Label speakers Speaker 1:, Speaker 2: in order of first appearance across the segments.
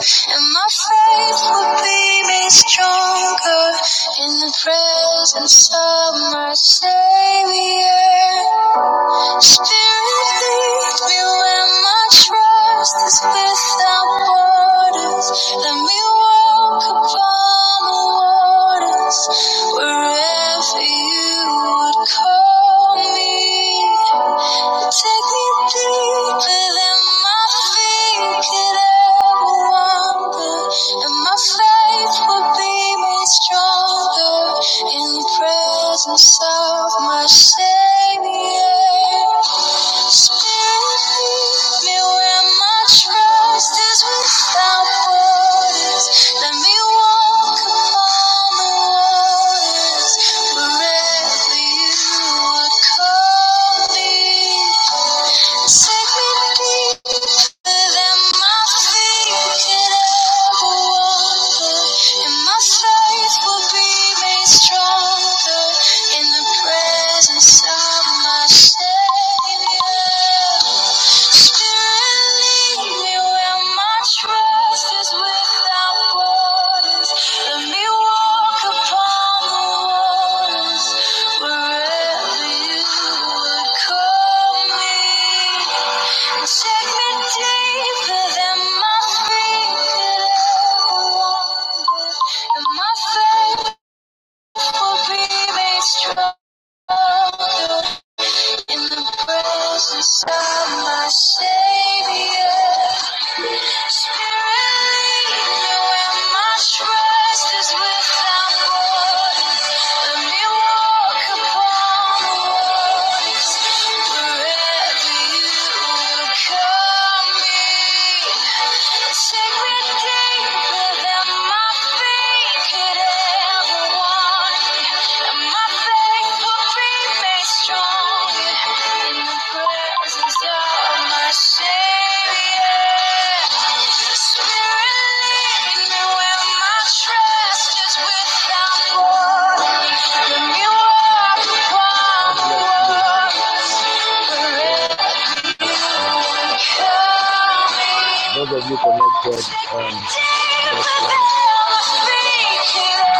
Speaker 1: and my faith will be made stronger in the presence of my Savior. Spirit, lead me where my trust is without borders. Let me walk upon the waters wherever you would call me. Take me deeper than my feet could ever wander, and my faith would be made stronger in the presence of my Savior. Spirit, lead me where my trust is without borders. Let me walk Stronger in the presence of my Savior. Standing here where my trust is without borders. Let me walk upon the waters wherever you would call me. Take me deeper than my feet ever wander, and my faith will be made strong in the presence of my Savior. Spirit, me me my trust is without borders. Let me walk upon the waters wherever You will call me. Forever. Those of you connected, um, blessings,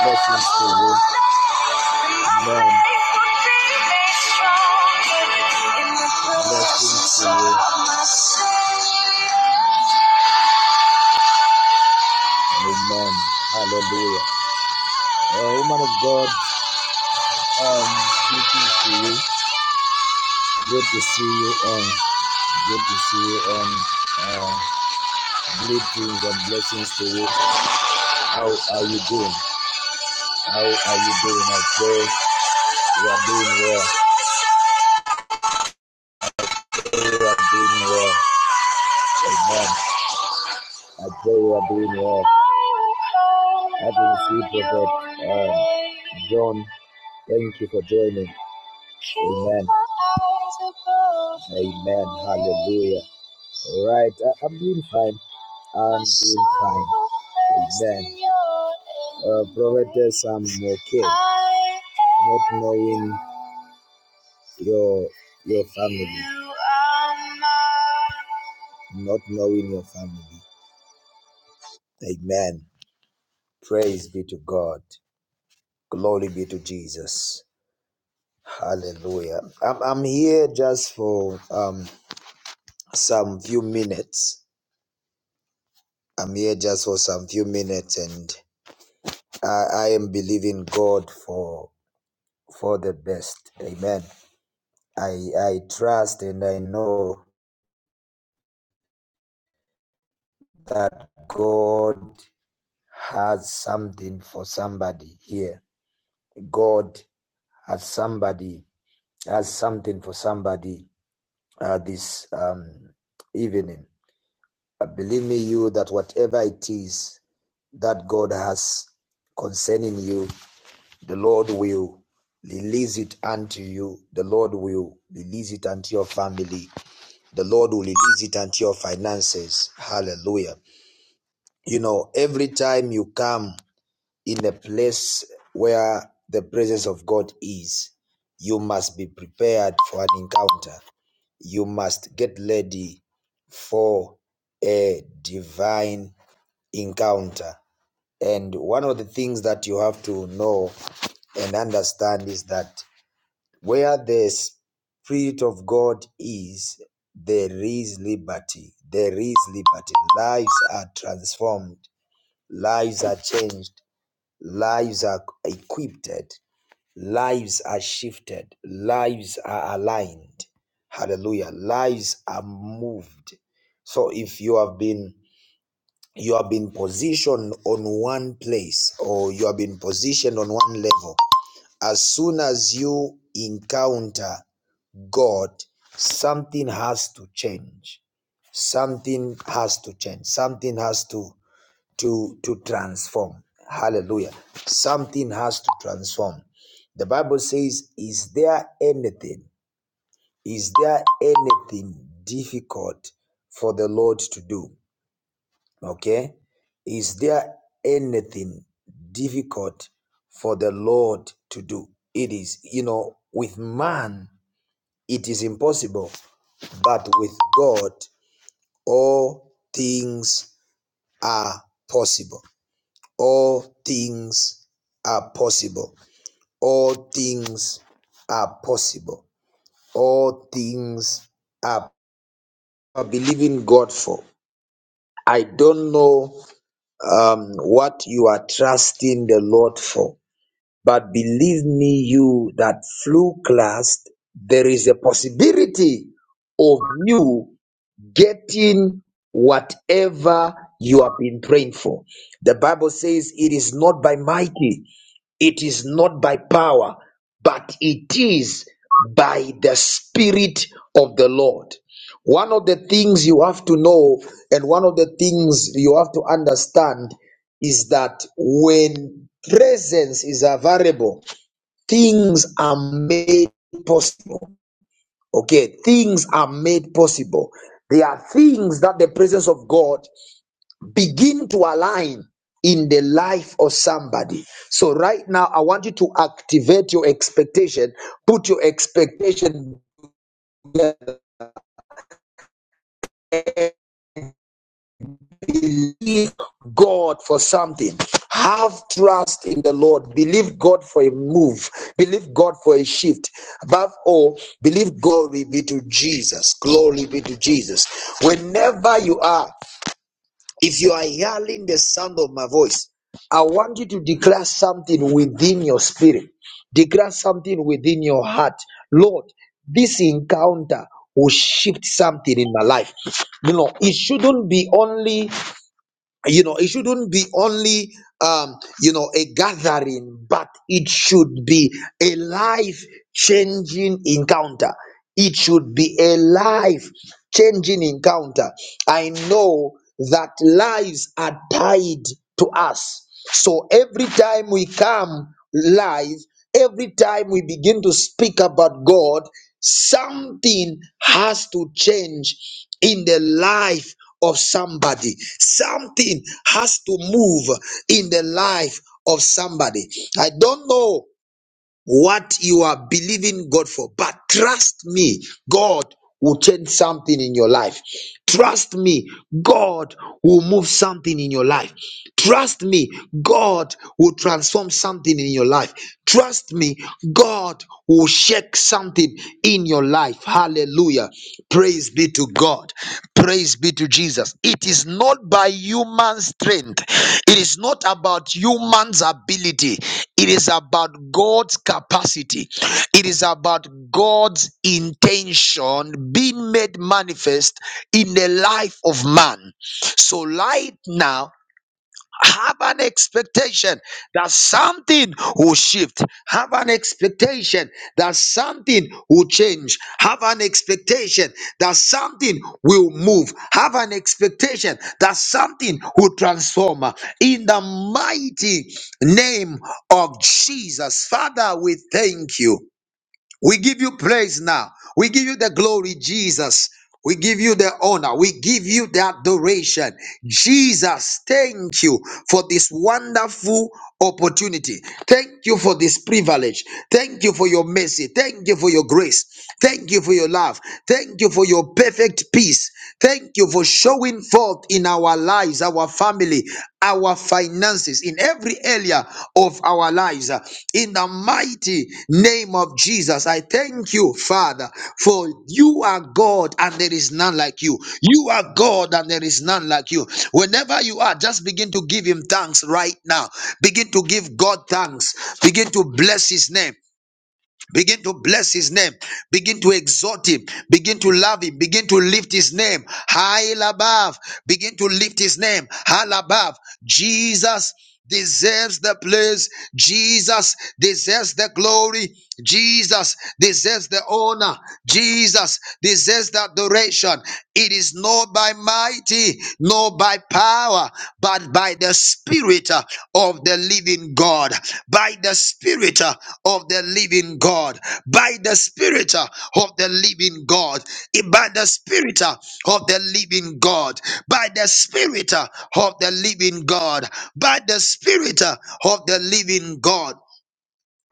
Speaker 1: blessings to you. Amen. Blessings to you. Amen. Hallelujah. Uh, woman of God, um, greetings to you. Good to see you on. Good to see you on. Uh, greetings and blessings to you. How are you doing? How are you doing? I pray you are doing well. I Pray you are doing well. Amen. I pray you are doing well. I can see Prophet uh, John. Thank you for joining. Amen. Amen. Hallelujah. All Right. I, I'm doing fine. I'm doing fine. Amen. Uh, Prophetess, I'm okay. Not knowing your your family. Not knowing your family. Amen. Praise be to God. Glory be to Jesus. Hallelujah. I'm, I'm here just for um some few minutes. I'm here just for some few minutes and I, I am believing God for for the best. Amen. I I trust and I know that God has something for somebody here. God has somebody, has something for somebody uh, this um, evening. Uh, believe me, you, that whatever it is that God has concerning you, the Lord will release it unto you. The Lord will release it unto your family. The Lord will release it unto your finances. Hallelujah. You know, every time you come in a place where the presence of God is, you must be prepared for an encounter. You must get ready for a divine encounter. And one of the things that you have to know and understand is that where the Spirit of God is, there is liberty. There is liberty. Lives are transformed, lives are changed Lives are equipped, lives are shifted, lives are aligned. Hallelujah. Lives are moved. So if you have been you have been positioned on one place or you have been positioned on one level, as soon as you encounter God, something has to change. Something has to change. Something has to to to transform hallelujah something has to transform the bible says is there anything is there anything difficult for the lord to do okay is there anything difficult for the lord to do it is you know with man it is impossible but with god all things are possible All things are possible. All things are possible. All things are are believing God for. I don't know um, what you are trusting the Lord for, but believe me, you that flew class, there is a possibility of you getting whatever you have been praying for. The Bible says it is not by mighty, It is not by power, but it is by the Spirit of the Lord. One of the things you have to know, and one of the things you have to understand, is that when presence is available, things are made possible. Okay, things are made possible. There are things that the presence of God begin to align in the life of somebody. So right now, I want you to activate your expectation. Put your expectation, believe God for something. Have trust in the Lord. Believe God for a move. Believe God for a shift. Above all, believe glory be to Jesus. Glory be to Jesus. Whenever you are, If you are hearing the sound of my voice, I want you to declare something within your spirit, declare something within your heart. Lord, this encounter will shift something in my life. You know, it shouldn't be only you know it shouldn't be only um you know a gathering but it should be a life changing encounter it should be a life changing encounter i know that lives are tied to us so every time we come live every time we begin to speak about god Something has to change in the life of somebody. Something has to move in the life of somebody. I don't know what you are believing God for. But trust me, God will change something in your life. Trust me, God will move something in your life. Trust me, God will transform something in your life. Trust me, God will shake something in your life. Hallelujah. Praise be to God. Praise be to Jesus. It is not by human strength, it is not about human's ability, it is about God's capacity, it is about God's intention being made manifest in the life of man. So, right now, have an expectation that something will shift. Have an expectation that something will change. Have an expectation that something will move. Have an expectation that something will transform. In the mighty name of Jesus, Father, we thank you. We give you praise now. We give you the glory, Jesus. We give you the honor. We give you the adoration. Jesus, thank you for this wonderful opportunity. Thank you for this privilege. Thank you for your mercy. Thank you for your grace. Thank you for your love. Thank you for your perfect peace. Thank you for showing forth in our our lives, our family, our finances, in every area of our lives. In the mighty name of Jesus, I thank you, Father, for you are God and there is none like you. You are God and there is none like you. Whenever you are, just begin to give Him thanks right now. Begin to give God thanks. Begin to bless His name. Begin to bless his name. Begin to exalt him. Begin to love him. Begin to lift his name high above. Begin to lift his name high above. Jesus deserves the praise. Jesus deserves the glory. Jesus deserves the honor. Jesus deserves the adoration. It is not by might mighty, nor by power, but by the Spirit uh, of the living God. By the Spirit uh, of the living God. By the Spirit uh, of the living God. Eh, By the Spirit uh, of the living God. By the Spirit uh, of the living God. By the Spirit uh, of the living God.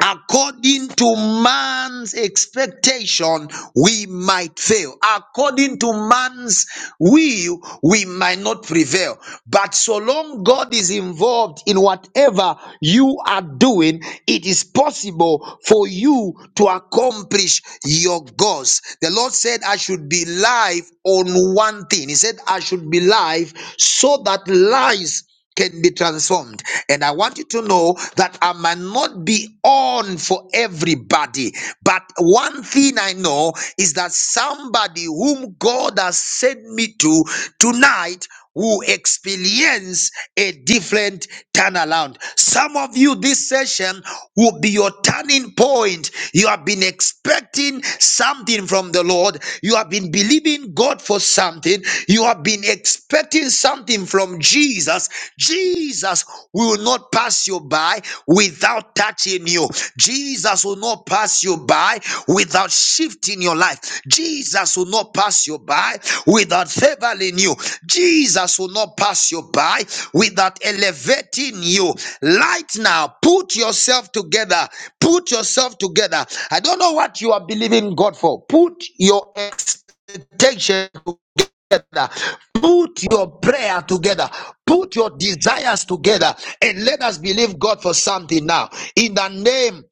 Speaker 1: According to man's expectation, we might fail. According to man's will, we might not prevail. But so long God is involved in whatever you are doing, it is possible for you to accomplish your goals. The Lord said, I should be live on one thing. He said, I should be live so that lies can be transformed. And I want you to know that I might not be on for everybody, but one thing I know is that somebody whom God has sent me to tonight who experience a different turnaround. Some of you, this session will be your turning point. You have been expecting something from the Lord, you have been believing God for something, you have been expecting something from Jesus, Jesus will not pass you by without touching you. Jesus will not pass you by without shifting your life. Jesus will not pass you by without favoring you. Jesus will not pass you by without elevating you. Right now, put yourself together. Put yourself together. I don't know what you are believing God for. Put your expectation together together. Put your prayer together. Put your desires together. And let us believe God for something now. In the name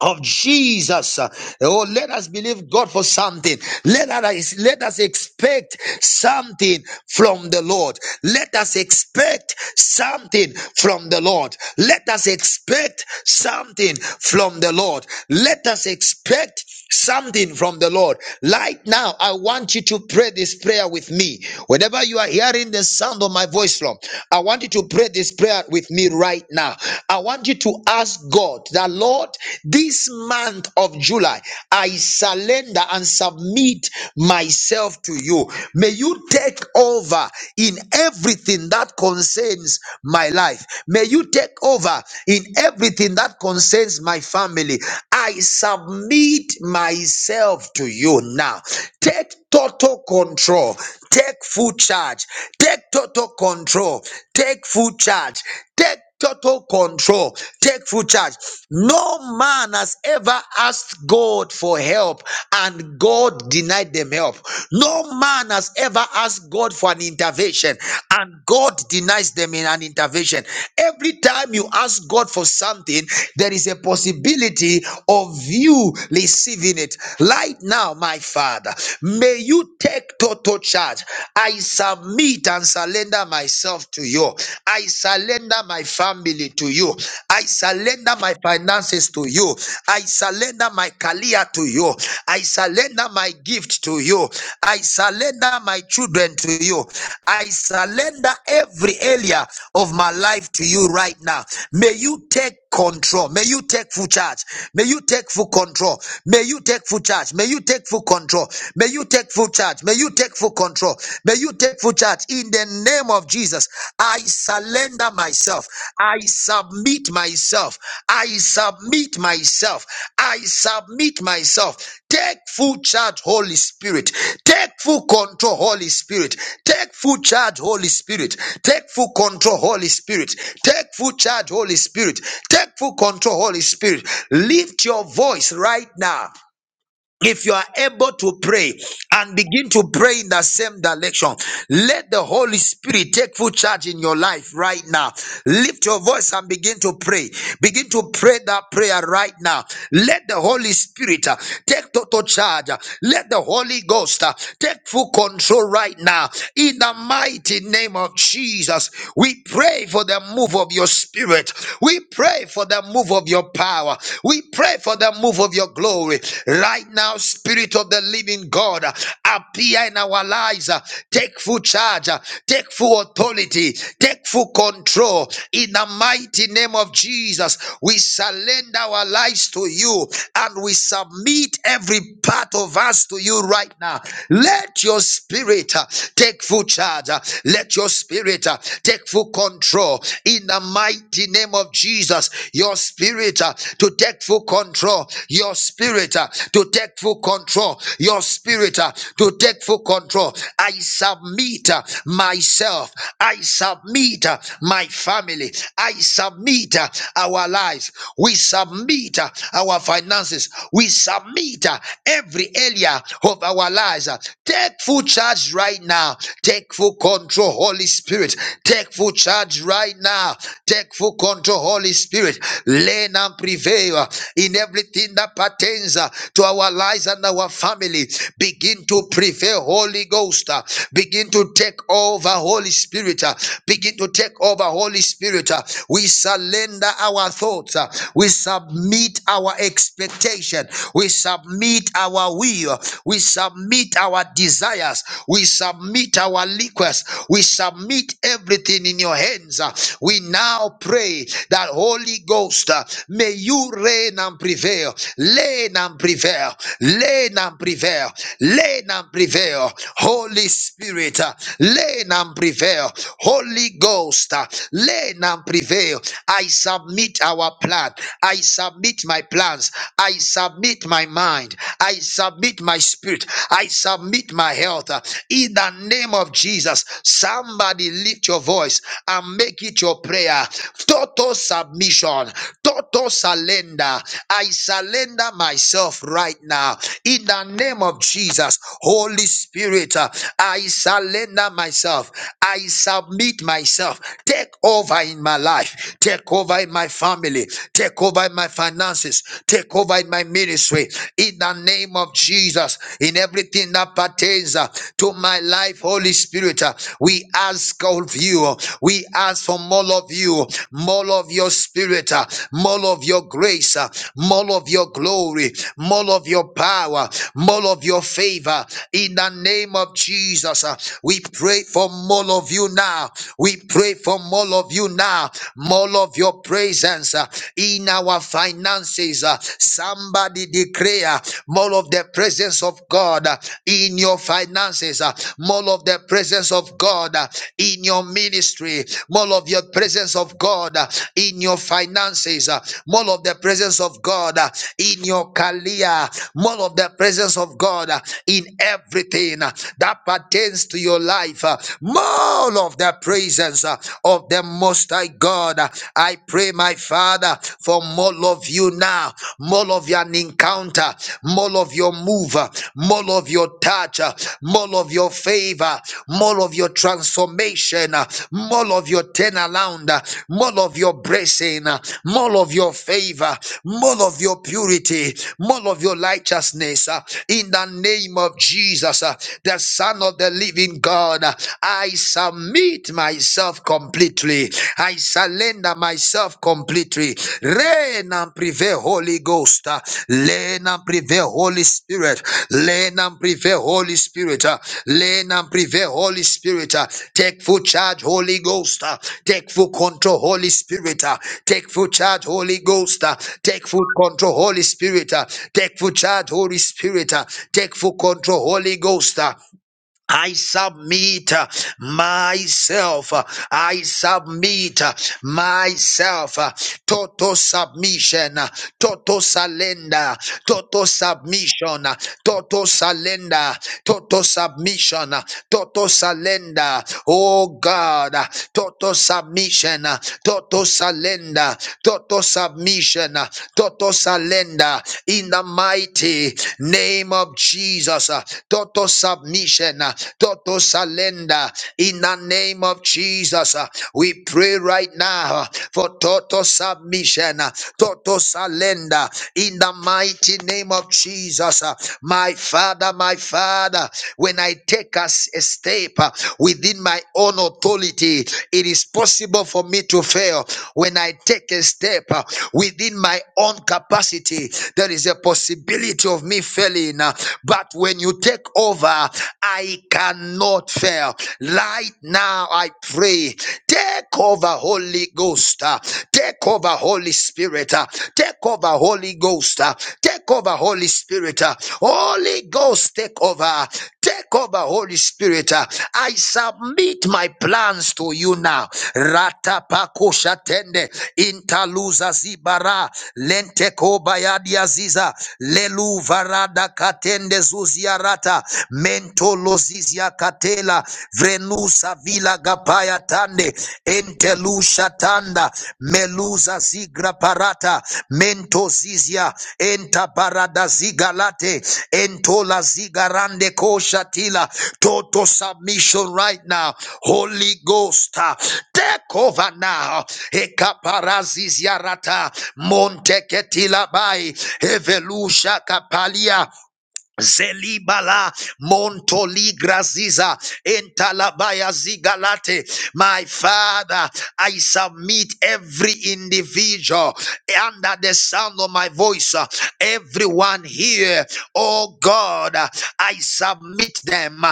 Speaker 1: of Jesus. Oh, let us believe God for something. Let us let us expect something from the Lord. Let us expect something from the Lord. Let us expect something from the Lord. Let us expect something from the Lord. Right now, I want you to pray this prayer with me. Whenever you are hearing the sound of my voice from, I want you to pray this prayer with me right now. I want you to ask God that, Lord, this month of July, I surrender and submit myself to you. May you take over in everything that concerns my life. May you take over in everything that concerns my family. I submit myself to you now. Take total control. Take full charge. Take total control. Take full charge. Take total control. Take full charge. No man has ever asked God for help and God denied them help. No man has ever asked God for an intervention and God denies them in an intervention. Every time you ask God for something, there is a possibility of you receiving it. Right now, my Father, may you take total charge. I submit and surrender surrender myself to you. I surrender my family to you. I surrender my finances to you. I surrender my career to you. I surrender my gift to you. I surrender my children to you. I surrender every area of my life to you right now. May you take control. May you take full charge. May you take full control. May you take full charge. May you take full control. May you take full charge charge. May you take full control. May you take full charge in the name of Jesus. I surrender myself. I submit myself. I submit myself. I submit myself. Take full charge, Holy Spirit. Take full control, Holy Spirit. Take full charge, Holy Spirit. Take full control, Holy Spirit. Take full charge, Holy Spirit. Take full control, Holy Spirit. Lift your voice right now if you are able to pray and begin to pray in the same direction, let the Holy Spirit take full charge in your life right now. Lift your voice and begin to pray. Begin to pray that prayer right now. Let the Holy Spirit uh, take total charge. Let the Holy Ghost uh, take full control right now. In the mighty name of Jesus, we pray for the move of your spirit. We pray for the move of your power. We we pray for the move of your glory right now, Spirit of the living God. uh, Appear in our lives, uh, take full charge, uh, take full authority, take full control. In the mighty name of Jesus, we surrender our lives to you and we submit every part of us to you right now. Let your spirit uh, take full charge, uh, let your spirit uh, take full control in the mighty name of name of Jesus, your spirit uh, to take full control, your spirit uh, to take full control, your spirit uh, to take full control. I submit uh, myself, I submit uh, my family, I submit uh, our lives, we submit uh, our finances, we submit uh, every area of our lives. uh, Take full charge right now, take full control, Holy Spirit. Take Take full charge right now. Take full control, Holy Spirit. Learn and prevail in everything that pertains uh, to our lives and our family. Begin to prevail, Holy Ghost. uh, Begin to take over, Holy Spirit. uh, Begin to take over, Holy Spirit. uh, We surrender our thoughts. uh, We submit our expectation. We submit our will. We submit our desires. We submit submit our request. We submit everything in your hands. Uh, We now pray that Holy Ghost, uh, may you reign and prevail. Reign and prevail. Reign and prevail. Reign and prevail. Holy Spirit, uh, reign and prevail. Holy Ghost, uh, reign and prevail. I submit our plan. I submit my plans. I submit my mind. I submit my spirit submit. I submit my health uh, in the name of Jesus. Somebody lift your voice and make it your prayer. Total submission, total surrender. I surrender myself right now in the name of Jesus. Holy Spirit, uh, I surrender myself. I submit myself. Take over in my life. Take over in my family. Take over in my finances. Take over in my ministry ministry in the name of Jesus, in everything that pertains uh, to my life, Holy Spirit. uh, We ask of you, we ask for more of you, more of your spirit, uh, more of your grace, uh, more of your glory, more of your power, more of your favor. In the name of Jesus, uh, we pray for more of you now. We pray for more of you now, more of your presence. uh, In in our finances. uh, Somebody declare more of the presence of God uh, in your finances, uh, more of the presence of God uh, in your ministry, more of your presence of God uh, in your finances, uh, more of the presence of God uh, in your career, more of the presence of God uh, in everything uh, that pertains to your life, uh, more of the presence uh, of the Most High thy God. I pray, my Father, for more of you now, more of your encounter, more of your move, more of your touch, more of your favor, more of your transformation, more of your turnaround, more of your blessing, more of your favor, more of your purity, more of your righteousness. In the name of Jesus, the Son of the living God, I surrender submit myself completely. I surrender myself completely. Reign and prevail, Holy Ghost. Uh, Reign and prevail, Holy Spirit. Reign and prevail, Holy Spirit. Uh, Reign and prevail, Holy Spirit. Uh, Take full charge, Holy Ghost. Uh, Take full control, Holy Spirit. Uh, Take full charge, Holy Ghost. Uh, Take full control, Holy Spirit. Uh, Take full charge, Holy Spirit. Uh, Take full control, Holy Ghost. I submit uh, myself. uh, I submit uh, myself. uh, Total submission. uh, Total surrender. Total submission. uh, Total surrender. Total submission. uh, Total surrender. Oh God. uh, Total submission. uh, Total surrender. Total submission. uh, Total surrender. In the mighty name of Jesus. uh, Total submission Submission, mission, uh, total surrender in the name of Jesus. uh, We pray right now uh, for total submission, uh, total surrender in the mighty name of Jesus. uh, My Father, my Father, when I take a s- a step uh, within my own authority, it is possible for me to fail. When I take a step uh, within my own capacity, there is a possibility of me failing. uh, But when you take take over. I cannot fail. Right now, I pray. Take over, Holy Ghost. uh, Take over, Holy Spirit. uh, Take over, Holy Ghost. uh, Take over, Holy Spirit. uh, Holy Ghost, take over. Take over, Holy Spirit. uh, I submit my plans to you now. Ratapakoshatende intaluza zibara lente kobayadi aziza lelu varada katende Zuziarata, Mentolozizia Catela, Vrenusa Villa Gapaya Tande, Entelusha Tanda, Meluza Zigra Parata, Mentozizia, Enta Parada Zigalate, Entola Zigarande Koshatila, Total submission right now, Holy Ghost, uh, take over now, Ekaparazizia Rata, Monteketila Bai, Evelusha Kapalia, Zelibala Montoli Graziza Entalabaya Zigalate. My father, I submit every individual under the sound of my voice, uh, everyone here. Oh God, uh, I submit them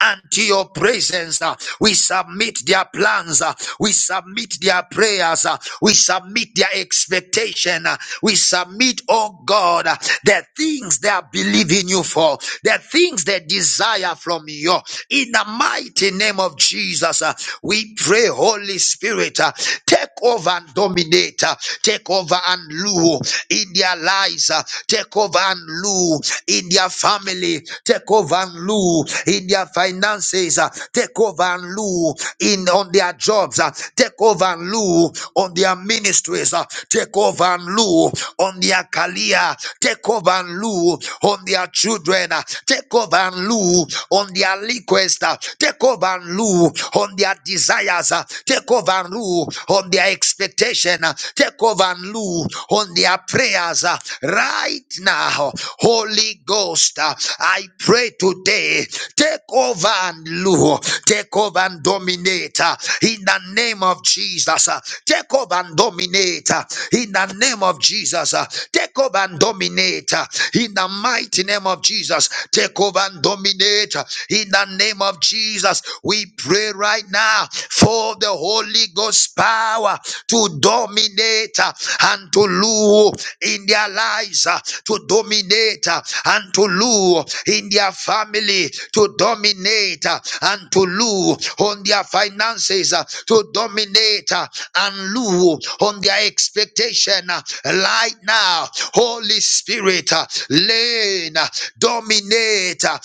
Speaker 1: unto your presence. uh, We submit their plans. uh, We submit their prayers. uh, We submit their expectation. uh, We submit, oh God, uh, the things they are believing you for, the things they desire from you. In the mighty name of Jesus, uh, we pray, Holy Spirit, uh, take over and dominate, uh, take over and rule in their lives, uh, take over and rule rule in their family. Take over and rule in their finances. uh, Take over and rule in on their jobs. uh, Take over and rule on their ministries. uh, Take over and rule on their career. Take over and rule on their children. uh, Take over and rule on their request. uh, Take over and rule on their desires. uh, Take over and rule on their expectation. uh, Take over and rule move on their prayers uh, right now. Holy Ghost, uh, I pray today, take over and rule, take over and dominate uh, in the name of Jesus. uh, Take over and dominate uh, in the name of Jesus. uh, Take over and dominate uh, in the mighty name of Jesus. Take over and dominate uh, in the name of Jesus. We pray right now for the Holy. Holy Ghost power to dominate uh, and to rule in their lives, uh, to dominate uh, and to rule in their family, to dominate uh, and to rule on their finances, uh, to dominate uh, and rule on their expectation uh, right now. Holy Spirit, uh, reign, uh, dominate, uh,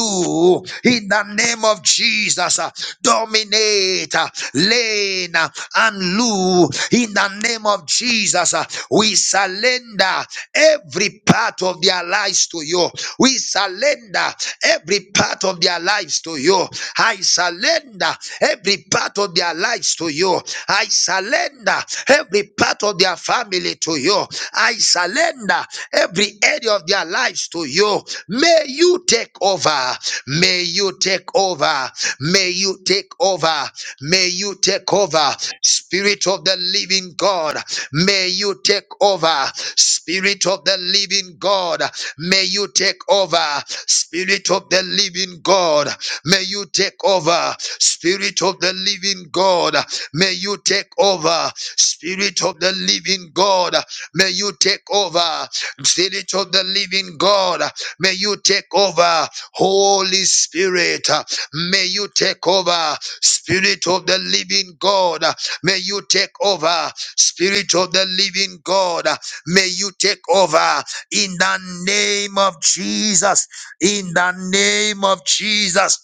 Speaker 1: rule in the name name of Jesus, uh, dominate, uh, lane, uh, and loo. In the name of Jesus, uh, we surrender every part of their lives to you. We surrender every part of their lives to you. I surrender every part of their lives to you. I surrender every part of their family to you. I surrender every area of their lives to you to you. May you take over. May you take over. May you take over. May you take over. Spirit of the living God, may you take over. Spirit of the living God, may you take over. Spirit of the living God, may you take over. Spirit of the living God, may you take over. Spirit of the living God, May you take over. Spirit of the living God, may you take over. Holy Spirit, may you take over. Spirit of the living God, may you take over. Spirit of the living God, may you take over. In the name of Jesus, in the name of Jesus.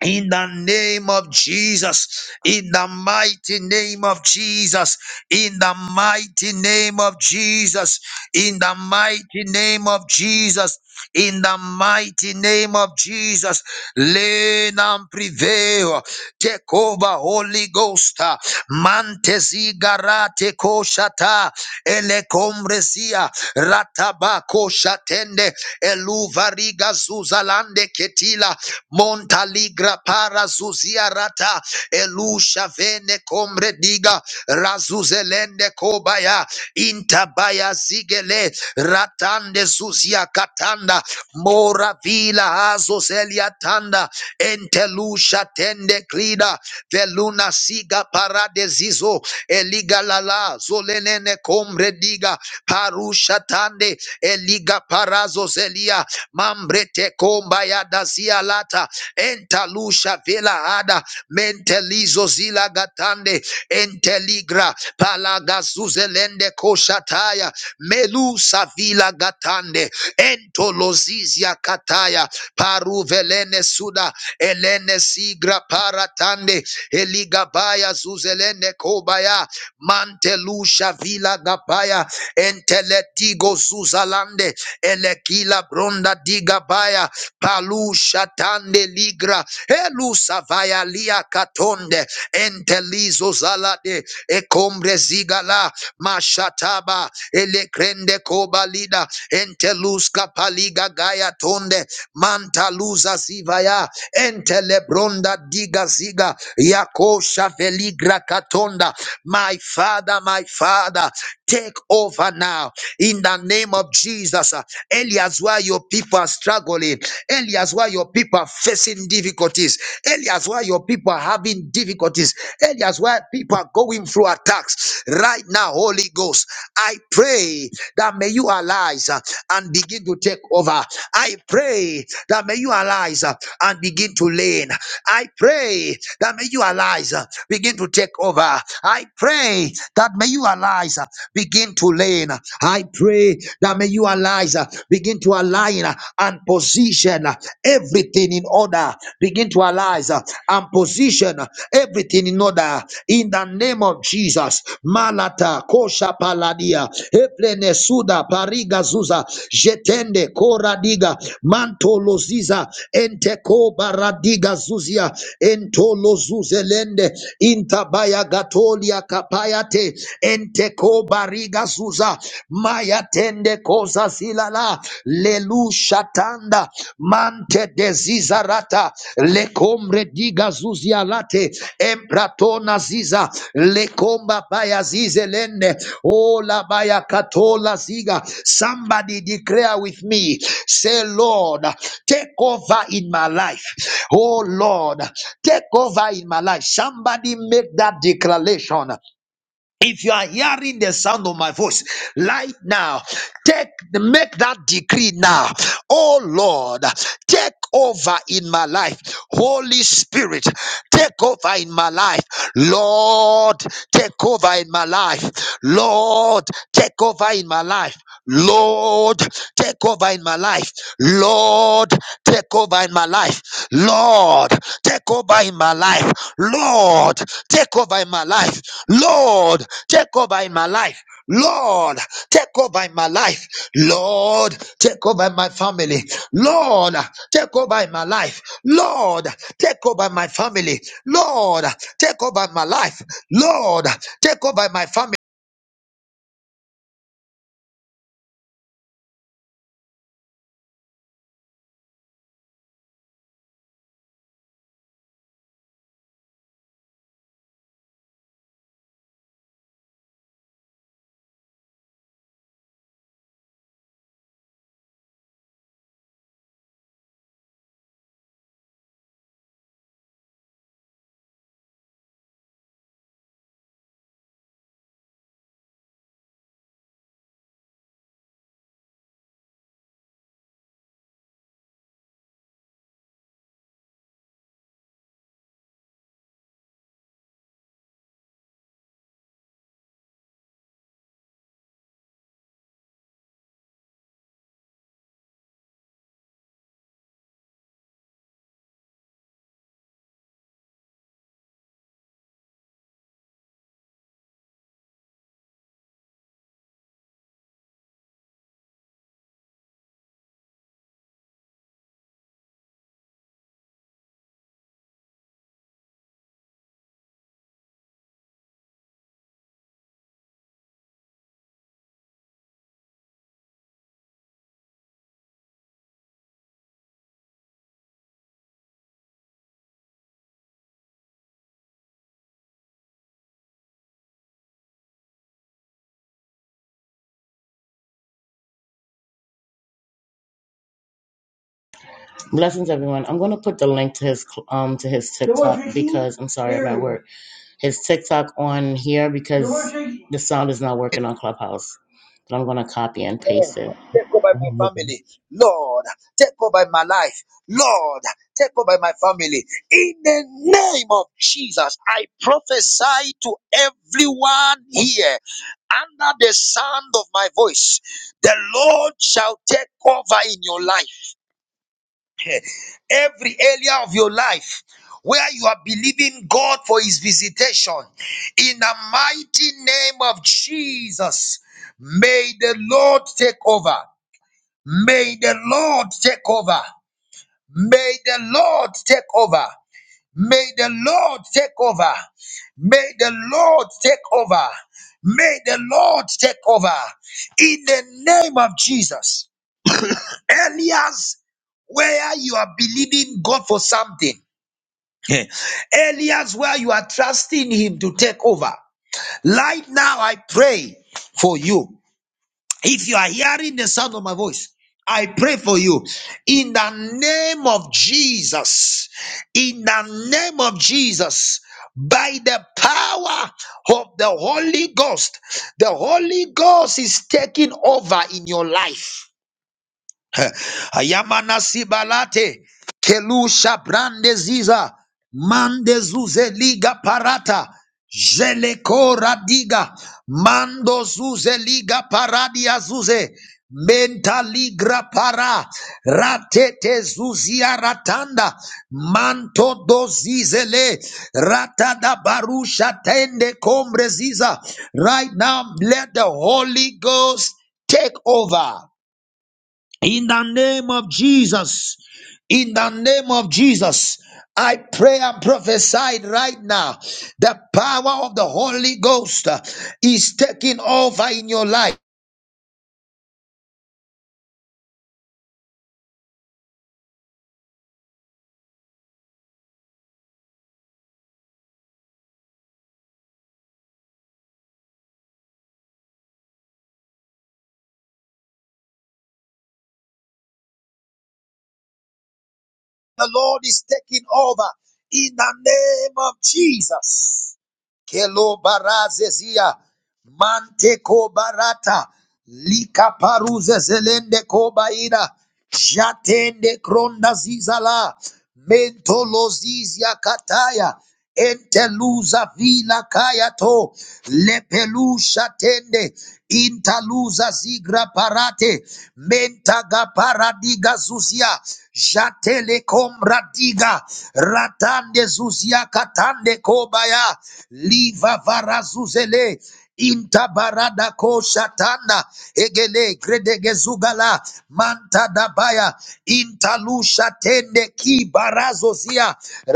Speaker 1: In the name of Jesus, in the mighty name of Jesus, in the mighty name of Jesus, in the mighty name of Jesus, in the mighty name of Jesus, lean and prevail. Take over, Holy Ghost. Mantezi garate koshata, elekomrezia, rataba koshatende, eluvariga zuzalande ketila montaligra para zuzia rata elusha vene komrediga razuzelende kobaya intabaya zigele ratande zuzia katanda mora vila hazo zelia tanda entelusha tende klida veluna siga parade zizo eliga lala zolenene kombre diga parusha tande eliga parazo zelia mambrete komba ya dazia lata entalusha vela ada mentelizo zila gatande enteligra palagazuzelende koshataya melusa vila gatande entolozizia kataya paruvelene suda elene sigra paratande eligabaya zuzelene kobaya mantelusha vila gabaya enteletigo zuzalande elekila bronda digabaya palusha tande ligra elusa vaya Ealia Katonde Entelizo Zalade Ekombre Zigala Mashataba Elekrende Kobalida Enteluska Paliga Gaya Tonde Mantaluza Zivaya Entelebronda Diga Ziga Yakosha Veligra Katonda My Father, my Father, take over now in the name of Jesus. uh, Elias, why your people are struggling, Elias, why why your people are facing difficulties, areas why your people are having difficulties, areas why people are going through attacks. Right now, Holy Ghost, I pray that may you arise uh, and begin to take over. I pray that may you arise uh, and begin to lean. I pray that may you arise, uh, begin to take over. I pray that may you arise, uh, begin to lean. I pray that may you arise, uh, Begin to align uh, and position uh, everything in order. Begin to align uh, and position uh, everything in order. In the name of Jesus. Malata kosha paladia. Eplene suda pariga zuza. Jetende koradiga. Mantoloziza. Enteko baradiga zuzia. Entolozuzelende. Intabaya gatolia kapayate. Enteko bariga zuza Leluza Maya Tende Koza Zilala Lelu Shatanda Mante Desizarata Lecombre Diga Zuzialate Empratona Ziza Lecomba Baya Zizelene Ola Baya Katola Ziga Somebody declare with me Say Lord take over in my life Oh Lord take over in my life somebody make that declaration if you are hearing the sound of my voice right now, take make that decree now. Oh Lord, take over in my life. Holy Spirit, take over in my life. Lord, take over in my life. Lord, take over in my life. Lord, take over in my life. Lord, take over in my life. Lord, take over in my life. Lord, take over in my life. Lord, take over in my life. Lord, take over in my life. Lord, take over in my family. Lord, take over in my life. Lord, take over in my family. Lord, take over in my life. Lord, take over in my family.
Speaker 2: Blessings, everyone. I'm going to put the link to his cl- um to his TikTok because I'm sorry about work. His TikTok on here because the sound is not working on Clubhouse. But I'm going to copy and paste it.
Speaker 1: Take over my family,
Speaker 2: We
Speaker 1: Lord. Take over my life, Lord. Take over my family. In the name of Jesus, I prophesy to everyone here under the sound of my voice. The Lord shall take over in your life, every area of your life. Where you are believing God for his visitation in the mighty name of Jesus, may the Lord take over. May the Lord take over. May the Lord take over. May the Lord take over. May the Lord take over. May the Lord take over. In the name of Jesus. Areas where you are believing God for something. Eh, Areas where you are trusting Him to take over. Right now, I pray for you. If you are hearing the sound of my voice, I pray for you in the name of Jesus. In the name of Jesus, by the power of the Holy Ghost, the Holy Ghost is taking over in your life. Ayamana sibalate. Kelusha brande ziza. Mande zuze parata. Jeleko radiga. Mando zuze liga paradia zuze. Mentaligra para. Ratete zuzia ratanda. Manto dozizele. Ratada barusha tende kombre ziza. Right now, let the Holy Ghost take over. In the name of Jesus, in the name of Jesus, I pray and prophesy right now. The power of the Holy Ghost uh, is taking over in your life. The Lord is taking over in the name of Jesus. Kelo barazezia, manteko barata. Lika paruze zelende kobaida. Jatende kronda zizala. Mentolozizia kataya. Enteluza vila kayato. Lepelusha tende. Intaluza zigra parate. Mentaga paradiga zuzia. Jatele komradiga. Ratande zuzia katande kobaya. Liva varazuzele. Intabarada ko Shatana egele gredegezugala manta dabaya intalusha tende ki Barazozia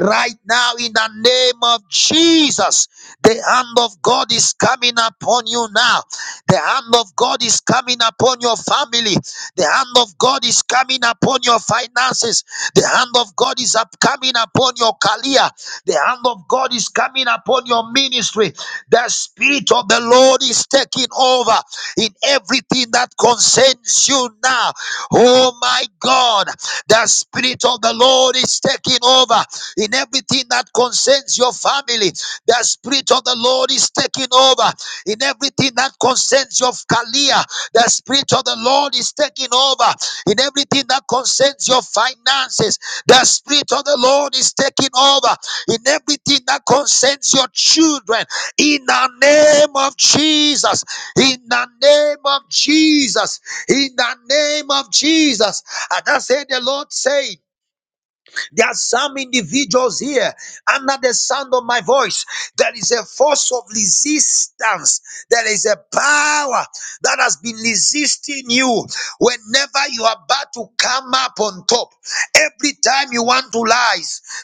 Speaker 1: Right now, in the name of Jesus, the hand of God is coming upon you now. The hand of God is coming upon your family. The hand of God is coming upon your finances. The hand of God is up coming upon your career. The hand of God is coming upon your ministry. The spirit of the Lord is taking over in everything that concerns you now. Oh my God, the spirit of the Lord is taking over in everything that concerns your family. The spirit of the Lord is taking over in everything that concerns your career. The Spirit of the Lord is taking over in everything that concerns your finances. The Spirit of the Lord is taking over in everything that concerns your children. In the name of Jesus, in the name of Jesus, in the name of Jesus. And I say, the Lord said. There are some individuals here under the sound of my voice. There is a force of resistance. There is a power that has been resisting you whenever you are about to come up on top. Every time you want to lie,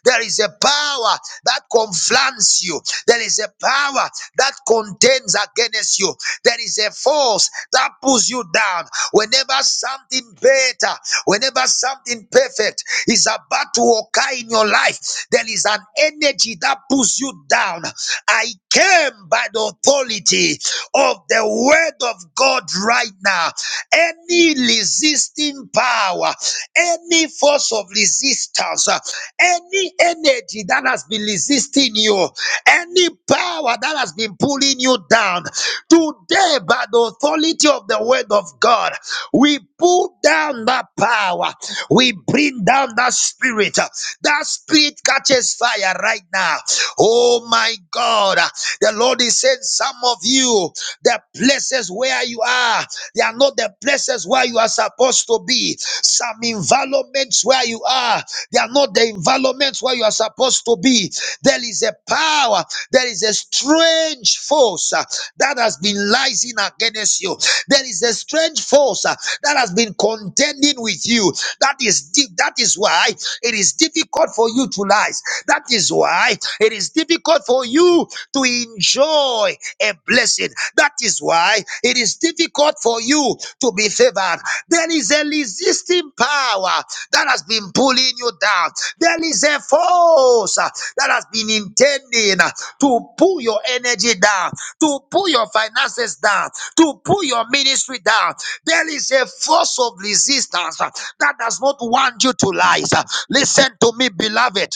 Speaker 1: there is a power that conflans you. There is a power that contends against you. There is a force that pulls you down. Whenever something better, whenever something perfect is about to occur in your life, there is an energy that pulls you down. I came by the authority of the word of God right now. Any resisting power, any force of resistance, uh, any energy that has been resisting you, any power that has been pulling you down, today, by the authority of the word of God, we pull down that power, we bring down that spirit. uh, That spirit catches fire right now. Oh my God, uh, the Lord is saying, Some of you, the places where you are. They are not the places where you are supposed to be. Some environments where you are, they are not the environments where you are supposed to be. There is a power, there is a strange force uh, that has been rising against you. There is a strange force uh, that has been contending with you. That is deep. That is why it is difficult for you to rise. That is why it is difficult for you to enjoy a blessing. That is why it is difficult for you to be favored. There is a resisting power that has been pulling you down. There is a force uh, that has been intending uh, to pull your energy down, to pull your finances down, to pull your ministry down. There is a force of resistance uh, that does not want you to rise. Uh, Listen to me, beloved.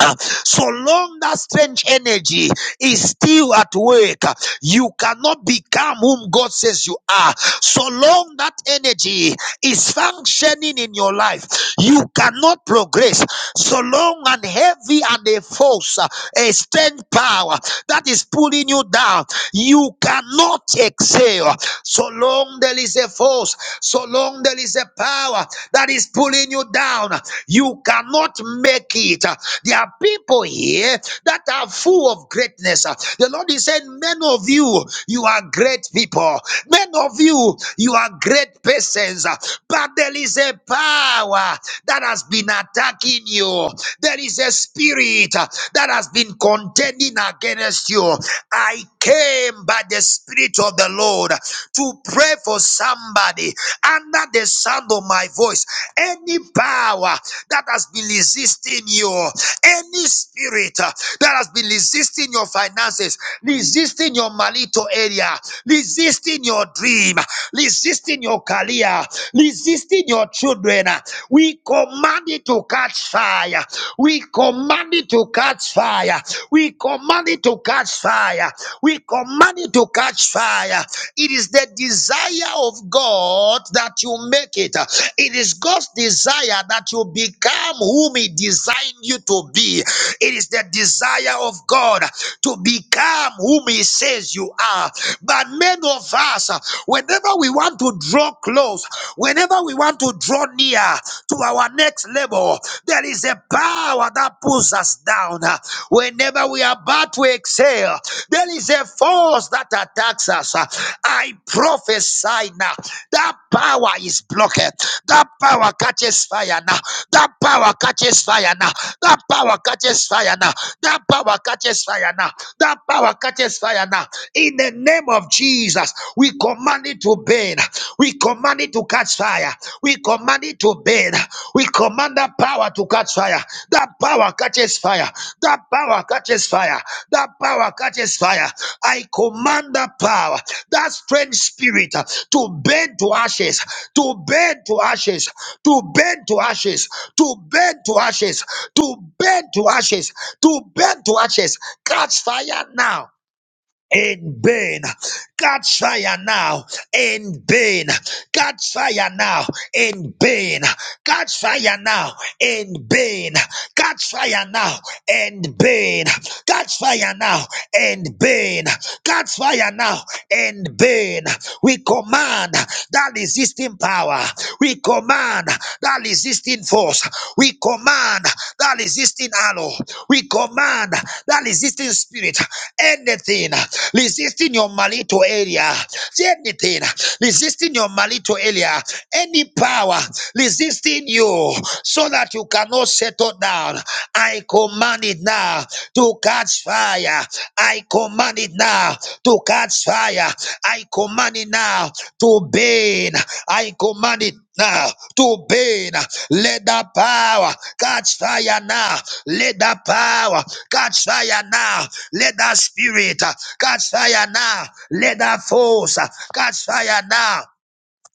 Speaker 1: Uh, So long that strange energy is still at work, uh, you cannot become whom God says you are. So long that energy is functioning in your life, you cannot progress. So long and heavy and a force, uh, a strange power that is pulling you down, you cannot excel. So long there is a force, so long there is a power, that is pulling you down. You cannot make it. There are people here that are full of greatness. The Lord is saying, Men of you, you are great people. Men of you, you are great persons. But there is a power that has been attacking you. There is a spirit that has been contending against you. I came by the Spirit of the Lord to pray for somebody under the sound of my voice. Any power that has been resisting you, any spirit uh, that has been resisting your finances, resisting your malito area, resisting your dream, resisting your career, resisting your children, uh, we command it to catch fire. We command it it to catch fire. We command it to catch fire. We command it to catch fire. It is the desire of God that you make it. It is God's desire that you become whom He designed you to be. It is the desire of God to become whom He says you are. But many of us, whenever we want to draw close, whenever we want to draw near, to our next level. There is a power that pulls us down. Whenever we are about to exhale, there is a force that attacks us. I prophesy now. That power is blocked. That power catches fire now. That power catches fire now. That power catches fire now. That power catches fire now. That power catches fire now. In the name of Jesus, we command it to burn. We command it to catch fire. We command it to burn. We command that power to catch fire. That power catches fire. That power catches fire. That power catches fire. I command that power, that strange spirit uh, to burn to ashes, to burn to ashes, to burn to ashes, to burn to ashes, to burn to ashes, to burn to ashes. Catch fire now in vain. Catch fire now in vain. Catch fire now in vain. Catch fire now in vain. Catch fire now in vain. Catch fire now in vain. Catch fire now in vain. We command that resisting power. We command command that resisting force. We command that resisting arrow. We command that resisting spirit. Anything resisting your marital area. Anything resisting your marital area. Any power resisting you so that you cannot settle down. I command it now to come catch fire. I command it now to catch fire. I command it now to burn. I command it now to burn. Let the power catch fire now. Let the power catch fire now. Let the spirit uh, catch fire now. Let the force uh, catch fire now.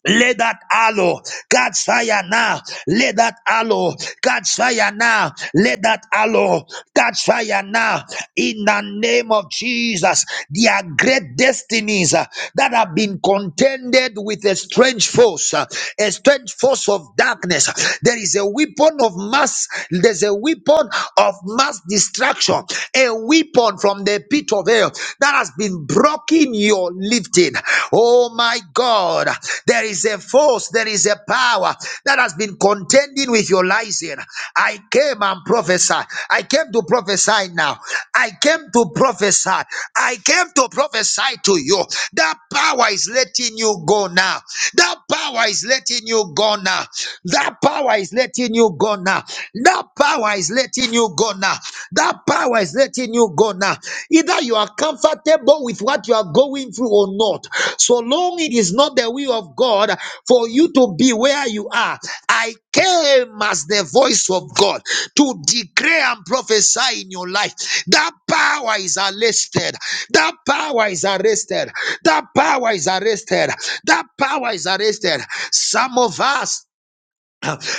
Speaker 1: Let that aloe catch fire now. Let that aloe catch fire now. Let that aloe catch fire now. In the name of Jesus, there are great destinies uh, that have been contended with a strange force, uh, a strange force of darkness. There is a weapon of mass. There's a weapon of mass destruction, a weapon from the pit of hell that has has been broken your lifting. Oh my God, there is a force, there is a power that has been contending with your rising. I came and prophesy. I came to prophesy now. I came to prophesy. I came to prophesy to you. That power is letting you go now. That power is letting you go now. That power is letting you go now. That power is letting you you go now. That power is letting you go now. Either you are comfortable with what you are going through or not. So long it is not the will of God for you to be where you are. I came as the voice of God to declare and prophesy in your life. That power is arrested. That power is arrested. That power is arrested. That power is arrested. Some of us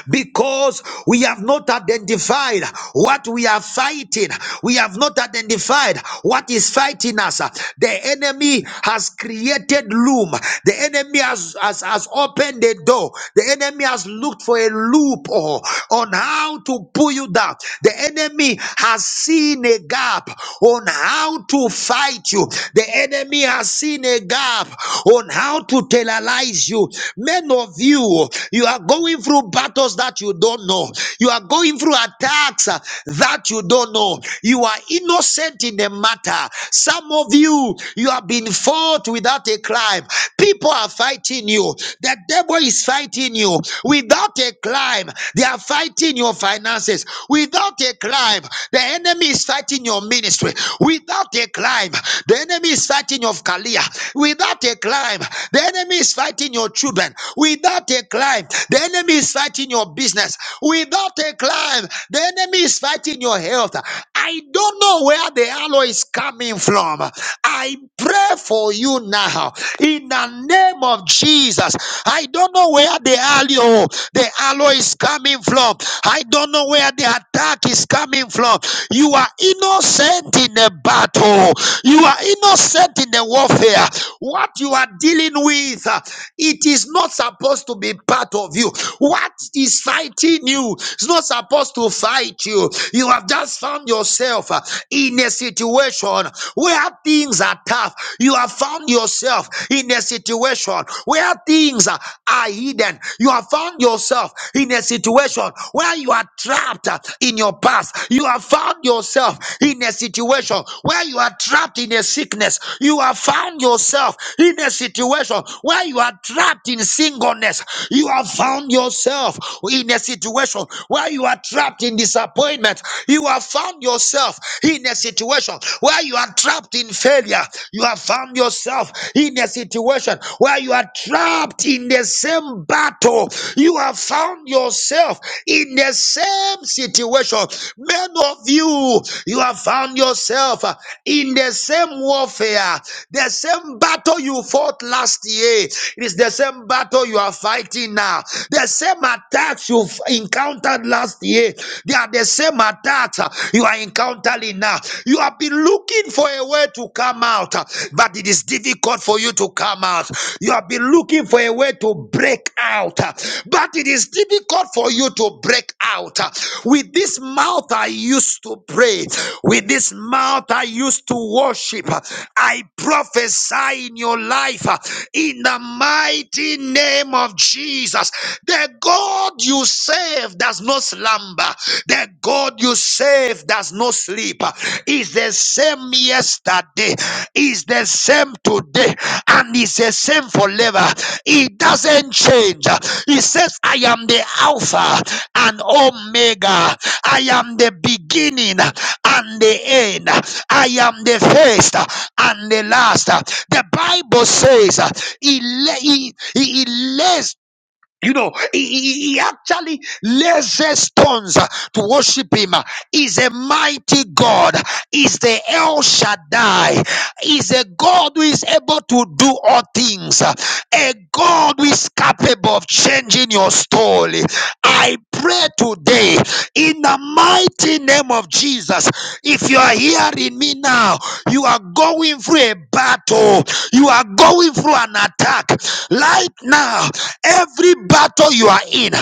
Speaker 1: because we have not identified what we are fighting. We have not identified what is fighting us. The enemy has created loom. The enemy has, has, has opened the door. The enemy has looked for a loophole on how to pull you down. The enemy has seen a gap on how to fight you. The enemy has seen a gap on how to terrorize you. Men of you, you are going through battles that you don't know. You are going through attacks uh, that you don't know. You are innocent in the matter. Some of you, you have been fought without a crime. People are fighting you. The devil is fighting you without a crime. They are fighting your finances without a crime. The enemy is fighting your ministry without a crime. The enemy is fighting your career without a crime. The enemy is fighting your children without a crime. The enemy is is fighting your business. Without a climb, the enemy is fighting your health. I don't know where the alloy is coming from. I pray for you now in the name of Jesus. I don't know where the alloy, the alloy is coming from. I don't know where the attack is coming from. You are innocent in a battle. You are innocent in the warfare. What you are dealing with, uh, it is not supposed to be part of you. What is fighting you? It's not supposed to fight you. You have just found yourself uh, in a situation where things are tough. You have found yourself in a situation where things uh, are hidden. You have found yourself in a situation where you are trapped uh, in your past. You have found yourself in a situation where you are trapped in a sickness. You have found yourself in a situation where you are trapped in singleness. You have found found yourself in a situation where you are trapped in disappointment, you have found yourself in a situation where you are trapped in failure, you have found yourself in a situation where you are trapped in the same battle, you have found yourself in the same situation. Many of you, you have found yourself uh, in the same warfare, the same battle you fought last year. It is the same battle you are fighting now now. The same attacks you've encountered last year, they are the same attacks uh, you are encountering now. You have been looking for a way to come out, uh, but it is difficult for you to come out. You have been looking for a way to break out, uh, but it is difficult for you to break out. uh. With this mouth, I used to pray. With this mouth, I used to worship. I prophesy in your life uh, in the mighty name of Jesus. Jesus. The God you serve does not slumber. The God you serve does not sleep. Is the same yesterday, is the same today, and is the same forever. It doesn't change. He says, I am the Alpha and Omega. I am the beginning and the end. I am the first and the last. The Bible says uh, he, la- he, he, he lays you know, he, he- he actually raises stones uh, to worship him. uh, Is a mighty God. Is the El Shaddai. Is a God who is able to do all things. uh, A God who is capable of changing your story. I pray today in the mighty name of Jesus. If you are hearing me now, you are going going through a battle, you are going through an attack right now. Every battle you are in,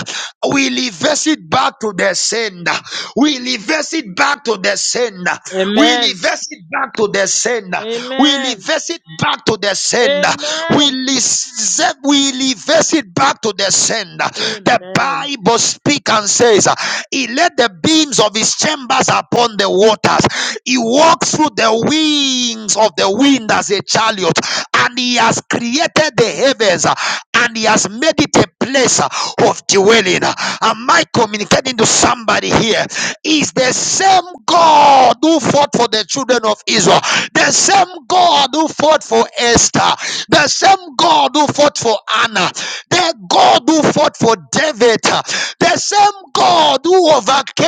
Speaker 1: we reverse it back to the sender. We reverse it back to the sender. We
Speaker 3: Amen.
Speaker 1: reverse it back to the sender. We
Speaker 3: Amen.
Speaker 1: reverse it back to the sender. We
Speaker 3: Amen.
Speaker 1: reverse, we reverse it back to the sender. The
Speaker 3: Amen.
Speaker 1: Bible speaks and says. He laid the beams of his chambers upon the waters. He walked through the wings of the wind as a chariot, and he has created the heavens uh, and he has made it a place uh, of dwelling. Am I communicating to somebody here? Is the same God who fought for the children of Israel, the same God who fought for Esther, the same God. God who fought for Anna, the God who fought for David, the same God who overcame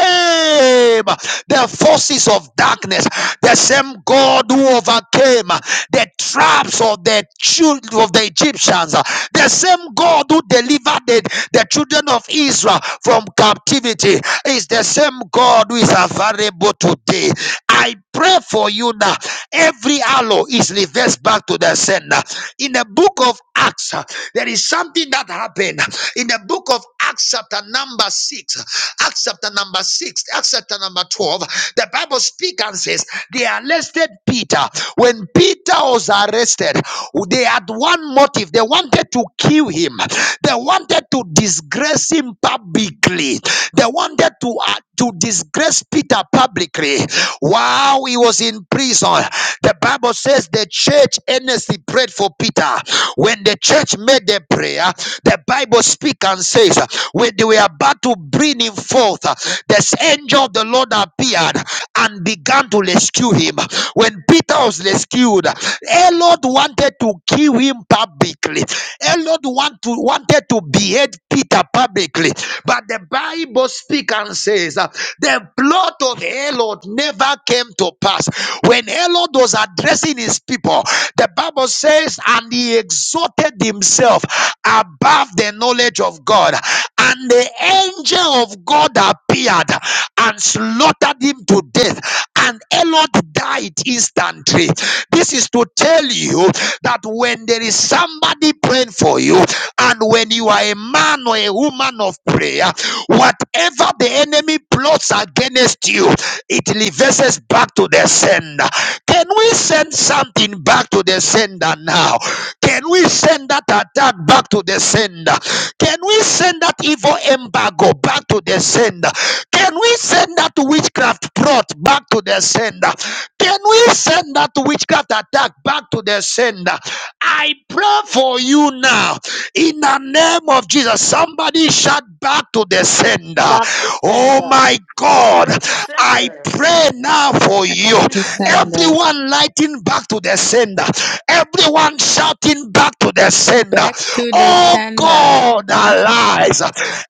Speaker 1: the forces of darkness, the same God who overcame the traps of the children of the Egyptians, the same God who delivered the, the children of Israel from captivity is the same God who is available today. I pray for you now. Every arrow is reversed back to the sender. In the book of Acts, uh, there is something that happened in the book of Acts, chapter number six, Acts chapter number six, Acts chapter number 12. The Bible speaks and says, They arrested Peter. When Peter was arrested, they had one motive. They wanted to kill him, they wanted to disgrace him publicly, they wanted to, uh, to disgrace Peter publicly. While he was in prison, the Bible says the church earnestly prayed for Peter. When the church made the prayer, the Bible speaks and says, when they were about to bring him forth, the angel of the Lord appeared and began to rescue him. When Peter was rescued, Herod wanted to kill him publicly, Herod want to, wanted to behead Peter publicly, but the Bible speaks and says uh, the plot of Herod never came to pass. When Herod was addressing his people, the Bible says, and he exalted himself above the knowledge of God, and the angel of God appeared and slaughtered him to death, and Herod died instantly. This is to tell you that when there is somebody praying for you. And when you are a man or a woman of prayer, whatever the enemy plots against you, it reverses back to the sender. Can we send something back to the sender now? Can we send that attack back to the sender? Can we send that evil embargo back to the sender? Can we send that witchcraft plot back to the sender? Can we send that witchcraft attack back to the sender? I pray for you now in the name of Jesus. Somebody shout back to the sender.
Speaker 3: Back to
Speaker 1: Oh
Speaker 3: sender.
Speaker 1: my God,
Speaker 4: Return to
Speaker 1: I
Speaker 4: sender.
Speaker 1: pray now for you.
Speaker 5: to
Speaker 4: Return
Speaker 5: the
Speaker 4: to
Speaker 5: sender.
Speaker 4: sender.
Speaker 1: Everyone lighting back to the sender. Everyone shouting back to the sender.
Speaker 5: Back to the
Speaker 1: Oh
Speaker 5: sender.
Speaker 1: God, arise.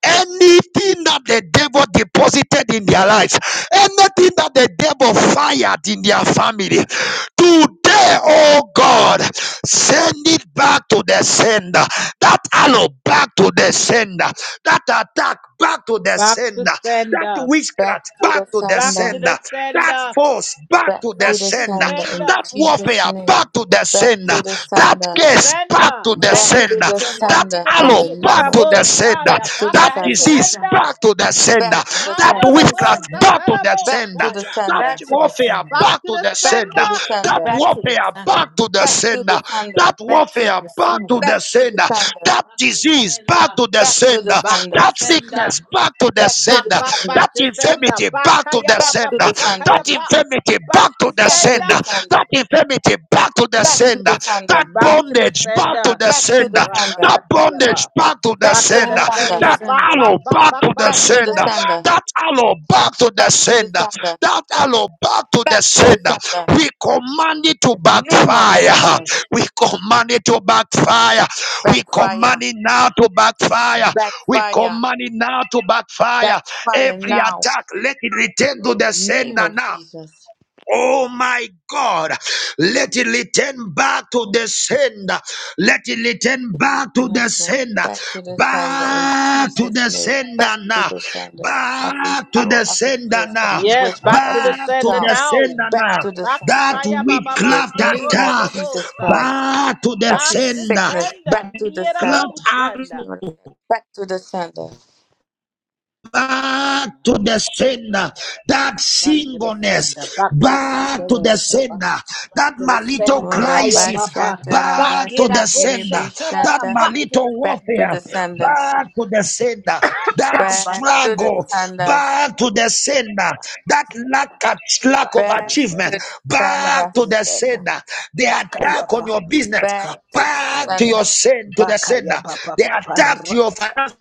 Speaker 1: Anything that the devil deposited in their lives. Anything that the devil fired in their family, today, oh God, send it back to the sender. That arrow back to the sender. That attack back to the
Speaker 3: Back to
Speaker 1: sender. That
Speaker 3: sender.
Speaker 5: Back
Speaker 1: witchcraft
Speaker 5: to
Speaker 1: back
Speaker 5: the
Speaker 1: to the
Speaker 3: Back
Speaker 5: sender.
Speaker 3: to
Speaker 1: sender.
Speaker 3: the
Speaker 1: That
Speaker 3: sender.
Speaker 1: force back
Speaker 5: Back
Speaker 1: to the
Speaker 5: to
Speaker 3: Back
Speaker 5: the
Speaker 3: to
Speaker 1: sender.
Speaker 5: sender in
Speaker 1: That
Speaker 3: sender.
Speaker 5: Jesus'
Speaker 1: warfare
Speaker 5: name.
Speaker 1: back to the
Speaker 5: Back
Speaker 1: sender.
Speaker 5: to the
Speaker 1: That
Speaker 3: Back
Speaker 5: sender.
Speaker 3: to
Speaker 1: case back
Speaker 3: sender.
Speaker 1: to the
Speaker 4: Back
Speaker 5: Back
Speaker 4: to the
Speaker 5: to
Speaker 1: sender.
Speaker 5: the
Speaker 3: Back
Speaker 4: sender.
Speaker 1: That
Speaker 3: to
Speaker 5: sender
Speaker 3: the
Speaker 5: in
Speaker 4: Back
Speaker 1: arrow
Speaker 5: the
Speaker 4: to the
Speaker 5: name
Speaker 1: back
Speaker 5: of
Speaker 1: to
Speaker 3: Ikarabo
Speaker 1: the
Speaker 4: sender.
Speaker 5: Jesus.
Speaker 1: sender sender.
Speaker 3: Shaya.
Speaker 5: Back to
Speaker 3: Back
Speaker 5: the
Speaker 1: That
Speaker 3: to
Speaker 4: Back
Speaker 3: the
Speaker 4: to
Speaker 5: sender.
Speaker 4: the
Speaker 1: disease
Speaker 3: sender.
Speaker 4: sender.
Speaker 1: back to the
Speaker 5: Back
Speaker 1: sender.
Speaker 5: to the
Speaker 1: That
Speaker 4: Back
Speaker 5: sender.
Speaker 4: to the
Speaker 1: witchcraft
Speaker 3: Mandorabo
Speaker 4: sender.
Speaker 1: back to the
Speaker 3: Satarabo
Speaker 5: Back
Speaker 1: sender.
Speaker 5: to the
Speaker 3: Shaya.
Speaker 1: That
Speaker 5: sender.
Speaker 4: Back to the
Speaker 1: warfare
Speaker 4: sender.
Speaker 3: Back
Speaker 1: back
Speaker 3: to
Speaker 1: to
Speaker 3: the
Speaker 1: the
Speaker 5: Back
Speaker 1: sender.
Speaker 5: to
Speaker 3: sender.
Speaker 5: the
Speaker 1: That
Speaker 5: sender.
Speaker 4: Back to the sender.
Speaker 1: warfare back to the
Speaker 5: Back to the
Speaker 1: sender.
Speaker 5: sender.
Speaker 1: That
Speaker 4: Back to
Speaker 1: warfare
Speaker 4: the
Speaker 1: back to
Speaker 4: sender.
Speaker 1: the
Speaker 5: Back to the
Speaker 1: sender.
Speaker 5: sender.
Speaker 1: That
Speaker 3: Back to the
Speaker 1: disease back
Speaker 3: sender.
Speaker 1: to the
Speaker 5: Back to the
Speaker 1: sender.
Speaker 3: Back to
Speaker 5: sender.
Speaker 1: That
Speaker 3: sender.
Speaker 1: sickness back to the
Speaker 5: Back to
Speaker 3: Back,
Speaker 5: the
Speaker 1: sender.
Speaker 3: back,
Speaker 5: sender.
Speaker 1: That
Speaker 3: back to sender.
Speaker 1: infirmity back to
Speaker 3: Bakaya,
Speaker 1: the
Speaker 3: ba,
Speaker 5: Back
Speaker 3: ba,
Speaker 5: to
Speaker 3: ba,
Speaker 1: sender.
Speaker 5: the
Speaker 1: That
Speaker 3: bakaya,
Speaker 5: sender.
Speaker 3: pa.
Speaker 1: infirmity
Speaker 3: Back
Speaker 1: back
Speaker 3: to
Speaker 1: to the
Speaker 5: Back to the
Speaker 1: sender.
Speaker 3: sender.
Speaker 5: sender.
Speaker 1: That infirmity back to the
Speaker 5: Back to the
Speaker 1: sender. That
Speaker 5: sender.
Speaker 3: Back to the
Speaker 1: bondage back to
Speaker 3: sender.
Speaker 1: the
Speaker 5: Back to the
Speaker 1: sender.
Speaker 5: sender.
Speaker 1: That bondage
Speaker 3: Rapakatayaba.
Speaker 1: back to the
Speaker 5: Back
Speaker 3: Back
Speaker 5: to
Speaker 3: to
Speaker 5: the
Speaker 3: the
Speaker 1: sender.
Speaker 4: Back to the
Speaker 5: sender.
Speaker 3: sender.
Speaker 1: That
Speaker 3: Back,
Speaker 4: sender.
Speaker 3: back,
Speaker 1: arrow
Speaker 3: back,
Speaker 1: back
Speaker 3: back,
Speaker 1: to the
Speaker 3: back
Speaker 5: Back
Speaker 3: to
Speaker 5: to the
Speaker 1: sender.
Speaker 3: sender.
Speaker 5: sender.
Speaker 1: That arrow back to the
Speaker 5: Back to the
Speaker 1: sender.
Speaker 5: sender.
Speaker 1: That arrow back to the
Speaker 5: Back to the
Speaker 1: sender.
Speaker 5: sender.
Speaker 1: We command it to
Speaker 5: In the name of
Speaker 1: backfire.
Speaker 5: Jesus.
Speaker 1: We command it to backfire. We command
Speaker 5: Backfire.
Speaker 1: it now to backfire. We
Speaker 5: Backfire.
Speaker 1: command it now to backfire.
Speaker 5: Backfire
Speaker 1: Every
Speaker 5: now.
Speaker 1: attack, let it return to
Speaker 5: In
Speaker 1: the
Speaker 5: the name
Speaker 1: sender
Speaker 5: of
Speaker 1: now.
Speaker 5: Jesus.
Speaker 1: Oh my God, let it return back to the sender. Let it return back to the
Speaker 5: Yes, Lord.
Speaker 1: sender.
Speaker 5: Back to the sender in
Speaker 1: Back to
Speaker 5: Jesus'
Speaker 1: the
Speaker 5: name. Back
Speaker 1: sender
Speaker 5: to
Speaker 1: now.
Speaker 5: the sender. Every
Speaker 1: Back to
Speaker 5: arrow,
Speaker 1: the
Speaker 5: every
Speaker 1: sender
Speaker 5: curse,
Speaker 1: now.
Speaker 5: every
Speaker 3: Yes,
Speaker 5: witchcraft,
Speaker 3: back to
Speaker 1: Back
Speaker 3: the
Speaker 5: every
Speaker 1: to
Speaker 3: sender
Speaker 1: the
Speaker 5: spell.
Speaker 3: now.
Speaker 1: sender
Speaker 5: Back
Speaker 1: now.
Speaker 5: to the
Speaker 3: Back to
Speaker 1: That
Speaker 5: sender.
Speaker 3: Kaya Baba
Speaker 5: In the
Speaker 1: witchcraft
Speaker 3: Bando
Speaker 5: name of
Speaker 1: attack.
Speaker 5: Jesus
Speaker 3: Robobobosa.
Speaker 5: Christ.
Speaker 1: Back to the
Speaker 5: Every
Speaker 3: Back to
Speaker 1: sender.
Speaker 5: sickness
Speaker 3: sender.
Speaker 5: back to the sender.
Speaker 1: Cloud
Speaker 5: Every
Speaker 3: Yeraboshanda.
Speaker 5: spirit of death back to the sender.
Speaker 1: back to the sinner that
Speaker 3: Back to the sender.
Speaker 1: singleness
Speaker 3: Back, back, back
Speaker 1: back
Speaker 3: to
Speaker 1: to
Speaker 3: the
Speaker 1: the
Speaker 3: back.
Speaker 1: sinner
Speaker 3: Back
Speaker 1: that
Speaker 3: to the
Speaker 1: malito
Speaker 5: Oh,
Speaker 3: sender. Haya
Speaker 5: rabba
Speaker 1: crisis
Speaker 3: Baba.
Speaker 5: shatta,
Speaker 3: Back
Speaker 5: rabba
Speaker 1: back to the
Speaker 5: shiki, ribbi
Speaker 3: Yerabosha
Speaker 1: sinner that
Speaker 3: Teraba.
Speaker 5: shatta.
Speaker 3: Back to
Speaker 1: malito
Speaker 3: the
Speaker 5: Back
Speaker 3: sender.
Speaker 5: to
Speaker 1: warfare
Speaker 5: the sender.
Speaker 1: back to the sinner that
Speaker 3: back
Speaker 5: Back
Speaker 3: to
Speaker 5: to
Speaker 3: the
Speaker 5: the
Speaker 1: struggle
Speaker 3: sender.
Speaker 5: sender.
Speaker 1: back to the sinner that lack of, lack
Speaker 3: back
Speaker 1: of
Speaker 3: to
Speaker 5: Back
Speaker 3: the
Speaker 5: to
Speaker 1: achievement
Speaker 5: the
Speaker 3: sender, back
Speaker 1: back
Speaker 5: sender.
Speaker 3: to
Speaker 1: to
Speaker 3: the
Speaker 1: the
Speaker 3: sender,
Speaker 1: sinner the
Speaker 3: back
Speaker 1: attack on
Speaker 3: ayaba,
Speaker 1: your business
Speaker 5: Back
Speaker 3: back to
Speaker 5: to
Speaker 3: the
Speaker 5: the
Speaker 1: back to
Speaker 3: sender,
Speaker 1: your
Speaker 5: sender.
Speaker 1: sin to the
Speaker 3: back
Speaker 1: sinner
Speaker 3: ayaba
Speaker 1: the
Speaker 3: papa
Speaker 1: attack to your
Speaker 3: paraka.
Speaker 1: finances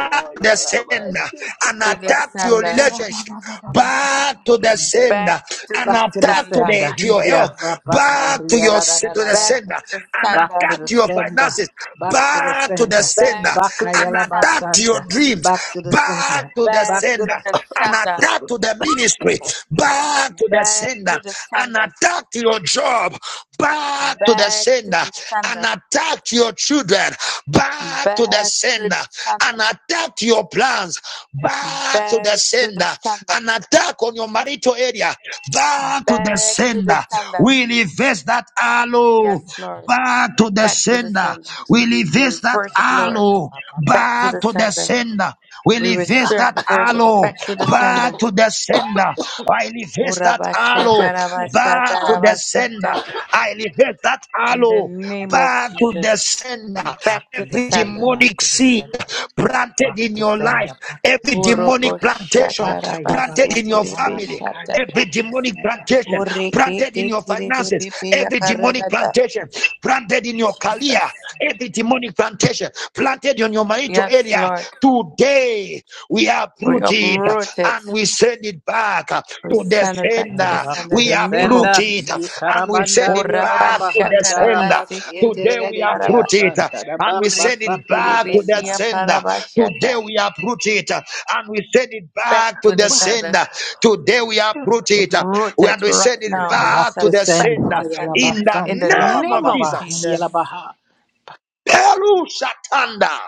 Speaker 3: Oh
Speaker 1: to the
Speaker 3: yalaba
Speaker 1: sender
Speaker 3: shit,
Speaker 1: and
Speaker 5: To the
Speaker 3: baba
Speaker 1: attack to your
Speaker 5: sender.
Speaker 3: santara
Speaker 1: relationship
Speaker 3: baba baba baba.
Speaker 1: back to the
Speaker 5: Back
Speaker 1: sender
Speaker 5: to
Speaker 1: and
Speaker 5: the
Speaker 3: Back to the
Speaker 1: attack to
Speaker 5: sender.
Speaker 1: the
Speaker 3: sender,
Speaker 1: to your health
Speaker 3: yeah,
Speaker 1: back
Speaker 3: rabakari,
Speaker 1: to your
Speaker 3: da da
Speaker 1: to
Speaker 3: da da
Speaker 1: the
Speaker 3: da
Speaker 5: Back
Speaker 3: da.
Speaker 1: sender
Speaker 5: to the
Speaker 1: and
Speaker 3: Back
Speaker 5: sender.
Speaker 3: to
Speaker 1: attack
Speaker 3: the
Speaker 1: to your
Speaker 3: sender,
Speaker 1: finances
Speaker 3: back to the
Speaker 1: back to the
Speaker 3: sender,
Speaker 1: sender
Speaker 5: Back
Speaker 3: back
Speaker 5: to the
Speaker 1: and
Speaker 3: ayalaba
Speaker 1: attack
Speaker 5: sender.
Speaker 1: to your
Speaker 3: santa,
Speaker 1: dreams
Speaker 3: back to the
Speaker 1: back
Speaker 3: sender,
Speaker 1: to the
Speaker 5: Back
Speaker 3: back
Speaker 1: sender
Speaker 3: to
Speaker 5: to
Speaker 3: the.
Speaker 5: the
Speaker 1: and
Speaker 5: sender.
Speaker 1: attack to the ministry back to the
Speaker 5: Back to
Speaker 1: sender
Speaker 5: the
Speaker 1: and
Speaker 5: sender.
Speaker 1: attack to your job back to the
Speaker 5: Back to
Speaker 1: sender
Speaker 5: the
Speaker 1: and
Speaker 5: sender.
Speaker 1: attacked your children, back to the
Speaker 5: back to
Speaker 1: sender
Speaker 5: the
Speaker 1: and
Speaker 5: sender,
Speaker 1: attacked your plans, back to the
Speaker 5: back to the
Speaker 1: sender
Speaker 5: sender,
Speaker 1: and attack on your marital area, back to the
Speaker 5: back to the
Speaker 1: sender.
Speaker 5: sender.
Speaker 1: We reverse that aloe
Speaker 5: Yes, Lord,
Speaker 1: back to the
Speaker 5: back to the
Speaker 1: sender.
Speaker 5: sender.
Speaker 1: We
Speaker 5: We
Speaker 1: reverse that
Speaker 5: reverse it, Lord,
Speaker 1: aloe
Speaker 5: back to
Speaker 1: back
Speaker 5: the
Speaker 1: to the
Speaker 5: sender.
Speaker 3: sender.
Speaker 1: sender. We
Speaker 5: We
Speaker 1: release that
Speaker 5: reverse it
Speaker 1: aloe
Speaker 5: back to the
Speaker 1: back
Speaker 5: sender.
Speaker 1: to the sender. I
Speaker 5: Oh,
Speaker 1: release that
Speaker 5: Rabba
Speaker 1: aloe
Speaker 5: Shatta, Rabba
Speaker 1: back
Speaker 5: Shatta,
Speaker 1: to the
Speaker 5: Rabba
Speaker 1: sender.
Speaker 5: Shatta.
Speaker 1: I release that
Speaker 5: In the
Speaker 1: aloe
Speaker 5: name of
Speaker 1: back to the
Speaker 5: Jesus,
Speaker 1: sender.
Speaker 3: Back
Speaker 5: back
Speaker 3: to
Speaker 5: to the
Speaker 3: the
Speaker 1: Every
Speaker 3: sender,
Speaker 5: sender.
Speaker 3: Back
Speaker 1: demonic
Speaker 3: to the
Speaker 1: seed
Speaker 3: sender,
Speaker 1: planted
Speaker 3: Back
Speaker 1: in
Speaker 3: bhakti
Speaker 1: your life,
Speaker 3: sender, Back bhakti
Speaker 1: every
Speaker 5: Oh,
Speaker 3: sender.
Speaker 5: Rabba
Speaker 1: demonic plantation
Speaker 5: Shatta, Rabba
Speaker 3: Bakaya
Speaker 1: planted
Speaker 3: baba
Speaker 1: in
Speaker 5: Sitti,
Speaker 1: your
Speaker 5: Rabbi
Speaker 3: bara
Speaker 1: family,
Speaker 5: Shatta.
Speaker 3: bakaya
Speaker 1: every
Speaker 3: bhakti
Speaker 1: demonic
Speaker 3: sender.
Speaker 1: plantation
Speaker 5: Oh, Rikki,
Speaker 1: planted in your
Speaker 5: Titti,
Speaker 1: finances, every demonic
Speaker 5: Yakarada.
Speaker 1: plantation planted in your career,
Speaker 5: Jesus.
Speaker 1: every demonic demonic plantation planted on your marital
Speaker 5: Yes,
Speaker 1: area.
Speaker 5: Lord.
Speaker 1: Today we
Speaker 5: We
Speaker 1: uproot it
Speaker 5: uproot it.
Speaker 1: and we send it back to
Speaker 5: We
Speaker 1: the
Speaker 5: send it back to the
Speaker 3: Mm,
Speaker 1: sender.
Speaker 3: Back
Speaker 5: sender
Speaker 3: to
Speaker 5: in
Speaker 1: We
Speaker 5: the
Speaker 3: the
Speaker 5: name of
Speaker 1: uproot
Speaker 3: sender.
Speaker 1: it
Speaker 3: Ye
Speaker 5: Jesus.
Speaker 1: and we send it
Speaker 3: karabandarya baba
Speaker 5: Uraba
Speaker 1: back to the
Speaker 5: shataraba
Speaker 3: bahandara
Speaker 1: sender.
Speaker 3: bas
Speaker 1: Today
Speaker 5: seketiya
Speaker 1: we
Speaker 3: yenderere diya
Speaker 5: paraba
Speaker 1: uproot it
Speaker 3: santa da
Speaker 5: Urabashatarabasikidiyakaraba.
Speaker 1: and
Speaker 3: bak
Speaker 1: we send
Speaker 3: bak
Speaker 1: it
Speaker 3: the
Speaker 1: back to the
Speaker 3: sender.
Speaker 1: sender. Today
Speaker 5: Urekidiribishiyaparabashata.
Speaker 1: we uproot it and we send it
Speaker 5: Back
Speaker 1: back to
Speaker 5: to
Speaker 1: the
Speaker 5: the sender.
Speaker 1: sender. Today we uproot it
Speaker 5: Uproot
Speaker 1: and
Speaker 5: it
Speaker 1: we
Speaker 5: right
Speaker 1: send it
Speaker 5: now
Speaker 3: Back
Speaker 5: and
Speaker 1: back to
Speaker 5: send
Speaker 3: Bhakti
Speaker 5: it
Speaker 1: the
Speaker 5: back
Speaker 3: sender.
Speaker 5: to
Speaker 1: sender.
Speaker 5: the
Speaker 3: Hayala
Speaker 5: sender
Speaker 1: In
Speaker 3: bak
Speaker 1: the
Speaker 5: in the
Speaker 3: santa la
Speaker 1: name
Speaker 3: baba
Speaker 1: of
Speaker 5: name of
Speaker 3: baba
Speaker 1: Jesus.
Speaker 3: hayala
Speaker 5: Jesus.
Speaker 3: baha.
Speaker 1: Peru Shatanda.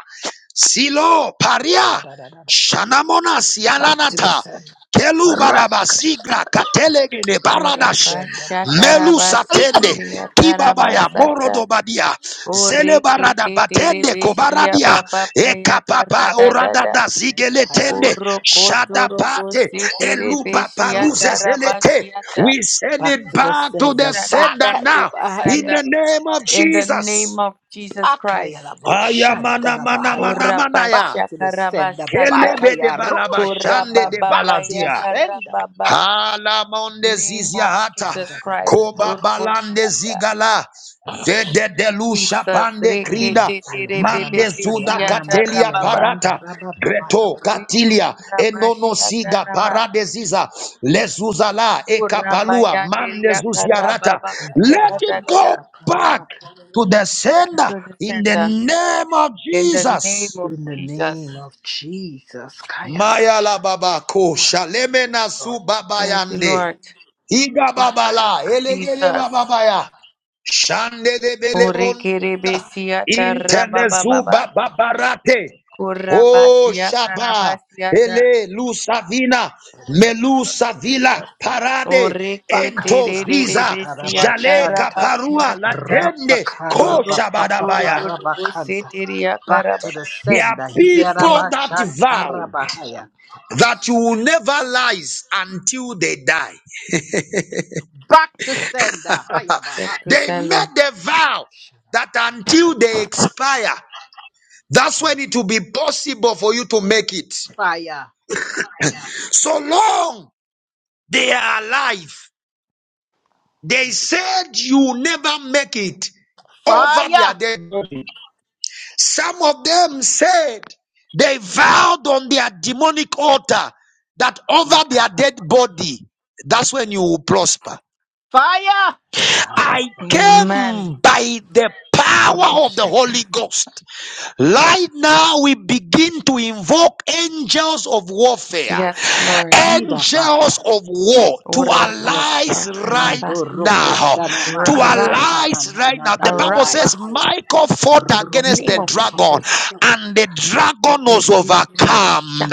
Speaker 1: Silo
Speaker 3: Da
Speaker 1: Paria
Speaker 3: da da da.
Speaker 1: Shanamona
Speaker 3: Bhakti
Speaker 1: Sialanata
Speaker 3: sender.
Speaker 1: Kelubadaba Sigra Katelegele
Speaker 3: Back to the
Speaker 1: Baradash
Speaker 3: sender. Back back
Speaker 1: Melu
Speaker 3: back.
Speaker 1: Satende Kibabaya
Speaker 5: Urabashatarabasikidiyatarabasata.
Speaker 1: Morodobadia Zele barada Batende Kobaradia Ekapapa
Speaker 5: Urekitidiribishiyababapayakaradadada.
Speaker 1: Oradada
Speaker 3: Senda haya
Speaker 1: Zigeletende
Speaker 3: pa-
Speaker 1: Shadapate Eluba Paluze Zelete
Speaker 5: Orokotorobositerepeshiatarabasiata.
Speaker 1: We send
Speaker 3: back
Speaker 1: it
Speaker 3: to the
Speaker 1: back
Speaker 5: We
Speaker 1: to the
Speaker 3: sender
Speaker 5: send it
Speaker 1: sender
Speaker 5: back
Speaker 3: bakaya
Speaker 5: to
Speaker 1: now
Speaker 5: the
Speaker 1: in
Speaker 3: bahaya
Speaker 5: sender
Speaker 1: the name of
Speaker 5: in the
Speaker 1: Jesus.
Speaker 5: name of Jesus
Speaker 3: bakaya
Speaker 5: Christ.
Speaker 3: la boshanta
Speaker 1: Ayamana
Speaker 3: la
Speaker 1: mana
Speaker 3: bahaya
Speaker 1: mana manaya.
Speaker 3: back to the sender
Speaker 5: Orabashakarabasata.
Speaker 1: Kelebe de
Speaker 3: bakaya
Speaker 1: balaba
Speaker 3: rosha
Speaker 1: shande
Speaker 3: kanta
Speaker 1: de
Speaker 3: back to the
Speaker 1: balazia.
Speaker 3: sender
Speaker 5: Korabababayakarababa.
Speaker 1: Halamonde
Speaker 5: Name
Speaker 1: zizia
Speaker 5: of
Speaker 1: hata.
Speaker 5: Jesus Christ.
Speaker 1: Koba balande
Speaker 5: Oroboshiata.
Speaker 1: zigala. Vede delusha
Speaker 5: Jesus.
Speaker 1: pande
Speaker 3: ana
Speaker 1: krida.
Speaker 3: masaya ana
Speaker 1: Mande
Speaker 3: masaya
Speaker 1: zuda
Speaker 3: ana
Speaker 1: katelia
Speaker 3: makaya na
Speaker 5: Reketeterebebebesiatarababa.
Speaker 3: manda
Speaker 1: parata. Greto katilia enono siga
Speaker 5: Rikarabashakaraba.
Speaker 1: parade lezuzala ekapalua mande zuziarata. Let it
Speaker 5: Urabayandiriyakarabababayakatadada.
Speaker 1: go back to the
Speaker 5: Back
Speaker 1: sender
Speaker 5: to the
Speaker 1: in the
Speaker 5: sender.
Speaker 1: name of
Speaker 5: In the name
Speaker 1: Jesus.
Speaker 5: of
Speaker 3: in the
Speaker 5: Jesus.
Speaker 3: name of Jesus kaya
Speaker 1: Maya la
Speaker 3: bashan
Speaker 1: baba ko su
Speaker 3: Lord
Speaker 1: baba
Speaker 5: Thank you, Lord.
Speaker 1: Iga
Speaker 3: bakaya
Speaker 1: babala, elegele
Speaker 3: kaya
Speaker 5: Jesus.
Speaker 1: bababaya, shande de belebonda,
Speaker 5: Urikiribisiata
Speaker 1: intelezu
Speaker 5: rabababa.
Speaker 1: bababarate, o
Speaker 5: Kurabasia
Speaker 1: shaba,
Speaker 5: karabasiata.
Speaker 1: ele lusavina, melusavila, parade,
Speaker 3: Baka,
Speaker 1: entos visa,
Speaker 5: Urikitididibisiata
Speaker 1: jaleka
Speaker 3: Bakatarabashanta.
Speaker 1: parua,
Speaker 5: rabasiakata.
Speaker 1: latende, koshabadabaya.
Speaker 3: Rapakarabapapaparabakanta.
Speaker 5: Urukutururubusitiria
Speaker 3: Back
Speaker 5: karaba.
Speaker 3: to the
Speaker 1: There are
Speaker 3: sender.
Speaker 5: Jesus'
Speaker 1: people
Speaker 5: name.
Speaker 1: that vowed
Speaker 3: Hiyarabashantarabahaya.
Speaker 1: that you will never lie until they die.
Speaker 3: Back to sender. Hayabaha.
Speaker 5: Back to
Speaker 1: They made
Speaker 5: sender.
Speaker 1: the vow that
Speaker 3: Irabasharabahaya.
Speaker 1: until they expire, that's when it will be possible for you to make it.
Speaker 3: Fire.
Speaker 1: So long they are alive, they said you will never make it over
Speaker 3: Fire.
Speaker 1: their dead. body. Some of them said they vowed on their demonic altar that over their
Speaker 3: ikala,
Speaker 1: dead body, that's when you will prosper.
Speaker 3: Fire.
Speaker 1: I
Speaker 3: Sharabaka.
Speaker 5: Amen.
Speaker 1: came by the power of the
Speaker 5: Roboshata.
Speaker 1: Holy Ghost. Right now, we begin to invoke angels of warfare,
Speaker 5: Yes, Lord.
Speaker 3: Idabaya.
Speaker 1: angels of war to
Speaker 3: Yes,
Speaker 1: allies
Speaker 3: God.
Speaker 5: Urabashakaraba.
Speaker 1: right
Speaker 3: Mandoroko
Speaker 1: now.
Speaker 3: shana
Speaker 1: To
Speaker 3: makana
Speaker 5: Arise,
Speaker 3: na na na
Speaker 1: allies
Speaker 3: na
Speaker 1: right
Speaker 3: na
Speaker 1: now.
Speaker 3: na
Speaker 1: The Bible says
Speaker 5: arise,
Speaker 3: yarabahaya.
Speaker 1: Michael fought
Speaker 5: in the
Speaker 1: against
Speaker 5: name
Speaker 1: the
Speaker 5: of
Speaker 1: dragon,
Speaker 5: Jesus.
Speaker 1: and the dragon was overcome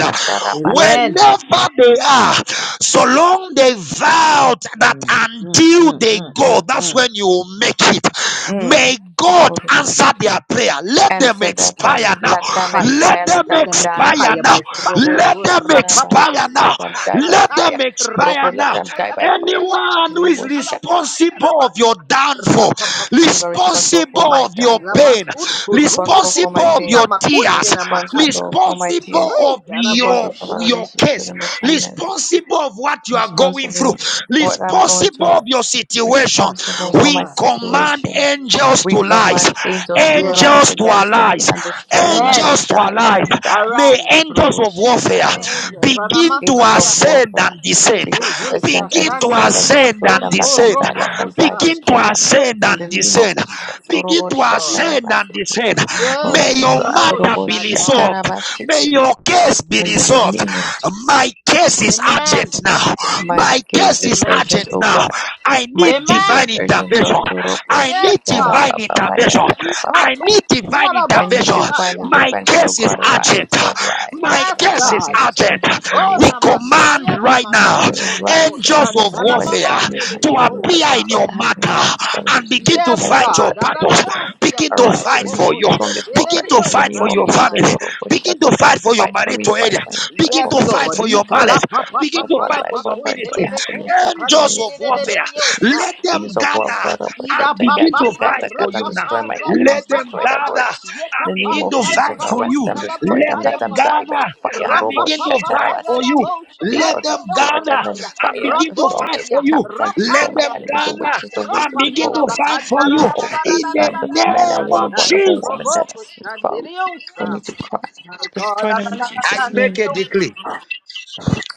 Speaker 3: Amen.
Speaker 1: whenever they are, so long they vowed that
Speaker 3: Mm, mm,
Speaker 1: until
Speaker 3: mm,
Speaker 1: they
Speaker 3: mm,
Speaker 1: go,
Speaker 3: mm,
Speaker 1: that's
Speaker 3: mm.
Speaker 1: when you will make it.
Speaker 5: Mm.
Speaker 1: May God answer
Speaker 5: Urubusha.
Speaker 1: their prayer. Let them
Speaker 5: Answer their
Speaker 1: expire
Speaker 3: Fire,
Speaker 5: prayers.
Speaker 1: now.
Speaker 5: Let them
Speaker 3: fire.
Speaker 1: Let
Speaker 5: expire.
Speaker 1: them
Speaker 5: Let
Speaker 3: Let
Speaker 5: them
Speaker 3: them
Speaker 5: die.
Speaker 1: expire
Speaker 3: expire
Speaker 1: now.
Speaker 3: by fire.
Speaker 1: Let them
Speaker 5: Roboshatarabasit.
Speaker 1: expire
Speaker 3: Kurapapaya
Speaker 1: now.
Speaker 5: Let them die by
Speaker 1: Let
Speaker 3: kakataya.
Speaker 1: them
Speaker 5: fire.
Speaker 1: expire
Speaker 5: Robo let
Speaker 1: now.
Speaker 5: them die
Speaker 3: Rapakataya
Speaker 5: by fire.
Speaker 3: kataya
Speaker 1: Anyone who is
Speaker 3: katantala
Speaker 5: Roboshata.
Speaker 3: papaya
Speaker 1: responsible of
Speaker 3: rabas.
Speaker 1: your downfall,
Speaker 3: Rapapapata
Speaker 5: Anybody responsible for
Speaker 1: responsible
Speaker 5: my
Speaker 1: of your
Speaker 5: downfall,
Speaker 1: pain,
Speaker 3: rabas unto
Speaker 5: responsible
Speaker 3: rumuku
Speaker 5: for
Speaker 1: responsible
Speaker 5: my
Speaker 1: of
Speaker 3: sigina
Speaker 5: pain,
Speaker 1: your
Speaker 3: makunte
Speaker 1: tears,
Speaker 3: na makaya.
Speaker 5: responsible for my
Speaker 1: responsible
Speaker 5: tears,
Speaker 3: Hey,
Speaker 1: of your
Speaker 5: responsible for my
Speaker 3: yarabosha.
Speaker 1: your
Speaker 5: relationship with
Speaker 1: case,
Speaker 5: my finances,
Speaker 1: responsible of what you are going through,
Speaker 5: responsible for what I'm going
Speaker 1: responsible
Speaker 5: through,
Speaker 1: of your situation,
Speaker 5: responsible
Speaker 3: Yes,
Speaker 5: for
Speaker 1: we
Speaker 5: my
Speaker 3: God.
Speaker 1: command
Speaker 5: situation.
Speaker 1: angels
Speaker 5: We
Speaker 1: to rise,
Speaker 5: command angels to
Speaker 3: Yes.
Speaker 5: rise
Speaker 1: angels to
Speaker 5: against them
Speaker 1: arise,
Speaker 5: and destroy them. Let
Speaker 3: Amen.
Speaker 5: them
Speaker 1: angels to
Speaker 5: die. Let
Speaker 1: arise.
Speaker 5: them die.
Speaker 1: May
Speaker 3: Arise.
Speaker 1: angels
Speaker 5: Robo
Speaker 1: of
Speaker 5: shatter
Speaker 1: warfare
Speaker 5: our
Speaker 3: May angels
Speaker 1: be
Speaker 5: angel.
Speaker 3: and a
Speaker 1: begin to
Speaker 3: master.
Speaker 5: Angels of
Speaker 3: Yeah.
Speaker 1: ascend
Speaker 5: warfare
Speaker 1: and
Speaker 3: Hey,
Speaker 1: descend.
Speaker 5: begin
Speaker 3: hey,
Speaker 5: to
Speaker 3: hey,
Speaker 5: ascend and
Speaker 1: Begin to
Speaker 5: descend and
Speaker 3: Kashantardia
Speaker 1: ascend
Speaker 5: destroy
Speaker 1: and
Speaker 5: them. Let them
Speaker 1: descend.
Speaker 5: die. Let them die.
Speaker 3: Sontoropokosa.
Speaker 1: Begin
Speaker 5: Destroy
Speaker 1: to
Speaker 5: them.
Speaker 1: ascend
Speaker 5: In
Speaker 1: and
Speaker 5: the name of
Speaker 1: descend.
Speaker 5: Jesus.
Speaker 1: Begin
Speaker 5: Robo
Speaker 1: to
Speaker 3: Yes,
Speaker 5: shatter
Speaker 3: Lord.
Speaker 1: ascend
Speaker 5: our
Speaker 1: and
Speaker 5: city.
Speaker 1: descend.
Speaker 5: All
Speaker 3: Yes,
Speaker 5: right,
Speaker 1: May
Speaker 5: so
Speaker 1: your
Speaker 5: God.
Speaker 3: Yeramo
Speaker 1: matter
Speaker 5: Robo
Speaker 1: be
Speaker 3: Shanda.
Speaker 5: shatter
Speaker 1: resolved.
Speaker 5: our
Speaker 1: May
Speaker 5: city.
Speaker 1: your case be
Speaker 5: In the
Speaker 1: resolved.
Speaker 5: name of
Speaker 1: My case is
Speaker 5: Jesus.
Speaker 3: Amen.
Speaker 1: urgent now.
Speaker 5: My
Speaker 1: My
Speaker 5: case
Speaker 1: case
Speaker 5: is
Speaker 1: is
Speaker 3: Amen.
Speaker 5: urgent,
Speaker 1: urgent
Speaker 5: O
Speaker 1: now.
Speaker 5: God.
Speaker 1: I
Speaker 5: My
Speaker 1: need
Speaker 5: case is
Speaker 1: divine
Speaker 3: Amen.
Speaker 5: urgent,
Speaker 1: intervention.
Speaker 5: Lord. To robo
Speaker 1: I
Speaker 3: Yes,
Speaker 1: need
Speaker 5: shatara
Speaker 1: divine
Speaker 3: God.
Speaker 5: pa pa pa ya
Speaker 1: intervention.
Speaker 5: pa
Speaker 1: I need divine
Speaker 5: I
Speaker 3: Ikatosikiarabo
Speaker 5: need
Speaker 1: intervention.
Speaker 5: divine
Speaker 3: Shaya.
Speaker 1: My
Speaker 5: intervention, O
Speaker 1: case is
Speaker 5: God.
Speaker 1: urgent.
Speaker 5: Arise, Lord, arise, Lord,
Speaker 1: My
Speaker 3: Yes,
Speaker 5: arise.
Speaker 1: case
Speaker 5: My
Speaker 1: is
Speaker 3: God.
Speaker 5: case is
Speaker 1: urgent.
Speaker 5: urgent in the
Speaker 3: Oh,
Speaker 5: name
Speaker 1: We
Speaker 5: of Jesus
Speaker 1: command
Speaker 3: Namasaya
Speaker 1: right now
Speaker 5: the
Speaker 3: Namakontolo Mo
Speaker 5: rise uh,
Speaker 1: angels of
Speaker 5: against
Speaker 3: Shantala
Speaker 5: anybody
Speaker 1: warfare
Speaker 5: fighting me in
Speaker 3: Mamandele
Speaker 5: hand
Speaker 1: to
Speaker 5: with their
Speaker 1: appear
Speaker 5: lives. Find
Speaker 3: Mekosa.
Speaker 1: in
Speaker 5: joy,
Speaker 1: your
Speaker 5: happiness, and
Speaker 1: matter
Speaker 5: peace. Our
Speaker 1: and begin
Speaker 5: relationship,
Speaker 1: to
Speaker 5: our
Speaker 3: Yes,
Speaker 1: fight
Speaker 5: marital
Speaker 1: your
Speaker 3: God.
Speaker 5: settlement, my
Speaker 1: battles.
Speaker 3: Aradados
Speaker 5: children.
Speaker 1: Begin to
Speaker 3: Yando
Speaker 5: Arise and
Speaker 1: fight for
Speaker 5: release
Speaker 3: Roboko
Speaker 5: your
Speaker 1: you.
Speaker 5: strongest
Speaker 3: Shetere
Speaker 1: Begin
Speaker 5: warfare
Speaker 1: to
Speaker 5: into the
Speaker 1: fight for
Speaker 5: name of
Speaker 1: your
Speaker 5: Jesus.
Speaker 1: family.
Speaker 3: Santaya.
Speaker 5: O Lord, for
Speaker 1: Begin
Speaker 5: shelter.
Speaker 1: to fight for your
Speaker 5: Fight for me,
Speaker 1: marital area.
Speaker 5: fight fight, fight
Speaker 1: Begin
Speaker 5: for
Speaker 3: Yes,
Speaker 5: my
Speaker 1: to fight
Speaker 5: children,
Speaker 3: Lord.
Speaker 1: for your
Speaker 5: fight for our
Speaker 1: marriage.
Speaker 3: Ikala pa
Speaker 5: fight,
Speaker 3: pa
Speaker 1: Begin
Speaker 3: pa
Speaker 5: fight
Speaker 1: to
Speaker 5: for
Speaker 3: pa
Speaker 5: our
Speaker 1: fight
Speaker 3: la
Speaker 5: life,
Speaker 1: for
Speaker 3: pa
Speaker 1: your
Speaker 5: fight for our joy,
Speaker 3: kuntele
Speaker 1: ministry
Speaker 5: our
Speaker 3: be
Speaker 5: happiness,
Speaker 3: kuch
Speaker 5: fight for our
Speaker 1: angels
Speaker 3: kantele
Speaker 1: of
Speaker 3: de
Speaker 5: relationship,
Speaker 3: de
Speaker 5: our
Speaker 3: de de
Speaker 5: marital
Speaker 1: warfare.
Speaker 5: settlement.
Speaker 3: diosa.
Speaker 1: Let them
Speaker 5: Angels of
Speaker 1: gather
Speaker 5: warfare, Lord, for
Speaker 1: and
Speaker 3: Ida
Speaker 5: shelter.
Speaker 3: pa
Speaker 1: begin
Speaker 3: pa
Speaker 5: Gather,
Speaker 1: to
Speaker 3: pa
Speaker 1: fight
Speaker 5: gather,
Speaker 3: ra
Speaker 1: for
Speaker 5: gather,
Speaker 1: you
Speaker 5: and
Speaker 3: pa
Speaker 1: now.
Speaker 5: destroy
Speaker 3: pa
Speaker 5: my
Speaker 3: ra pa
Speaker 5: enemies,
Speaker 1: Let
Speaker 3: pa
Speaker 1: them
Speaker 5: destroy
Speaker 3: pa
Speaker 5: their
Speaker 3: pa.
Speaker 1: gather
Speaker 5: works.
Speaker 3: Yeka
Speaker 1: and
Speaker 5: In the name
Speaker 1: begin
Speaker 5: of
Speaker 1: to
Speaker 3: panta la
Speaker 5: Jesus,
Speaker 1: fight
Speaker 3: pa
Speaker 1: for
Speaker 5: arrest
Speaker 1: you.
Speaker 5: them,
Speaker 3: kunta la pa
Speaker 5: destroy
Speaker 1: Let
Speaker 5: them,
Speaker 3: pa
Speaker 5: let
Speaker 3: ya
Speaker 1: them
Speaker 5: them
Speaker 3: pa
Speaker 5: die
Speaker 3: panta.
Speaker 5: by
Speaker 1: gather
Speaker 5: fire.
Speaker 3: Ra
Speaker 1: and
Speaker 5: Robo
Speaker 3: pa
Speaker 1: begin
Speaker 3: pa
Speaker 1: to
Speaker 3: pa pa
Speaker 1: fight
Speaker 3: ya
Speaker 1: for
Speaker 3: ra
Speaker 1: you.
Speaker 5: Shatarabaseti.
Speaker 3: bo
Speaker 5: Take
Speaker 1: Let
Speaker 5: out
Speaker 3: shakante
Speaker 5: to
Speaker 3: de
Speaker 1: them
Speaker 5: sword
Speaker 3: osa
Speaker 1: gather
Speaker 5: and then
Speaker 3: kaya.
Speaker 1: and
Speaker 5: fire,
Speaker 3: Ra
Speaker 1: begin
Speaker 5: the
Speaker 1: to
Speaker 5: storm,
Speaker 1: fight
Speaker 5: every
Speaker 1: for
Speaker 3: posia
Speaker 1: you.
Speaker 5: tempest,
Speaker 3: ra
Speaker 5: and
Speaker 1: Let
Speaker 5: destroy my
Speaker 3: paria
Speaker 1: them
Speaker 5: enemies, the
Speaker 3: santa.
Speaker 1: gather
Speaker 5: witches, the
Speaker 3: Ra
Speaker 1: and
Speaker 5: wizards,
Speaker 3: pa
Speaker 5: the
Speaker 1: begin to
Speaker 5: covens,
Speaker 1: fight for
Speaker 3: karabakanta
Speaker 5: the
Speaker 3: ra
Speaker 1: you.
Speaker 3: da da da
Speaker 1: In
Speaker 5: altars,
Speaker 3: da da
Speaker 1: the
Speaker 5: um, the
Speaker 3: da da da da
Speaker 5: men
Speaker 3: da
Speaker 1: name
Speaker 5: and
Speaker 3: da
Speaker 5: women
Speaker 1: of
Speaker 3: da
Speaker 5: born of
Speaker 3: ya
Speaker 5: a woman
Speaker 1: Jesus,
Speaker 5: that
Speaker 3: roboko
Speaker 5: has found
Speaker 3: shandere
Speaker 5: for me
Speaker 3: osa.
Speaker 5: to cry.
Speaker 3: My God,
Speaker 5: Destroy
Speaker 3: da
Speaker 5: them
Speaker 3: da
Speaker 5: in
Speaker 3: da da
Speaker 1: I
Speaker 3: da
Speaker 5: Jesus'
Speaker 1: make
Speaker 5: name.
Speaker 1: a
Speaker 3: da.
Speaker 1: decree.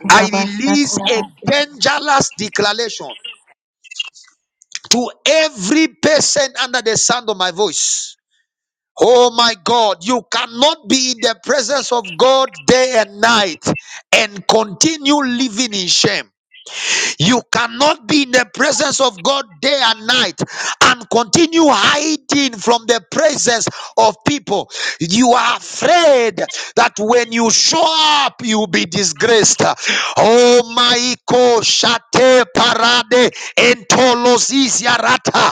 Speaker 1: I release a dangerous declaration to every person under the sound of my voice. Oh my God, you cannot be in the presence of God day and night and continue living in shame. You cannot be in the presence of God day and night and continue hiding from the presence of people. You are afraid that when you show up, you'll be disgraced. Oh maiko shate parade entolosizia rata.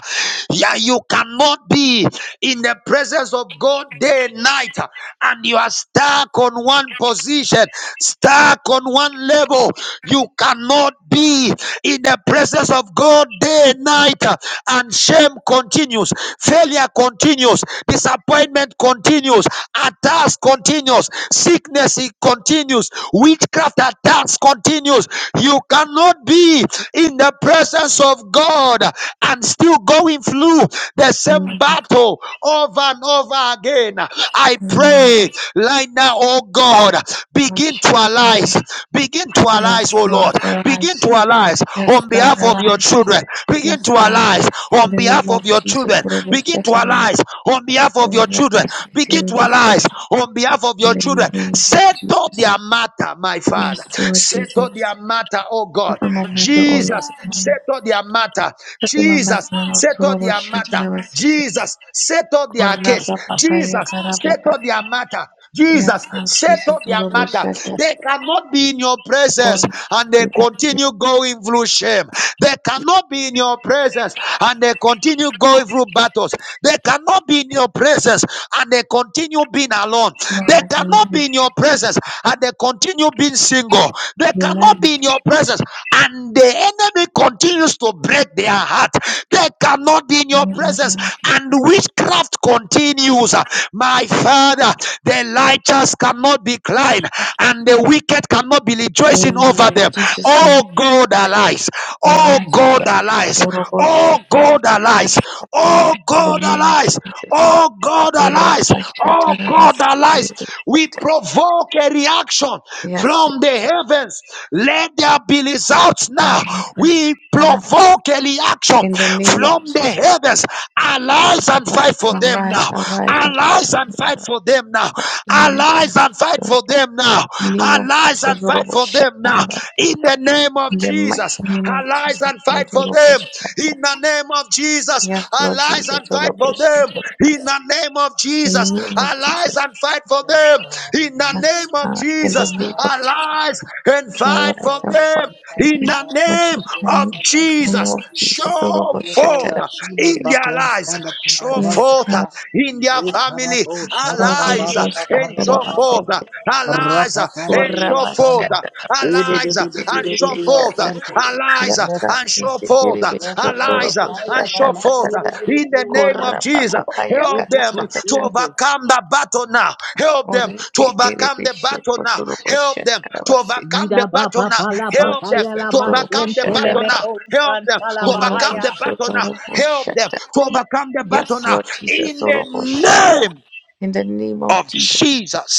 Speaker 1: Yeah, you cannot be in the presence of God day and night and you are stuck on one position, stuck on one level. You can cannot be in the presence of God day and night. uh, And shame continues, failure continues, disappointment continues, attacks continues, sickness it continues, witchcraft attacks continues. You cannot be in the presence of God and still going through the same battle over and over again. I
Speaker 5: Amen.
Speaker 1: pray right now, oh God, begin to arise, begin Begin to
Speaker 5: Yes,
Speaker 1: arise, oh Lord.
Speaker 5: Lord,
Speaker 1: Begin
Speaker 5: arise.
Speaker 1: to arise
Speaker 5: Yes,
Speaker 1: on
Speaker 5: God,
Speaker 1: behalf of your
Speaker 5: arise.
Speaker 1: children. Begin
Speaker 5: Yes,
Speaker 1: to
Speaker 5: God.
Speaker 1: arise on
Speaker 5: In the name
Speaker 1: behalf
Speaker 5: of
Speaker 1: of your
Speaker 5: Jesus,
Speaker 1: children.
Speaker 5: we will
Speaker 1: Begin to
Speaker 5: it away.
Speaker 1: arise on behalf of
Speaker 5: Lord,
Speaker 1: your
Speaker 5: help
Speaker 1: children.
Speaker 5: us to
Speaker 1: Begin to arise on behalf of
Speaker 5: in
Speaker 1: your
Speaker 5: the
Speaker 1: children.
Speaker 5: name of Jesus.
Speaker 1: Settle their matter, my Father.
Speaker 5: Yes, Lord
Speaker 1: Settle
Speaker 5: Jesus.
Speaker 1: their matter, oh God.
Speaker 5: Settle my matter, O Lord, Saka
Speaker 1: Jesus,
Speaker 5: mamato olo mama.
Speaker 1: settle their matter.
Speaker 5: Saka mamato
Speaker 1: Jesus,
Speaker 5: olo
Speaker 1: settle
Speaker 5: torobo
Speaker 1: their matter.
Speaker 5: shatarawa sete.
Speaker 1: Jesus, settle their case.
Speaker 5: Koraba papa ya
Speaker 1: Jesus,
Speaker 5: karababa.
Speaker 1: settle their matter.
Speaker 5: Yes,
Speaker 1: Jesus,
Speaker 5: Lord Jesus.
Speaker 1: settle their
Speaker 5: Orobo
Speaker 1: matter.
Speaker 5: shatar.
Speaker 1: They cannot be in your presence
Speaker 5: Oro.
Speaker 1: and they continue going through shame. They cannot be in your presence and they continue going through battles. They cannot be in your presence and they continue being alone. They
Speaker 5: Lord, amen.
Speaker 1: cannot be in your presence and they continue being single. They cannot
Speaker 5: Amen.
Speaker 1: be in your presence and the enemy continues to break their heart. They cannot be in your presence
Speaker 5: Amen.
Speaker 1: and witchcraft continues. My Father, the righteous cannot decline, and the wicked cannot be rejoicing over
Speaker 5: Amen.
Speaker 1: them.
Speaker 5: Jesus' name.
Speaker 1: Oh God arise! Oh
Speaker 5: Arise, O
Speaker 1: God
Speaker 5: God.
Speaker 1: arise!
Speaker 5: Orobo shat.
Speaker 1: Oh God
Speaker 5: Yes,
Speaker 1: arise!
Speaker 5: arise
Speaker 1: Oh
Speaker 5: in the
Speaker 1: God
Speaker 5: name of
Speaker 1: arise!
Speaker 5: Jesus.
Speaker 1: Oh God arise!
Speaker 5: Oraba
Speaker 1: Oh
Speaker 5: shatarawa
Speaker 1: God arise!
Speaker 5: sete.
Speaker 1: We provoke a reaction
Speaker 5: Yes,
Speaker 1: from
Speaker 5: Lord
Speaker 1: the
Speaker 5: Jesus.
Speaker 1: heavens. Let there be results now.
Speaker 5: Oraba
Speaker 1: We
Speaker 5: shatarawa.
Speaker 1: provoke a reaction
Speaker 5: In the name of
Speaker 1: from the
Speaker 5: Jesus.
Speaker 1: heavens. Arise and
Speaker 5: But
Speaker 1: fight for them
Speaker 5: arise,
Speaker 1: now.
Speaker 5: arise, and fight
Speaker 1: Arise
Speaker 5: for
Speaker 1: and
Speaker 5: me,
Speaker 1: fight
Speaker 5: Lord.
Speaker 1: for for them now.
Speaker 5: Fight for me and my
Speaker 1: Arise and fight
Speaker 5: children,
Speaker 1: for
Speaker 5: Lord.
Speaker 1: them now.
Speaker 5: In the name of
Speaker 1: Arise
Speaker 5: Jesus,
Speaker 1: and fight
Speaker 5: Lord, we
Speaker 1: for
Speaker 5: shout
Speaker 1: them
Speaker 5: that
Speaker 1: now.
Speaker 5: about
Speaker 1: In the name of
Speaker 5: In the mighty
Speaker 1: Jesus,
Speaker 5: name of
Speaker 1: arise
Speaker 5: Jesus,
Speaker 1: and fight
Speaker 5: Lord,
Speaker 1: for
Speaker 5: Lord, we
Speaker 1: them.
Speaker 5: shout
Speaker 1: In
Speaker 5: that.
Speaker 1: the name of Jesus,
Speaker 5: Yes, Lord
Speaker 1: arise
Speaker 5: Jesus,
Speaker 1: and fight
Speaker 5: Lord,
Speaker 1: for
Speaker 5: we shout
Speaker 1: them.
Speaker 5: that about
Speaker 1: In the name of
Speaker 5: In
Speaker 1: Jesus,
Speaker 5: the name of
Speaker 1: arise
Speaker 5: Jesus,
Speaker 1: and fight for
Speaker 3: Yes,
Speaker 1: them.
Speaker 3: God, in
Speaker 1: In the
Speaker 3: the
Speaker 5: yes,
Speaker 3: name of
Speaker 1: name of
Speaker 5: God. In
Speaker 3: Jesus,
Speaker 1: Jesus,
Speaker 5: the name of
Speaker 3: arise,
Speaker 5: Jesus,
Speaker 1: arise and fight
Speaker 3: arise,
Speaker 5: arise
Speaker 1: for
Speaker 5: and
Speaker 3: arise
Speaker 5: fight
Speaker 1: them.
Speaker 3: and
Speaker 5: for
Speaker 3: fight,
Speaker 1: In
Speaker 3: O
Speaker 5: me.
Speaker 1: the
Speaker 3: God,
Speaker 5: What
Speaker 3: fight
Speaker 1: name
Speaker 5: you can,
Speaker 3: against
Speaker 1: of
Speaker 5: in
Speaker 3: them that
Speaker 5: the
Speaker 3: fight
Speaker 5: name
Speaker 1: Jesus,
Speaker 5: of
Speaker 3: against me.
Speaker 5: Jesus, Lord,
Speaker 1: show
Speaker 5: we
Speaker 3: Leave
Speaker 5: shout
Speaker 3: all
Speaker 5: that
Speaker 1: forth
Speaker 5: about.
Speaker 3: of shield
Speaker 1: in
Speaker 3: and
Speaker 1: their
Speaker 3: buckler and
Speaker 1: lives,
Speaker 3: stand up to my
Speaker 1: show
Speaker 3: help,
Speaker 5: Yes,
Speaker 3: O
Speaker 1: forth
Speaker 5: God.
Speaker 3: God.
Speaker 1: in their family.
Speaker 3: Rekarabo,
Speaker 5: Lord, Lord,
Speaker 1: Arise uh,
Speaker 5: we
Speaker 3: sharababa,
Speaker 5: shout
Speaker 1: and
Speaker 5: that
Speaker 1: show forth.
Speaker 5: about
Speaker 1: uh,
Speaker 3: karababa,
Speaker 1: Arise uh, and
Speaker 3: rapapararia,
Speaker 1: show forth.
Speaker 3: sanda.
Speaker 1: uh,
Speaker 5: Kurabashata
Speaker 1: Arise uh, and show
Speaker 3: Edididididididia,
Speaker 1: forth.
Speaker 5: abasekeribeshata
Speaker 1: uh,
Speaker 3: santa.
Speaker 1: Arise uh,
Speaker 3: Yes,
Speaker 5: yasta
Speaker 1: and show
Speaker 3: Lord.
Speaker 1: forth. uh,
Speaker 3: Yes, Lord.
Speaker 1: Arise uh,
Speaker 3: I
Speaker 1: and
Speaker 3: am
Speaker 5: isekeribeshotorobosata
Speaker 3: a
Speaker 1: show
Speaker 3: man,
Speaker 1: forth. uh,
Speaker 5: tatata
Speaker 1: In the
Speaker 3: dididididio,
Speaker 1: name of
Speaker 3: santa.
Speaker 1: Jesus,
Speaker 5: kurapapapa
Speaker 1: help
Speaker 5: yakata
Speaker 1: them to
Speaker 5: tatata
Speaker 3: Repocoshente.
Speaker 1: overcome the battle now. Help them to overcome the battle now. Help them
Speaker 5: oreketerebeshokotorobosata
Speaker 1: to
Speaker 5: rabasete
Speaker 1: overcome the
Speaker 3: Yida ba
Speaker 1: battle
Speaker 3: ba
Speaker 1: now.
Speaker 3: ba la
Speaker 5: yes
Speaker 3: ba
Speaker 5: Lord
Speaker 1: Help
Speaker 3: ka
Speaker 1: them
Speaker 3: ya
Speaker 5: Jesus
Speaker 3: la
Speaker 1: to
Speaker 3: ba
Speaker 1: overcome
Speaker 3: shen
Speaker 1: the
Speaker 5: toroboshata
Speaker 1: battle
Speaker 3: telebe
Speaker 5: raba
Speaker 1: now.
Speaker 3: ko
Speaker 1: Help
Speaker 3: shan
Speaker 1: them to overcome the battle now. Help them
Speaker 5: kuroboshotorobosata
Speaker 1: to overcome the
Speaker 5: yes
Speaker 1: battle now.
Speaker 5: Lord Jesus
Speaker 1: In the
Speaker 5: toroboshata
Speaker 1: name
Speaker 5: in the name of
Speaker 1: of
Speaker 5: Jesus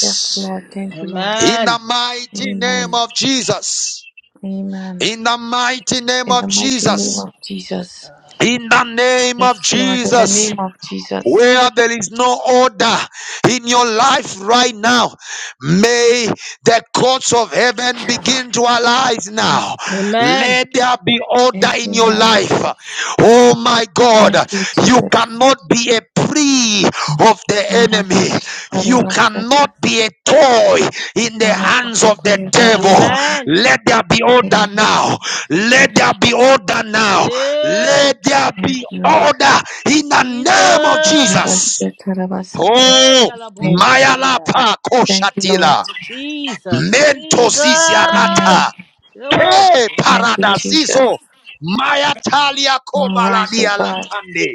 Speaker 5: yes Lord thank you Lord
Speaker 1: In the
Speaker 3: Amen.
Speaker 1: mighty name
Speaker 5: amen
Speaker 1: of Jesus.
Speaker 5: amen
Speaker 1: In the mighty name
Speaker 5: in the
Speaker 1: of
Speaker 5: mighty name
Speaker 1: Jesus.
Speaker 5: of
Speaker 3: Yes,
Speaker 5: Jesus
Speaker 3: Lord.
Speaker 1: In the name
Speaker 5: Yes,
Speaker 1: of
Speaker 5: Lord, in the
Speaker 1: Jesus
Speaker 5: name of Jesus.
Speaker 1: where there is no order in your life right now, may the courts of heaven begin to arise
Speaker 5: Yes,
Speaker 1: now.
Speaker 5: Lord.
Speaker 3: Amen.
Speaker 1: Let there be order in your
Speaker 5: Amen,
Speaker 1: life.
Speaker 5: Jesus.
Speaker 1: Oh my God,
Speaker 5: Thank you,
Speaker 1: you
Speaker 5: Jesus.
Speaker 1: cannot be a prey of the
Speaker 5: Ora
Speaker 1: enemy,
Speaker 5: bashi, ora
Speaker 1: you cannot
Speaker 5: basata,
Speaker 1: be a toy in the
Speaker 5: ora
Speaker 1: hands of the
Speaker 5: bakata, ora
Speaker 1: devil.
Speaker 5: bababa.
Speaker 3: Amen.
Speaker 1: Let there be order
Speaker 5: Amen.
Speaker 1: now.
Speaker 5: Jesus'
Speaker 1: Let
Speaker 5: name.
Speaker 1: there be order now.
Speaker 3: Hey,
Speaker 1: Let there
Speaker 5: Yes,
Speaker 1: be
Speaker 5: Lord.
Speaker 1: order in the name of
Speaker 5: Ora
Speaker 3: Jesus.
Speaker 1: Jesus.
Speaker 5: bashi, ora basata, in
Speaker 3: Hey,
Speaker 1: Oh,
Speaker 3: ya
Speaker 5: Jesus'
Speaker 3: la bo
Speaker 5: name.
Speaker 3: shanda.
Speaker 1: Mayalapa
Speaker 5: Thank you, Lord.
Speaker 1: Koshatila,
Speaker 3: Jesus. Jesus.
Speaker 1: Mentoziziarata,
Speaker 5: Amen.
Speaker 3: Ya
Speaker 1: Ke
Speaker 5: Thank
Speaker 3: shaya.
Speaker 5: you, Jesus.
Speaker 1: Paradazizo, Mayatalia
Speaker 5: All right, oh
Speaker 1: Kobaladia
Speaker 5: God.
Speaker 1: Latande,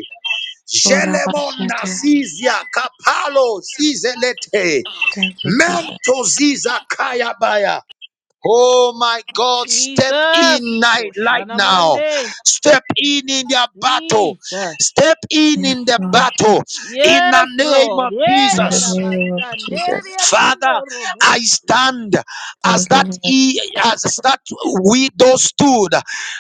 Speaker 5: Ora
Speaker 1: Jelemonda
Speaker 5: basata.
Speaker 1: Zizia, Kapalo Zizelete,
Speaker 5: Thank you, Jesus.
Speaker 1: Mentoziza Kayabaya. Oh my God, step
Speaker 3: Jesus.
Speaker 1: in night light
Speaker 3: Koshana
Speaker 1: now.
Speaker 3: mande.
Speaker 1: Step in in their battle.
Speaker 3: Jesus.
Speaker 1: Step in
Speaker 5: Yes,
Speaker 1: in the
Speaker 5: Lord.
Speaker 1: battle in the
Speaker 3: Yes,
Speaker 1: name
Speaker 3: Lord.
Speaker 1: of
Speaker 3: Hey,
Speaker 5: In
Speaker 3: ya
Speaker 5: the
Speaker 3: la
Speaker 1: Jesus.
Speaker 3: ba
Speaker 5: name of
Speaker 3: shande.
Speaker 5: Jesus.
Speaker 3: Ya
Speaker 1: Father,
Speaker 3: robo
Speaker 1: I stand as
Speaker 5: Thank you,
Speaker 1: that
Speaker 5: Lord.
Speaker 1: he, as that widow stood,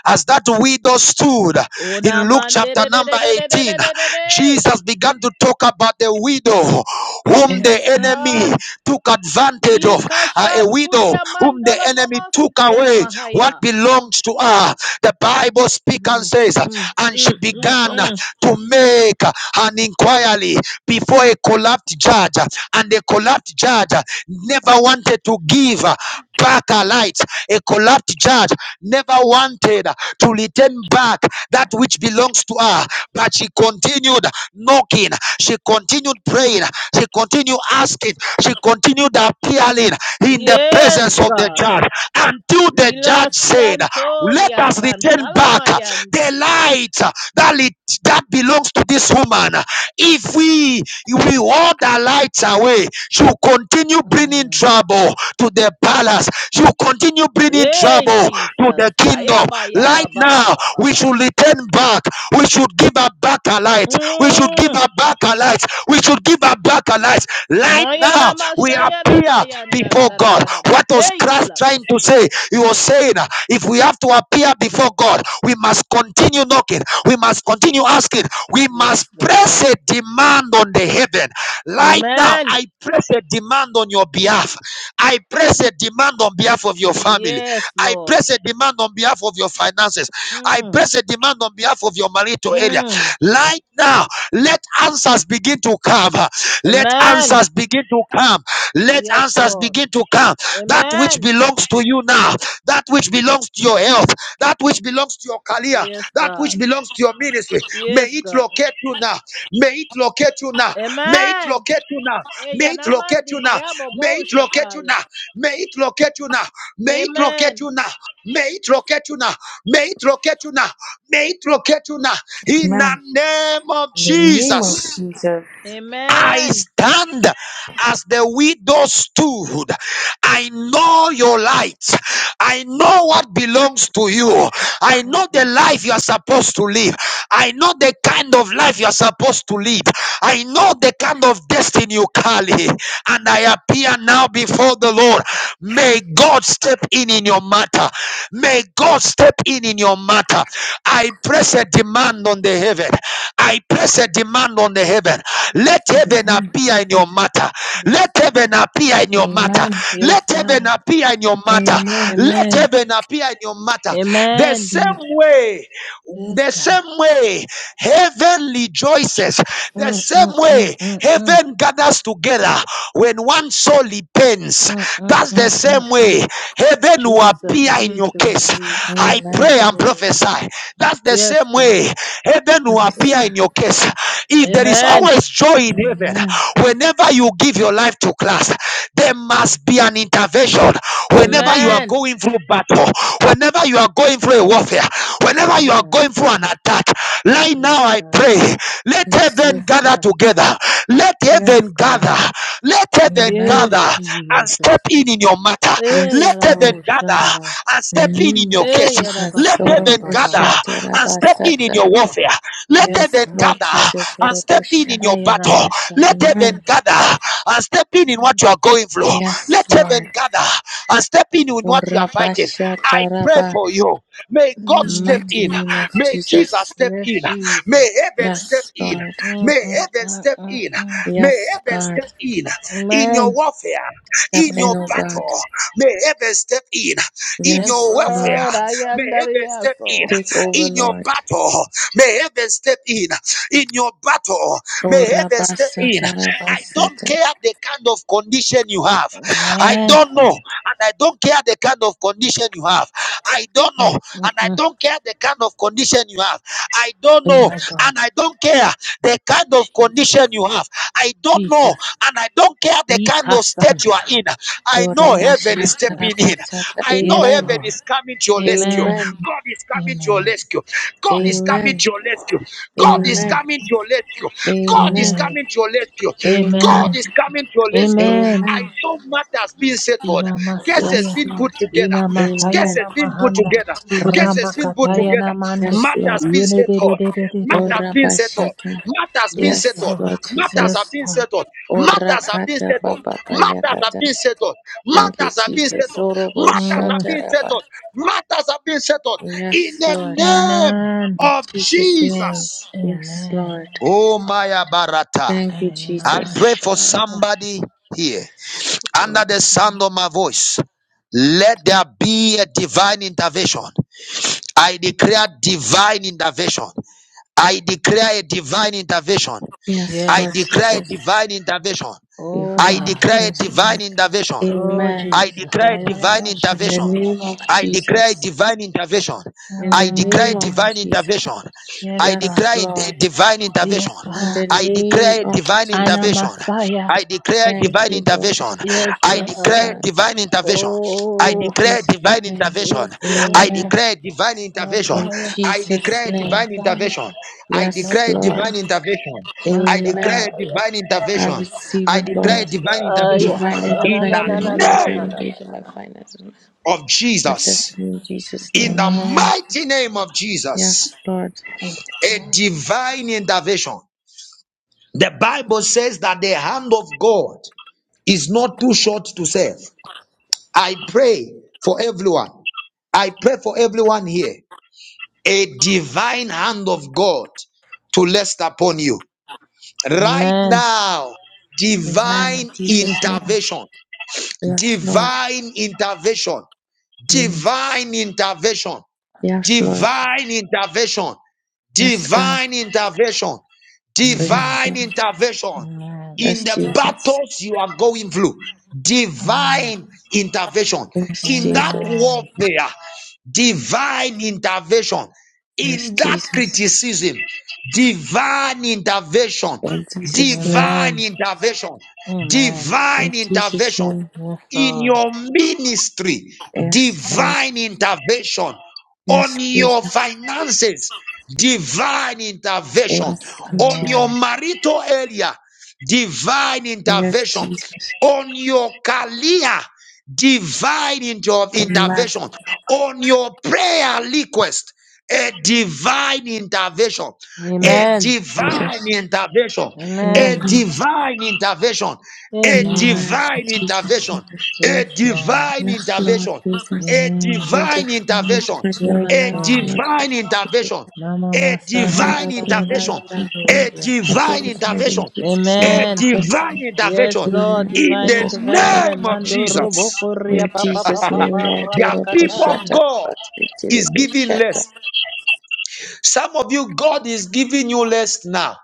Speaker 1: as that widow stood
Speaker 3: Una
Speaker 1: in Luke chapter
Speaker 3: mandere de.
Speaker 1: number
Speaker 3: de de de de de
Speaker 1: 18.
Speaker 3: de de de.
Speaker 1: Jesus began to talk about the widow whom
Speaker 5: Yes,
Speaker 3: Yes,
Speaker 1: the
Speaker 5: God.
Speaker 1: enemy
Speaker 3: God.
Speaker 1: took advantage of, uh, a widow
Speaker 3: Ikashantulia
Speaker 1: whom the
Speaker 3: mandola
Speaker 1: enemy took
Speaker 3: momostikiana
Speaker 1: away what
Speaker 3: mahaya.
Speaker 1: belongs to her. The Bible speaks and
Speaker 3: Mm,
Speaker 1: says,
Speaker 3: mm,
Speaker 1: and she
Speaker 3: mm, mm,
Speaker 1: began
Speaker 3: mm.
Speaker 1: to make an inquiry before a corrupt judge, uh, and the corrupt judge uh, never wanted to give uh, back a light. A corrupt judge never wanted uh, to return back that which belongs to her, but she continued knocking, she continued praying, she continued asking, she continued appealing in the
Speaker 3: Yes,
Speaker 1: presence of the
Speaker 3: God.
Speaker 1: judge until the judge said, Let
Speaker 3: Ilasiantolia
Speaker 1: us return
Speaker 3: santala
Speaker 1: back
Speaker 3: mayanda.
Speaker 1: the light that, it, that belongs to this woman. If we we all the lights away, she'll continue bringing
Speaker 3: Mm.
Speaker 1: trouble to the palace. She'll continue bringing
Speaker 3: Hey,
Speaker 1: trouble to
Speaker 3: Jesus.
Speaker 1: the kingdom.
Speaker 3: Kayaba
Speaker 1: Light
Speaker 3: yaba baba
Speaker 1: now,
Speaker 3: baba
Speaker 1: we
Speaker 3: baba.
Speaker 1: should return back. We should give her back her light. We should give
Speaker 3: Mm.
Speaker 1: her back her light. We should give her back her light. Light now,
Speaker 3: Mayana
Speaker 1: we
Speaker 3: mashayana
Speaker 1: appear
Speaker 3: mayanda da
Speaker 1: before
Speaker 3: da da
Speaker 1: God.
Speaker 3: da da da.
Speaker 1: What was
Speaker 3: Hey,
Speaker 1: Christ trying to say?
Speaker 3: kulabasiana.
Speaker 1: He was saying, uh, if we have to appear before God, we must continue knocking. We must continue asking. We must
Speaker 3: Yes, God.
Speaker 1: press a demand on the heaven. Light now,
Speaker 3: Amen.
Speaker 1: I press a demand on your behalf. I press a demand on behalf of your family.
Speaker 3: Yes,
Speaker 1: I
Speaker 3: Lord.
Speaker 1: place a demand on behalf of your finances. I
Speaker 3: Mm,
Speaker 1: place a demand on behalf of your marital area.
Speaker 3: mm.
Speaker 1: Right now, let answers begin to come. Let
Speaker 3: Amen.
Speaker 1: answers begin to come. Let
Speaker 3: Yes,
Speaker 1: answers
Speaker 3: Lord.
Speaker 1: begin to come. That which
Speaker 3: Amen.
Speaker 1: belongs to you now, that which belongs to your health, that which belongs to your career,
Speaker 3: Yes,
Speaker 1: that
Speaker 3: God.
Speaker 1: which belongs to your ministry, may
Speaker 3: Yes,
Speaker 1: it
Speaker 3: God.
Speaker 1: locate you now. May it locate you now. May it
Speaker 3: Amen.
Speaker 1: locate you now.
Speaker 3: Eh,
Speaker 1: May it locate
Speaker 3: yanamandi
Speaker 1: you now.
Speaker 3: diabo
Speaker 1: May
Speaker 3: bo
Speaker 1: it locate you
Speaker 3: shakaya.
Speaker 1: now. May it locate you now. May it locate
Speaker 3: Amen.
Speaker 1: you now. May it locate you now. May it locate you now. May it locate you now. In
Speaker 5: Amen.
Speaker 1: the name of
Speaker 5: In the name of
Speaker 1: Jesus.
Speaker 5: Jesus.
Speaker 1: I
Speaker 3: Amen.
Speaker 1: stand as the widow stood. I
Speaker 3: Mm,
Speaker 1: know your light. I
Speaker 3: mm,
Speaker 1: know what belongs to you. I
Speaker 3: mm,
Speaker 1: know the
Speaker 3: mm. mm.
Speaker 1: life you are supposed to live. I know the kind of life you are supposed to live. I know the kind of destiny you carry. And I appear now before the Lord. May God step step in in your matter. May God step in in your matter. I press a demand on the heaven. I press a demand on the heaven.
Speaker 3: Yes,
Speaker 1: Let heaven
Speaker 3: God.
Speaker 5: Amen.
Speaker 1: appear in your matter.
Speaker 3: Yes,
Speaker 1: Let
Speaker 3: God.
Speaker 1: heaven appear in your matter.
Speaker 5: Amen.
Speaker 3: Yes,
Speaker 1: Let heaven
Speaker 3: God.
Speaker 1: appear in your matter.
Speaker 5: Amen.
Speaker 1: Let
Speaker 3: Amen.
Speaker 1: heaven appear in your matter. The
Speaker 3: Amen.
Speaker 1: same
Speaker 5: Lord,
Speaker 1: way.
Speaker 3: Yes,
Speaker 1: The
Speaker 3: God.
Speaker 1: same way heaven rejoices, the
Speaker 3: Mm,
Speaker 1: same
Speaker 3: mm, mm,
Speaker 1: way
Speaker 3: mm, mm.
Speaker 1: heaven gathers together when one soul repents.
Speaker 3: Mm, mm,
Speaker 1: That's the
Speaker 3: mm, mm,
Speaker 1: same
Speaker 3: mm.
Speaker 1: way heaven will
Speaker 3: Jesus,
Speaker 1: appear in your
Speaker 3: Jesus,
Speaker 1: case.
Speaker 5: yes.
Speaker 3: Jesus.
Speaker 1: I
Speaker 3: Yes,
Speaker 5: Amen.
Speaker 1: pray and
Speaker 3: Lord.
Speaker 1: prophesy. That's the
Speaker 3: Yes,
Speaker 1: same
Speaker 3: God.
Speaker 1: way heaven will
Speaker 5: Yes,
Speaker 1: appear
Speaker 5: God.
Speaker 1: in your case. If there is
Speaker 3: Amen.
Speaker 1: always joy in heaven,
Speaker 5: Amen.
Speaker 1: whenever you give your life to Christ, there must be an intervention. Whenever you are
Speaker 5: Amen.
Speaker 3: Amen.
Speaker 1: going through battle, whenever you are going through a warfare, Whenever you are
Speaker 3: Mm.
Speaker 1: going through an attack, right
Speaker 3: Yes,
Speaker 1: now I
Speaker 3: God.
Speaker 1: pray, let
Speaker 5: Yes,
Speaker 1: heaven
Speaker 3: Yes,
Speaker 5: God.
Speaker 1: gather
Speaker 3: God.
Speaker 1: together. Let
Speaker 3: Yes,
Speaker 1: heaven gather.
Speaker 3: God.
Speaker 1: Let heaven
Speaker 5: Amen.
Speaker 3: Yes,
Speaker 1: gather and
Speaker 3: Jesus.
Speaker 1: step in in your matter.
Speaker 3: Eh,
Speaker 1: Let
Speaker 5: Yes,
Speaker 1: heaven
Speaker 5: Lord.
Speaker 3: yarabo
Speaker 1: gather
Speaker 3: shanda.
Speaker 1: and
Speaker 5: In
Speaker 1: step
Speaker 5: the
Speaker 1: in in
Speaker 5: name of
Speaker 1: your
Speaker 3: Eh,
Speaker 1: case.
Speaker 5: Jesus.
Speaker 1: Let
Speaker 3: yarabaka
Speaker 1: heaven
Speaker 3: yarabaha.
Speaker 1: gather and step in in
Speaker 5: Soroboshatarabasata.
Speaker 1: your warfare. Let
Speaker 3: Yes,
Speaker 1: heaven
Speaker 5: Yes, Lord
Speaker 3: God.
Speaker 1: gather
Speaker 5: Jesus.
Speaker 1: and step in
Speaker 5: Sorobosha.
Speaker 1: in your battle.
Speaker 3: Ayalama
Speaker 1: Let
Speaker 3: shanda.
Speaker 1: heaven
Speaker 5: Amen.
Speaker 1: gather and step in in what you are going through. Let
Speaker 5: Yes,
Speaker 1: heaven
Speaker 5: Lord.
Speaker 1: gather and step in in what you are fighting. I pray
Speaker 5: Orabashataraba.
Speaker 1: for you. May God step
Speaker 3: Mm.
Speaker 5: Mighty
Speaker 1: in.
Speaker 5: name of
Speaker 1: May Jesus
Speaker 5: Jesus.
Speaker 1: step in.
Speaker 3: Yes, Jesus.
Speaker 1: May heaven step
Speaker 5: Yes,
Speaker 1: in.
Speaker 5: Lord.
Speaker 3: Mm,
Speaker 1: May
Speaker 3: mm,
Speaker 1: heaven
Speaker 3: mm,
Speaker 1: step
Speaker 3: mm,
Speaker 1: in.
Speaker 3: mm.
Speaker 1: May
Speaker 5: Yes,
Speaker 1: heaven
Speaker 5: God.
Speaker 1: step in. In your
Speaker 3: Amen.
Speaker 1: warfare,
Speaker 5: Step
Speaker 1: in
Speaker 5: in,
Speaker 1: your
Speaker 3: Mm.
Speaker 5: O God.
Speaker 1: battle, may heaven step in. In
Speaker 3: Yes,
Speaker 5: Yes,
Speaker 1: your welfare,
Speaker 3: Lord.
Speaker 5: Lord.
Speaker 3: I
Speaker 1: may
Speaker 3: am the
Speaker 1: heaven
Speaker 3: real
Speaker 1: step in.
Speaker 3: soul.
Speaker 5: Take over,
Speaker 1: In your
Speaker 5: Lord.
Speaker 1: battle, may heaven step in. In your battle,
Speaker 5: O
Speaker 1: may heaven step in.
Speaker 5: Rabasata
Speaker 1: I don't
Speaker 5: Rabasata.
Speaker 1: care the kind of condition you have. I
Speaker 3: Amen.
Speaker 1: don't know. And I don't care the kind of condition you have. I don't know.
Speaker 3: Mm, mm,
Speaker 1: And I
Speaker 3: mm.
Speaker 1: don't care the kind of condition you have. I don't know.
Speaker 3: My
Speaker 5: Yes.
Speaker 3: God.
Speaker 1: And I don't care the kind of condition
Speaker 3: Jesus.
Speaker 1: you have. I don't know.
Speaker 3: Jesus.
Speaker 1: And I don't care the kind of state you are
Speaker 3: Ikasanta.
Speaker 1: in.
Speaker 5: O
Speaker 1: I know
Speaker 3: Yes,
Speaker 1: heaven is
Speaker 5: Rabasata
Speaker 3: Jesus.
Speaker 1: stepping in.
Speaker 5: Rabasata.
Speaker 1: I know
Speaker 3: Yes,
Speaker 5: Amen.
Speaker 1: heaven
Speaker 3: Lord.
Speaker 1: is coming to your rescue.
Speaker 3: Amen.
Speaker 5: Amen.
Speaker 1: God is coming to your
Speaker 3: Amen.
Speaker 1: rescue. God is coming
Speaker 3: Amen.
Speaker 5: Amen.
Speaker 1: to your rescue. God is
Speaker 5: Amen.
Speaker 3: Amen.
Speaker 1: coming to your rescue. God is
Speaker 5: Amen.
Speaker 3: Amen.
Speaker 1: coming to your rescue.
Speaker 3: Amen.
Speaker 5: Amen.
Speaker 1: God is coming to your rescue.
Speaker 3: Amen.
Speaker 1: I
Speaker 5: Amen.
Speaker 1: saw matters being settled,
Speaker 3: Ina
Speaker 1: cases
Speaker 3: Masaya.
Speaker 5: Yes,
Speaker 1: being
Speaker 5: Lord.
Speaker 1: put together,
Speaker 3: Ina Makaya
Speaker 5: Amen.
Speaker 1: cases
Speaker 3: na
Speaker 1: being put
Speaker 3: Mahanda.
Speaker 1: together,
Speaker 5: Receive it in
Speaker 1: cases
Speaker 5: Jesus'
Speaker 1: being put
Speaker 5: name.
Speaker 3: Ramakataya
Speaker 1: together,
Speaker 3: na Mande.
Speaker 5: Yes, Lord.
Speaker 1: matters being
Speaker 3: Yene de de
Speaker 1: settled.
Speaker 3: de de de de
Speaker 5: O
Speaker 3: de.
Speaker 1: Matters being settled.
Speaker 5: Rabashata.
Speaker 1: Matters being
Speaker 3: Yes,
Speaker 5: Yes,
Speaker 1: settled.
Speaker 3: Lord.
Speaker 5: Lord
Speaker 1: Matters are
Speaker 3: Yes,
Speaker 5: Jesus.
Speaker 1: being
Speaker 3: Lord.
Speaker 1: settled.
Speaker 5: O
Speaker 1: Matters are being
Speaker 5: Rakata
Speaker 1: settled.
Speaker 5: Baba
Speaker 1: Matters are
Speaker 5: Bayakata.
Speaker 1: being settled.
Speaker 5: Thank you,
Speaker 1: Matters are being
Speaker 5: Jesus.
Speaker 1: settled.
Speaker 5: O Robo
Speaker 1: Matters are
Speaker 3: Mm.
Speaker 1: being
Speaker 5: Shata
Speaker 1: settled. Matters are being settled. In
Speaker 5: Yes,
Speaker 1: the
Speaker 5: Lord.
Speaker 1: name
Speaker 3: Amen.
Speaker 5: In
Speaker 1: of
Speaker 5: Jesus' name.
Speaker 1: Jesus.
Speaker 5: Yes,
Speaker 3: Amen.
Speaker 5: Lord.
Speaker 1: Oh, Maya Barata.
Speaker 5: Thank you,
Speaker 1: I
Speaker 5: Jesus.
Speaker 1: pray for
Speaker 3: Ayalamasha.
Speaker 1: somebody here under the sound of my voice. Let there be a divine intervention. I declare divine intervention. I declare a divine intervention.
Speaker 5: Yes,
Speaker 1: I
Speaker 5: Lord
Speaker 3: Yes.
Speaker 1: declare a
Speaker 5: Jesus.
Speaker 1: divine intervention.
Speaker 3: Oh
Speaker 1: I
Speaker 5: Divine
Speaker 3: God.
Speaker 1: declare a
Speaker 5: intervention,
Speaker 1: divine
Speaker 5: Lord.
Speaker 1: intervention.
Speaker 3: Oh
Speaker 5: Amen.
Speaker 1: I
Speaker 3: Jesus.
Speaker 1: declare a divine
Speaker 3: Ayalamasha.
Speaker 5: In the
Speaker 1: intervention.
Speaker 5: name of
Speaker 1: I
Speaker 3: Talabaya.
Speaker 1: declare a
Speaker 5: Jesus.
Speaker 1: divine intervention.
Speaker 5: In
Speaker 1: I
Speaker 5: the
Speaker 1: declare a
Speaker 5: name of
Speaker 3: Mm.
Speaker 1: divine
Speaker 5: Jesus.
Speaker 1: intervention.
Speaker 3: Yes,
Speaker 1: I
Speaker 3: God.
Speaker 5: Yes,
Speaker 1: declare in-
Speaker 5: Lord.
Speaker 1: divine intervention.
Speaker 3: Yes,
Speaker 5: In
Speaker 3: God.
Speaker 5: the
Speaker 1: I
Speaker 5: name
Speaker 1: declare
Speaker 5: of
Speaker 1: divine
Speaker 3: Anna
Speaker 5: Jesus.
Speaker 1: intervention.
Speaker 3: Messiah.
Speaker 1: I declare
Speaker 5: Thank
Speaker 1: divine
Speaker 5: you, Lord.
Speaker 1: intervention.
Speaker 3: Yes,
Speaker 1: I
Speaker 5: Yes,
Speaker 1: declare
Speaker 3: God.
Speaker 5: God.
Speaker 1: divine intervention. I
Speaker 5: In
Speaker 3: Oh,
Speaker 1: declare
Speaker 5: Jesus'
Speaker 1: divine
Speaker 5: name.
Speaker 1: intervention.
Speaker 3: yes,
Speaker 1: I
Speaker 3: Lord.
Speaker 5: Amen.
Speaker 1: declare divine intervention.
Speaker 5: In
Speaker 3: Messiah.
Speaker 1: I
Speaker 5: Jesus'
Speaker 1: declare
Speaker 5: name.
Speaker 1: divine
Speaker 3: Messiah.
Speaker 1: intervention. I
Speaker 5: Yes,
Speaker 1: declare
Speaker 3: Messiah.
Speaker 1: divine
Speaker 5: Lord.
Speaker 1: intervention. I
Speaker 5: Amen.
Speaker 1: declare
Speaker 3: Messiah.
Speaker 1: divine
Speaker 5: I
Speaker 1: intervention.
Speaker 5: receive
Speaker 1: I
Speaker 5: it,
Speaker 1: declare
Speaker 5: Lord.
Speaker 1: divine intervention.
Speaker 3: Messiah.
Speaker 5: Divine
Speaker 1: In
Speaker 3: Ayala- na-
Speaker 5: intervention
Speaker 3: na-
Speaker 5: in
Speaker 1: the
Speaker 5: my
Speaker 3: na- na-
Speaker 5: life,
Speaker 3: na-
Speaker 5: my
Speaker 3: na-
Speaker 1: name
Speaker 3: na- na-
Speaker 5: religion,
Speaker 3: na-
Speaker 5: my
Speaker 3: na.
Speaker 5: finances,
Speaker 1: of
Speaker 5: my
Speaker 1: Jesus.
Speaker 5: destiny in Jesus'
Speaker 1: In
Speaker 5: name.
Speaker 1: the
Speaker 5: my God.
Speaker 3: Amen.
Speaker 1: mighty name of
Speaker 5: Yes,
Speaker 1: Jesus.
Speaker 5: Lord.
Speaker 3: Yes,
Speaker 1: A
Speaker 3: God.
Speaker 1: divine intervention The Bible says that the hand of God is not too short to save. I pray for everyone. I pray for everyone here. A divine hand of God to rest upon you. Right
Speaker 3: Amen.
Speaker 1: now,
Speaker 5: Amen. In
Speaker 1: divine
Speaker 5: Jesus' name.
Speaker 1: intervention,
Speaker 5: Yes, Lord.
Speaker 1: divine intervention,
Speaker 5: Mm.
Speaker 1: divine intervention,
Speaker 5: Yes, Lord.
Speaker 1: divine intervention,
Speaker 5: Yes, God.
Speaker 1: divine intervention,
Speaker 5: Yes,
Speaker 3: Amen.
Speaker 1: divine
Speaker 5: Lord.
Speaker 1: intervention
Speaker 3: Amen.
Speaker 1: in
Speaker 5: Yes,
Speaker 1: the
Speaker 5: Jesus.
Speaker 1: battles you are going through,
Speaker 3: Amen.
Speaker 1: divine intervention
Speaker 5: Yes,
Speaker 1: in that
Speaker 5: Jesus.
Speaker 3: Amen.
Speaker 1: warfare, divine intervention
Speaker 5: Yes,
Speaker 1: in that
Speaker 5: Jesus.
Speaker 1: criticism, divine intervention,
Speaker 5: In Jesus' name.
Speaker 1: divine
Speaker 3: Amen.
Speaker 1: intervention,
Speaker 3: Amen.
Speaker 5: In
Speaker 1: divine
Speaker 5: Jesus'
Speaker 1: intervention
Speaker 5: name.
Speaker 3: Yes,
Speaker 1: in
Speaker 3: Lord.
Speaker 1: your ministry,
Speaker 5: Yes, Lord.
Speaker 1: divine intervention,
Speaker 5: Yes,
Speaker 1: on
Speaker 5: Jesus.
Speaker 1: your finances, divine intervention,
Speaker 5: Yes, Lord
Speaker 1: on
Speaker 5: Jesus.
Speaker 1: your
Speaker 3: Amen.
Speaker 1: marital area, divine
Speaker 5: Yes,
Speaker 1: intervention,
Speaker 5: Jesus.
Speaker 1: on your career, divine inter-
Speaker 5: Amen.
Speaker 1: intervention, on your prayer request, a divine intervention. A
Speaker 5: Yes,
Speaker 3: Amen.
Speaker 1: divine
Speaker 5: Jesus.
Speaker 1: intervention, a
Speaker 3: Amen.
Speaker 5: Amen.
Speaker 1: divine intervention, a
Speaker 3: Amen.
Speaker 5: Amen. In
Speaker 1: divine
Speaker 5: Jesus'
Speaker 1: intervention,
Speaker 5: name.
Speaker 1: a
Speaker 3: Yes, Lord.
Speaker 1: divine
Speaker 5: Yes, Lord
Speaker 1: intervention,
Speaker 5: Jesus.
Speaker 1: a
Speaker 3: Amen.
Speaker 1: divine
Speaker 5: Interfering,
Speaker 1: intervention
Speaker 5: interfering in my
Speaker 3: Yes,
Speaker 1: a
Speaker 5: life.
Speaker 3: Lord.
Speaker 5: Cannot help
Speaker 1: divine
Speaker 5: it.
Speaker 1: intervention,
Speaker 3: Mama
Speaker 1: a
Speaker 5: I'm
Speaker 3: Masanda
Speaker 5: trying to
Speaker 3: da
Speaker 1: divine
Speaker 3: da
Speaker 5: be
Speaker 3: da
Speaker 5: in
Speaker 3: da
Speaker 5: life.
Speaker 1: intervention,
Speaker 3: ya da
Speaker 5: I'm
Speaker 1: a
Speaker 5: trying.
Speaker 3: doshia.
Speaker 5: I share
Speaker 1: divine
Speaker 5: with me
Speaker 1: intervention,
Speaker 5: in Jesus' name.
Speaker 1: a
Speaker 5: In
Speaker 3: Amen.
Speaker 5: this,
Speaker 1: divine
Speaker 3: Yes,
Speaker 1: intervention
Speaker 3: Lord.
Speaker 5: amen.
Speaker 1: in
Speaker 3: Divine
Speaker 5: This
Speaker 1: the
Speaker 5: is contract.
Speaker 3: intervention.
Speaker 1: name of
Speaker 3: Mando robo
Speaker 1: Jesus.
Speaker 3: koria
Speaker 5: In
Speaker 3: pa pa pa
Speaker 5: Jesus'
Speaker 3: pa
Speaker 5: name,
Speaker 3: pa
Speaker 5: Lord,
Speaker 3: ra
Speaker 5: do
Speaker 1: Their
Speaker 3: pa
Speaker 5: it for
Speaker 1: people,
Speaker 5: shatter.
Speaker 3: kataya.
Speaker 1: God
Speaker 5: But it will
Speaker 1: is
Speaker 5: be
Speaker 1: giving
Speaker 5: shatter.
Speaker 1: less. Some of you, God is giving you less now.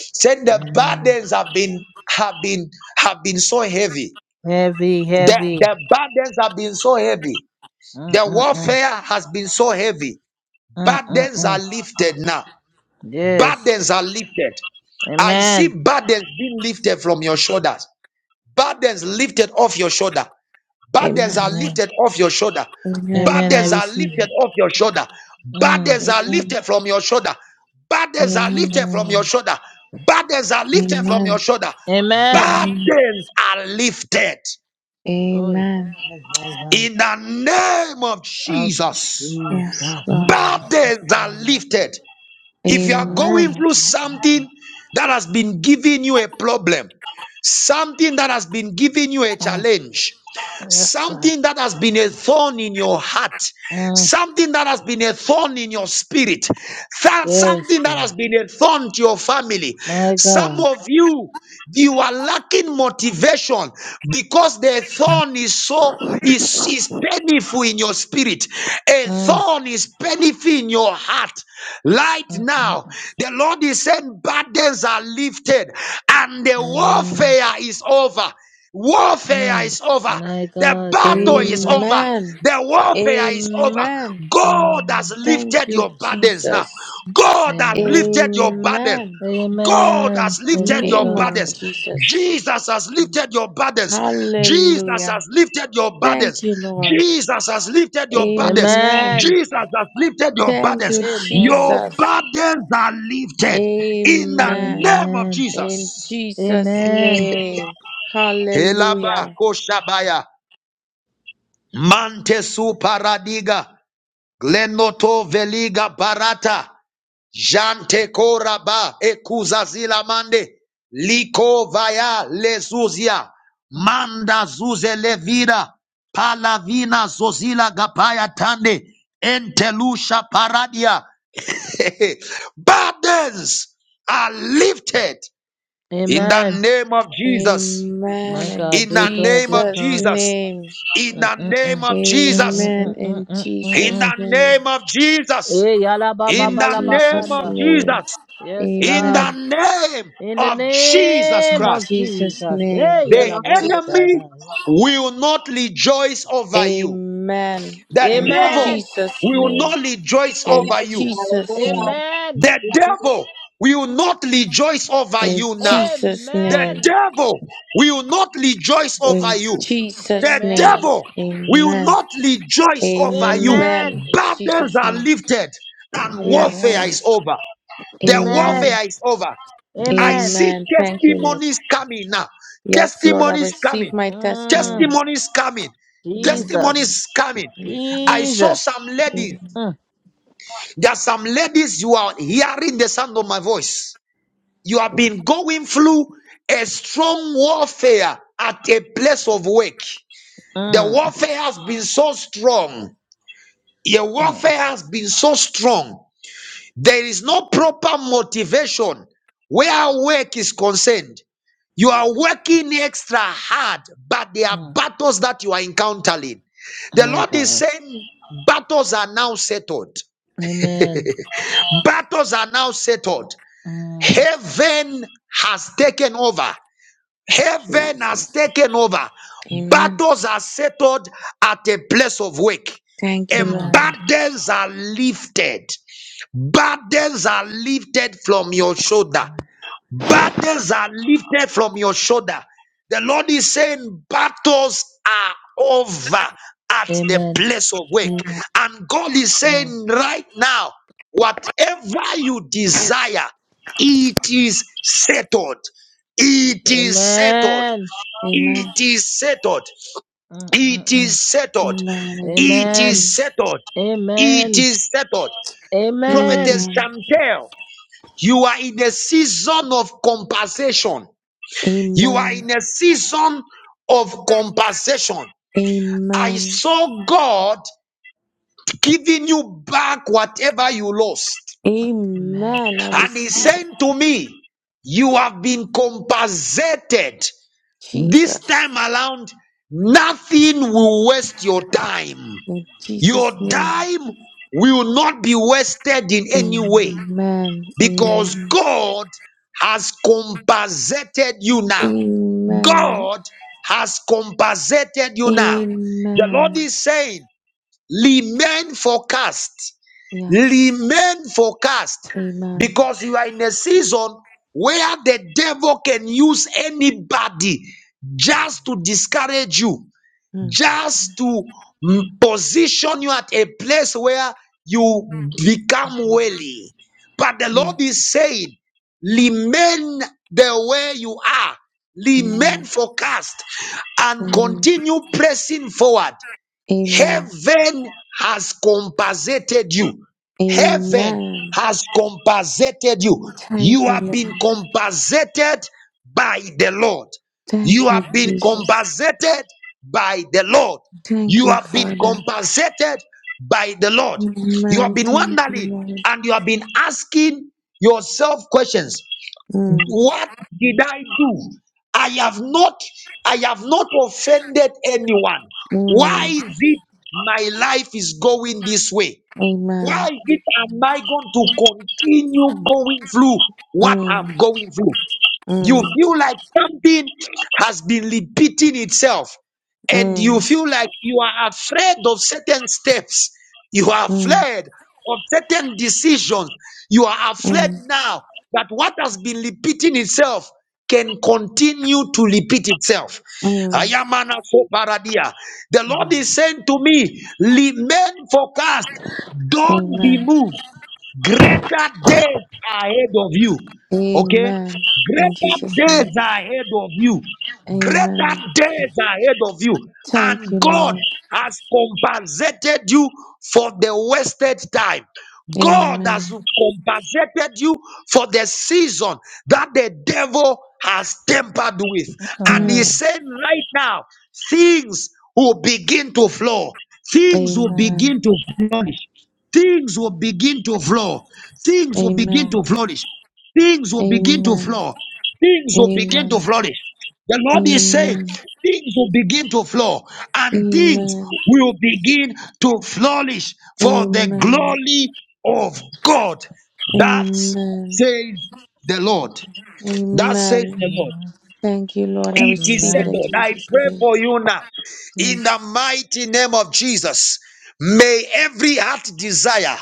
Speaker 1: Said the
Speaker 3: Amen.
Speaker 1: burdens have been have been have been so heavy.
Speaker 3: Heavy,
Speaker 1: The,
Speaker 3: heavy.
Speaker 1: the burdens have been so heavy. The
Speaker 3: Mm-mm-mm.
Speaker 1: warfare has been so heavy.
Speaker 3: Mm, mm,
Speaker 1: Burdens are
Speaker 3: mm.
Speaker 1: lifted now.
Speaker 3: Yes.
Speaker 1: Burdens are lifted. I see
Speaker 3: Amen.
Speaker 1: burdens being lifted from your shoulders. Burdens lifted off your shoulder. Burdens are
Speaker 5: Amen.
Speaker 3: Amen.
Speaker 1: lifted off your shoulder.
Speaker 5: Amen.
Speaker 3: Amen. I
Speaker 1: Burdens are
Speaker 3: receive it.
Speaker 1: lifted off your shoulder.
Speaker 3: Mm,
Speaker 1: Burdens are
Speaker 5: Amen.
Speaker 1: lifted from your shoulder. Burdens are
Speaker 5: Amen.
Speaker 1: lifted from your
Speaker 3: mm.
Speaker 1: shoulder. Burdens are lifted from your
Speaker 5: Amen.
Speaker 1: shoulder.
Speaker 3: Amen.
Speaker 5: Amen.
Speaker 1: Burdens are lifted
Speaker 3: Oi.
Speaker 5: Amen.
Speaker 3: hi, hi, hi.
Speaker 1: in the name of
Speaker 3: of
Speaker 1: Jesus.
Speaker 5: Yes,
Speaker 3: Jesus.
Speaker 5: Lord.
Speaker 3: Father,
Speaker 1: Burdens are
Speaker 3: Messiah.
Speaker 1: lifted. If you are
Speaker 3: Mm,
Speaker 1: going
Speaker 5: Amen.
Speaker 3: mm,
Speaker 1: through
Speaker 3: mm, mm,
Speaker 1: something that has been giving you a problem, something that has been giving you a
Speaker 3: mm.
Speaker 1: challenge,
Speaker 3: Yes, God.
Speaker 1: Something that has been a thorn in your heart,
Speaker 3: Mm.
Speaker 1: something that has been a thorn in your spirit, that
Speaker 3: Yes,
Speaker 1: something that has
Speaker 3: God.
Speaker 1: been a thorn to your family.
Speaker 3: My
Speaker 1: Some
Speaker 3: God.
Speaker 1: of you, you are lacking motivation because the thorn is so is, is painful in your spirit. A
Speaker 3: Mm,
Speaker 1: thorn is painful in your heart. Right
Speaker 3: mm, mm,
Speaker 1: now,
Speaker 3: mm.
Speaker 1: the Lord is saying burdens are lifted and the
Speaker 3: Amen.
Speaker 1: warfare is over. Warfare
Speaker 3: Mm.
Speaker 1: is over.
Speaker 3: My
Speaker 1: The
Speaker 3: God,
Speaker 1: battle is
Speaker 3: Jesus.
Speaker 1: over.
Speaker 5: Amen.
Speaker 1: The warfare is over.
Speaker 5: Amen.
Speaker 1: God has
Speaker 3: Mm.
Speaker 5: Thank
Speaker 1: lifted
Speaker 5: you,
Speaker 1: your burdens now.
Speaker 5: Jesus.
Speaker 1: God has
Speaker 3: Amen.
Speaker 1: lifted your burdens.
Speaker 5: Amen.
Speaker 1: God
Speaker 3: Amen.
Speaker 1: has
Speaker 3: Thank
Speaker 1: lifted
Speaker 3: you,
Speaker 1: your
Speaker 5: Name of
Speaker 1: burdens.
Speaker 3: God.
Speaker 5: Jesus.
Speaker 1: Jesus has lifted your burdens. Jesus
Speaker 5: Hallelujah.
Speaker 1: has lifted your burdens.
Speaker 5: Thank you, Lord.
Speaker 1: Jesus has lifted your burdens.
Speaker 5: Amen.
Speaker 3: Amen.
Speaker 1: Jesus has lifted your
Speaker 5: Thank
Speaker 1: burdens.
Speaker 5: you,
Speaker 3: Amen.
Speaker 1: Your
Speaker 5: Jesus.
Speaker 1: burdens are lifted in the
Speaker 5: Amen.
Speaker 1: name of
Speaker 3: Amen.
Speaker 5: In
Speaker 1: Jesus.
Speaker 5: Jesus'
Speaker 3: Amen.
Speaker 5: name.
Speaker 1: Elaba
Speaker 5: Hallelujah.
Speaker 1: koshabaya. Mante su paradiga, glenoto veliga barata, jante koraba ekuza zila mande, liko vaya lezuzia, manda zuze levira, palavina zozila gapaya tande, entelusha paradia. Burdens are lifted in the
Speaker 3: Amen.
Speaker 1: name of Jesus.
Speaker 5: Amen.
Speaker 3: My
Speaker 5: In
Speaker 3: God,
Speaker 1: In
Speaker 3: do
Speaker 1: the
Speaker 3: it, Lord.
Speaker 1: name
Speaker 3: Do
Speaker 1: of
Speaker 3: it,
Speaker 5: Jesus'
Speaker 3: Lord.
Speaker 1: Jesus.
Speaker 5: name.
Speaker 1: In the name
Speaker 3: Mm-mm-mm.
Speaker 1: of Jesus.
Speaker 5: Amen. In
Speaker 1: In
Speaker 5: Jesus'
Speaker 3: Mm-mm-mm-mm-mm-mm.
Speaker 1: the
Speaker 5: name.
Speaker 1: name of Jesus.
Speaker 3: Eh, yala ba ba
Speaker 1: In
Speaker 5: In
Speaker 3: ba
Speaker 1: the
Speaker 3: la ba
Speaker 1: name
Speaker 5: Jesus'
Speaker 1: of
Speaker 3: kanda.
Speaker 5: name.
Speaker 1: Jesus.
Speaker 3: Yes,
Speaker 1: In
Speaker 3: God.
Speaker 1: the
Speaker 5: Amen.
Speaker 1: name
Speaker 3: In the
Speaker 1: of Jesus
Speaker 3: name
Speaker 5: In
Speaker 1: Christ.
Speaker 3: of
Speaker 5: Jesus'
Speaker 3: Jesus.
Speaker 5: name.
Speaker 3: Hey,
Speaker 1: The
Speaker 6: name
Speaker 3: yala
Speaker 6: of
Speaker 3: bo
Speaker 6: Jesus.
Speaker 1: enemy
Speaker 3: shatai.
Speaker 1: will not rejoice over you.
Speaker 5: Amen.
Speaker 1: The
Speaker 6: Amen.
Speaker 5: In
Speaker 1: devil
Speaker 3: Amen.
Speaker 5: Jesus'
Speaker 1: will
Speaker 5: name.
Speaker 1: not rejoice
Speaker 5: In
Speaker 1: over
Speaker 6: Amen.
Speaker 1: you.
Speaker 5: Jesus'
Speaker 6: Hallelujah.
Speaker 5: name.
Speaker 3: Amen.
Speaker 6: Thank
Speaker 1: The
Speaker 6: you, Jesus.
Speaker 1: devil will not rejoice over
Speaker 5: In
Speaker 1: you now.
Speaker 5: Jesus'
Speaker 1: The
Speaker 5: name.
Speaker 3: Amen.
Speaker 1: devil will not rejoice over
Speaker 5: In
Speaker 1: you.
Speaker 5: Jesus'
Speaker 1: The
Speaker 5: name.
Speaker 3: Amen.
Speaker 1: devil will
Speaker 5: Amen.
Speaker 1: not rejoice over you.
Speaker 5: Amen.
Speaker 3: Amen.
Speaker 5: In
Speaker 1: Burdens
Speaker 5: Jesus'
Speaker 1: are
Speaker 5: name.
Speaker 1: lifted and
Speaker 5: Yes.
Speaker 1: warfare
Speaker 3: Amen.
Speaker 1: is over. The
Speaker 5: Amen.
Speaker 3: Amen.
Speaker 1: warfare is over. I
Speaker 3: Amen.
Speaker 1: see
Speaker 5: Amen. Thank you, Lord.
Speaker 1: testimonies coming now.
Speaker 5: Yes, Lord, I
Speaker 1: Testimonies coming.
Speaker 5: receive my
Speaker 3: Mm,
Speaker 5: testimony.
Speaker 1: Testimonies coming.
Speaker 3: Jesus.
Speaker 5: Amen.
Speaker 1: Testimonies coming. I saw
Speaker 3: Jesus.
Speaker 1: some ladies.
Speaker 3: Mm,
Speaker 1: There are some ladies, you are hearing the sound of my voice. You have been going through a strong warfare at a place of work. The
Speaker 3: mm,
Speaker 1: warfare has been so strong. Your
Speaker 3: mm,
Speaker 1: warfare has been so strong. There is no proper motivation where work is concerned. You are working extra hard, but there are
Speaker 3: mm.
Speaker 1: battles that you are encountering. The
Speaker 3: My
Speaker 1: Lord is
Speaker 3: God.
Speaker 1: saying, battles are now settled.
Speaker 3: Amen.
Speaker 1: Battles are now settled.
Speaker 3: Mm,
Speaker 1: Heaven has taken over. Heaven has
Speaker 3: Jesus.
Speaker 1: taken over.
Speaker 5: Amen.
Speaker 1: Battles are settled at a place of work.
Speaker 5: Thank you,
Speaker 1: And
Speaker 5: Lord.
Speaker 3: Amen.
Speaker 1: burdens are lifted. Burdens are lifted from your shoulder.
Speaker 3: Mm.
Speaker 1: Burdens are lifted from your shoulder. The Lord is saying, battles are over at the
Speaker 3: Amen.
Speaker 1: place of work. And God is
Speaker 3: Mm.
Speaker 1: saying, right now, whatever you desire, it is settled. It is settled.
Speaker 3: Amen.
Speaker 1: It
Speaker 5: Amen.
Speaker 1: is settled.
Speaker 3: Mm, mm,
Speaker 1: It
Speaker 3: mm.
Speaker 1: is settled.
Speaker 5: Amen. In Jesus'
Speaker 1: It
Speaker 3: Amen.
Speaker 1: is
Speaker 5: name.
Speaker 1: settled. It
Speaker 3: Amen.
Speaker 1: is settled.
Speaker 3: Amen.
Speaker 1: Prophetess
Speaker 5: Amen.
Speaker 1: Chantel, you are in a season of compensation. You are
Speaker 5: Amen.
Speaker 1: in a season of compensation. I
Speaker 5: Amen.
Speaker 1: saw God giving you back whatever you lost.
Speaker 3: Amen.
Speaker 5: Amen. I
Speaker 1: And He
Speaker 5: receive
Speaker 1: said
Speaker 5: it.
Speaker 1: to me, You have been compensated. This
Speaker 5: Jesus.
Speaker 1: time around, nothing will waste your time.
Speaker 5: In
Speaker 1: Your
Speaker 5: Jesus' name.
Speaker 1: time will not be wasted in any way
Speaker 5: Amen.
Speaker 1: because
Speaker 5: Amen.
Speaker 1: God has compensated you now.
Speaker 5: Amen.
Speaker 1: God has compensated you now. The Lord
Speaker 5: Amen.
Speaker 1: is saying, remain forecast,
Speaker 5: Yes.
Speaker 1: remain forecast,
Speaker 5: Amen.
Speaker 1: because you are in a season where the devil can use anybody just to discourage you
Speaker 5: Mm,
Speaker 1: just to mm, position you at a place where you become wealthy. But the Lord
Speaker 5: mm.
Speaker 1: is saying, remain the way you are, remain
Speaker 5: Amen.
Speaker 1: focused, and
Speaker 5: Amen.
Speaker 1: continue pressing forward.
Speaker 5: Amen.
Speaker 1: Heaven has compensated you. Heaven
Speaker 5: Amen.
Speaker 1: has compensated you. You
Speaker 5: Thank you,
Speaker 1: have been
Speaker 5: Lord.
Speaker 1: compensated by the Lord.
Speaker 5: Thank
Speaker 1: You
Speaker 5: you,
Speaker 1: have been
Speaker 5: Jesus.
Speaker 1: compensated by the Lord.
Speaker 5: Thank
Speaker 1: You
Speaker 5: you,
Speaker 1: have been
Speaker 5: Father.
Speaker 1: compensated by the Lord. You have
Speaker 5: Amen.
Speaker 1: been
Speaker 5: Thank you,
Speaker 1: wondering
Speaker 5: Lord.
Speaker 1: and you have been asking yourself questions.
Speaker 5: Mm.
Speaker 1: What did I do? I have not, I have not offended anyone. Why
Speaker 5: Mm,
Speaker 1: is it my life is going this way? Why
Speaker 5: amen.
Speaker 1: is it am I going to continue going through what
Speaker 5: Mm,
Speaker 1: I'm going through? You
Speaker 5: mm,
Speaker 1: feel like something has been repeating itself, and you
Speaker 5: mm,
Speaker 1: feel like you are afraid of certain steps. You are
Speaker 5: mm,
Speaker 1: afraid of certain decisions. You are afraid
Speaker 5: mm,
Speaker 1: now that what has been repeating itself can continue to repeat itself.
Speaker 5: mm.
Speaker 1: Ayamana so paradia. The Lord is saying to me, remain focused. Don't be
Speaker 5: Amen.
Speaker 1: moved. Greater days are ahead of you. Okay?
Speaker 5: Amen. In Jesus'
Speaker 1: Greater
Speaker 5: name.
Speaker 1: days are ahead of you. Greater
Speaker 5: Amen.
Speaker 1: days are ahead of you. And
Speaker 5: Thank you,
Speaker 1: God
Speaker 5: Lord.
Speaker 1: has compensated you for the wasted time. God has
Speaker 5: Amen.
Speaker 1: compensated you for the season that the devil has tempered with. And he
Speaker 5: Mm,
Speaker 1: said, right now, things will begin to flow. Things will
Speaker 5: amen.
Speaker 1: begin to flow things will begin to flow. Things will begin to
Speaker 5: Amen.
Speaker 1: flourish. Things will begin to
Speaker 5: Amen.
Speaker 1: flow. Things will begin to
Speaker 5: Amen.
Speaker 1: flourish. The Lord is saying,
Speaker 5: Amen.
Speaker 1: things will begin to flow and things
Speaker 5: Amen.
Speaker 1: will begin to flourish for the
Speaker 5: Amen.
Speaker 1: glory of God. That
Speaker 5: Amen.
Speaker 1: says the Lord. That says
Speaker 5: Amen.
Speaker 3: Mm,
Speaker 1: the Lord.
Speaker 3: mm,
Speaker 5: Thank you, Lord. I
Speaker 1: It is
Speaker 5: receive it
Speaker 3: Amen.
Speaker 5: in
Speaker 1: settled. I
Speaker 5: Jesus'
Speaker 1: pray
Speaker 5: name.
Speaker 1: for you now. In
Speaker 5: Yes.
Speaker 1: the mighty name of Jesus, may every heart desire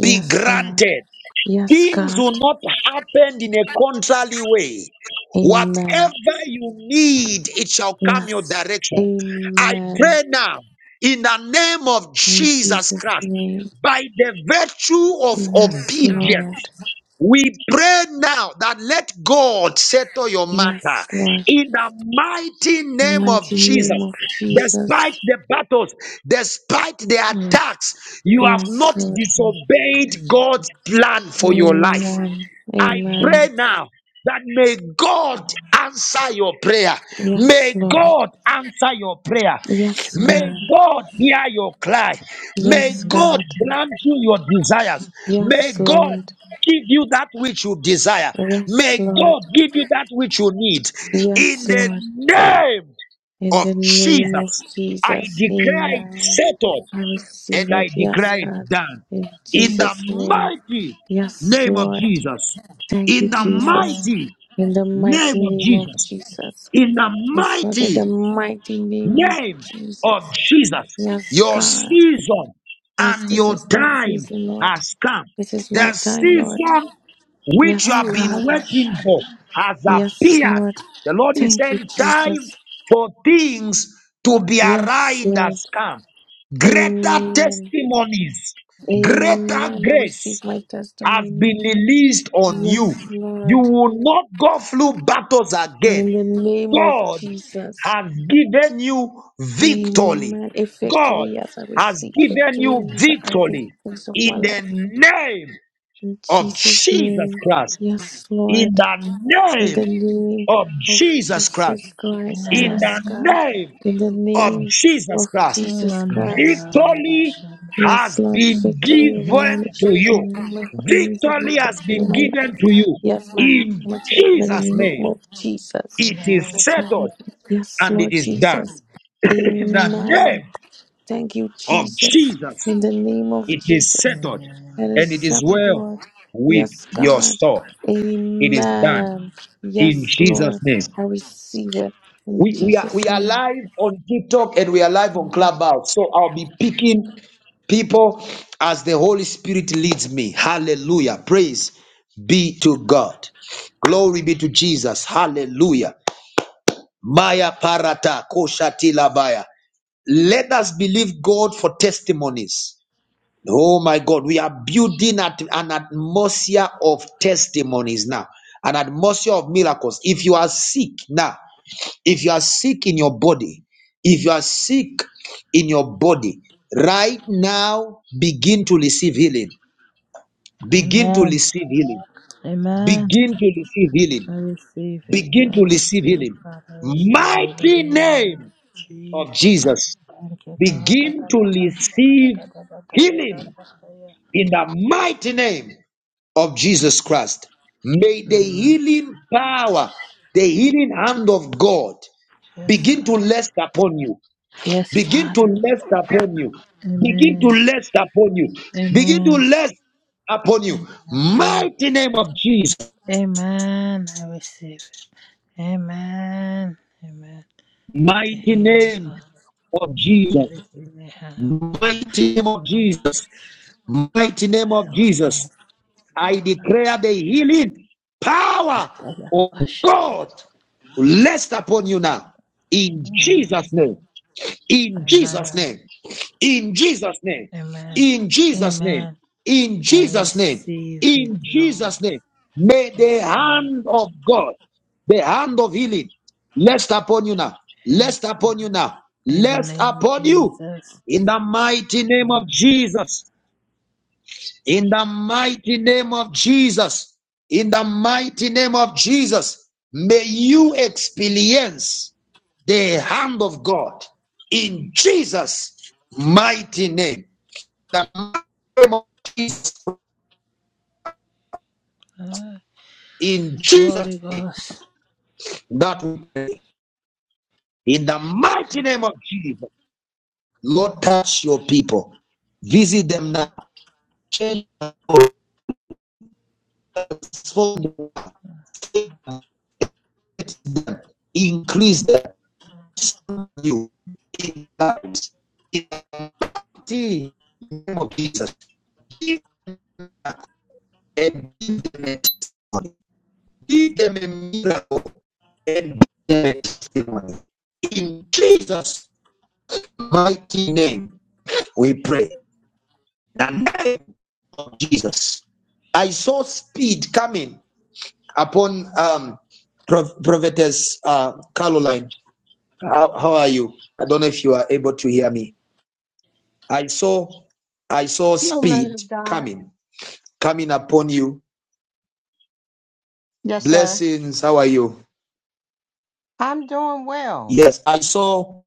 Speaker 1: be
Speaker 5: Lord.
Speaker 1: granted.
Speaker 5: Yes,
Speaker 1: Things
Speaker 5: God.
Speaker 1: will not happen in a contrary way.
Speaker 5: Amen.
Speaker 1: Whatever you need, it shall come your
Speaker 5: Yes.
Speaker 1: direction. I
Speaker 5: Amen.
Speaker 1: pray now in the name of
Speaker 5: In
Speaker 1: Jesus
Speaker 5: Jesus'
Speaker 1: Christ
Speaker 5: name.
Speaker 1: by the virtue of
Speaker 5: Yes,
Speaker 1: obedience.
Speaker 5: Lord.
Speaker 1: We pray now that let God settle your matter
Speaker 5: Yes, Lord.
Speaker 1: in the mighty
Speaker 5: The
Speaker 1: name of
Speaker 5: mighty
Speaker 1: Jesus.
Speaker 5: name of
Speaker 1: Despite
Speaker 5: Jesus.
Speaker 1: the battles, despite the
Speaker 3: Mm,
Speaker 1: attacks, you have
Speaker 5: Yes,
Speaker 1: not
Speaker 5: Lord.
Speaker 3: mm,
Speaker 1: disobeyed God's plan for your life.
Speaker 5: Amen.
Speaker 1: I pray
Speaker 5: Amen.
Speaker 3: Amen.
Speaker 1: now that may God answer your prayer.
Speaker 5: Yes,
Speaker 1: May
Speaker 5: Lord.
Speaker 1: God answer your prayer.
Speaker 5: Yes,
Speaker 1: May
Speaker 3: Mm,
Speaker 5: God.
Speaker 1: God hear your cry. May
Speaker 5: Yes,
Speaker 1: God
Speaker 5: God.
Speaker 1: grant you your desires. May
Speaker 5: Yes,
Speaker 1: God
Speaker 5: Lord.
Speaker 1: give you that which you desire.
Speaker 5: Yes,
Speaker 1: May
Speaker 5: Lord.
Speaker 1: God give you that which you need.
Speaker 5: Yes,
Speaker 1: In the
Speaker 5: Lord.
Speaker 1: name
Speaker 5: In
Speaker 1: of
Speaker 5: the name of
Speaker 1: Jesus, I
Speaker 5: Jesus.
Speaker 1: declare it
Speaker 5: Amen.
Speaker 1: settled.
Speaker 5: I
Speaker 1: And
Speaker 5: receive
Speaker 1: I
Speaker 5: it. Yes,
Speaker 1: declare it
Speaker 5: God.
Speaker 1: done.
Speaker 5: In
Speaker 1: In the
Speaker 5: Jesus' name.
Speaker 1: mighty
Speaker 5: Yes,
Speaker 1: name of
Speaker 5: Lord.
Speaker 1: Jesus.
Speaker 5: Thank you,
Speaker 1: In the
Speaker 5: Jesus.
Speaker 1: mighty
Speaker 5: In the
Speaker 1: name
Speaker 5: mighty
Speaker 1: of
Speaker 5: name of
Speaker 1: Jesus.
Speaker 5: Jesus.
Speaker 1: In the
Speaker 5: Yes, Lord. In the
Speaker 1: mighty
Speaker 5: mighty name of
Speaker 1: name of
Speaker 5: Jesus.
Speaker 1: Jesus,
Speaker 5: Yes,
Speaker 1: your
Speaker 5: God.
Speaker 1: season
Speaker 5: Yes,
Speaker 1: and
Speaker 5: this
Speaker 1: your
Speaker 5: is my
Speaker 1: time
Speaker 5: season, Lord.
Speaker 1: has come.
Speaker 5: This is my
Speaker 1: The
Speaker 5: time, Lord.
Speaker 1: season which you
Speaker 5: Yes,
Speaker 1: have been
Speaker 5: God.
Speaker 1: waiting for has
Speaker 5: Yes,
Speaker 1: appeared.
Speaker 5: Lord.
Speaker 1: The Lord is
Speaker 5: Thank you,
Speaker 1: saying, time
Speaker 5: Jesus.
Speaker 1: for things to be
Speaker 5: Yes,
Speaker 1: aligned
Speaker 5: Lord.
Speaker 1: has come. Greater
Speaker 5: Amen.
Speaker 1: testimonies, greater
Speaker 5: Amen. I
Speaker 1: grace,
Speaker 5: receive my
Speaker 1: has
Speaker 5: testimony.
Speaker 1: been released on you.
Speaker 5: Yes,
Speaker 1: You
Speaker 5: Lord.
Speaker 1: will not go through battles
Speaker 5: In
Speaker 1: again.
Speaker 5: the name of
Speaker 1: God
Speaker 5: Jesus.
Speaker 1: has given you victory.
Speaker 5: Amen. A
Speaker 1: God
Speaker 5: victory as I
Speaker 1: has
Speaker 5: receive
Speaker 1: given
Speaker 5: victory
Speaker 1: you
Speaker 5: over every
Speaker 1: victory
Speaker 5: phase of my
Speaker 1: in the
Speaker 5: life.
Speaker 1: name
Speaker 5: In
Speaker 1: of
Speaker 5: Jesus'
Speaker 1: Jesus
Speaker 5: name.
Speaker 1: Christ.
Speaker 5: Yes,
Speaker 1: In
Speaker 5: Lord.
Speaker 1: the
Speaker 5: In
Speaker 1: name
Speaker 5: the name
Speaker 1: of
Speaker 5: of
Speaker 1: Jesus Christ.
Speaker 5: Jesus Christ.
Speaker 1: In
Speaker 3: Amen.
Speaker 5: Yes,
Speaker 1: the
Speaker 5: God.
Speaker 1: name
Speaker 5: In the
Speaker 1: of
Speaker 5: name
Speaker 1: Jesus
Speaker 5: of
Speaker 1: Christ,
Speaker 5: Jesus
Speaker 3: Mm,
Speaker 5: Christ.
Speaker 1: victory
Speaker 5: Yes,
Speaker 1: has
Speaker 5: Lord.
Speaker 1: been
Speaker 5: Victory over my
Speaker 1: given to you.
Speaker 5: nation, my finances, my
Speaker 1: Victory has
Speaker 5: destiny,
Speaker 1: been
Speaker 5: my
Speaker 1: given
Speaker 5: life.
Speaker 1: to you.
Speaker 5: Yes, my health
Speaker 1: In
Speaker 5: and my children. In
Speaker 1: Jesus'
Speaker 5: the name
Speaker 1: name,
Speaker 5: of Jesus.
Speaker 1: it is
Speaker 3: Amen.
Speaker 5: That's why I
Speaker 1: settled
Speaker 5: have- Yes,
Speaker 1: and it
Speaker 5: Lord
Speaker 1: is done.
Speaker 5: Jesus.
Speaker 1: In the name
Speaker 5: Amen. Thank you,
Speaker 1: of
Speaker 5: Jesus.
Speaker 1: Jesus,
Speaker 5: In the name of
Speaker 1: it is
Speaker 5: Jesus.
Speaker 1: settled
Speaker 5: It
Speaker 3: Amen.
Speaker 5: is
Speaker 1: and it is
Speaker 5: settled,
Speaker 1: well
Speaker 5: Lord.
Speaker 1: with
Speaker 5: Yes,
Speaker 1: your
Speaker 5: God.
Speaker 1: soul. It is done.
Speaker 5: Amen.
Speaker 1: In
Speaker 5: Yes,
Speaker 1: Jesus'
Speaker 5: Lord.
Speaker 1: name.
Speaker 5: I receive it in
Speaker 1: We, we are we
Speaker 5: Jesus'
Speaker 1: are
Speaker 5: name.
Speaker 1: live on TikTok and we are live on Clubhouse. So I'll be picking people as the Holy Spirit leads me. Hallelujah. Praise be to God. Glory be to Jesus. Hallelujah. Maya parata koshati labaya. Let us believe God for testimonies. Oh my God, we are building at an atmosphere of testimonies now, an atmosphere of miracles. If you are sick now, if you are sick in your body, if you are sick in your body, right now begin to receive healing. Begin to
Speaker 3: Amen.
Speaker 1: receive healing.
Speaker 3: Amen.
Speaker 1: Begin to receive
Speaker 3: I
Speaker 1: healing.
Speaker 3: receive it.
Speaker 1: Begin
Speaker 3: I
Speaker 1: to receive
Speaker 3: receive.
Speaker 1: healing.
Speaker 3: God, I receive you in the
Speaker 1: Mighty
Speaker 3: name of
Speaker 1: name of
Speaker 3: Jesus.
Speaker 1: Jesus.
Speaker 3: Thank you, God. Da,
Speaker 1: Begin
Speaker 3: da,
Speaker 1: to
Speaker 3: da, da, sha, da, da,
Speaker 1: receive
Speaker 3: da, da, da, ya, da,
Speaker 1: healing
Speaker 3: da da ya.
Speaker 1: in the mighty name of Jesus Christ. May the
Speaker 3: Mm.
Speaker 1: healing power, the healing hand of God
Speaker 3: Yes,
Speaker 1: begin to
Speaker 3: God.
Speaker 1: rest upon you.
Speaker 3: Yes,
Speaker 1: Begin to
Speaker 3: Father.
Speaker 1: lest upon you. Begin to
Speaker 3: Amen.
Speaker 1: lest upon you. Begin to
Speaker 3: Amen.
Speaker 1: lest upon you.
Speaker 3: Amen.
Speaker 1: Mighty name of Jesus.
Speaker 3: Amen. I receive it. Amen. Amen. The
Speaker 1: Mighty
Speaker 3: healing
Speaker 1: name
Speaker 3: God.
Speaker 1: of Jesus.
Speaker 3: The healing hand of
Speaker 1: Mighty name of
Speaker 3: God.
Speaker 1: Jesus. Mighty name of Jesus. I declare the healing power of
Speaker 3: Mm.
Speaker 1: God to rest upon you now. In Jesus' name. In Jesus'
Speaker 3: Amen.
Speaker 1: name. In Jesus' name.
Speaker 3: Amen.
Speaker 1: In Jesus' name.
Speaker 3: Amen.
Speaker 1: In
Speaker 3: I
Speaker 1: Jesus' name.
Speaker 3: receive it,
Speaker 1: In
Speaker 3: Lord.
Speaker 1: Jesus' name. May the
Speaker 3: Yes, Lord.
Speaker 1: hand of God, the hand of healing, rest upon you now. Rest
Speaker 3: Yes,
Speaker 1: upon you
Speaker 3: Lord.
Speaker 1: now.
Speaker 3: In the
Speaker 1: Rest
Speaker 3: name of
Speaker 1: upon you.
Speaker 3: Jesus.
Speaker 1: In the mighty name of
Speaker 3: Mm.
Speaker 1: Jesus. In the mighty name of Jesus, in the mighty name of Jesus, may you experience the hand of God in Jesus' mighty name. The mighty name of Jesus,
Speaker 3: Ah,
Speaker 1: in Jesus,
Speaker 3: Holy Ghost.
Speaker 1: that in the mighty name of Jesus, Lord, touch your people, visit them now, change them, increase them, you, in see in the name of Jesus. Give them, give them a testimony. Give them a miracle and give them a testimony. In Jesus' mighty name, we pray. The name of Jesus. I saw speed coming upon um, Pro- Prophetess uh, Caroline. How, how are you? I don't know if you are able to hear me. I saw, I saw
Speaker 7: Hello,
Speaker 1: speed
Speaker 7: man of God.
Speaker 1: coming, coming upon you.
Speaker 7: Yes, sir.
Speaker 1: Blessings. How are you?
Speaker 7: I'm doing well.
Speaker 1: Yes, I saw.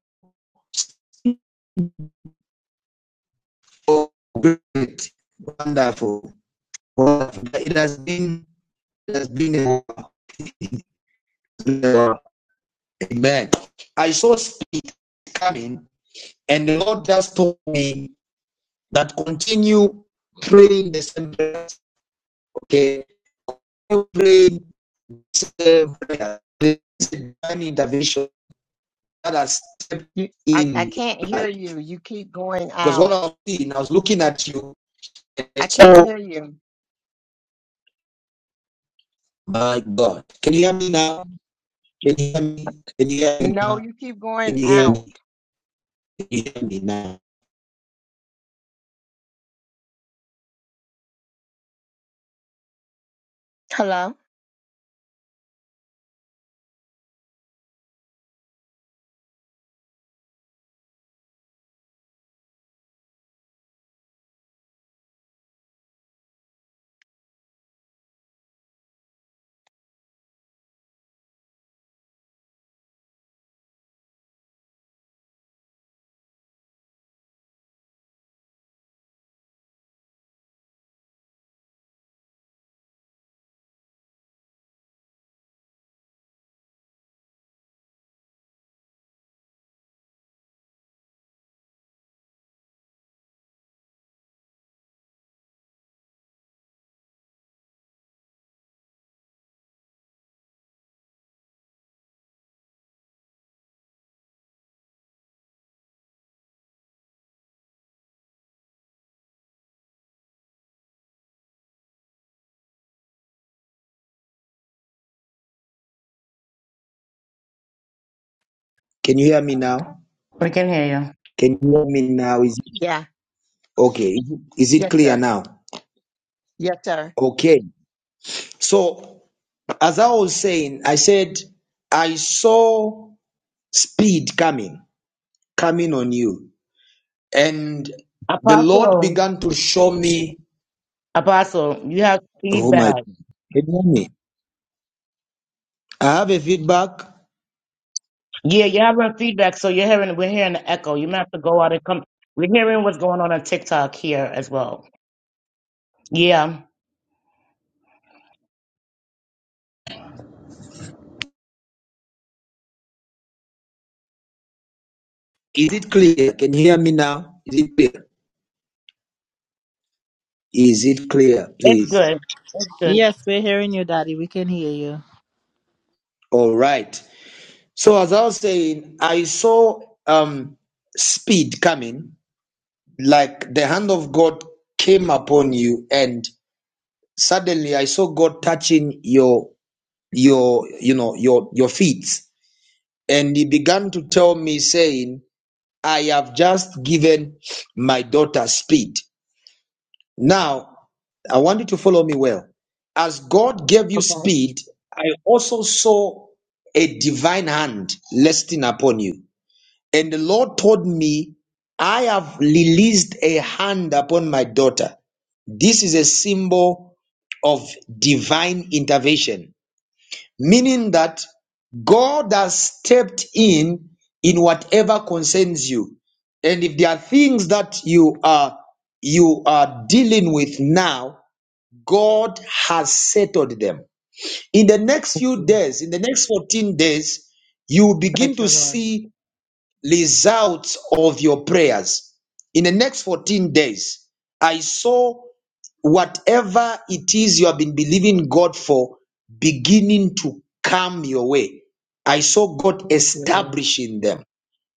Speaker 1: Oh, great, wonderful, wonderful. It has been, it has been a a- I saw speed coming, and the Lord just told me that continue praying the same prayer. Okay, pray the same prayer. There is a divine intervention that has stepped
Speaker 7: You, I, I
Speaker 1: in
Speaker 7: can't
Speaker 1: life.
Speaker 7: hear you. You keep going
Speaker 1: Because what I
Speaker 7: out.
Speaker 1: was seeing, I was looking at you, and I
Speaker 7: I can't
Speaker 1: saw,
Speaker 7: hear you.
Speaker 1: my God, can you hear me now? Can you hear me? Can you hear me
Speaker 7: No,
Speaker 1: now?
Speaker 7: you keep going
Speaker 1: Can you hear
Speaker 7: out.
Speaker 1: me? Can you hear me now?
Speaker 7: Hello?
Speaker 1: Can you hear me now?
Speaker 2: can hear you,
Speaker 1: Can you hear me now? Is it
Speaker 7: Yeah.
Speaker 1: okay? Is it is it
Speaker 7: Yes,
Speaker 1: clear
Speaker 7: sir.
Speaker 1: now?
Speaker 7: Yes, sir.
Speaker 1: Okay. So as I was saying, I said I saw speed coming, coming on you, and the Lord
Speaker 2: Apostle.
Speaker 1: began to show me.
Speaker 2: Apostle, you have
Speaker 1: Oh my! Can
Speaker 2: feedback.
Speaker 1: you hear me? I have a feedback.
Speaker 2: Yeah, you have feedback, so you're hearing we're hearing the echo. You might have to go out and come. We're hearing what's going on on TikTok here as well. Yeah,
Speaker 1: Is it clear? Can you hear me now? Is it clear? Is it clear?
Speaker 2: it's
Speaker 1: Please.
Speaker 2: good. It's good.
Speaker 3: Yes, we're hearing you, Daddy. We can hear you.
Speaker 1: All right. So as I was saying, I saw um speed coming, like the hand of God came upon you, and suddenly I saw God touching your your you know your your feet. And he began to tell me, saying, I have just given my daughter speed. Now I want you to follow me well. As God gave you
Speaker 7: Okay.
Speaker 1: speed, I also saw a divine hand resting upon you. And the Lord told me, I have released a hand upon my daughter. This is a symbol of divine intervention, meaning that God has stepped in in whatever concerns you. And if there are things that you are you are dealing with now, God has settled them. In the next
Speaker 7: Thank
Speaker 1: few
Speaker 7: you,
Speaker 1: days, in the next 14 days, you will begin
Speaker 7: Thank you,
Speaker 1: to
Speaker 7: Lord.
Speaker 1: see results of your prayers. In the next 14 days, I saw whatever it is you have been believing God for beginning to come your way. I saw God
Speaker 7: Thank you,
Speaker 1: establishing them.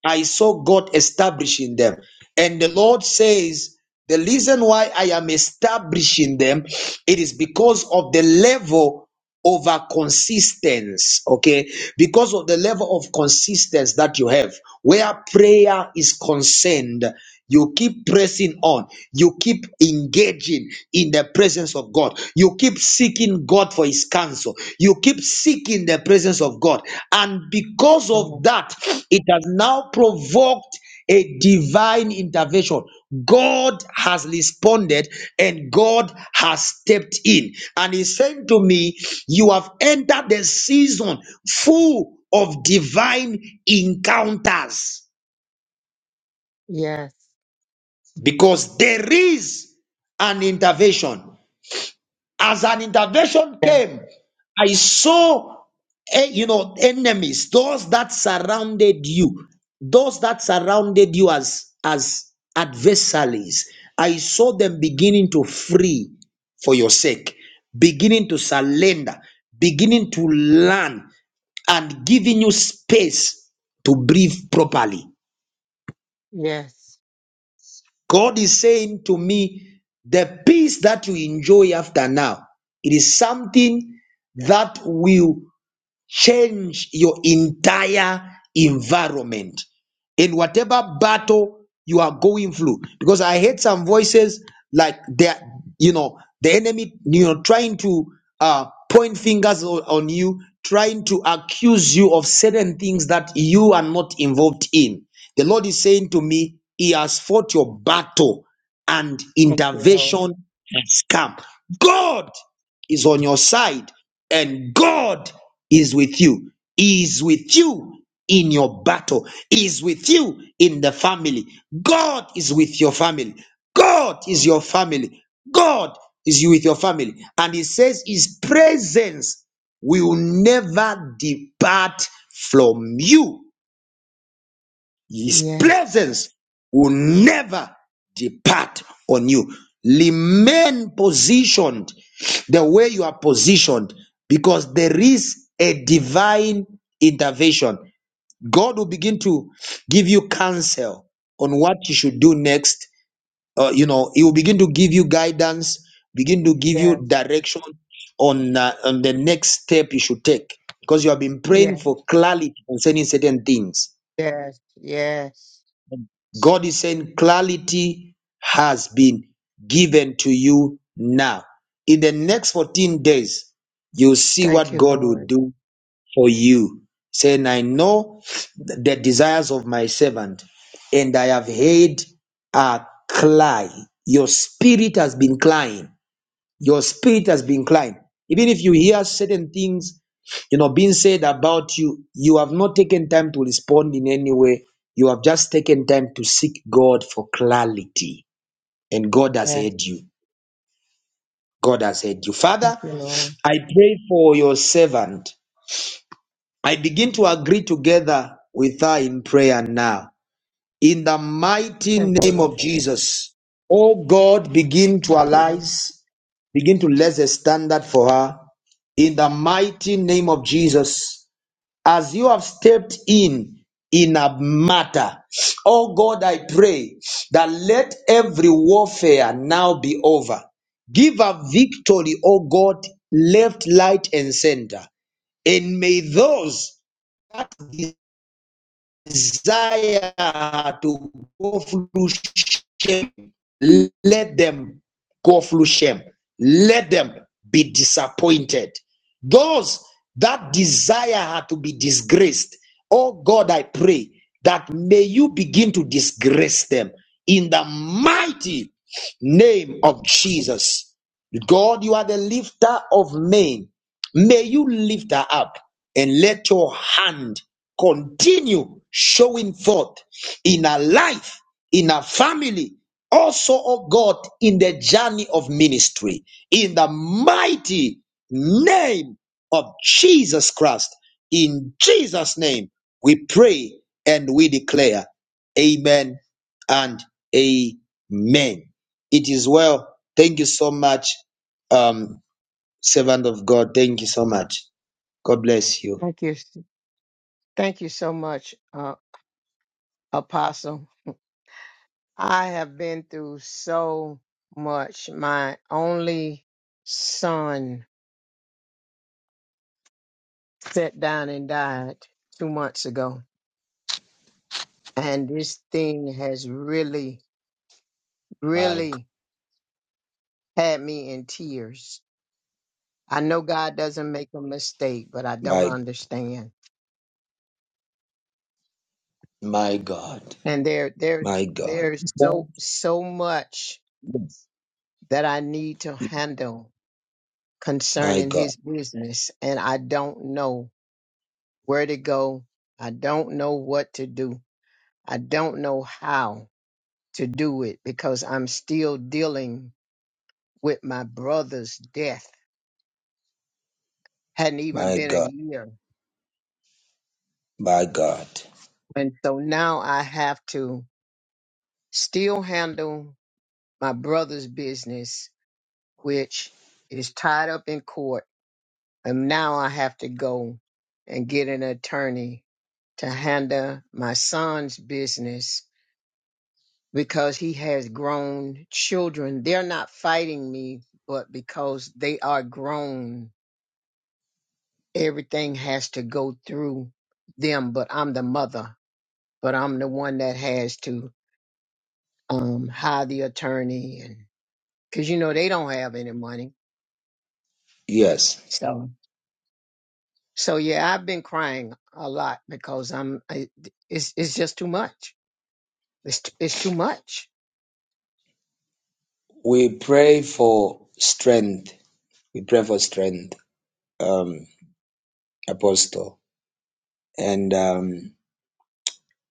Speaker 1: I saw God establishing them. And the Lord says, the reason why I am establishing them, it is because of the level over consistence, okay? Because of the level of consistence that you have, where prayer is concerned, you keep pressing on, you keep engaging in the presence of God, you keep seeking God for His counsel, you keep seeking the presence of God, and because
Speaker 7: Lord. Uh,
Speaker 1: of that, it has now provoked a divine intervention. God has responded and God has stepped in. And He said to me, You have entered the season full of divine encounters
Speaker 7: Yes.
Speaker 1: because there is an intervention. As an intervention
Speaker 7: Yes.
Speaker 1: came, I saw, eh, you know, enemies, those that surrounded you, those that surrounded you as as adversaries. I saw them beginning to free for your sake, beginning to surrender, beginning to learn, and giving you space to breathe properly.
Speaker 7: Yes.
Speaker 1: God is saying to me, the peace that you enjoy after now, it is something that will change your entire environment in whatever battle you are going through because i heard some voices like they're you know the enemy you know trying to uh point fingers on, on you trying to accuse you of certain things that you are not involved in the lord is saying to me he has fought your battle and
Speaker 7: Thank you, Lord.
Speaker 1: intervention has come god is on your side and God is with you, is with you in your battle, is with you in the family. God is with your family. God is your family. God is you with your family. And he says his presence will never depart from you his
Speaker 7: Yes.
Speaker 1: presence will never depart on you. Remain positioned the way you are positioned because there is a divine intervention. God will begin to give you counsel on what you should do next. Uh, you know, He will begin to give you guidance, begin to give
Speaker 7: Yes.
Speaker 1: you direction on uh, on the next step you should take because you have been praying
Speaker 7: Yes.
Speaker 1: for clarity concerning certain things
Speaker 7: Yes. Yes.
Speaker 1: God is saying clarity has been given to you now. In the next 14 days, you'll see
Speaker 7: Thank
Speaker 1: what
Speaker 7: you,
Speaker 1: God will
Speaker 7: Lord.
Speaker 1: do for you. Saying, I know the desires of my servant, and I have heard a cry. Your spirit has been crying. Your spirit has been inclined. Even if you hear certain things, you know, being said about you, you have not taken time to respond in any way. You have just taken time to seek God for clarity. And God has
Speaker 7: Yes.
Speaker 1: heard you. God has heard you.
Speaker 7: Thank
Speaker 1: Father,
Speaker 7: you, Lord.
Speaker 1: I pray for your servant. I begin to agree together with her in prayer now. In the mighty
Speaker 7: Thank you,
Speaker 1: name of
Speaker 7: Lord.
Speaker 1: Jesus. Oh God, begin to
Speaker 7: Thank you, Lord.
Speaker 1: arise. Begin to let a standard for her in the mighty name of Jesus. As you have stepped in in a matter, oh God, I pray that let every warfare now be over. Give a victory, oh God, left, right, and center. And may those desire to go through shame, let them go through shame. Let them be disappointed. Those that desire to be disgraced, oh God, I pray that may you begin to disgrace them in the mighty name of Jesus. God, you are the lifter of men. May you lift her up and let your hand continue showing forth in her life, in her family, also, oh God, in the journey of ministry, in the mighty name of Jesus Christ. In Jesus' name, we pray and we declare, Amen and Amen. It is well. Thank you so much. Um, Servant of God, thank you so much. God bless you.
Speaker 7: Thank you. Thank you so much, uh, Apostle. I have been through so much. My only son sat down and died two months ago. And this thing has really,
Speaker 1: My God.
Speaker 7: really had me in tears. I know God doesn't make a mistake, but I don't
Speaker 1: My
Speaker 7: understand.
Speaker 1: my God.
Speaker 7: And there, there,
Speaker 1: My God.
Speaker 7: there's
Speaker 1: God
Speaker 7: so, so much
Speaker 1: bless
Speaker 7: that I need to
Speaker 1: you.
Speaker 7: handle
Speaker 1: My
Speaker 7: concerning
Speaker 1: God.
Speaker 7: his business. And I don't know where to go. I don't know what to do. I don't know how to do it because I'm still dealing with my brother's death. Hadn't even
Speaker 1: My
Speaker 7: been a
Speaker 1: God.
Speaker 7: year.
Speaker 1: My God.
Speaker 7: And so now I have to still handle my brother's business, which is tied up in court. And now I have to go and get an attorney to handle my son's business because he has grown children. They're not fighting me, but because they are grown, everything has to go through them. But I'm the mother, but I'm the one that has to um, hire the attorney, and because you know they don't have any money,
Speaker 1: Yes.
Speaker 7: so so yeah, I've been crying a lot because I'm I, it's it's just too much. It's t- it's too much.
Speaker 1: We pray for strength. We pray for strength, um, Apostle. And um,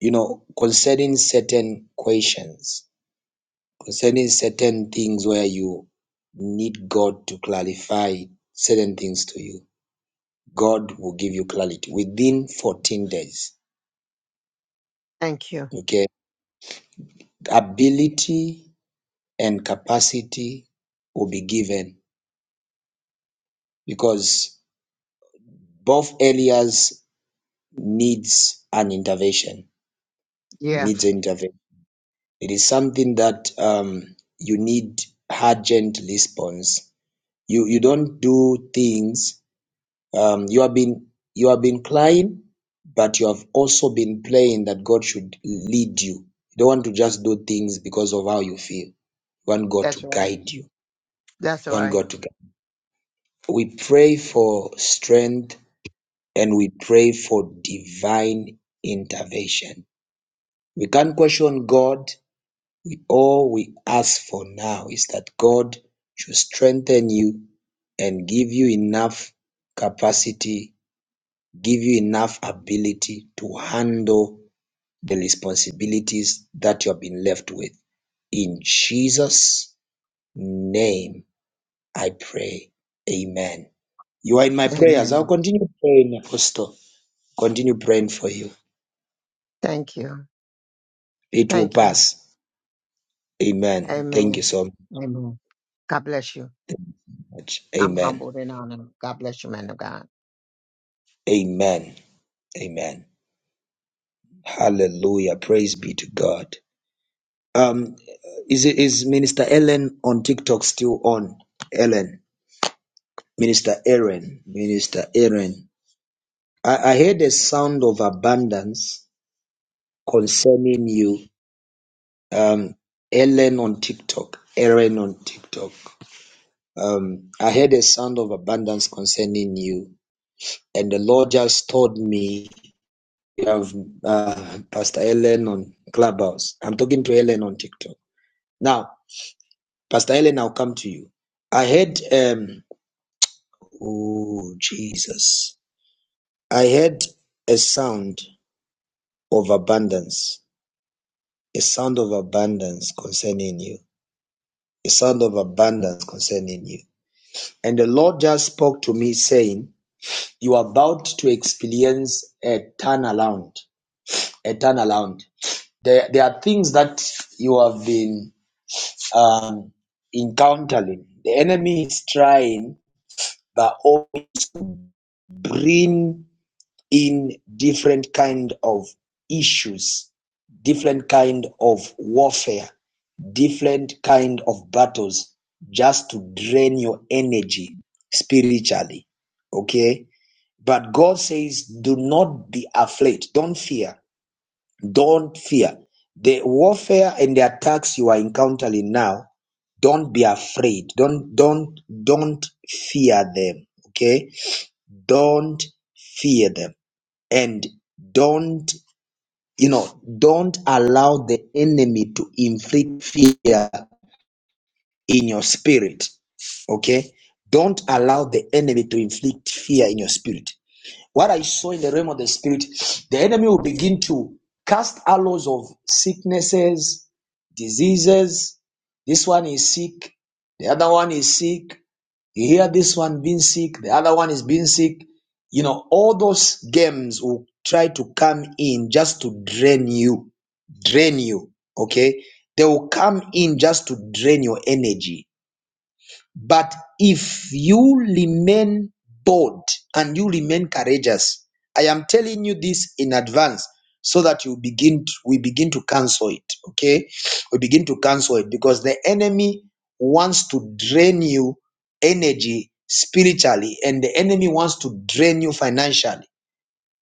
Speaker 1: you know, concerning certain questions, concerning certain things where you need God to clarify certain things to you God will give you clarity within 14 days.
Speaker 7: Thank you.
Speaker 1: Okay. Ability and capacity will be given because both areas needs an intervention,
Speaker 7: Yeah,
Speaker 1: needs an intervention. It is something that um, you need urgent response. You, you don't do things Um, you have been you have been crying, but you have also been praying that God should lead you. You don't want to just do things because of how you feel. You want God to
Speaker 7: that's right.
Speaker 1: guide you.
Speaker 7: That's
Speaker 1: You want
Speaker 7: right.
Speaker 1: God to guide. you. We pray for strength and we pray for divine intervention. We can't question God. We all we ask for now is that God should strengthen you and give you enough capacity give you enough ability to handle the responsibilities that you have been left with. In Jesus' name, I pray. Amen. You are in my prayers. I'll
Speaker 7: Amen.
Speaker 1: continue praying, Apostle. Continue praying for you.
Speaker 7: Thank you.
Speaker 1: It will
Speaker 7: Thank you.
Speaker 1: pass. Amen. Thank you
Speaker 7: Amen.
Speaker 1: so
Speaker 7: Amen. God bless you.
Speaker 1: much.
Speaker 7: I'm
Speaker 1: Amen.
Speaker 7: humbled and honored. God bless you, man of God.
Speaker 1: Amen. Amen. Hallelujah. Praise be to God. Um, is is Minister Ellen on TikTok still on? Ellen. Minister Aaron, Minister Aaron, I, I heard a sound of abundance concerning you. Um, Ellen on TikTok, Aaron on TikTok. Um, I heard a sound of abundance concerning you, and the Lord just told me you have uh, Pastor Ellen on Clubhouse. I'm talking to Ellen on TikTok now. Pastor Ellen, I'll come to you. I heard, um, oh Jesus, I heard a sound. Of abundance, A sound of abundance concerning you. A sound of abundance concerning you. And the Lord just spoke to me saying, You are about to experience a turnaround. A turnaround. There, there are things that you have been um, encountering. The enemy is trying by all means to bring in different kind of issues, different kind of warfare, different kind of battles, just to drain your energy spiritually. Okay? But God says, do not be afraid. Don't fear. Don't fear. The warfare and the attacks you are encountering now, don't be afraid. Don't don't don't fear them. Okay? Don't fear them and don't you know don't allow the enemy to inflict fear in your spirit okay don't allow the enemy to inflict fear in your spirit what i saw in the realm of the spirit the enemy will begin to cast allows of sicknesses diseases this one is sick the other one is sick you hear this one being sick, the other one is being sick. You know, all those games will try to come in just to drain you, drain you. Okay, they will come in just to drain your energy but if you remain bold and you remain courageous, I am telling you this in advance so that you begin to, we begin to cancel it. Okay, we begin to cancel it because the enemy wants to drain you energy spiritually, and the enemy wants to drain you financially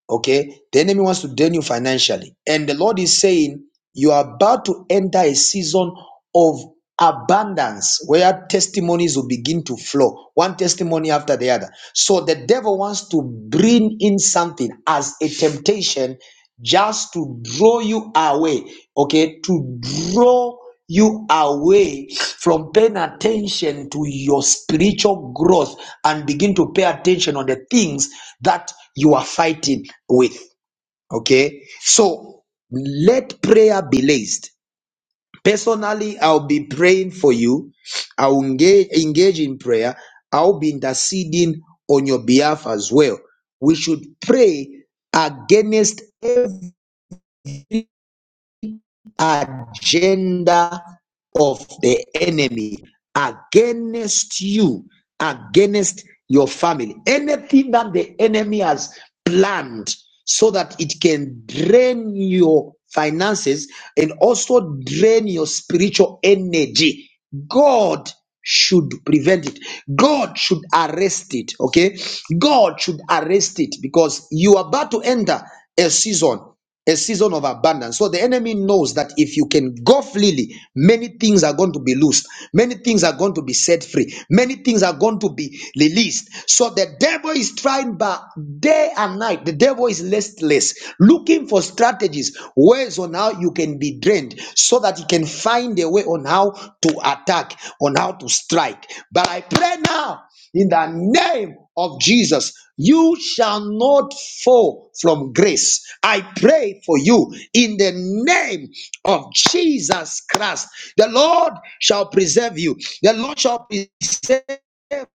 Speaker 1: Okay, the enemy wants to drain you financially, and the Lord is saying you are about to enter a season of abundance where testimonies will begin to flow, one testimony after the other. So the devil wants to bring in something as a temptation just to draw you away, okay, to draw you away from paying attention to your spiritual growth and begin to pay attention on the things that you are fighting with, okay? So let prayer be raised. Personally, I'll be praying for you. I'll engage, engage in prayer. I'll be interceding on your behalf as well. We should pray against every agenda of the enemy against you, against your family. Anything that the enemy has planned so that it can drain your finances and also drain your spiritual energy. God should prevent it. God should arrest it. Okay. God should arrest it because you are about to enter a season a season of abundance. So the enemy knows that if you can go freely, many things are going to be loosed, many things are going to be set free, many things are going to be released. So the devil is trying by day and night, the devil is listless, looking for strategies, ways on how you can be drained, so that he can find a way on how to attack, on how to strike. But I pray now in the name of Jesus. You shall not fall from grace. I pray for you in the name of Jesus Christ. The Lord shall preserve you. The Lord shall preserve your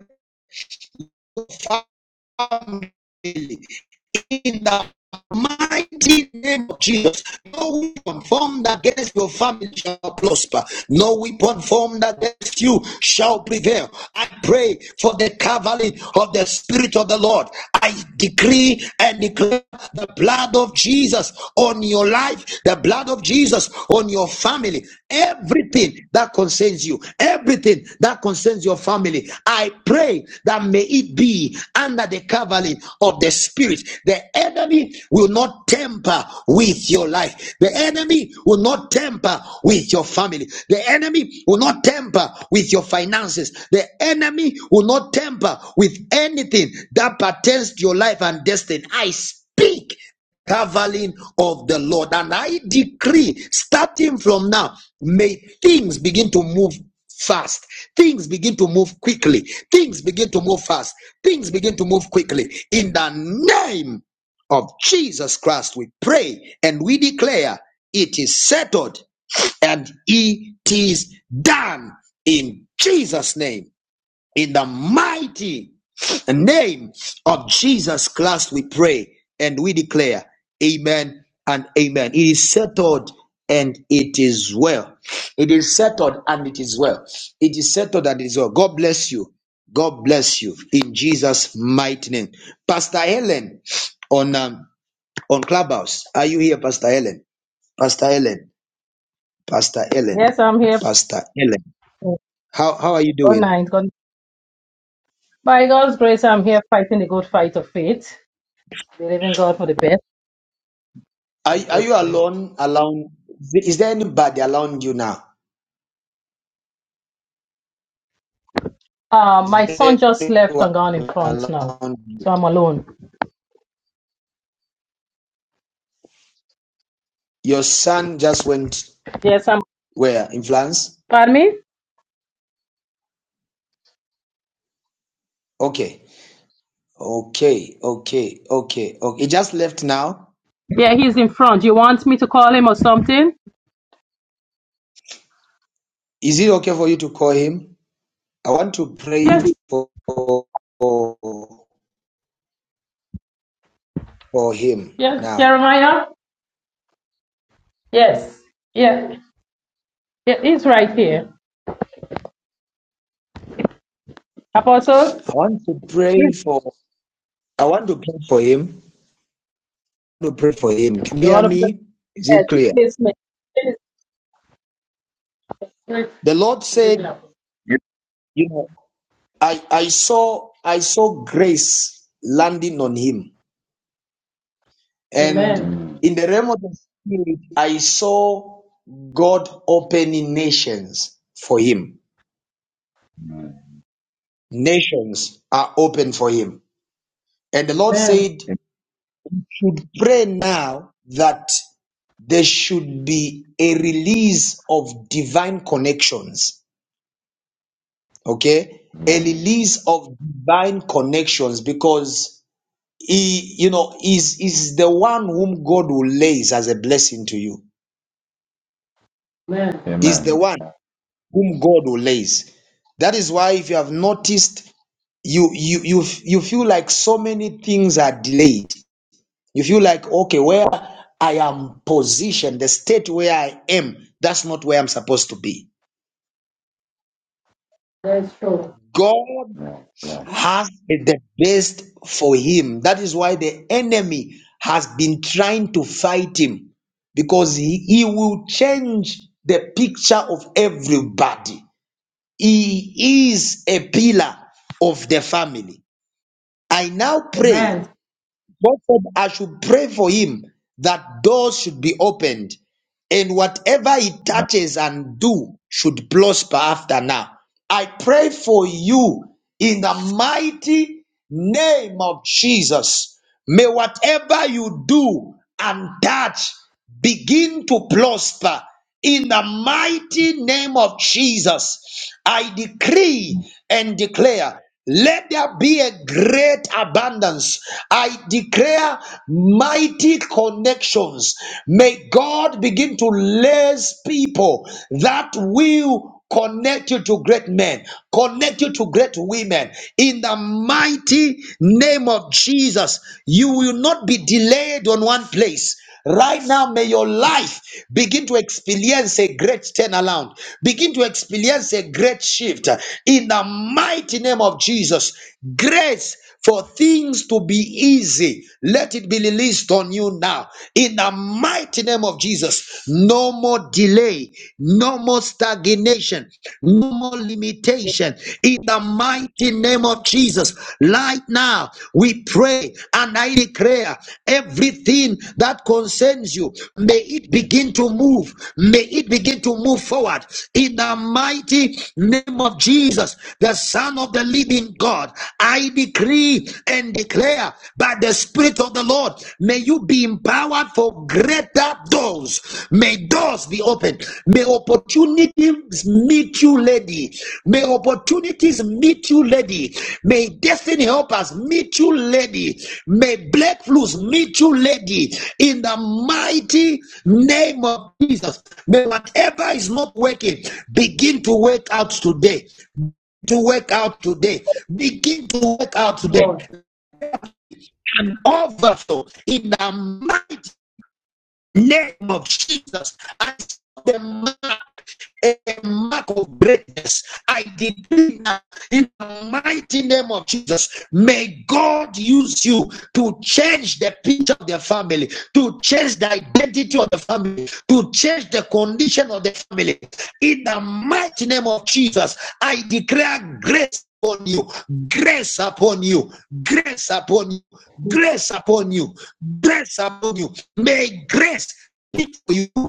Speaker 1: in the mighty name of Jesus. No weapon formed against your family shall prosper. No weapon formed against you shall prevail. I pray for the cavalry of the Spirit of the Lord. I decree and declare the blood of Jesus on your life, the blood of Jesus on your family, everything that concerns you, Everything that concerns your family, I pray that may it be under the covering of the Spirit. The enemy will not tamper with your life. The enemy will not tamper with your family. The enemy will not tamper with your finances. The enemy will not tamper with anything that pertains to your life and destiny. I speak covering of the Lord. And I decree, starting from now, may things begin to move fast. Things begin to move quickly. Things begin to move fast. Things begin to move quickly. In the name of Jesus Christ, we pray and we declare it is settled and it is done in Jesus' name. In the mighty name of Jesus Christ, we pray and we declare, Amen and Amen. It is settled and it is well. It is settled and it is well. It is settled and it is well. God bless you. God bless you in Jesus' mighty name. Pastor Helen on um, on Clubhouse. Are you here, Pastor Helen? Pastor Helen. Pastor Helen.
Speaker 8: Yes, I'm here.
Speaker 1: Pastor Helen.
Speaker 8: Good
Speaker 1: How how are you doing?
Speaker 8: night. God. By God's grace, I'm here fighting the good fight of faith, believing God for the best, for
Speaker 1: Are,
Speaker 8: the
Speaker 1: are you
Speaker 8: victory.
Speaker 1: alone? Alone? Is there anybody around you now?
Speaker 8: Uh,
Speaker 1: Is
Speaker 8: my
Speaker 1: there
Speaker 8: son just left
Speaker 1: anyone
Speaker 8: and gone in front now,
Speaker 1: around
Speaker 8: so
Speaker 1: you?
Speaker 8: I'm alone.
Speaker 1: Your son just went
Speaker 8: Yes, I'm.
Speaker 1: where? In France?
Speaker 8: Pardon me?
Speaker 1: Okay. Okay. Okay. Okay. Okay. He just left now.
Speaker 8: Yeah, he's in front. You want me to call him or something?
Speaker 1: Is it okay for you to call him? I want to pray
Speaker 8: Yes,
Speaker 1: for for, for him
Speaker 8: yes,
Speaker 1: now.
Speaker 8: Jeremiah. Yes, yeah, yeah he's right here. Apostle,
Speaker 1: I want to pray for I want to pray for him. I want to pray for him. Can you
Speaker 8: you
Speaker 1: hear
Speaker 8: want to pray?
Speaker 1: me? Is
Speaker 8: Yes,
Speaker 1: it clear?
Speaker 8: please, ma'am.
Speaker 1: The Lord said, you know. I, I saw I saw grace landing on him. And
Speaker 8: Amen. Amen.
Speaker 1: in the realm of the spirit, I saw God opening nations for him. Nations are open for him. And the Lord
Speaker 8: Amen.
Speaker 1: said, should pray now that there should be a release of divine connections. Okay? A release of divine connections because He, you know, is is the one whom God will lays as a blessing to you. Is the one whom God will lays. That is why if you have noticed, you you you f- you feel like so many things are delayed. You feel like okay, where I am positioned, the state where I am, that's not where I'm supposed to be.
Speaker 8: That's true.
Speaker 1: God has the best for him. That is why the enemy has been trying to fight him because he, he will change the picture of everybody. He is a pillar of the family. I now pray.
Speaker 8: Amen.
Speaker 1: God said, I should pray for him that doors should be opened and whatever he touches and do should prosper after now. I pray for you in the mighty name of Jesus. May whatever you do and touch begin to prosper in the mighty name of Jesus, I decree and declare. Let there be a great abundance. I declare mighty connections. May God begin to lace people that will connect you to great men, connect you to great women. In the mighty name of Jesus, you will not be delayed on one place. Right now, may your life begin to experience a great turnaround, begin to experience a great shift in the mighty name of Jesus. Grace for things to be easy, let it be released on you now in the mighty name of Jesus. No more delay, no more stagnation, no more limitation children in the mighty name of Jesus. Right now, we pray and I declare everything that concerns you, may it begin to move, may it begin to move forward in the mighty name of Jesus, the Son of the Living God. I decree and declare by the Spirit of the Lord, may you be empowered empowered for greater doors. May doors be opened. May opportunities meet you, lady. May opportunities meet you, lady. May destiny help us meet you, lady. May breakthroughs meet you, lady. In the mighty name of Jesus. May whatever is not working begin to work out today to work out today. Begin to work out today.
Speaker 8: Lord,
Speaker 1: And overflow in the mighty name of Jesus. I saw the mark a mark of greatness. I decree now in the mighty name of Jesus. May God use you to change the picture of the family, to change the identity of the family, to change the condition of the family. In the mighty name of Jesus, I declare grace upon you, grace upon you, grace upon you, grace upon you, grace upon you. May grace speak for you.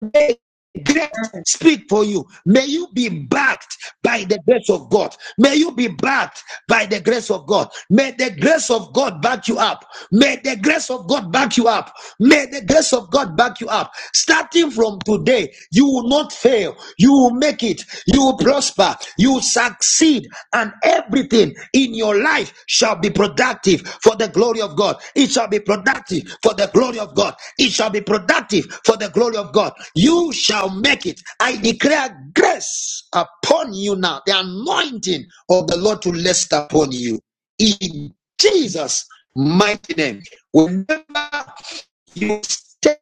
Speaker 1: May grace speak for you. May you be backed by the grace of God. May you be backed by the grace of God. May the grace of God back you up. May the grace of God back you up. May the grace of God back you up. Starting from today, you will not fail. You will make it. You will prosper. You will succeed. And every everything in your life shall be productive for the glory of God. It shall be productive for the glory of God. It shall be productive for the glory of God. You shall make it. I declare grace upon you now, the anointing of the Lord to rest upon you. In Jesus' mighty name. Whenever you step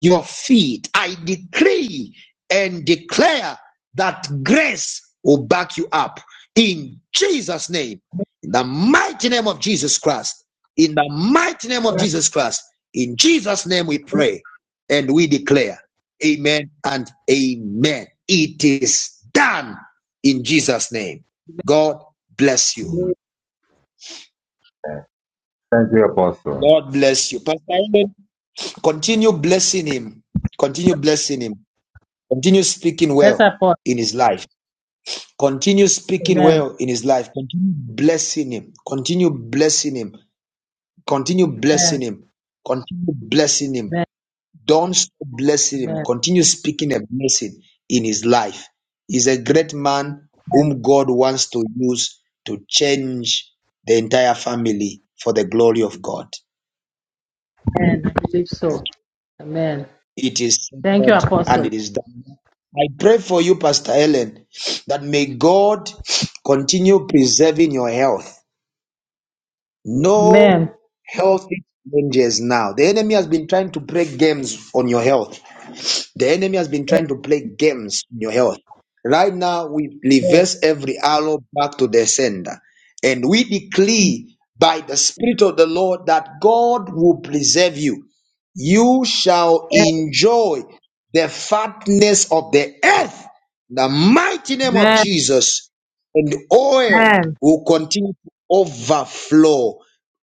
Speaker 1: your feet. I decree and declare that grace will back you up in Jesus' name, in the mighty name of Jesus Christ, in the mighty name of Jesus Christ, in Jesus' name we pray and we declare, Amen and Amen. It is done in Jesus' name. God bless you. God bless you. Pastor Eden, continue blessing him. Continue blessing him. Continue speaking
Speaker 8: bless
Speaker 1: well
Speaker 8: our for
Speaker 1: in his life. Continue speaking
Speaker 8: Amen.
Speaker 1: well in his life. Continue blessing him. Continue blessing him. Continue blessing
Speaker 8: Amen.
Speaker 1: him. Continue blessing him.
Speaker 8: Amen.
Speaker 1: Don't stop blessing him.
Speaker 8: Amen.
Speaker 1: Continue speaking a blessing in his life. He's a great man whom God wants to use to change the entire family for the glory of God.
Speaker 8: Amen. I believe
Speaker 1: Okay.
Speaker 8: so. Amen.
Speaker 1: It is
Speaker 8: Thank you,
Speaker 1: said and
Speaker 8: Apostle.
Speaker 1: it is done. I pray for you, Pastor Helen, that may God continue preserving your health.
Speaker 8: Amen.
Speaker 1: No health challenges now. The enemy has been trying to play games on your health. The enemy has been trying to play games in your health. Right now, we
Speaker 8: Amen.
Speaker 1: reverse every arrow back to the sender. And we decree by the Spirit of the Lord that God will preserve you. You shall enjoy the fatness of the earth. In the mighty name of
Speaker 8: Amen.
Speaker 1: Jesus. And oil
Speaker 8: Amen.
Speaker 1: will continue to overflow.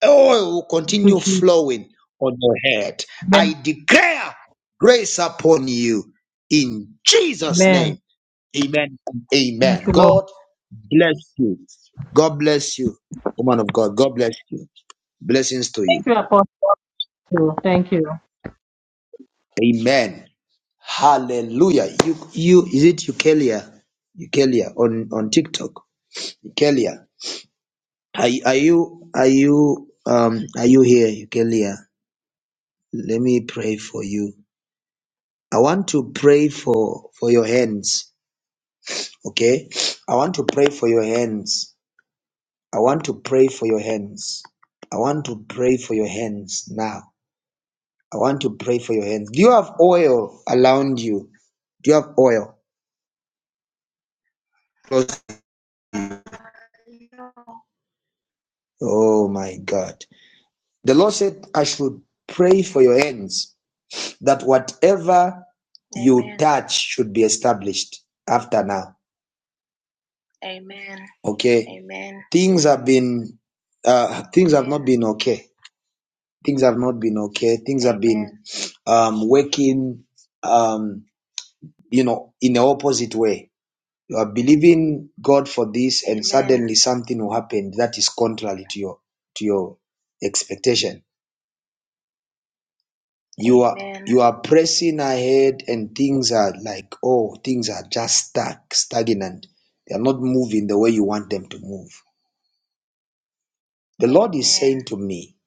Speaker 1: Oil will
Speaker 8: Thank you,
Speaker 1: continue
Speaker 8: Jesus.
Speaker 1: flowing on your head. I
Speaker 8: Amen.
Speaker 1: declare grace upon you in Jesus'
Speaker 8: Amen.
Speaker 1: name. Amen.
Speaker 8: Thank
Speaker 1: Amen.
Speaker 8: you, Lord.
Speaker 1: God bless you. God bless you, woman of God. God bless you. Blessings to you.
Speaker 8: Thank you, Apostle. Thank you.
Speaker 1: Amen. Hallelujah. You, you, is it Eukelia? Eukelia on, on TikTok. Eukelia. Are, are you, are you, um, are you here, Eukelia? Let me pray for you. I want to pray for, for your hands. Okay. I want to pray for your hands I want to pray for your hands. I want to pray for your hands now. I want to pray for your hands. Do you have oil around you? Do you have oil? Oh my God. The Lord said, I should pray for your hands that whatever Amen. you touch should be established after now. Amen. Okay. Amen. Things have been, uh, things Amen. have Yeah. not been okay. Things have not been okay. Things Amen. have been um, working. Um, you know, in the opposite way. You are believing God for this, and suddenly something will happen that is contrary to your to your expectation. You are Amen. you are pressing ahead, and things are like oh, things are just stuck, stagnant. They are not moving the way you want them to move. The Lord is Amen. saying to me,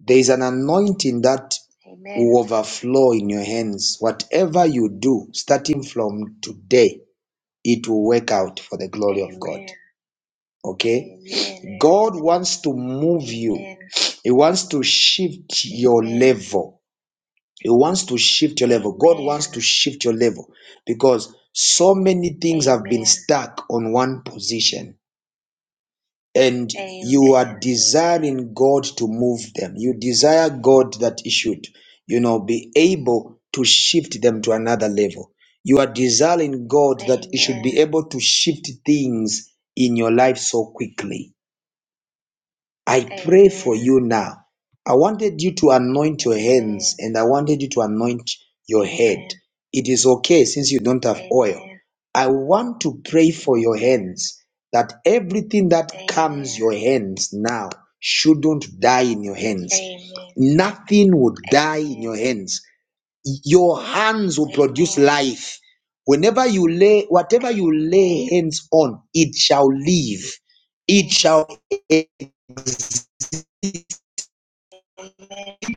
Speaker 1: there is an anointing that Amen. will overflow in your hands. Whatever you do, starting from today, it will work out for the glory Amen. of God. Okay? God wants to move you. He wants to shift your level. He wants to shift your level. God wants to shift your level because so many things have been stuck on one position. And you are desiring God to move them. You desire God that He should, you know, be able to shift them to another level. You are desiring God that He should be able to shift things in your life so quickly I pray for Amen. you now. I wanted you to anoint your hands Amen. and I wanted you to anoint your head. Amen. It is okay since you don't have oil. Amen. I want to pray for your hands that everything that comes Amen. your hands now shouldn't die in your hands. Amen. Nothing will die in Amen. your hands. Your hands will produce Amen. life. Whenever you lay, whatever you lay hands on, it shall live. It shall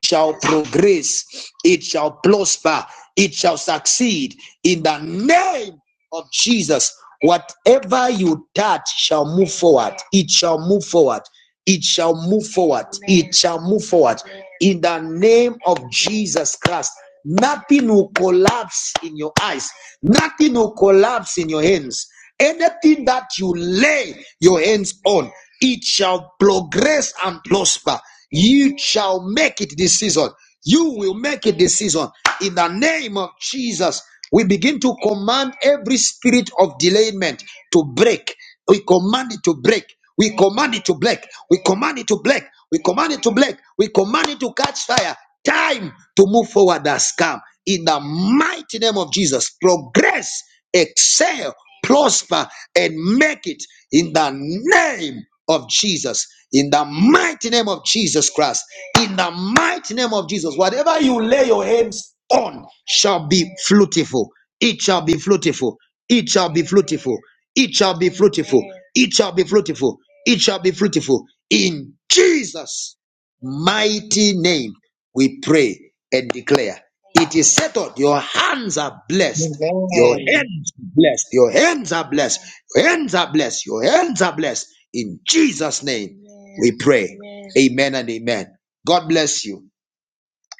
Speaker 1: shall progress, it shall prosper, it shall succeed in the name of Jesus. Whatever you touch shall move forward, it shall move forward, it shall move forward, it shall move forward in the name of Jesus Christ. Nothing will collapse in your eyes, nothing will collapse in your hands. Anything that you lay your hands on, it shall progress and prosper. You shall make it this season. You will make it this season. In the name of Jesus, we begin to command every spirit of delayment to break. We command it to break. We command it to black. We command it to black. We command it to black. We command it to catch fire. Time to move forward has come. In the mighty name of Jesus, progress, excel, prosper, and make it in the name of Jesus. In the mighty name of Jesus Christ. In the mighty name of Jesus. Whatever you lay your hands on shall be fruitful. It shall be fruitful. It shall be fruitful. It shall be fruitful. It shall be fruitful. It shall be fruitful. In Jesus' mighty name, we pray and declare. It is settled. Your hands are blessed. Your
Speaker 9: Amen.
Speaker 1: hands are blessed. Your hands are blessed. Your hands are blessed. Your hands are blessed. In Jesus' name, we pray. Amen and amen. God bless you.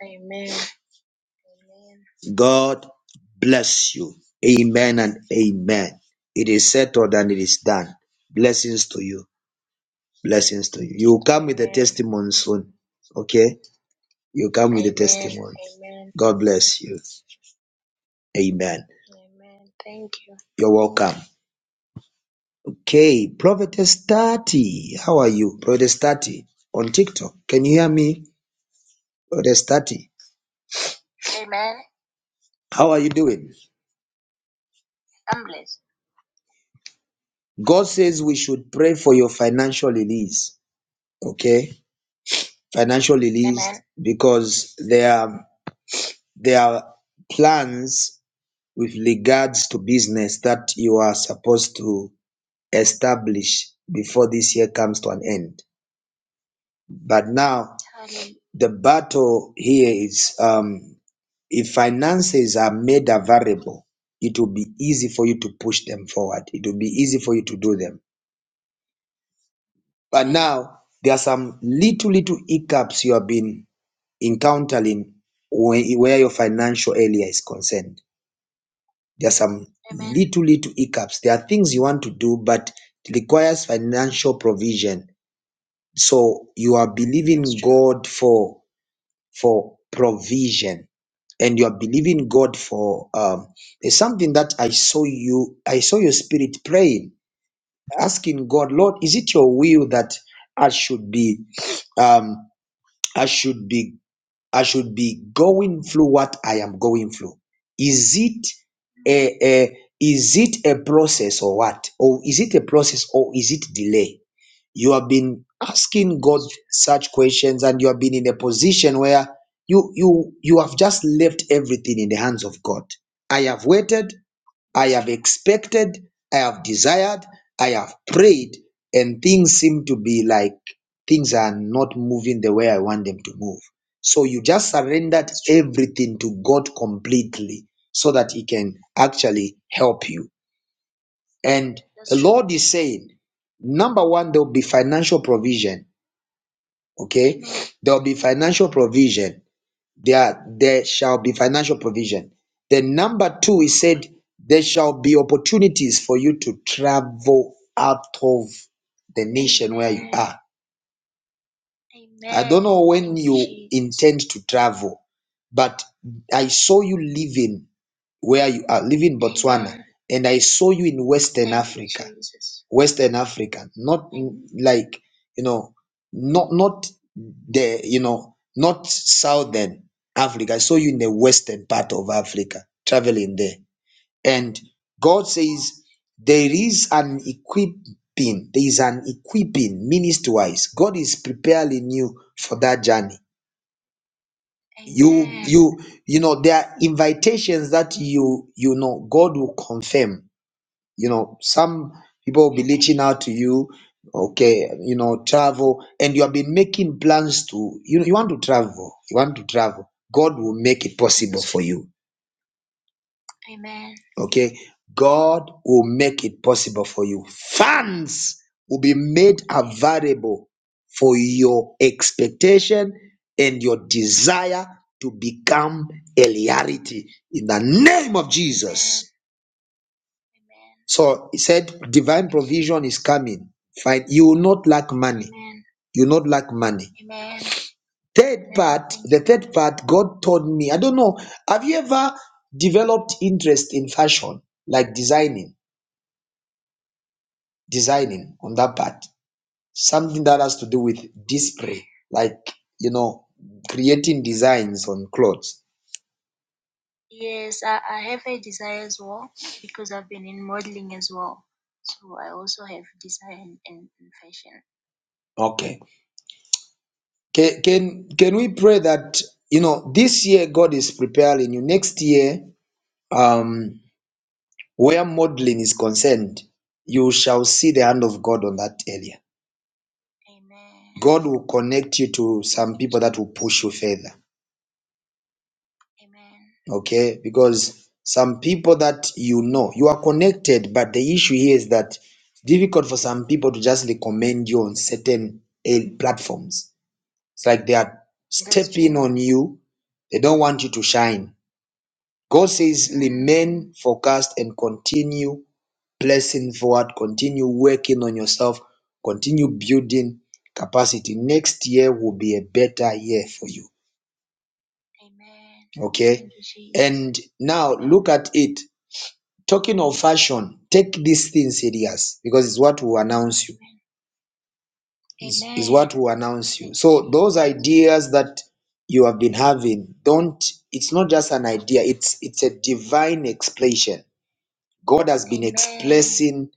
Speaker 1: Amen. God bless you. Amen and amen. It is settled and it is done. Blessings to you. Blessings to you. You come with a Amen. testimony soon. Okay? You come with a Amen. testimony. Amen. God bless you. Amen. Amen. Thank you. You're welcome. Okay, Prophetess Tati. How are you? Prophetess Tati on TikTok. Can you hear me? Prophetess Tati. Amen. How are you doing? I'm blessed. God says we should pray for your financial release. Okay? Financial release Amen. because there are there are plans with regards to business that you are supposed to establish before this year comes to an end. But now the battle here is um, if finances are made available, it will be easy for you to push them forward. It will be easy for you to do them. But now there are some little, little hiccups you have been encountering where, where your financial area is concerned There's some Amen. little, little hiccups. There are things you want to do, but it requires financial provision. So you are That's believing true. God for for provision, and you are believing God for um, it's something that I saw you. I saw your spirit praying, asking God, Lord, is it your will that I should be um, I should be I should be going through what I am going through. Is it a, a is it a process or what? Or is it a process or is it delay? You have been asking God such questions and you have been in a position where you you you have just left everything in the hands of God. I have waited, I have expected, I have desired, I have prayed, and things seem to be like things are not moving the way I want them to move. So you just surrendered everything to God completely so that He can actually help you. And the Lord is saying, number one, there will be financial provision. Okay, there will be financial provision there there shall be financial provision then number two he said there shall be opportunities for you to travel out of the nation where you are Amen. i don't know when you intend to travel but i saw you living where you are living, Botswana, and I saw you in Western Africa, Western Africa, not in- like you know, not not the you know, not Southern Africa. I saw you in the Western part of Africa, traveling there, and God says there is an equipping, there is an equipping ministry-wise. God is preparing you for that journey you Amen. you you know there are invitations that you you know god will confirm you know some people will be reaching out to you okay you know travel and you have been making plans to you know you want to travel you want to travel god will make it possible for you Amen. Okay. God will make it possible for you. Funds will be made available for your expectation and your desire to become a reality in the name of Jesus. Amen. So he said, divine provision is coming. Fine. You will not lack money. Amen. You will not lack money. Amen third part the third part god told me i don't know have you ever developed interest in fashion like designing designing on that part something that has to do with display like you know creating designs on clothes Yes, I, I have a desire as well because I've been in modeling as well. So I also have desire in, in, in fashion. okay can, can can we pray that you know this year god is preparing you next year um, where modeling is concerned, you shall see the hand of God on that area. Amen. God will connect you to some people that will push you further. Amen. Okay, because some people that you know, you are connected, but the issue here is that it's difficult for some people to just recommend you on certain eh, platforms. It's like they are That's stepping true. on you, they don't want you to shine. God says, Mm. remain focused and continue pressing forward, continue working on yourself, continue building capacity. Next year will be a better year for you. Amen. Okay. you, And now look at it. Talking of fashion, take these things serious because it's what will announce you. Is is what will announce you. So those ideas that you have been having, don't. It's not just an idea. It's it's a divine expression. God has been Amen. expressing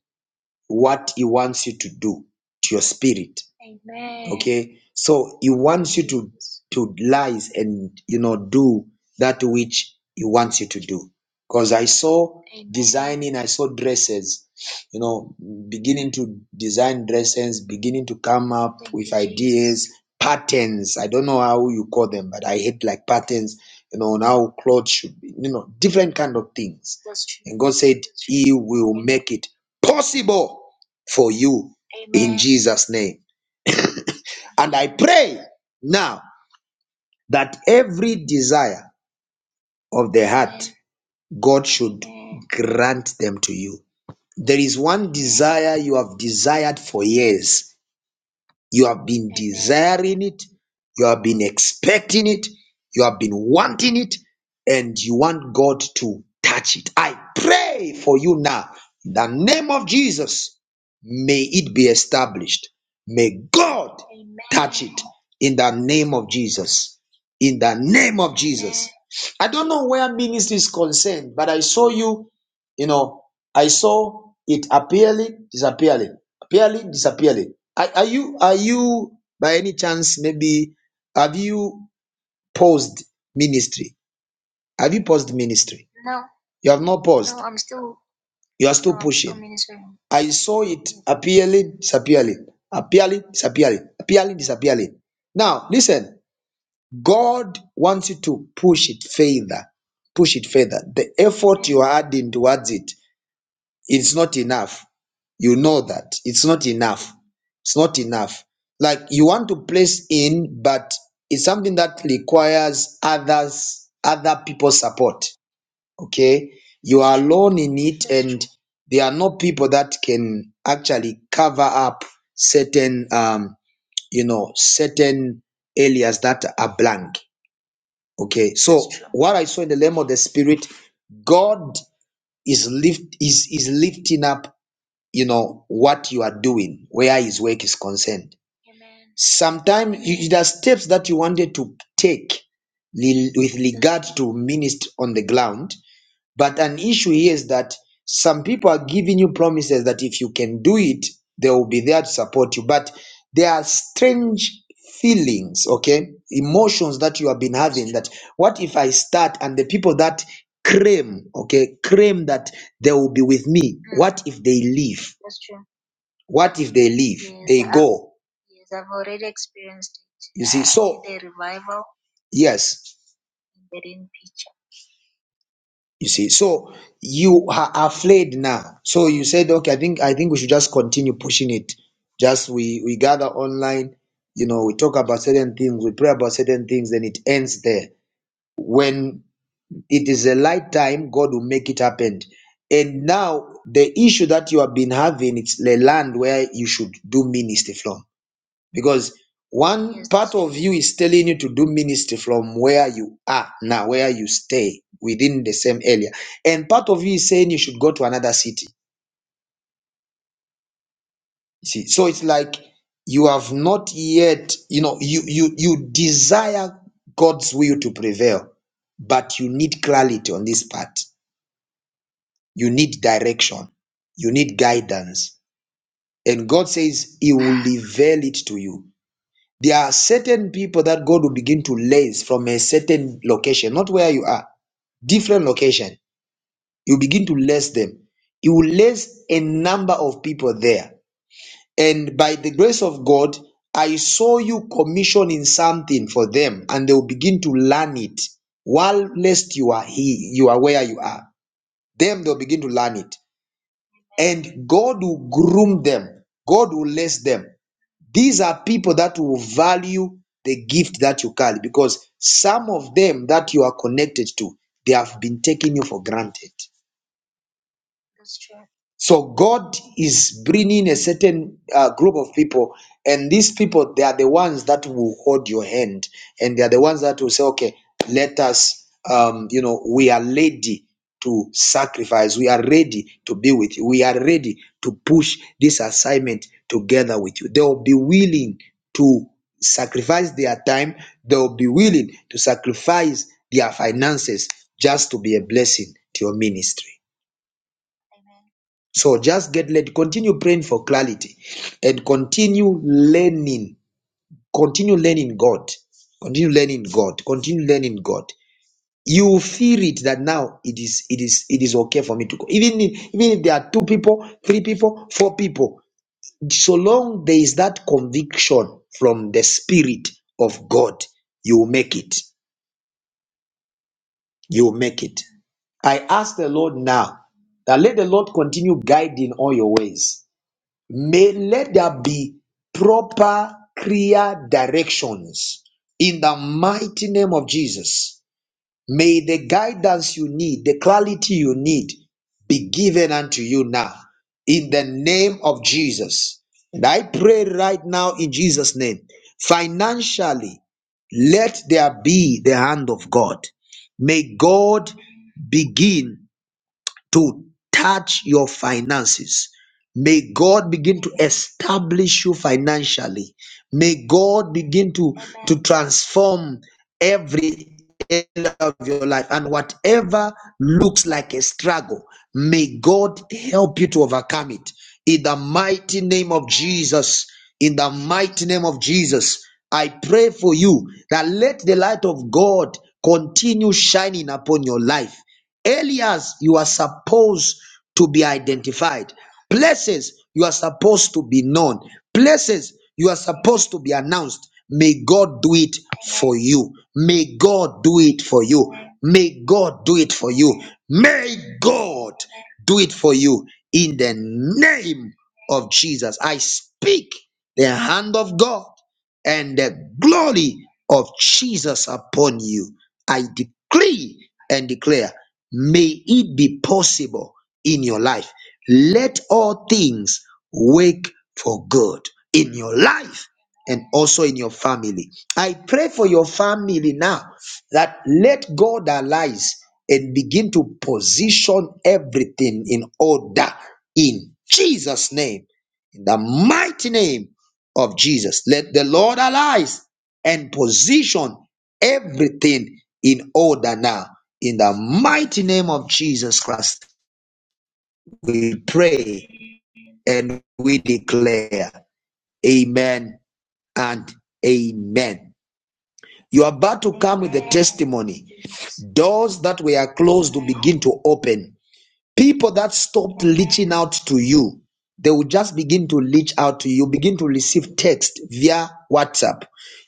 Speaker 1: what he wants you to do to your spirit. Amen. Okay. So he wants you to to lies and you know do that which he wants you to do. Because I saw Amen. designing, I saw dresses, you know, beginning to design dresses, beginning to come up Thank with you, Jesus. ideas, Jesus. patterns. I don't know how you call them, but I hate like patterns, you know, on how clothes should be, you know, different kind of things. That's true. And God said, He will make it possible for you Amen. in Jesus' name. And I pray now that every desire of the heart, God should grant them to you. There is one desire you have desired for years You have been desiring it, you have been expecting it, you have been wanting it, and you want God to touch it. I pray for you now. In the name of Jesus, may it be established. May God touch it in the name of Jesus. In the name of Jesus. I don't know where ministry is concerned, but I saw you, you know, I saw it appearing, disappearing. Purely disappearing. Are, are you are you by any chance maybe have you paused ministry? Have you paused ministry? No, You have not paused. no, I'm still, You are still no, pushing. I'm still pushing. ministering. I saw it appealing, disappearing, appealing, disappearing, appealing, disappearing. Now, listen, God wants you to push it further, push it further. The effort you are adding towards it it's not enough. You know that it's not enough. It's not enough. Like you want to place in, but it's something that requires others, other people's support. Okay. You are alone in it, and there are no people that can actually cover up certain, um, you know, certain areas that are blank. Okay. So what I saw in the realm of the spirit, God is lift is is lifting up you know what you are doing where his work is concerned Amen. sometimes you, there are steps that you wanted to take li- with regard to ministry on the ground but an issue here is that some people are giving you promises that if you can do it, they will be there to support you. But there are strange feelings, okay, emotions that you have been having that what if I start and the people that claim, okay, claim that they will be with me, Mm, what if they leave? that's true. What if they leave? Yes, They I've go. yes, I've already experienced it. You see, so a revival yes, in Berlin you see, so you are afraid now. So you said, okay, I think I think we should just continue pushing it. Just we we gather online, you know, we talk about certain things, we pray about certain things, then it ends there. When it is a light time, God will make it happen. And now the issue that you have been having, it's the land where you should do ministry from because one Yes. part of you is telling you to do ministry from where you are now, where you stay within the same area. And part of you is saying you should go to another city. You See, so it's like you have not yet, you know, you you you desire God's will to prevail, but you need clarity on this part. You need direction. You need guidance. And God says He will reveal it to you. There are certain people that God will begin to lens from a certain location, not where you are, different location. You begin to lens them. You will lens a number of people there. And by the grace of God, I saw you commissioning something for them, and they will begin to learn it. While lest you are he, you are where you are. Them they'll begin to learn it. And God will groom them. God will less them. These are people that will value the gift that you carry because some of them that you are connected to, they have been taking you for granted. That's true. So God is bringing a certain uh, group of people, and these people they are the ones that will hold your hand, and they are the ones that will say, "Okay, let us, um, you know, we are ready to sacrifice. We are ready to be with you. We are ready to push this assignment together with you." They will be willing to sacrifice their time. They will be willing to sacrifice their finances just to be a blessing to your ministry. So just get led. Continue praying for clarity and continue learning. Continue learning God. Continue learning God. Continue learning God. You feel it that now it is it is it is okay for me to go. Even if, even if there are two people, three people, four people, so long there is that conviction from the spirit of God, you will make it. You will make it. I ask the Lord now that let the Lord continue guiding all your ways May let there be proper clear directions in the mighty name of Jesus. May the guidance you need, the clarity you need be given unto you now in the name of Jesus. And I pray right now in Jesus' name, financially, let there be the hand of God. May God begin to touch your finances. May God begin to establish you financially. May God begin to, to transform every area of your life and whatever looks like a struggle, may God help you to overcome it. In the mighty name of Jesus, in the mighty name of Jesus, I pray for you that let the light of God continue shining upon your life areas you are supposed to be identified, places you are supposed to be known, places you are supposed to be announced. May God do it for you. May God do it for you. May God do it for you. May God do it for you in the name of Jesus. I speak the hand of God and the glory of Jesus upon you. I decree and declare, may it be possible in your life. Let all things work for good in your life and also in your family. I pray for your family now that let God arise and begin to position everything in order in Jesus' name, in the mighty name of Jesus. Let the Lord arise and position everything in order now. In the mighty name of Jesus Christ, we pray and we declare, Amen and Amen. You are about to come with the testimony. Doors that were closed to begin to open People that stopped reaching out to you, they will just begin to reach out to you, begin to receive text via WhatsApp.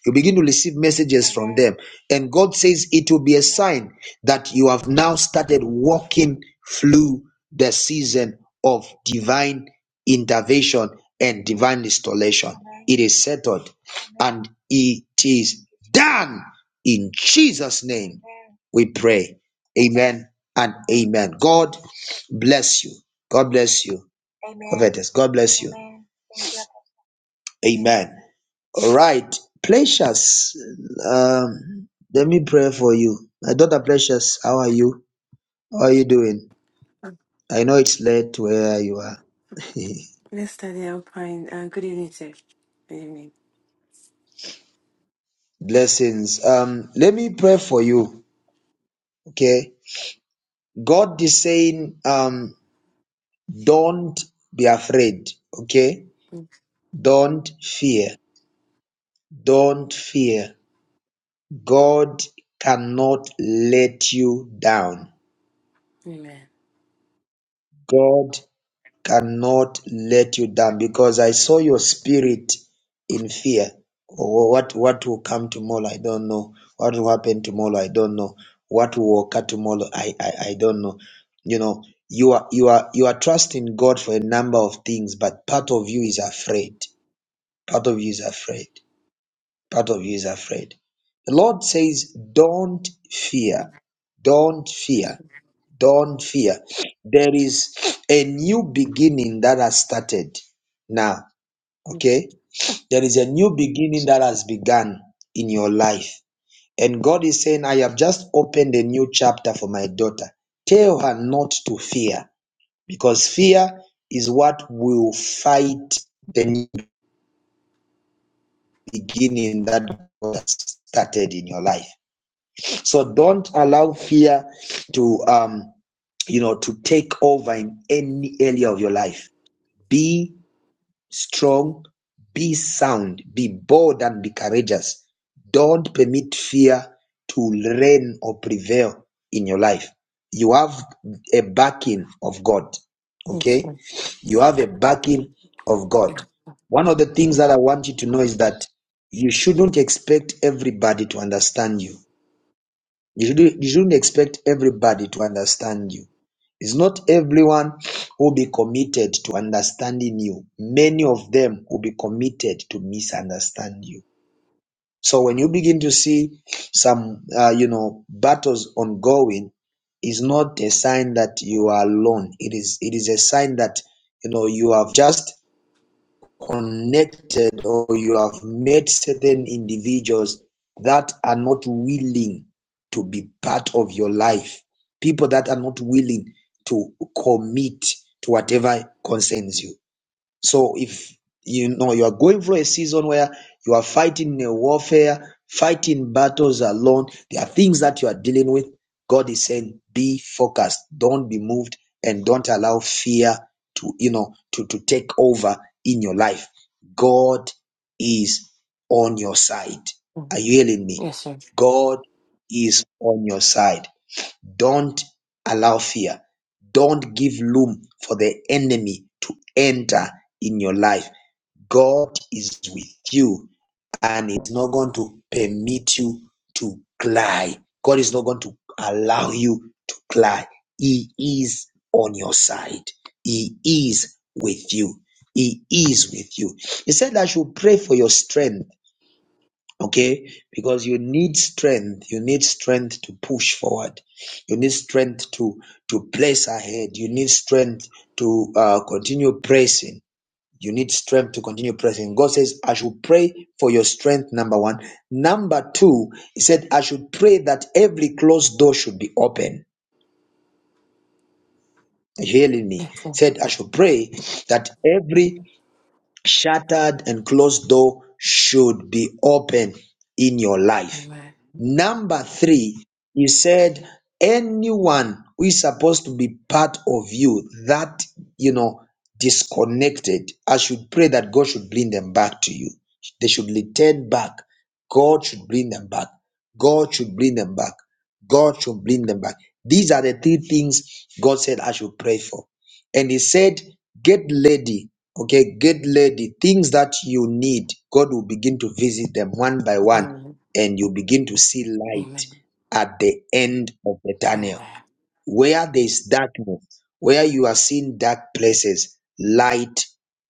Speaker 1: You begin to receive messages from them. And God says it will be a sign that you have now started walking through the season of divine intervention and divine restoration. It is settled and it is done in Jesus' name. We pray. Amen and amen. God Bless you. God bless you. Amen. Prophetess, God bless you. Amen. Thank you. Amen. All right. Precious, um, let me pray for you. My daughter Precious, how are you? How are you doing?
Speaker 10: Oh,
Speaker 1: I know it's late where you are.
Speaker 10: Yes, Daddy, I'm fine. Uh, good evening, sir. Good evening.
Speaker 1: Blessings. Um, let me pray for you. Okay. God is saying, um, don't be afraid. Okay.
Speaker 10: Mm,
Speaker 1: Don't fear. Don't fear. God cannot let you down.
Speaker 10: Amen.
Speaker 1: God cannot let you down because I saw your spirit in fear. Or What what will come tomorrow? I don't know. What will happen tomorrow? I don't know. What will occur tomorrow? I, I I don't know. You know, you are you are you are trusting God for a number of things, but part of you is afraid. Part of you is afraid. Part of you is afraid. The Lord says, Don't
Speaker 10: Mm,
Speaker 1: fear. Don't fear
Speaker 10: Yes, sir.
Speaker 1: Don't fear. There is a new beginning that has started now.
Speaker 10: Yes,
Speaker 1: Okay. There is a new beginning that has begun in your life. And God is saying, I have just opened a new chapter for my daughter. Tell her not to fear because fear is what will fight the new beginning that God has started in your life. So don't allow fear to um you know to take over in any area of your life Be strong, be sound, be bold and be courageous. Don't permit fear to reign or prevail in your life. You have a backing of God.
Speaker 10: yes,
Speaker 1: Okay?
Speaker 10: sir.
Speaker 1: You have a backing of God.
Speaker 10: Yeah.
Speaker 1: One of the things that I want you to know is that you shouldn't expect everybody to understand you you shouldn't, you shouldn't expect everybody to understand you. It's not everyone who will be committed to understanding you. Many of them will be committed to misunderstand you. So when you begin to see some, uh, you know, battles ongoing, is not a sign that you are alone. It is, it is a sign that you know you have just connected or you have met certain individuals that are not willing to be part of your life, people that are not willing to commit to whatever concerns you. So if you know you are going through a season where you are fighting a warfare, fighting battles alone, there are things that you are dealing with. God is saying, be focused, don't be moved, and don't allow fear to you know to, to take over in your life. God is on your side.
Speaker 10: Mm,
Speaker 1: Are you hearing me?
Speaker 10: Yes, sir.
Speaker 1: God is on your side. Don't allow fear. Don't give room for the enemy to enter in your life. God is with you and it's not going to permit you to cry. God is not going to allow you to cry. He is on your side. He is with you. He is with you. He said I should pray for your strength okay because you need strength you need strength to push forward you need strength to to place ahead you need strength to uh, continue pressing you need strength to continue pressing god says i should pray for your strength number one number two he said i should pray that every closed door should be open Are you hearing me He
Speaker 10: Yes, sir.
Speaker 1: said i should pray that every Shattered and closed door should be open in your life.
Speaker 10: Amen.
Speaker 1: Number three, he said, anyone who is supposed to be part of you that, you know, disconnected, I should pray that God should bring them back to you. They should return back. God should bring them back. God should bring them back. God should bring them back. These are the three things God said I should pray for. And he said, Get lady, okay, get lady, things that you need, God will begin to visit them one by one,
Speaker 10: Amen.
Speaker 1: and you begin to see light
Speaker 10: Amen.
Speaker 1: at the end of the tunnel. Where there's darkness, where you are seeing dark places, light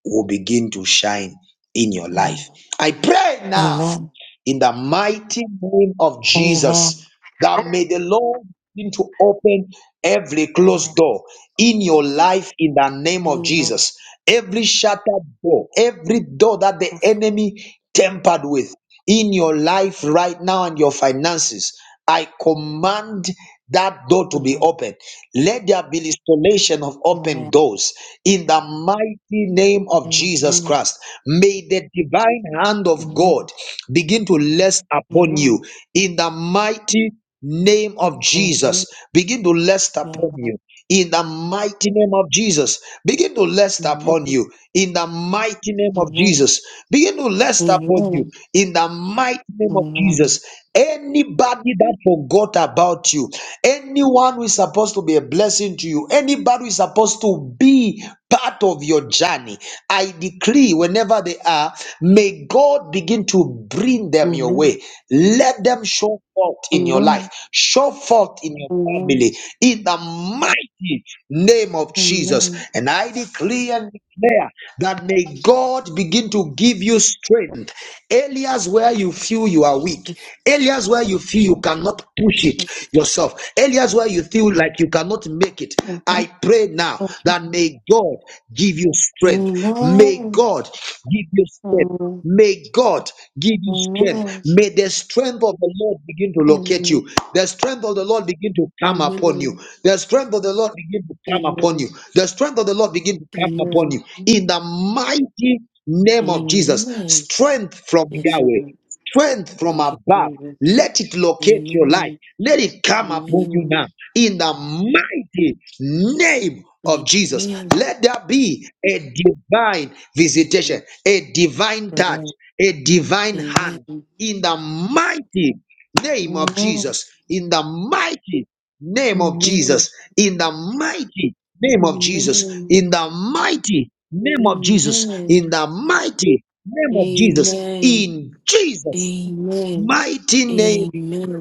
Speaker 1: will begin to shine in your life.
Speaker 10: Amen.
Speaker 1: I pray now
Speaker 10: Amen.
Speaker 1: in the mighty name of
Speaker 10: Amen.
Speaker 1: Jesus
Speaker 10: Amen.
Speaker 1: that may the Lord begin to open every closed
Speaker 10: Amen.
Speaker 1: door in your life in the name of
Speaker 10: Amen.
Speaker 1: Jesus. Every shattered door, every door that the
Speaker 10: Yes.
Speaker 1: enemy tempered with in your life right now and your finances. I command that door to be
Speaker 10: Amen.
Speaker 1: open. Let there be restoration of open
Speaker 10: Amen.
Speaker 1: doors in the mighty name of
Speaker 10: Amen.
Speaker 1: Jesus
Speaker 10: Amen.
Speaker 1: Christ. May the divine hand of
Speaker 10: Amen.
Speaker 1: God begin to rest
Speaker 10: Amen.
Speaker 1: upon
Speaker 10: Amen.
Speaker 1: you in the mighty name of
Speaker 10: Amen. Amen.
Speaker 1: Jesus. Begin to rest upon you in the mighty name of Jesus. Begin to rest upon you in the mighty name of Jesus. Begin to rest upon you in the mighty name of
Speaker 10: Amen.
Speaker 1: Jesus. Anybody that forgot about you, anyone who is supposed to be a blessing to you, anybody who is supposed to be part of your journey, I decree whenever they are, may God begin to to bring them your
Speaker 10: Amen.
Speaker 1: way. Let them show forth
Speaker 10: Amen.
Speaker 1: in your life,
Speaker 10: Amen.
Speaker 1: show forth in your
Speaker 10: Amen.
Speaker 1: family, in the mighty name of Jesus.
Speaker 10: Amen.
Speaker 1: And I decree and declare that may God begin to give you strength. Areas where you feel you are weak, areas where you feel you cannot push it
Speaker 10: Amen.
Speaker 1: yourself, areas where you feel like you cannot make it.
Speaker 10: Amen.
Speaker 1: I pray now
Speaker 10: Amen.
Speaker 1: that may God give you strength. May
Speaker 10: Amen.
Speaker 1: God give you strength.
Speaker 10: Amen.
Speaker 1: May God give you strength. May the strength of the Lord begin to locate you. The strength of the Lord begin to come upon you. The strength of the Lord begin to come upon
Speaker 10: Amen.
Speaker 1: you. The strength of the Lord begin to
Speaker 10: Amen.
Speaker 1: come upon you.
Speaker 10: Amen.
Speaker 1: In the mighty name of Jesus,
Speaker 10: Amen.
Speaker 1: strength from
Speaker 10: Yes,
Speaker 1: Yahweh,
Speaker 10: Lord.
Speaker 1: strength from
Speaker 10: Thank you,
Speaker 1: above.
Speaker 10: Jesus.
Speaker 1: Let it locate your life.
Speaker 10: Amen.
Speaker 1: Let it come upon you
Speaker 10: Amen. Amen.
Speaker 1: now in the mighty name
Speaker 10: Amen.
Speaker 1: of Jesus. Let there be a divine visitation,
Speaker 10: Amen.
Speaker 1: a divine touch,
Speaker 10: Amen.
Speaker 1: a divine
Speaker 10: Amen.
Speaker 1: hand
Speaker 10: Amen.
Speaker 1: in the mighty name
Speaker 10: Amen.
Speaker 1: of Jesus. In the mighty name of Jesus. In the mighty name of Jesus. In the mighty name of Jesus.
Speaker 10: Amen.
Speaker 1: In the mighty name of Jesus.
Speaker 10: Amen.
Speaker 1: In Jesus'
Speaker 10: Amen.
Speaker 1: mighty name.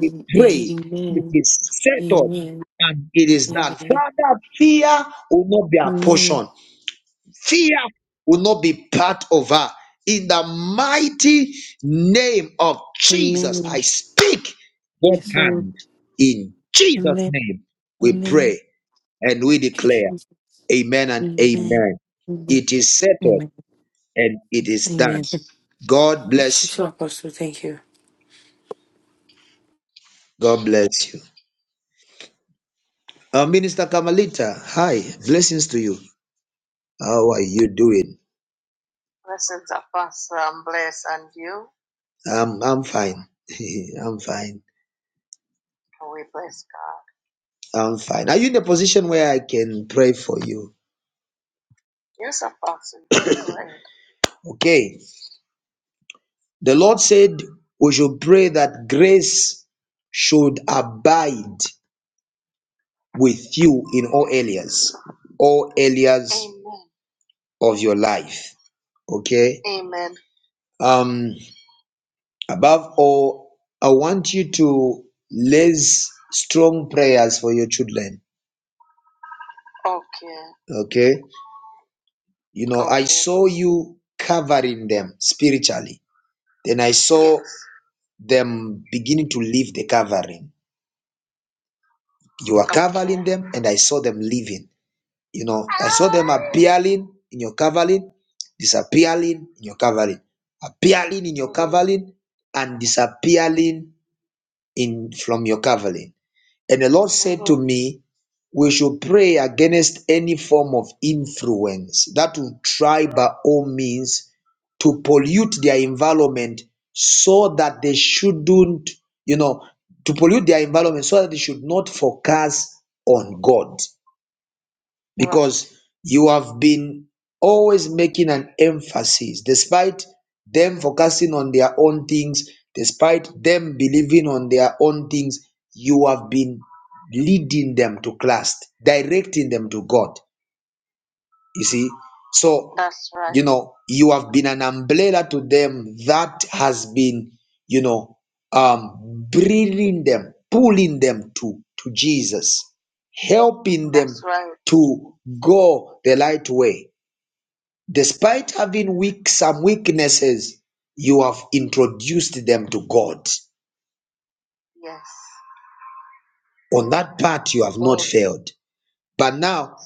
Speaker 1: We pray
Speaker 10: Amen.
Speaker 1: it is settled
Speaker 10: Amen.
Speaker 1: and it is done.
Speaker 10: Amen.
Speaker 1: Father, fear will not be our
Speaker 10: Amen.
Speaker 1: portion. Fear will not be part of her. In the mighty name of Jesus,
Speaker 10: Amen.
Speaker 1: I speak God's
Speaker 10: Yes, Lord.
Speaker 1: hand. In Jesus'
Speaker 10: Amen.
Speaker 1: name, we
Speaker 10: Amen.
Speaker 1: pray and we
Speaker 10: Thank you,
Speaker 1: declare,
Speaker 10: Jesus.
Speaker 1: Amen and
Speaker 10: Amen.
Speaker 1: Amen.
Speaker 10: Amen.
Speaker 1: It is settled
Speaker 10: Amen.
Speaker 1: and it is
Speaker 10: Amen.
Speaker 1: done. God
Speaker 10: Bless you
Speaker 1: bless
Speaker 10: too,
Speaker 1: you.
Speaker 10: Apostle. Thank you.
Speaker 1: God bless you. Uh, Minister Kamalita, hi. Blessings to you. How are you doing? Blessings, Apostle. I'm blessed. And you? I'm I'm fine. I'm fine. We bless God. I'm fine. Are you in a position where I can pray for you? Yes, Apostle, Okay. The Lord said we should pray that grace should abide with you in all areas, all areas Amen. of your life. Okay. Amen. Um. Above all, I want you to raise strong prayers for your children. Okay. Okay. You know, okay. I Okay. saw you covering them spiritually. Then I saw Yes. them beginning to leave the covering. You are Okay. covering okay. them, and I saw them leaving. You know, I saw them appearing in your covering, disappearing in your covering, appearing in your Mm. covering, and disappearing in from your covering. And the Lord said to me, We should pray against any form of influence that will try by all means to pollute their environment so that they shouldn't, you know, to pollute their environment so that they should not focus on God. Wow. because you have been always making an emphasis despite them focusing on their own things despite them believing on their own things you have been leading them to christ directing them to god you see, so That's right. you know you have been an umbrella to them that has been you know um bringing them pulling them to to jesus helping them That's right. to go the right way despite having weak some weaknesses you have introduced them to god Yes. on that part you have not Oh, failed But now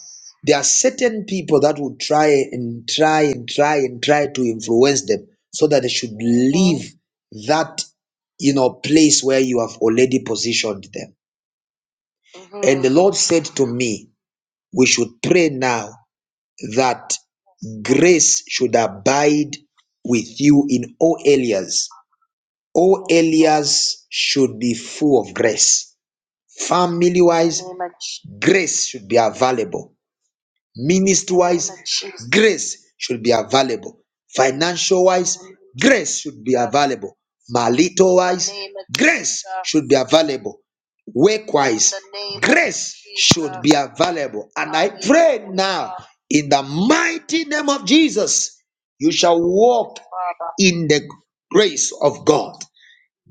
Speaker 1: there are certain people that will try and try and try and try to influence them so that they should leave that you know place where you have already positioned them. And the Lord said to me, We should pray now that grace should abide with you in all areas. All areas should be full of grace. Family wise, grace should be available. Ministry wise, grace should be available. Financial wise, grace should be available. Marital wise, grace should be available. Work wise, grace should be available. And I pray now in the mighty name of Jesus, you shall walk in the grace of God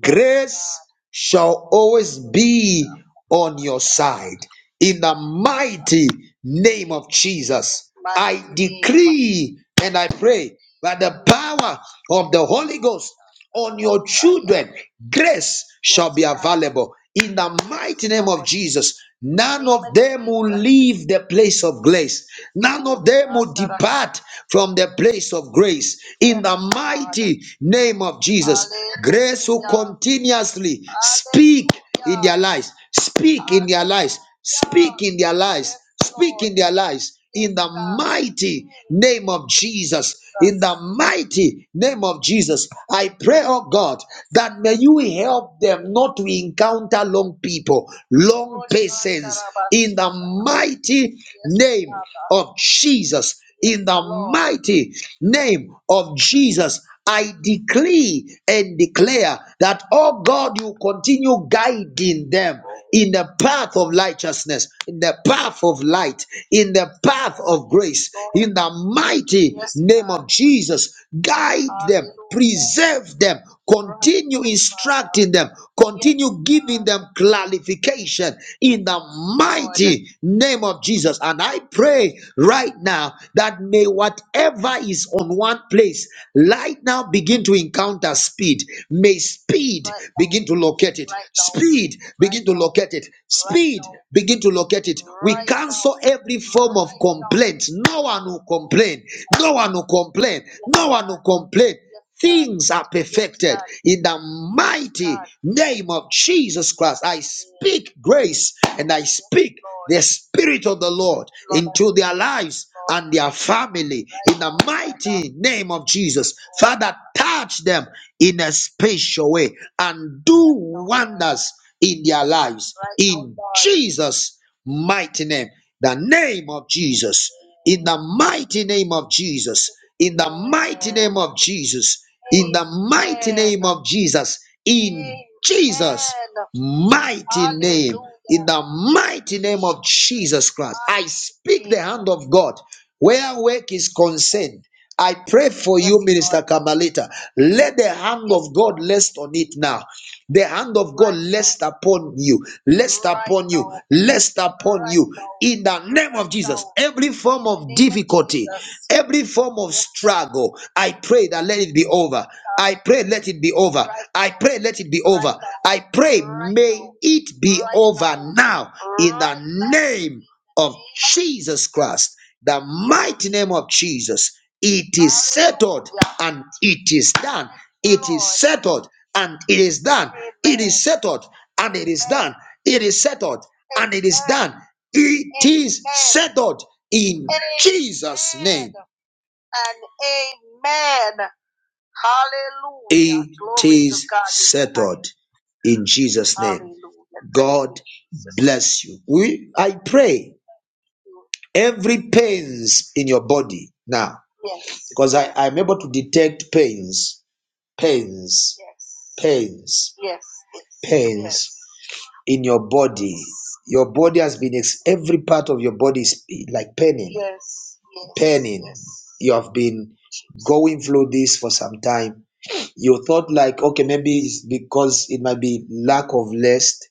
Speaker 1: grace shall always be on your side. In the mighty name of Jesus, I Mighty I name. of decree and I pray by the power of the Holy Ghost on your children, grace shall be available in the mighty name of Jesus. None of them will leave the place of grace. None of them will depart from the place of grace. In the mighty name of Jesus, grace will continuously speak in their lives. Speak in their lives. Speak in their lives. Speak in their lives in the mighty name of Jesus. In the mighty name of Jesus, I pray, oh God, that may you help them not to encounter long people, long persons. in the mighty name of Jesus. In the mighty name of Jesus, I decree and declare that, oh God, you continue guiding them in the path of righteousness, in the path of light, in the path of grace, in the mighty Yes, name of Jesus. Guide them, preserve them, Right, continue instructing them, Yes, continue you giving them clarification in the mighty name of Jesus. And I pray right now that may whatever is on one place right now begin to encounter speed. May speed Right begin to locate it. Right Speed Right begin to locate it. Right Speed begin to locate it. We Right cancel every form of Right complaint. No one will complain. No one will complain. Yes, No one God. will complain things are perfected in the mighty name of Jesus Christ. I speak grace and I speak the Spirit of the Lord into their lives and their family in the mighty name of Jesus. Father, touch them in a special way and do wonders in their lives in Jesus' mighty name. The name of Jesus in the mighty name of Jesus, in the mighty name of Jesus, in the mighty name of Jesus, in Jesus' mighty name, in the mighty name of Jesus Christ. I speak the hand of God where work is concerned. I pray for you, Minister Kamalita. Let the hand of God rest on it now. The hand of God rest upon you, rest upon you, rest upon you. In the name of Jesus, every form of difficulty, every form of struggle, I pray that let it be over. I pray let it be over. I pray let it be over. I pray may it be over now in the name of Jesus Christ, the mighty name of Jesus, it is settled and it is done. It is settled and it is done. It is settled and it is done. It is settled and it is done. It is settled in Jesus' name. And Amen, Hallelujah. It is settled in Jesus' name. God bless you. We I pray. Every pains in your body now, Yes. because I, I'm able to detect pains, pains, Yes. pains, Yes. pains yes. in your body. Your body has been, ex- every part of your body is like paining, Yes. Yes. paining. Yes. You have been going through this for some time you thought like okay maybe it's because it might be lack of rest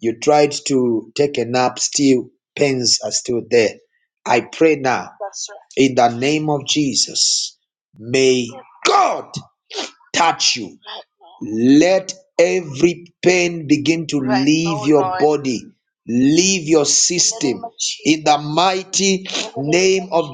Speaker 1: you tried to take a nap still pains are still there i pray now That's right. in the name of jesus may Mm. god touch you Right now. let every pain begin to Right leave now, your Lord. body, leave your system in the mighty In the name name of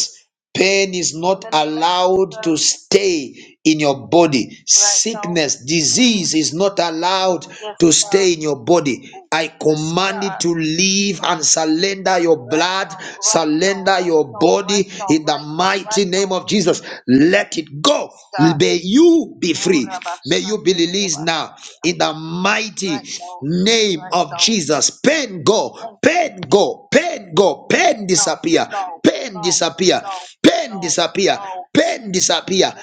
Speaker 1: Jesus. Pain is not allowed to stay in your body. Sickness, disease is not allowed to stay in your body. I command it to leave and surrender your blood, surrender your body in the mighty name of Jesus. Let it go. May you be free. May you be released now in the mighty name of Jesus. Pain go go, Pain go, pain go, pain disappear, pain disappear, pain disappear, pain disappear,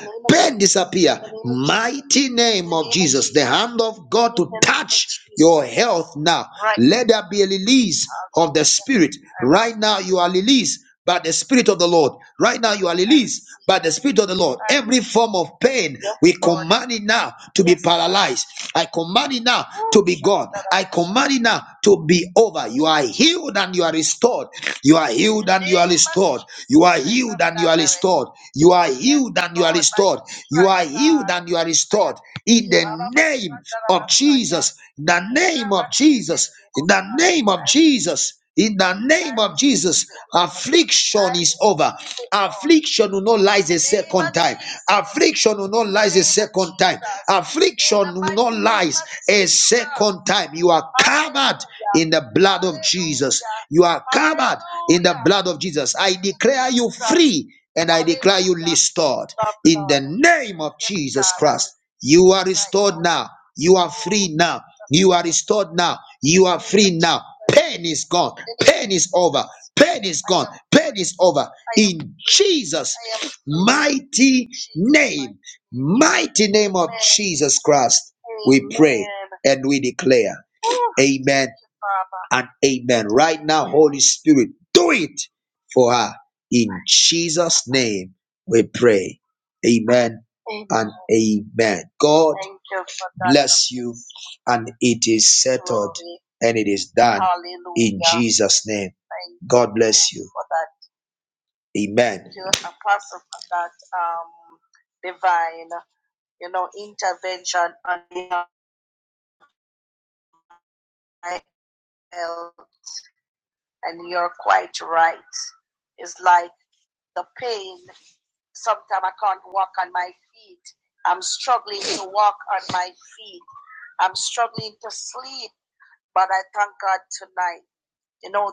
Speaker 1: pain disappear. Mighty name of Jesus, the hand of God to touch your health now. Right Let there be a release of the spirit. Right now, you are released by the Spirit of the Lord. Right now, you are released by the Spirit of the Lord. Every form of pain, Yes, we Lord. command it now to be Yes, Lord. paralyzed. I command it now to be gone. I command it now to be over. You are healed and you are restored. You are In healed the and you are name of restored. You are Jesus healed of and you are Nazareth. restored. You are Yes, healed and you are Lord, by restored. your You stripes, are healed God, and you are we are restored. In the name of Jesus. In the name of Jesus. In the name of Jesus. In the name of Jesus, affliction is over. Affliction will not rise a second time. Affliction will not rise a second time. Affliction will not rise a second time. You are covered in the blood of Jesus. You are covered in the blood of Jesus. I declare you free and I declare you restored in the name of Jesus Christ. You are restored now. You are free now. You are restored now. You are free now Pain is gone. Pain is over. Pain is gone. Pain is over. In Jesus' mighty name, mighty name of Jesus Christ, we pray and we declare. Amen and amen. Right now, Holy Spirit, do it for her. In Jesus' name, we pray. Amen and amen. God bless you, and it is settled and it is done Hallelujah. in Jesus' name. Thank God bless you. for that Amen. your apostle for that um divine you know intervention on your health and you're quite right it's like the pain sometimes i can't walk on my feet i'm struggling to walk on my feet i'm struggling to sleep but i thank god tonight you know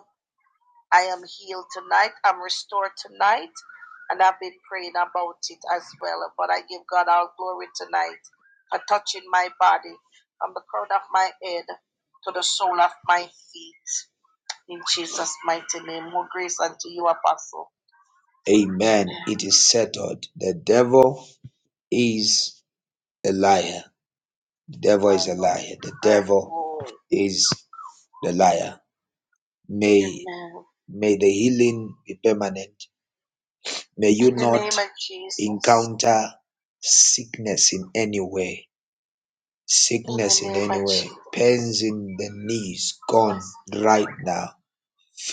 Speaker 1: I am healed tonight. I'm restored tonight. And I've been praying about it as well. But I give God all glory tonight for touching my body from the crown of my head to the sole of my feet. In Jesus' mighty name. More grace unto you, Apostle. Amen. It is settled. The devil is a liar. The devil is a liar. The devil is the liar. May may the healing be permanent. May you In the not name of Jesus. encounter sickness in any way, In the sickness in name any of way, Jesus. pains in the knees gone right now,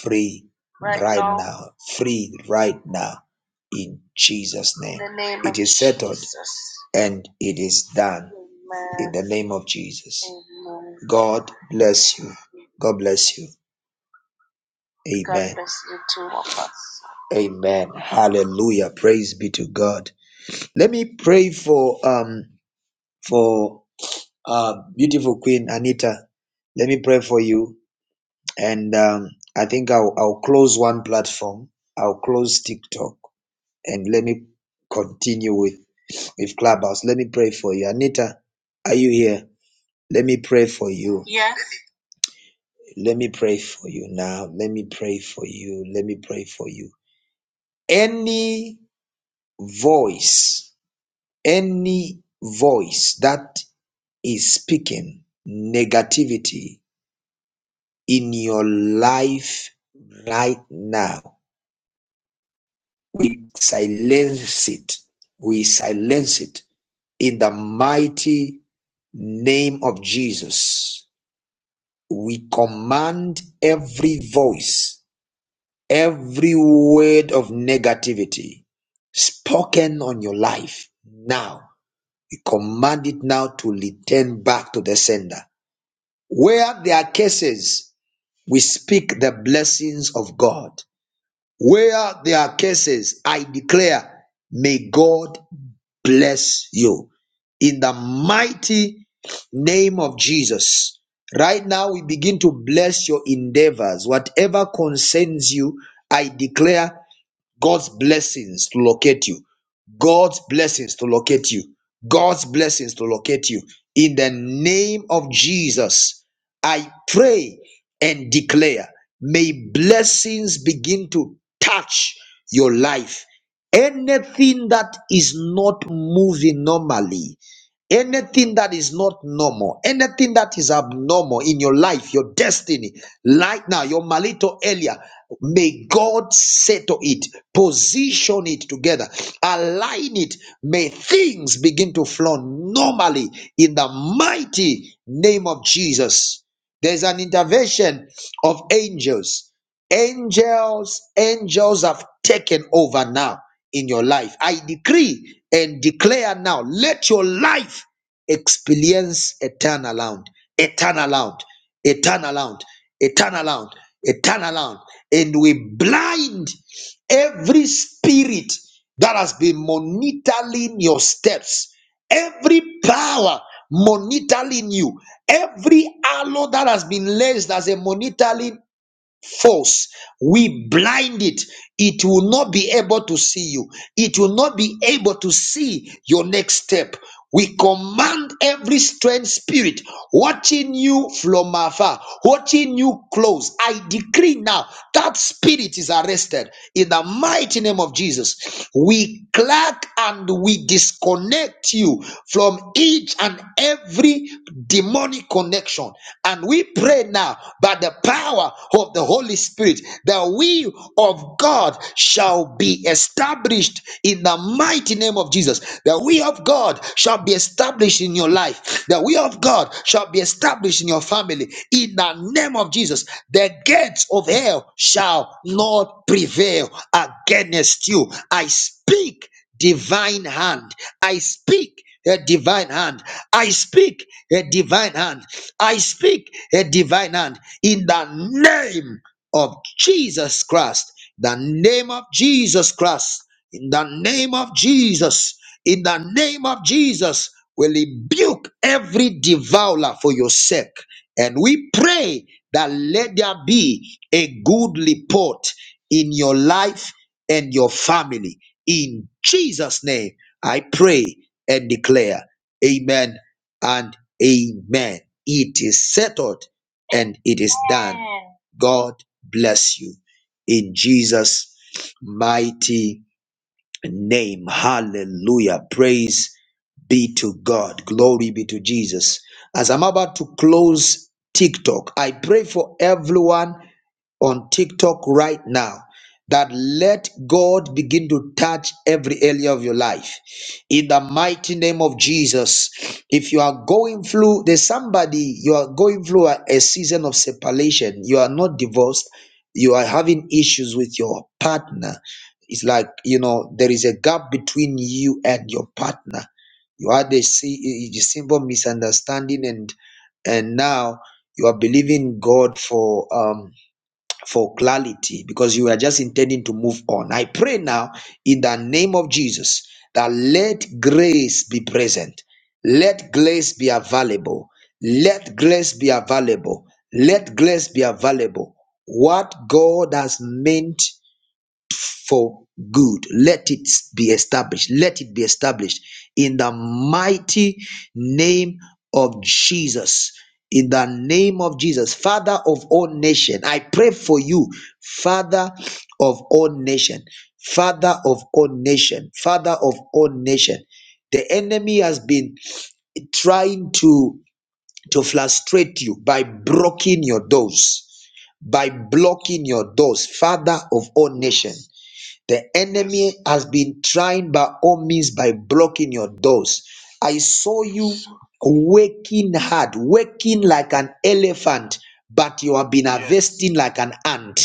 Speaker 1: free Right right now. now, free right now, in Jesus' In name. the name It of is settled Jesus. and it is done in Amen. the name of Jesus. Amen. God bless you. God bless you. God Amen. bless you too, Apostle. Amen. Hallelujah. Praise be to God. Let me pray for um for uh beautiful Queen Anita. Let me pray for you, and um, I think I'll I'll close one platform. I'll close TikTok, and let me continue with with Clubhouse. Let me pray for you, Anita. Are you here? Let me pray for you. Yes. Let me pray for you now. Let me pray for you. Let me pray for you. Any voice, any voice that is speaking negativity in your life right now. We silence it. We silence it in the mighty name of Jesus. We command every voice, every word of negativity spoken on your life now. We command it now to return back to the sender. Where there are cases we speak the blessings of God. Where there are cases, I declare, may God bless you in the mighty name of Jesus. Right now, we begin to bless your endeavors. Whatever concerns you, I declare God's blessings to locate you. God's blessings to locate you. God's blessings to locate you. In the name of Jesus, I pray and declare may blessings begin to touch your life. Anything that is not moving normally, Anything that is not normal, anything that is abnormal in your life, your destiny, right now, your malito earlier, may God settle it, position it together, align it. May things begin to flow normally in the mighty name of Jesus. There's an intervention of angels angels angels have taken over now in your life i decree and declare now let your life experience a turnaround a turnaround a turnaround a turnaround a turnaround and we blind every spirit that has been monitoring your steps every power monitoring you every arrow that has been laced as a monitoring false. We blind it. It will not be able to see you. It will not be able to see your next step. We command every strange spirit watching you from afar, watching you close. I decree now that spirit is arrested in the mighty name of Jesus. We crack and we disconnect you from each and every demonic connection. And we pray now by the power of the Holy. Holy Spirit, the will of God shall be established in the mighty name of Jesus. The will of God shall be established in your life. The will of God shall be established in your family. In the name of Jesus, the gates of hell shall not prevail against you. I speak divine hand. I speak a divine hand. I speak a divine hand. I speak a divine hand in the name of Jesus Christ, the name of Jesus Christ, in the name of Jesus, in the name of Jesus, we rebuke every devourer for your sake. And we pray that let there be a good report in your life and your family. In Jesus' name, I pray and declare, Amen and Amen. It is settled and it is done. God bless you in Jesus' mighty name. Hallelujah. Praise be to God. Glory be to Jesus. As I'm about to close TikTok, I pray for everyone on TikTok right now that let God begin to touch every area of your life. In the mighty name of Jesus, if you are going through, there's somebody, you are going through a, a season of separation, you are not divorced, you are having issues with your partner. It's like, you know, there is a gap between you and your partner. You had a, si- a simple misunderstanding and and now you are believing God for um for clarity because you are just intending to move on. I pray now in the name of Jesus that let grace be present, let grace be available, let grace be available, let grace be available. What God has meant for good. Let it be established. Let it be established in the mighty name of Jesus. In the name of Jesus, Father of all nation, I pray for you, Father of all nation, Father of all nation, Father of all nation. The enemy has been trying to to frustrate you by blocking your doors, by blocking your doors, Father of all nation the enemy has been trying by all means by blocking your doors. I saw you working hard, working like an elephant, but you have been Yes. harvesting like an ant.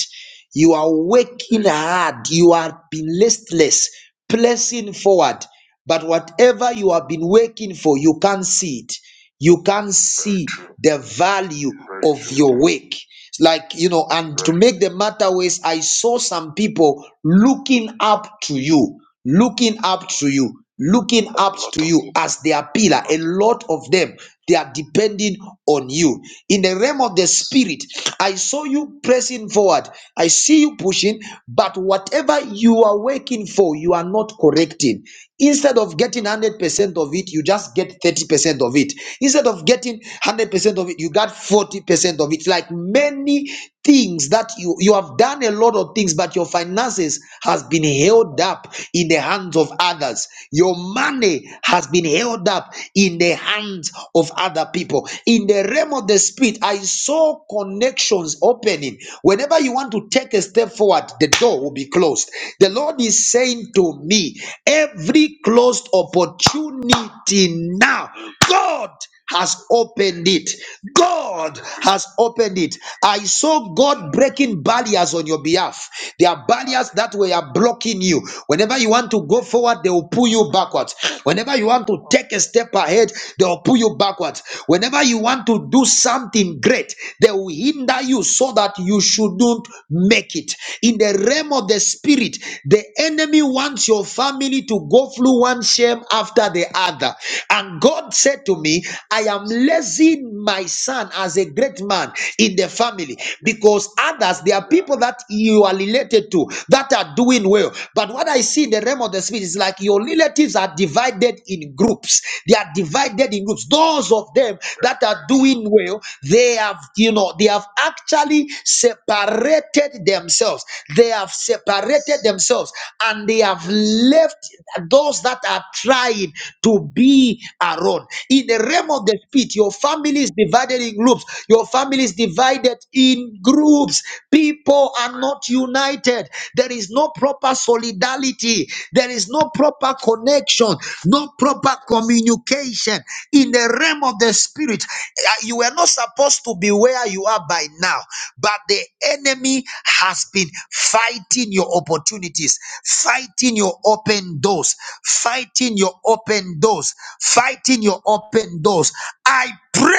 Speaker 1: You are working hard, you are being listless, pressing forward, but whatever you have been working for, you can't see it. You can't Very see true. the value Very of true. your work like you know and to Right. make the matter worse i saw some people looking up to you looking up to you looking A up lot to of you people. as their pillar a lot of them they are depending on you in the realm of the spirit i saw you pressing forward i see you pushing but whatever you are working for you are not correcting instead of getting 100% of it you just get 30% of it instead of getting 100% of it you got 40% of it like many things that you you have done a lot of things but your finances has been held up in the hands of others your money has been held up in the hands of other people in the realm of the spirit i saw connections opening whenever you want to take a step forward the door will be closed the lord is saying to me every closed opportunity now. God has opened it. God has opened it. I saw God breaking barriers on your behalf. There are barriers that were blocking you. Whenever you want to go forward, they will pull you backwards. Whenever you want to take a step ahead, they will pull you backwards. Whenever you want to do something great, they will hinder you so that you shouldn't make it. In the realm of the spirit, spirit. The enemy wants your family to go through one shame after the other. And God said to me, I am raising my son as a great man in the family because others, there are people that you are related to that are doing well. But what I see in the realm of the spirit is like your relatives are divided in groups. They are divided in groups. Those of them that are doing well, they have, you know, they have actually separated themselves. They have separated themselves and they have left those that are trying to be around. In the realm of the spirit, your family is divided in groups, your family is divided in groups. People are not united. There is no proper solidarity, there is no proper connection, no proper communication. In the realm of the spirit, uh, you were not supposed to be where you are by now, but the enemy has been fighting your opportunities, fighting your open doors, fighting your open doors, fighting your open doors. I pray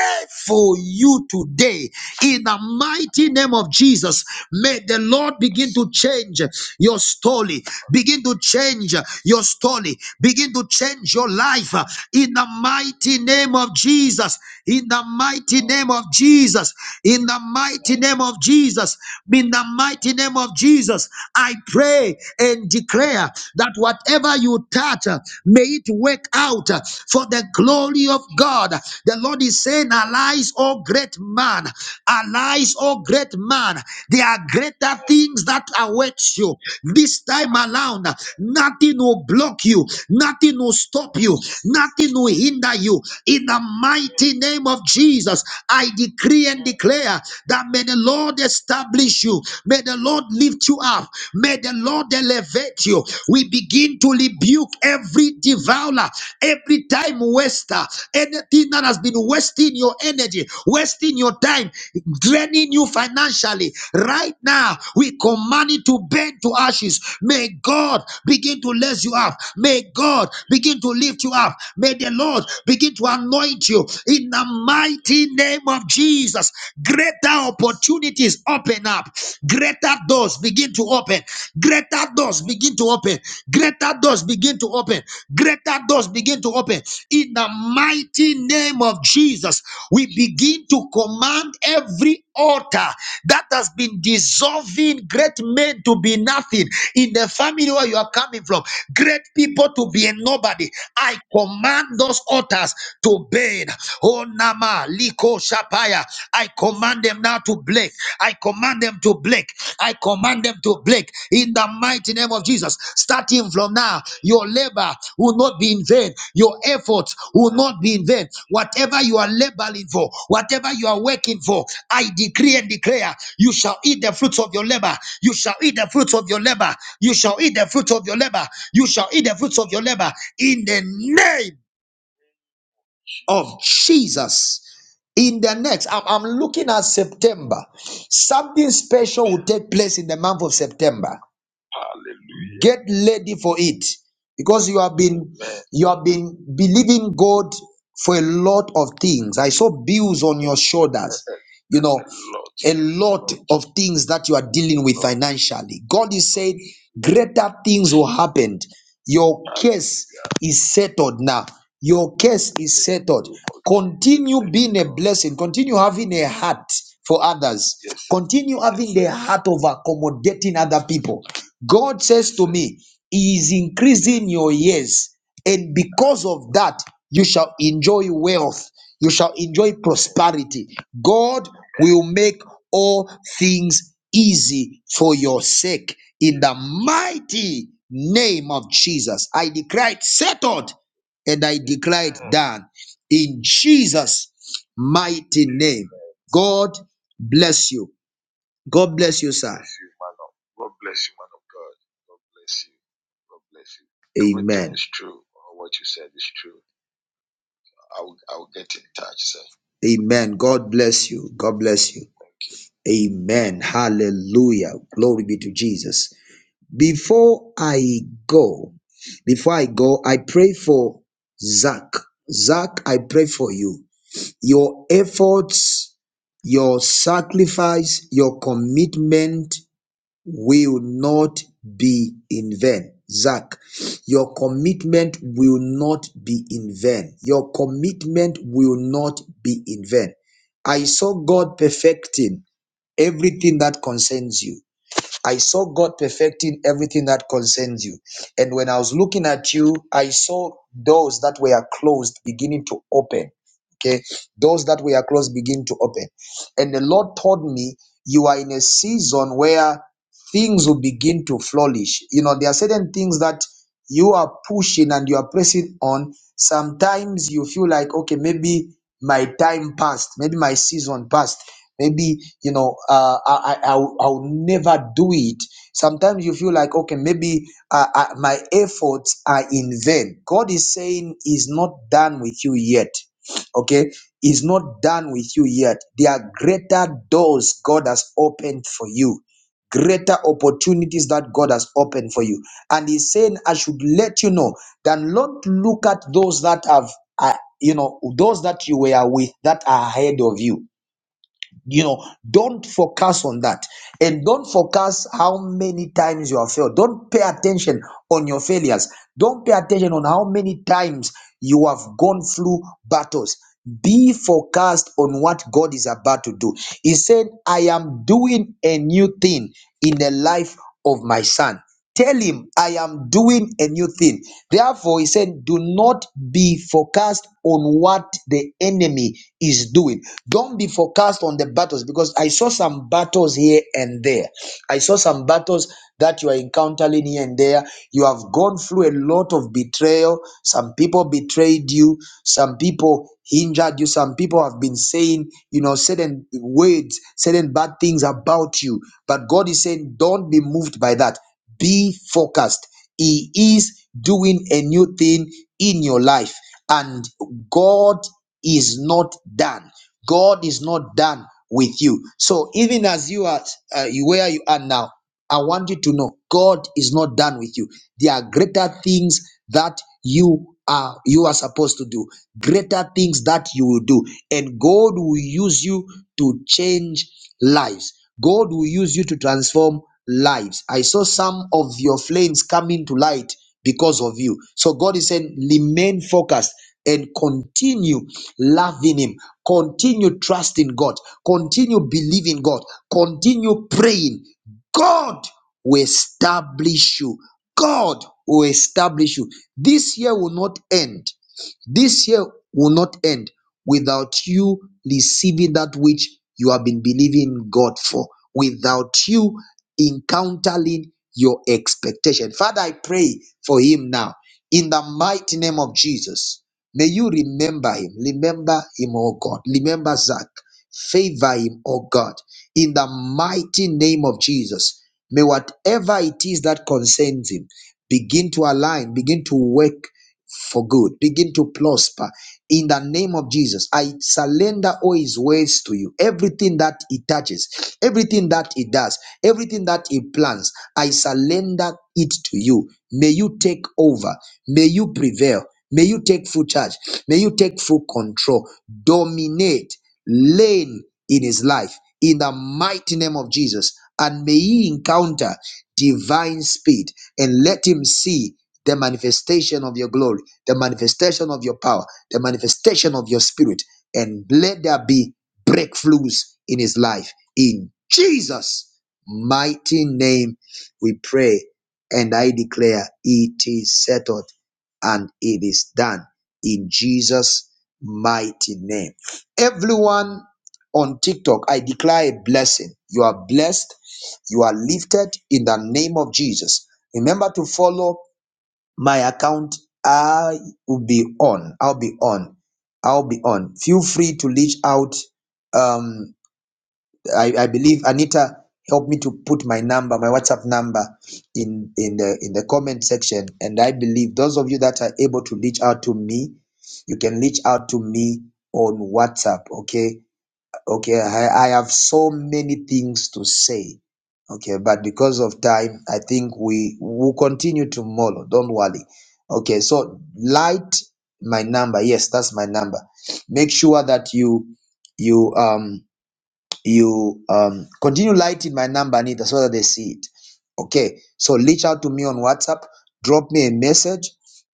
Speaker 1: for you today in the mighty name of Jesus. May the Lord begin to change your story, begin to change your story, begin to change your life uh, in the mighty name of Jesus. In the mighty name of Jesus, in the mighty mighty name of Jesus, in the mighty name of Jesus, I pray and declare that whatever you touch, uh, may it work out uh, for the glory of God. The Lord is saying, Arise, O great man, arise, O great man. There are greater things that await you. This time around, uh, nothing will block you, nothing will stop you, nothing will hinder you. In the mighty name of Jesus, I declare decree and declare that may the Lord establish you. May the Lord lift you up. May the Lord elevate you. We begin to rebuke every devourer, every time waster, anything that has been wasting your energy, wasting your time, draining you financially. Right now, we command it to burn to ashes. May God begin to raise you up. May God begin to lift you up. May the Lord begin to anoint you in the mighty name of Jesus, greater opportunities open up, greater doors begin to open, greater doors begin to open, greater doors begin to open, greater doors begin to open. In the mighty name of Jesus, we begin to command every altar that has been dissolving great men to be nothing in the family where you are coming from, great people to be a nobody. I command those altars to burn. Oh, Nama, Liko, Shapaya. I command them now to break. I command them to break. I command them to break in the mighty name of Jesus. Starting from now, your labor will not be in vain. Your effort will not be in vain. Whatever you are laboring for, whatever you are working for, I decree and declare you shall eat the fruits of your labor. You shall eat the fruits of your labor. You shall eat the fruits of your labor. You shall eat the fruits of your labor in the name of Jesus. In the next, I'm, I'm looking at September. Something special will take place in the month of September. Get ready for it because you have been you have been believing God for a lot of things. I saw bills on your shoulders. You know, a lot of things that you are dealing with financially. God is saying greater things will happen. Your case is settled now. Your case is settled. Continue being a blessing. Continue having a heart for others. Continue having the heart of accommodating other people. God says to me, He is increasing your years, and because of that, you shall enjoy wealth. You shall enjoy prosperity. God will make all things easy for your sake. In the mighty name of Jesus, I declare it settled and I declare it done. In Jesus' mighty name, God bless you. God bless you, sir. Amen. God bless you. God bless you. Amen. Hallelujah. Glory be to Jesus. before i go before i go i pray for zach zach i pray for you your efforts your sacrifice your commitment will not be in vain zach your commitment will not be in vain your commitment will not be in vain i saw god perfecting everything that concerns you I saw God perfecting everything that concerns you. And when I was looking at you, I saw doors that were closed beginning to open. Okay. Doors that were closed begin to open. And the Lord told me, you are in a season where things will begin to flourish. You know, there are certain things that you are pushing and you are pressing on. Sometimes you feel like, okay, maybe my time passed, maybe my season passed maybe you know uh, I, I i'll I'll never do it sometimes you feel like okay maybe uh, uh, my efforts are in vain god is saying he's not done with you yet okay he's not done with you yet there are greater doors god has opened for you greater opportunities that god has opened for you and he's saying i should let you know that not look at those that have uh, you know those that you were with that are ahead of you you know, don't focus on that. And don't focus how many times you have failed. Don't pay attention on your failures. Don't pay attention on how many times you have gone through battles. Be focused on what God is about to do. He said, I am doing a new thing in the life of my son. Tell him, I am doing a new thing. Therefore, he said, Do not be focused on what the enemy is doing. Don't be focused on the battles because I saw some battles here and there. I saw some battles that you are encountering here and there. You have gone through a lot of betrayal. Some people betrayed you, some people hindered you, some people have been saying, you know, certain words, certain bad things about you. But God is saying, Don't be moved by that. Be focused. He is doing a new thing in your life, and God is not done. God is not done with you. So even as you are uh, where you are now, I want you to know God is not done with you. There are greater things that you are you are supposed to do, greater things that you will do, and God will use you to change lives. God will use you to transform lives. I saw some of your flames coming to light because of you. So God is saying, remain focused and continue loving Him, continue trusting God, continue believing God, continue praying. God will establish you. God will establish you. This year will not end. This year will not end without you receiving that which you have been believing God for, without you encountering your expectation. Father, I pray for him now in the mighty name of Jesus. May you remember him. Remember him, oh God. Remember Zach. Favor him, oh God. In the mighty name of Jesus. May whatever it is that concerns him begin to align, begin to work for good, begin to prosper. In the name of Jesus, I surrender all his ways to you. Everything that he touches, everything that he does, everything that he plans, I surrender it to you. May you take over may you prevail may you take full charge may you take full control dominate reign in his life in the mighty name of jesus and may he encounter divine speed and let him see the manifestation of your glory the manifestation of your power the manifestation of your spirit and let there be breakthroughs in his life in jesus mighty name we pray and I declare it is settled and it is done in Jesus' mighty name. Everyone on TikTok, I declare a blessing. You are blessed, you are lifted in the name of Jesus. Remember to follow my account. I will be on. I'll be on. I'll be on. Feel free to reach out. Um, I, I believe Anita helped me to put my number, my WhatsApp number in, in the in the comment section. And I believe those of you that are able to reach out to me, you can reach out to me on WhatsApp. Okay. Okay. I, I have so many things to say. Okay, but because of time, I think we will continue tomorrow. Don't worry. Okay, so light my number. Yes, that's my number. Make sure that you you um you um continue lighting my number anita so that they see it okay so reach out to me on whatsapp drop me a message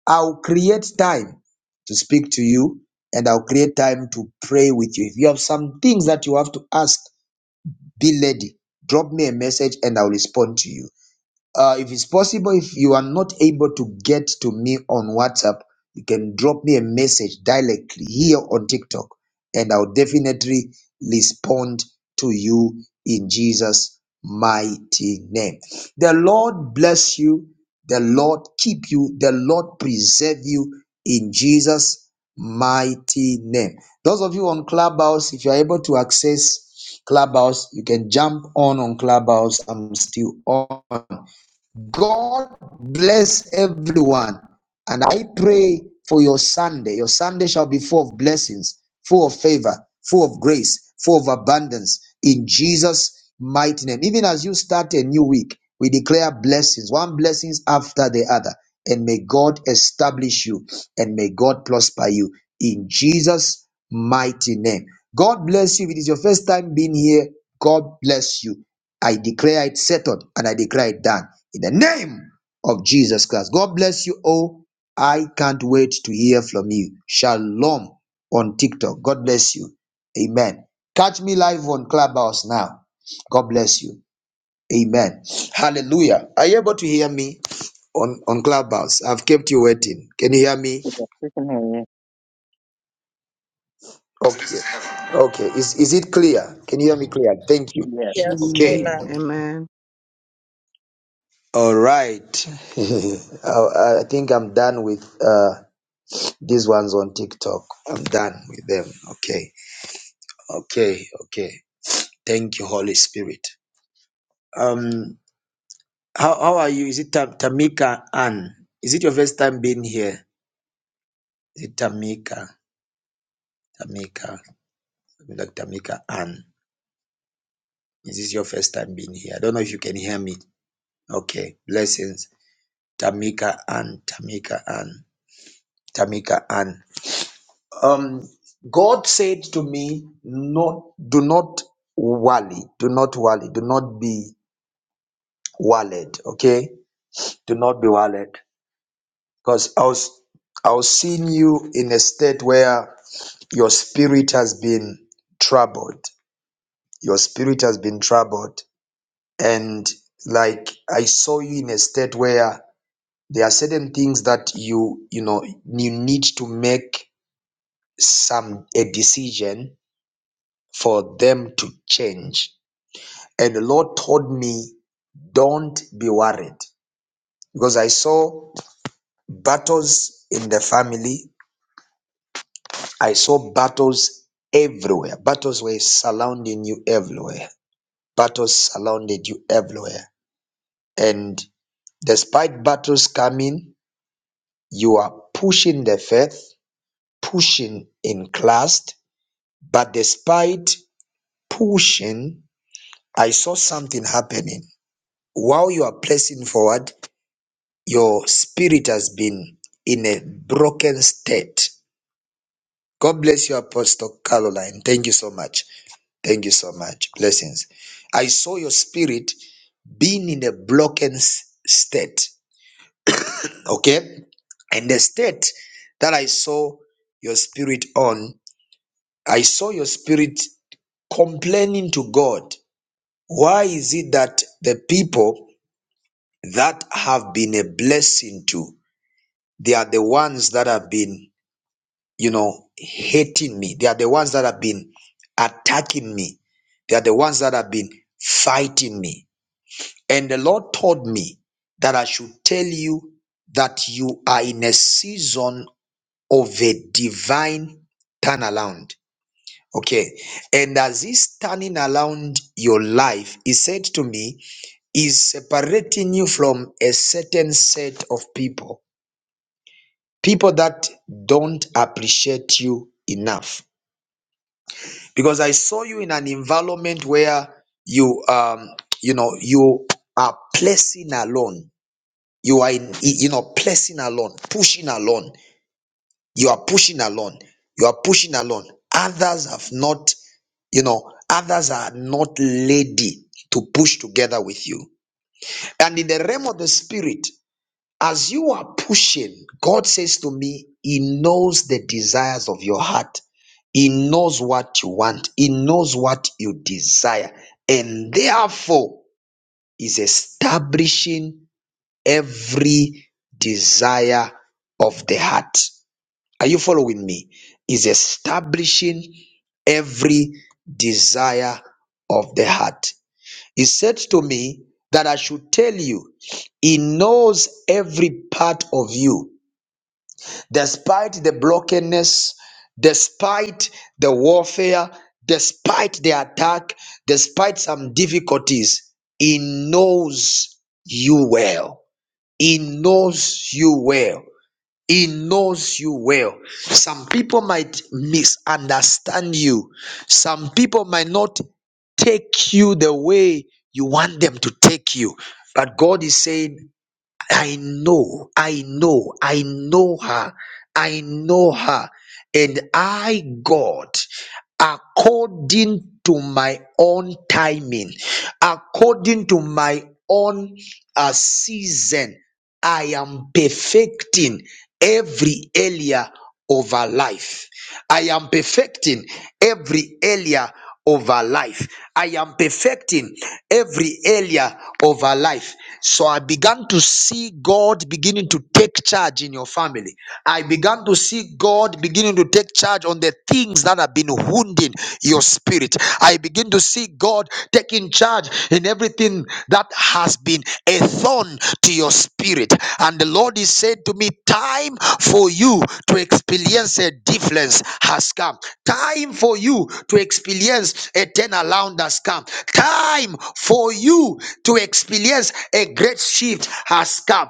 Speaker 1: i'll create time to speak to you and i'll create time to pray with you if you have some things that you have to ask be ready drop me a message and i'll respond to you uh, if it's possible, if you are not able to get to me on WhatsApp, you can drop me a message directly here on TikTok, and I'll definitely respond to you in Jesus' mighty name. The Lord bless you. The Lord keep you. The Lord preserve you in Jesus' mighty name. Those of you on Clubhouse, if you're able to access Clubhouse, you can jump on on Clubhouse. I'm still on God bless everyone. And I pray for your Sunday. Your Sunday shall be full of blessings, full of favor, full of grace, full of abundance in Jesus' mighty name. Even as you start a new week, we declare blessings, one blessings after the other. And may God establish you and may God prosper you in Jesus' mighty name. God bless you. If it is your first time being here, God bless you. I declare it settled and I declare it done in the name of Jesus Christ. God bless you all. I can't wait to hear from you. Shalom on TikTok. God bless you. Amen. Catch me live on Clubhouse now. God bless you. Amen. Hallelujah. Are you able to hear me on, on Clubhouse? I've kept you waiting. Can you hear me?
Speaker 11: Yes, we can hear you.
Speaker 1: Okay. Okay. Is, is it clear? Can you hear me clear? Thank you.
Speaker 11: Yes.
Speaker 12: Yes,
Speaker 1: Okay.
Speaker 13: Amen.
Speaker 12: amen.
Speaker 13: Amen.
Speaker 1: All right. I, I think I'm done with uh, these ones on TikTok. I'm done with them. Okay. Okay. Okay. Thank you, Holy Spirit. Um, how, how are you? Is it Ta- Tamika Ann? Is it your first time being here? Is it Tamika? Tamika. Like Tamika Ann. Is this your first time being here? I don't know if you can hear me. Okay. Blessings. Tamika Ann. Tamika Ann. Tamika Ann. um, God said to me, "No, do not worry, do not worry, do not be worried. Okay, do not be worried, because I was I was seeing you in a state where your spirit has been troubled. Your spirit has been troubled, and like I saw you in a state where there are certain things that you you know you need to make some a decision for them to change And the Lord told me, don't be worried because I saw battles in the family. I saw battles everywhere. Battles were surrounding you everywhere. Battles surrounded you everywhere. And despite battles coming, you are pushing the faith, pushing in Christ. But despite pushing, I saw something happening. While you are pressing forward, Your spirit has been in a broken state. God bless you, Apostle Caroline. Thank you so much. Thank you so much. Blessings. I saw your spirit being in a broken s- state. Okay? And the state that I saw your spirit on, I saw your spirit complaining to God. Why is it that the people that have been a blessing to, they are the ones that have been you know, hating me. They are the ones that have been attacking me. They are the ones that have been fighting me. And the Lord told me that I should tell you that you are in a season of a divine turnaround. Okay. And as He's turning around your life, He said to me, he's separating you from a certain set of people, people that don't appreciate you enough because I saw you in an environment where you um you know you are placing alone. You are in you know placing alone, pushing alone. You are pushing alone. You are pushing alone. Others have not, you know, others are not ready to push together with you. And in the realm of the spirit, as you are pushing, God says to me, He knows the desires of your heart. He knows what you want. He knows what you desire. And therefore, is establishing every desire of the heart. Are you following me? Is establishing every desire of the heart. He said to me that I should tell you, He knows every part of you despite the brokenness, despite the warfare, despite the attack, despite some difficulties, He knows you well. He knows you well. He knows you well. Some people might misunderstand you. Some people might not take you the way you want them to take you. But God is saying, I know, I know, I know her, I know her, and I, God, according to my own timing, according to my own uh, season, I am perfecting every area of our life. I am perfecting every area of our life. I am perfecting every area of our life. So I began to see God beginning to take charge in your family. I began to see God beginning to take charge on the things that have been wounding your spirit. I begin to to see God taking charge in everything that has been a thorn to your spirit. And the Lord is said to me, Time for you to experience a difference has come. Time for you to experience a turnaround has come. Time for you to experience a great shift has come.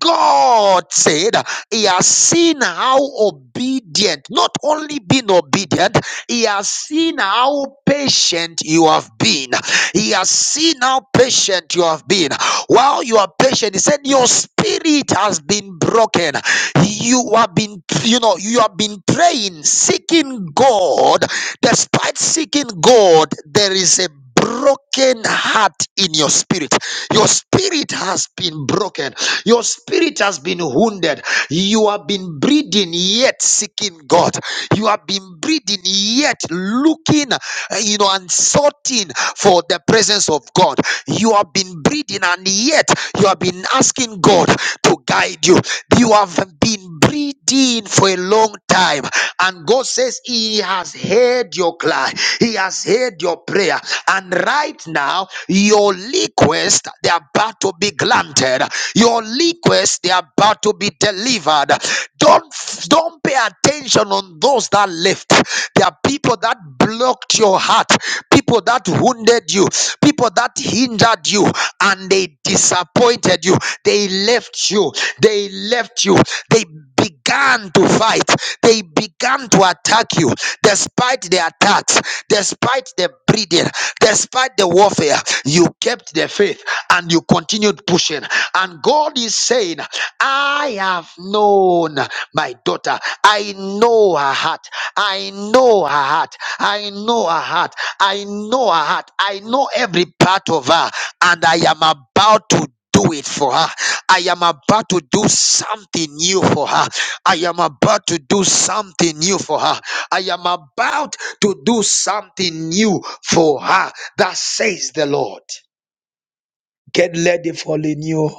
Speaker 1: God said, He has seen how obedient, not only been obedient, he has seen how patient you have been. He has seen how patient you have been. While you are patient, he said, Your spirit has been broken. You have been, you know, you have been praying, seeking God. Despite seeking God, there is a broken heart in your spirit. Your spirit has been broken. Your spirit has been wounded. You have been breathing yet seeking God. You have been breathing yet looking uh, you know, and sorting for the presence of God. You have been breathing, and yet you have been asking God to guide you. You have been breathing for a long time, and God says, He has heard your cry, He has heard your prayer, and right now, your request they are about to be granted, your request they are about to be delivered, don't don't pay attention on those that left. There are people that blocked your heart, people that wounded you, people that hindered you, and they disappointed you. They left you. They left you. They began began to fight, they began to attack you despite the attacks, despite the breeding, despite the warfare. You kept the faith and you continued pushing. And God is saying, I have known my daughter, I know her heart, I know her heart, I know her heart, I know her heart, I know every part of her, and I am about to do it for her. I am about to do something new for her. I am about to do something new for her. I am about to do something new for her. That says the Lord. Get ready for the new.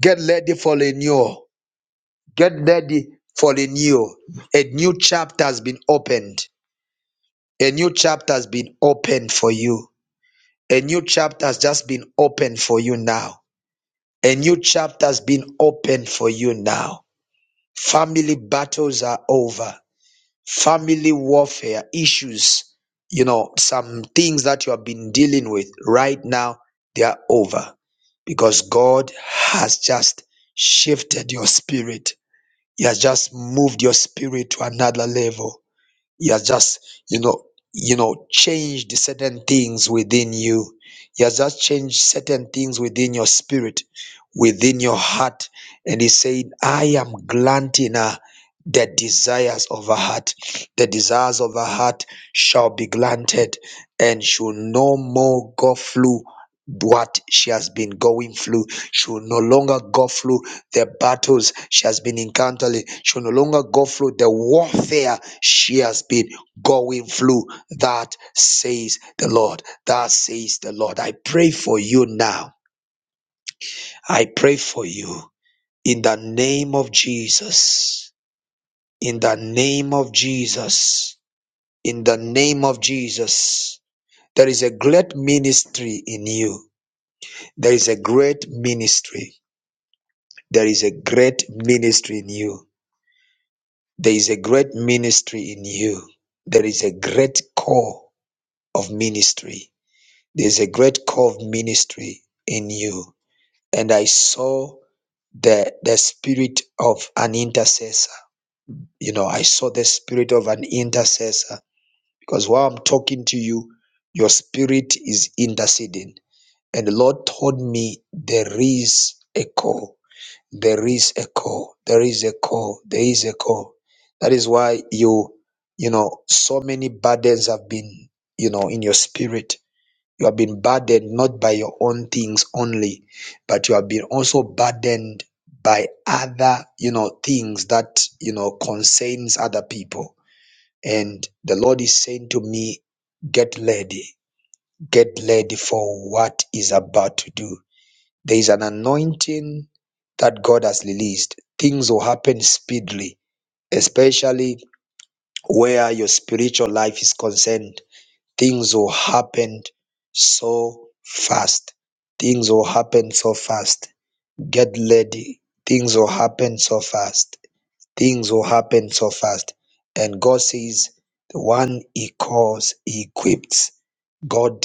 Speaker 1: Get ready for the new. Get ready for the new. A new chapter has been opened. A new chapter has been opened for you. A new chapter has just been opened for you now. A new chapter has been opened for you now Family battles are over. Family warfare issues, you know, some things that you have been dealing with right now, they are over because God has just shifted your spirit. He has just moved your spirit to another level you are just you know you know change the certain things within you you are just changed certain things within your spirit within your heart and he's saying i am granting her the desires of her heart the desires of her heart shall be granted and she'll no more go through what she has been going through she'll no longer go through the battles she has been encountering. She will no longer go through the warfare she has been going through. That says the Lord. That says the Lord. I pray for you now. I pray for you in the name of Jesus. In the name of Jesus. In the name of Jesus. There is a great ministry in you. There is a great ministry. There is a great ministry in you There is a great ministry in you. There is a great call of ministry. There's a great call of ministry in you. And I saw the, the spirit of an intercessor. You know, I saw the spirit of an intercessor because while I'm talking to you, your spirit is interceding. And the Lord told me there is a call there is a call there is a call there is a call that is why you you know so many burdens have been you know in your spirit you have been burdened not by your own things only but you have been also burdened by other you know things that you know concerns other people and the lord is saying to me get ready get ready for what is about to do there is an anointing that God has released. Things will happen speedily, especially where your spiritual life is concerned. Things will happen so fast. Things will happen so fast. Get ready. Things will happen so fast things will happen so fast. And God says, the one He calls, He equips. God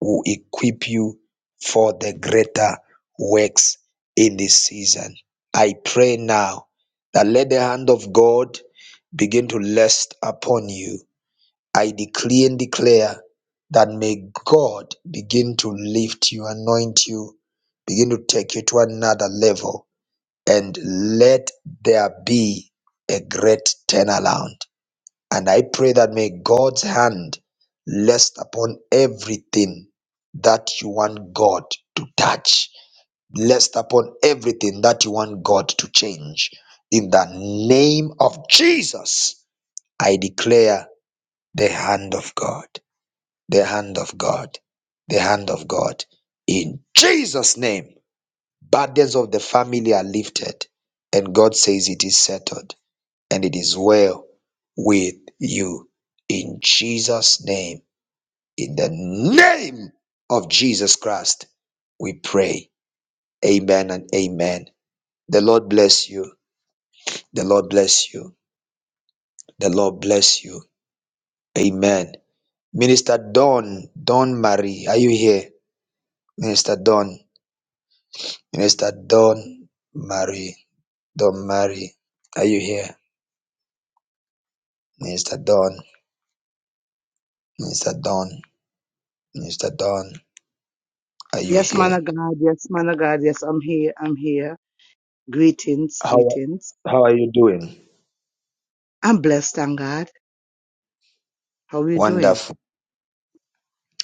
Speaker 1: will equip you for the greater works in this season. I pray now that let the hand of God begin to rest upon you. I decree and declare that may God begin to lift you, anoint you, begin to take you to another level and let there be a great turnaround. And I pray that may God's hand rest upon everything that you want God to touch, rest upon everything that you want God to change. In the name of Jesus, I declare the hand of God, the hand of God, the hand of God. In Jesus' name. Burdens of the family are lifted, and God says it is settled and it is well with you. In Jesus' name, in the name of Jesus Christ, we pray. Amen and amen. The Lord bless you. The Lord bless you. The Lord bless you. Amen. Minister Don, Don Marie, are you here? Minister Don, Minister Don Marie, Don Marie, are you here? Minister Don. Mr. Don, Mr. Don, are you
Speaker 13: Yes, man
Speaker 1: here?
Speaker 13: of God. Yes, man of God. Yes, I'm here. I'm here. Greetings.
Speaker 1: How
Speaker 13: Greetings.
Speaker 1: how are you doing?
Speaker 13: I'm blessed, thank God. How are you doing?
Speaker 1: Wonderful.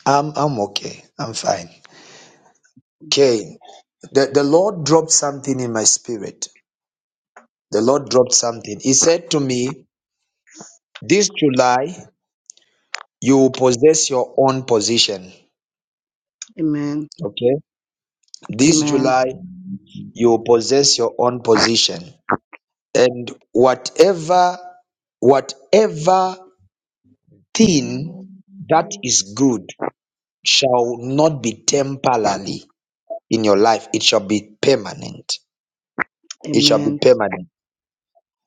Speaker 1: I'm I'm okay. I'm fine. Okay. The the Lord dropped something in my spirit. The Lord dropped something. He said to me, This July you will possess your own position.
Speaker 13: Amen.
Speaker 1: Okay? This
Speaker 13: Amen.
Speaker 1: July you will possess your own position. And whatever whatever thing that is good shall not be temporarily in your life, it shall be permanent. It shall be
Speaker 13: Amen.
Speaker 1: permanent.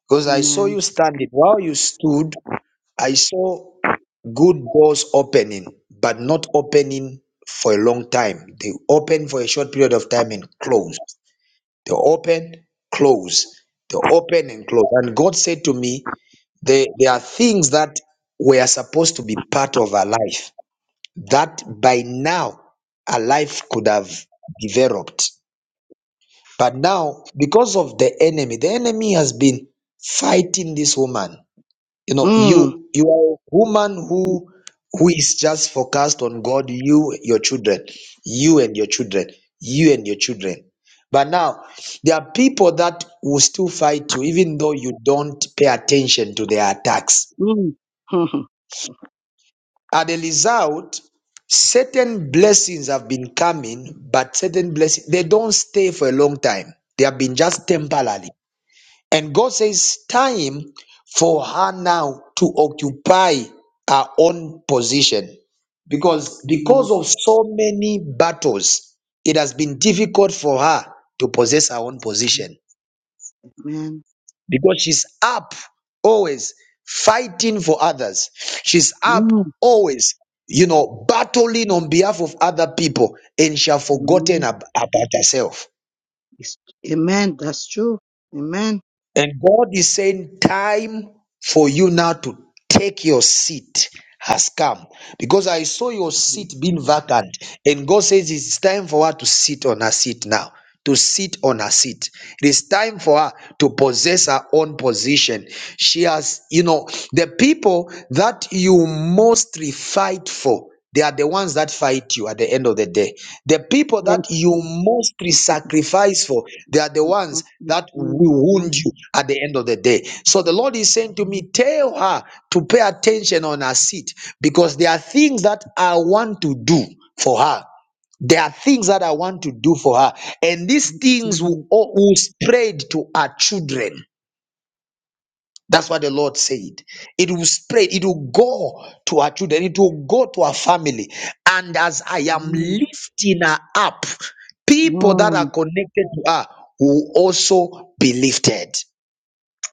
Speaker 1: Because I saw
Speaker 13: Amen.
Speaker 1: you standing. While you stood, I saw good doors opening, but not opening for a long time. They open for a short period of time and close. They open, close. They open and close. And God said to me, there, there are things that were supposed to be part of our life that by now a life could have developed. But now, because of the enemy, the enemy has been fighting this woman. You know,
Speaker 13: Mm.
Speaker 1: you you are a woman who who is just focused on God, you, your children, you and your children, you and your children. But now there are people that will still fight you, even though you don't pay attention to their attacks
Speaker 13: Mm.
Speaker 1: As a result, certain blessings have been coming, but certain blessings they don't stay for a long time. They have been just temporarily. And God says, time for her now to occupy her own position. Because because
Speaker 13: Amen.
Speaker 1: of so many battles, it has been difficult for her to possess her own position
Speaker 13: Amen.
Speaker 1: because she's up always fighting for others. She's up
Speaker 13: Mm.
Speaker 1: always, you know, battling on behalf of other people and she have forgotten
Speaker 13: Amen.
Speaker 1: ab- about herself.
Speaker 13: It's- Amen. That's true. Amen.
Speaker 1: And God is saying, Time for you now to take your seat has come. Because I saw your seat being vacant. And God says, It's time for her to sit on her seat now. To sit on her seat. It is time for her to possess her own position. She has, you know, the people that you mostly fight for, they are the ones that fight you at the end of the day. The people that
Speaker 13: Yes.
Speaker 1: you mostly sacrifice for they are the ones that will
Speaker 13: Mm. Mm.
Speaker 1: wound you at the end of the day. So the Lord is saying to me, tell her to pay attention on her seat because there are things that I want to do for her. There are things that I want to do for her, and these
Speaker 13: That's
Speaker 1: things will,
Speaker 13: right.
Speaker 1: all- will spread to our children. That's what the Lord said. It will spread, it will go to our children, it will go to our family. And as I am
Speaker 13: Mm.
Speaker 1: lifting her up, people that are
Speaker 13: Mm.
Speaker 1: connected to her will also be lifted.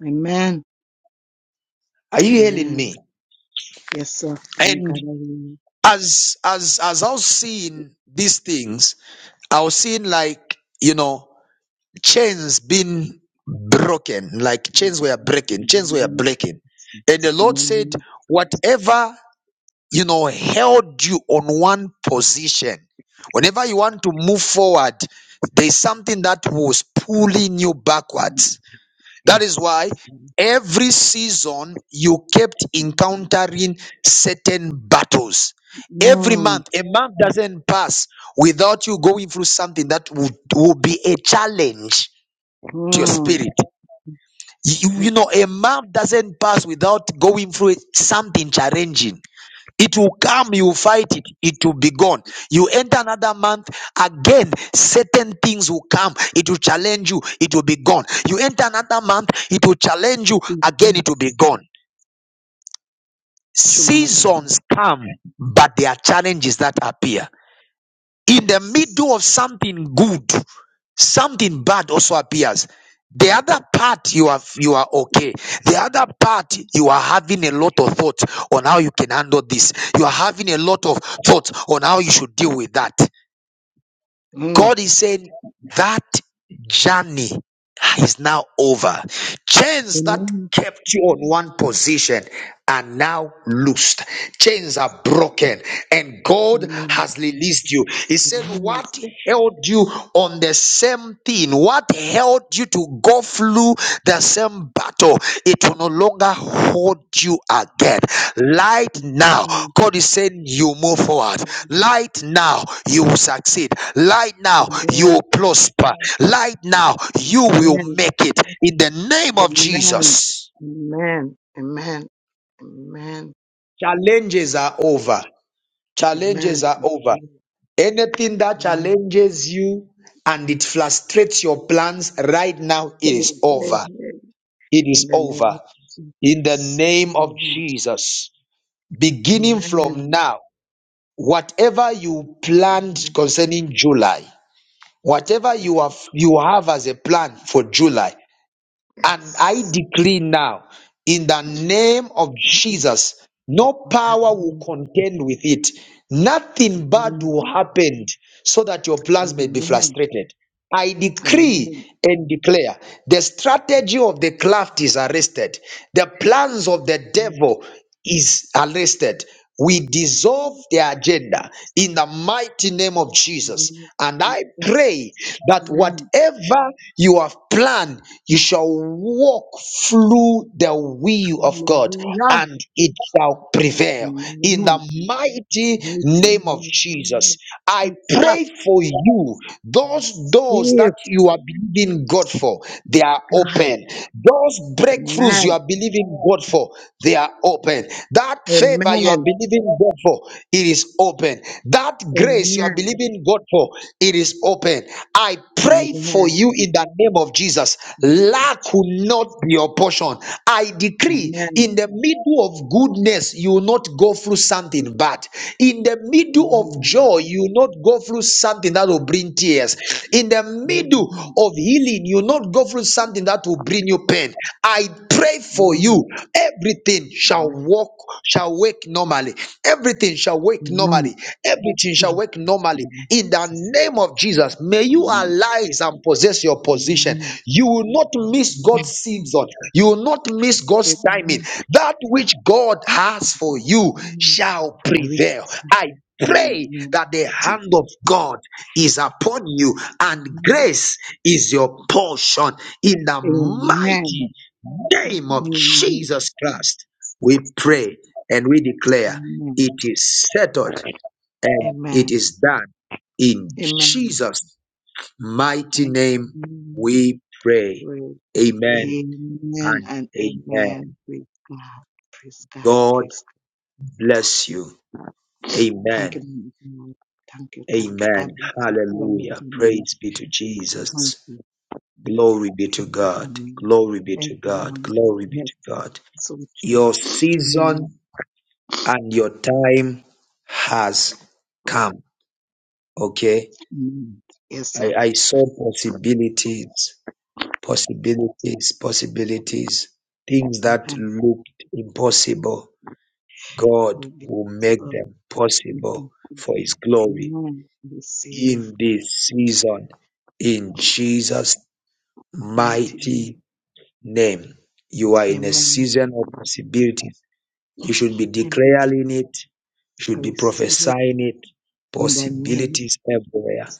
Speaker 13: Amen.
Speaker 1: Are you hearing
Speaker 13: Amen.
Speaker 1: me?
Speaker 13: Yes, sir. I'm
Speaker 1: And
Speaker 13: gathering.
Speaker 1: as as as I was seeing these things, I was seeing like you know chains being broken, like
Speaker 13: in
Speaker 1: chains were breaking,
Speaker 13: the
Speaker 1: chains were
Speaker 13: name of
Speaker 1: breaking. And the
Speaker 13: Jesus. In
Speaker 1: Lord
Speaker 13: the
Speaker 1: said,
Speaker 13: name
Speaker 1: Whatever you know, held you on one position. Whenever you want to move forward, there's something that was pulling you
Speaker 13: of-
Speaker 1: backwards. That is why
Speaker 13: Yes. Mm,
Speaker 1: every season you kept encountering certain battles. Every month, a month doesn't pass without you going through something that would, will be a challenge to your
Speaker 13: mm,
Speaker 1: spirit. You, you
Speaker 13: mm.
Speaker 1: know, a month doesn't pass without going through something challenging it will come, you
Speaker 13: Yes.
Speaker 1: fight it, it will be gone. You enter another month, again, certain things will come, it will challenge you, it will be gone. You enter another month, it will challenge you, again, it will be
Speaker 13: Jesus.
Speaker 1: gone.
Speaker 13: Chumanagana.
Speaker 1: Seasons come, but there are challenges that appear in the
Speaker 13: Yes.
Speaker 1: middle of something good, something bad also appears. The other part you are you are okay. The other part you are having a lot of thoughts on how you can handle this. You are having a lot of thoughts on how you should deal with that.
Speaker 13: Mm.
Speaker 1: God is saying that journey is now over. Chains that
Speaker 13: Amen.
Speaker 1: kept you on one position are now loosed. Chains are broken and God
Speaker 13: Amen.
Speaker 1: has released you. He said, What held you on the same thing? What held you to go through the same battle? It will no longer hold you again. Light now.
Speaker 13: Amen.
Speaker 1: God is saying you move forward. Light now, you will succeed. Light now, you
Speaker 13: Amen.
Speaker 1: will prosper. Light now, you will
Speaker 13: Amen.
Speaker 1: make it in the name of
Speaker 13: Amen.
Speaker 1: Jesus.
Speaker 13: Amen. Amen. Amen.
Speaker 1: Challenges are over.
Speaker 13: Amen.
Speaker 1: Challenges are over. Anything that challenges you and it frustrates your plans right now, it is
Speaker 13: Amen.
Speaker 1: over.
Speaker 13: Amen.
Speaker 1: It
Speaker 13: In
Speaker 1: is
Speaker 13: the name
Speaker 1: over.
Speaker 13: of
Speaker 1: In the
Speaker 13: Jesus.
Speaker 1: name of
Speaker 13: Amen.
Speaker 1: Jesus. Beginning from
Speaker 13: Amen.
Speaker 1: now, whatever you planned
Speaker 13: Amen.
Speaker 1: concerning July. whatever
Speaker 13: Yes.
Speaker 1: you have you have as a plan for july and i
Speaker 13: Yes.
Speaker 1: decree now in the name of
Speaker 13: Mhm.
Speaker 1: jesus no power will
Speaker 13: Amen.
Speaker 1: contend with it nothing bad
Speaker 13: Amen.
Speaker 1: will happen so that your plans may be
Speaker 13: Amen.
Speaker 1: frustrated i
Speaker 13: Amen.
Speaker 1: decree and declare the strategy of the craft is arrested the plans of the devil is arrested. We dissolve
Speaker 13: Amen.
Speaker 1: their agenda in the mighty name of Jesus.
Speaker 13: Amen.
Speaker 1: And I
Speaker 13: Yes.
Speaker 1: pray that
Speaker 13: Amen.
Speaker 1: whatever you have planned, you shall walk through the will of God
Speaker 13: Hallelujah.
Speaker 1: and it shall prevail.
Speaker 13: Amen.
Speaker 1: In
Speaker 13: Amen.
Speaker 1: the mighty
Speaker 13: in the
Speaker 1: name of
Speaker 13: name
Speaker 1: Jesus,
Speaker 13: of
Speaker 1: I pray
Speaker 13: Jesus.
Speaker 1: for you, those doors
Speaker 13: Receive
Speaker 1: that you are believing God for for, they are
Speaker 13: God.
Speaker 1: open. Those breakthroughs you
Speaker 13: Amen.
Speaker 1: are believing God for, they are open. That favor you are
Speaker 13: Amen.
Speaker 1: believing God for, it is open. That
Speaker 13: Amen.
Speaker 1: grace you are
Speaker 13: Amen.
Speaker 1: believing God for, it is open. I pray for
Speaker 13: Amen.
Speaker 1: you in the name of Jesus. Lack will not be your portion. I decree in the middle of goodness, you will not go through something bad. In the middle of joy,
Speaker 13: Amen.
Speaker 1: joy, you will not go through something that will bring tears. In the middle
Speaker 13: Amen.
Speaker 1: of healing, you will not go through something that will bring you pain. I pray for you.
Speaker 13: Amen.
Speaker 1: Everything shall
Speaker 13: Amen.
Speaker 1: walk, shall wake normally. Everything shall wake
Speaker 13: Amen.
Speaker 1: normally.
Speaker 13: Amen.
Speaker 1: Everything shall wake normally.
Speaker 13: Amen.
Speaker 1: In the name of Jesus, may you arise and possess your position.
Speaker 13: Amen.
Speaker 1: You will not miss God's
Speaker 13: Amen.
Speaker 1: season. You will not miss God's timing.
Speaker 13: Amen.
Speaker 1: That which God has for you
Speaker 13: Amen.
Speaker 1: shall
Speaker 13: I
Speaker 1: prevail.
Speaker 13: receive
Speaker 1: I
Speaker 13: it in the
Speaker 1: Pray
Speaker 13: name of
Speaker 1: that the
Speaker 13: Jesus.
Speaker 1: hand of God is upon you and
Speaker 13: Amen.
Speaker 1: grace is your portion in the
Speaker 13: Amen.
Speaker 1: mighty name of
Speaker 13: Amen.
Speaker 1: Jesus Christ. We pray and we declare
Speaker 13: Amen.
Speaker 1: it is settled and it
Speaker 13: Amen.
Speaker 1: is done in
Speaker 13: Amen.
Speaker 1: Jesus' mighty
Speaker 13: Thank
Speaker 1: name.
Speaker 13: you.
Speaker 1: We pray.
Speaker 13: Lord.
Speaker 1: Amen
Speaker 13: Amen
Speaker 1: and
Speaker 13: and
Speaker 1: amen.
Speaker 13: amen. Praise God. Praise God.
Speaker 1: God
Speaker 13: Praise God.
Speaker 1: bless you.
Speaker 13: Thank
Speaker 1: Amen.
Speaker 13: you, man of God. Thank you, thank you. God
Speaker 1: Amen.
Speaker 13: bless you. You and your
Speaker 1: Hallelujah.
Speaker 13: family.
Speaker 1: Praise be to
Speaker 13: Thank
Speaker 1: Jesus.
Speaker 13: you,
Speaker 1: Glory be to
Speaker 13: thank you,
Speaker 1: God.
Speaker 13: family.
Speaker 1: Glory be to God.
Speaker 13: Everyone.
Speaker 1: Glory be
Speaker 13: Yes.
Speaker 1: to God.
Speaker 13: So true.
Speaker 1: Your
Speaker 13: Amen.
Speaker 1: season and your time has come. Okay.
Speaker 13: Amen. Yes, sir.
Speaker 1: I, I saw possibilities, possibilities, possibilities, things that
Speaker 13: Amen.
Speaker 1: looked impossible. God
Speaker 13: Will be
Speaker 1: will make
Speaker 13: possible.
Speaker 1: them
Speaker 13: We
Speaker 1: possible
Speaker 13: thank you,
Speaker 1: for
Speaker 13: Lord.
Speaker 1: his glory
Speaker 13: Amen. Receive.
Speaker 1: in
Speaker 13: I
Speaker 1: this
Speaker 13: receive.
Speaker 1: season. In Jesus'
Speaker 13: Mighty name.
Speaker 1: mighty name. You are in a
Speaker 13: Amen.
Speaker 1: season of possibilities. You should be
Speaker 13: Amen.
Speaker 1: declaring it, you
Speaker 13: I
Speaker 1: should be
Speaker 13: receive it
Speaker 1: prophesying it.
Speaker 13: in the name.
Speaker 1: Possibilities everywhere.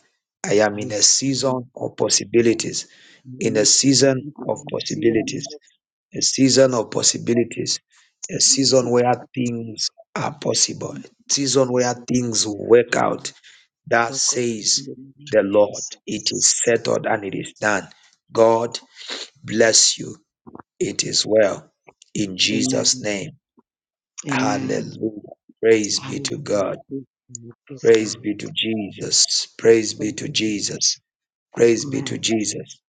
Speaker 1: I am
Speaker 13: I
Speaker 1: in a
Speaker 13: receive it.
Speaker 1: season of possibilities,
Speaker 13: I
Speaker 1: in a
Speaker 13: receive it.
Speaker 1: season
Speaker 13: I
Speaker 1: of
Speaker 13: receive it.
Speaker 1: possibilities,
Speaker 13: I
Speaker 1: a season of possibilities, a
Speaker 13: receive
Speaker 1: season
Speaker 13: it.
Speaker 1: where
Speaker 13: I receive
Speaker 1: things are possible,
Speaker 13: it.
Speaker 1: a season where things work out. That says the Lord, it is settled and it is done. God bless you. It is well. In Jesus'
Speaker 13: Amen.
Speaker 1: name.
Speaker 13: Amen.
Speaker 1: Hallelujah. Praise be to God.
Speaker 13: Hallelujah. Praise
Speaker 1: Praise
Speaker 13: God.
Speaker 1: be to Jesus.
Speaker 13: Praise
Speaker 1: Praise
Speaker 13: God.
Speaker 1: be
Speaker 13: Thank
Speaker 1: to
Speaker 13: you.
Speaker 1: Jesus.
Speaker 13: God.
Speaker 1: Praise be to
Speaker 13: Amen.
Speaker 1: Jesus.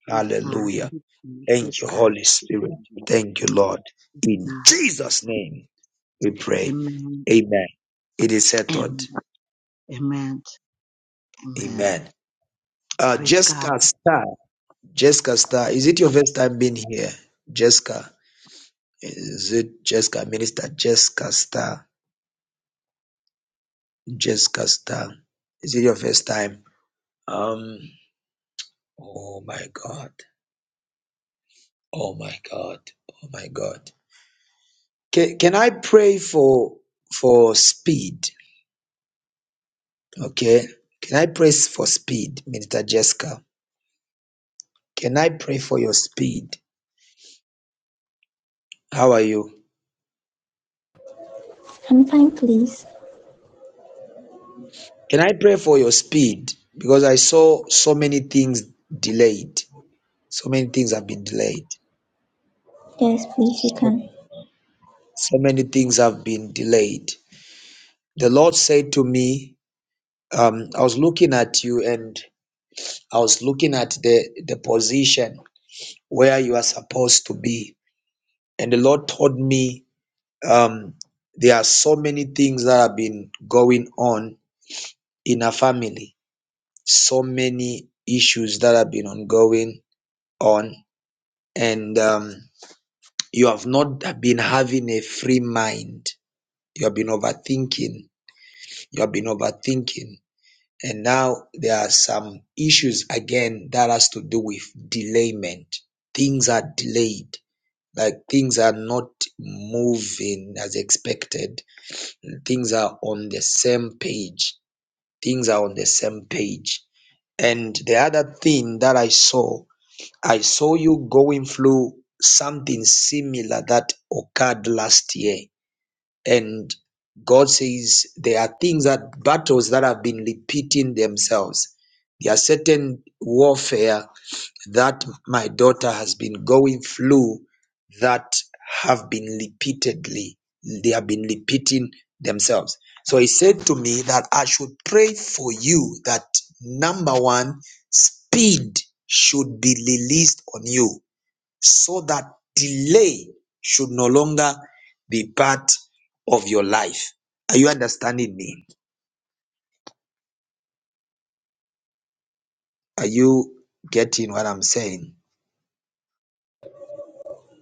Speaker 13: God.
Speaker 1: Hallelujah.
Speaker 13: thank you.
Speaker 1: Thank
Speaker 13: Praise
Speaker 1: you,
Speaker 13: God.
Speaker 1: Holy Spirit. Thank you, Lord. In
Speaker 13: God.
Speaker 1: Jesus' name we pray.
Speaker 13: Amen.
Speaker 1: Amen. It is settled.
Speaker 13: Amen. Amen. Amen.
Speaker 1: Amen. Uh,
Speaker 13: Praise God.
Speaker 1: Jessica Star. Jessica Star. Is it your first time being here? Jessica. Is it Jessica? Minister Jessica Star. Jessica Star. Is it your first time? Um, oh my God. Oh my God. Oh my God. Can, can I pray for for speed? Okay. Can I pray for speed, Minister Jessica? Can I pray for your speed? How are you?
Speaker 14: Confine, please.
Speaker 1: Can I pray for your speed? Because I saw so many things delayed. So many things have been delayed.
Speaker 14: Yes, please, you can.
Speaker 1: So many things have been delayed. The Lord said to me, um, I was looking at you and I was looking at the, the position where you are supposed to be. And the Lord told me um, there are so many things that have been going on in our family, so many issues that have been ongoing on, and um, you have not been having a free mind. You have been overthinking. You have been overthinking. And now there are some issues again that has to do with delayment. Things are delayed like things are not moving as expected. Things are on the same page. Things are on the same page. And the other thing that I saw, I saw you going through something similar that occurred last year. And God says there are things that battles that have been repeating themselves. There are certain warfare that my daughter has been going through that have been repeatedly, they have been repeating themselves. So he said to me that I should pray for you that number one, speed should be released on you so that delay should no longer be part of your life. Are you understanding me? Are you getting what I'm saying?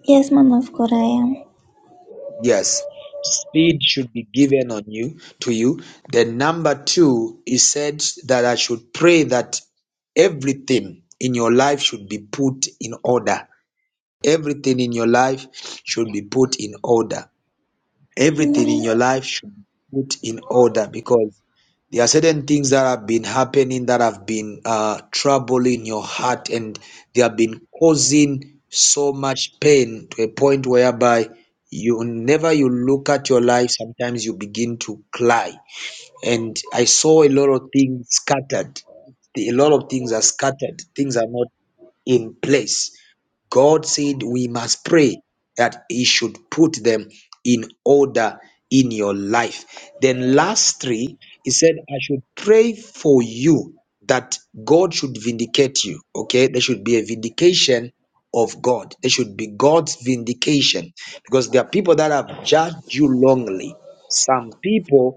Speaker 14: Yes, man of God, I am.
Speaker 1: Yes, speed should be given on you to you. Then number two, he said that I should pray that everything in your life should be put in order. Everything in your life should be put in order. Everything in
Speaker 14: Amen.
Speaker 1: your life should be put in order because. There are certain things that have been happening that have been uh, troubling your heart and they have been causing so much pain to a point whereby you never you look at your life sometimes you begin to cry and i saw a lot of things scattered a lot of things are scattered things are not in place God said we must pray that He should put them in order in your life. Then, last three, He said, I should pray for you that God should vindicate you. Okay, there should be a vindication of God, there should be God's vindication because there are people that have judged you wrongly, some people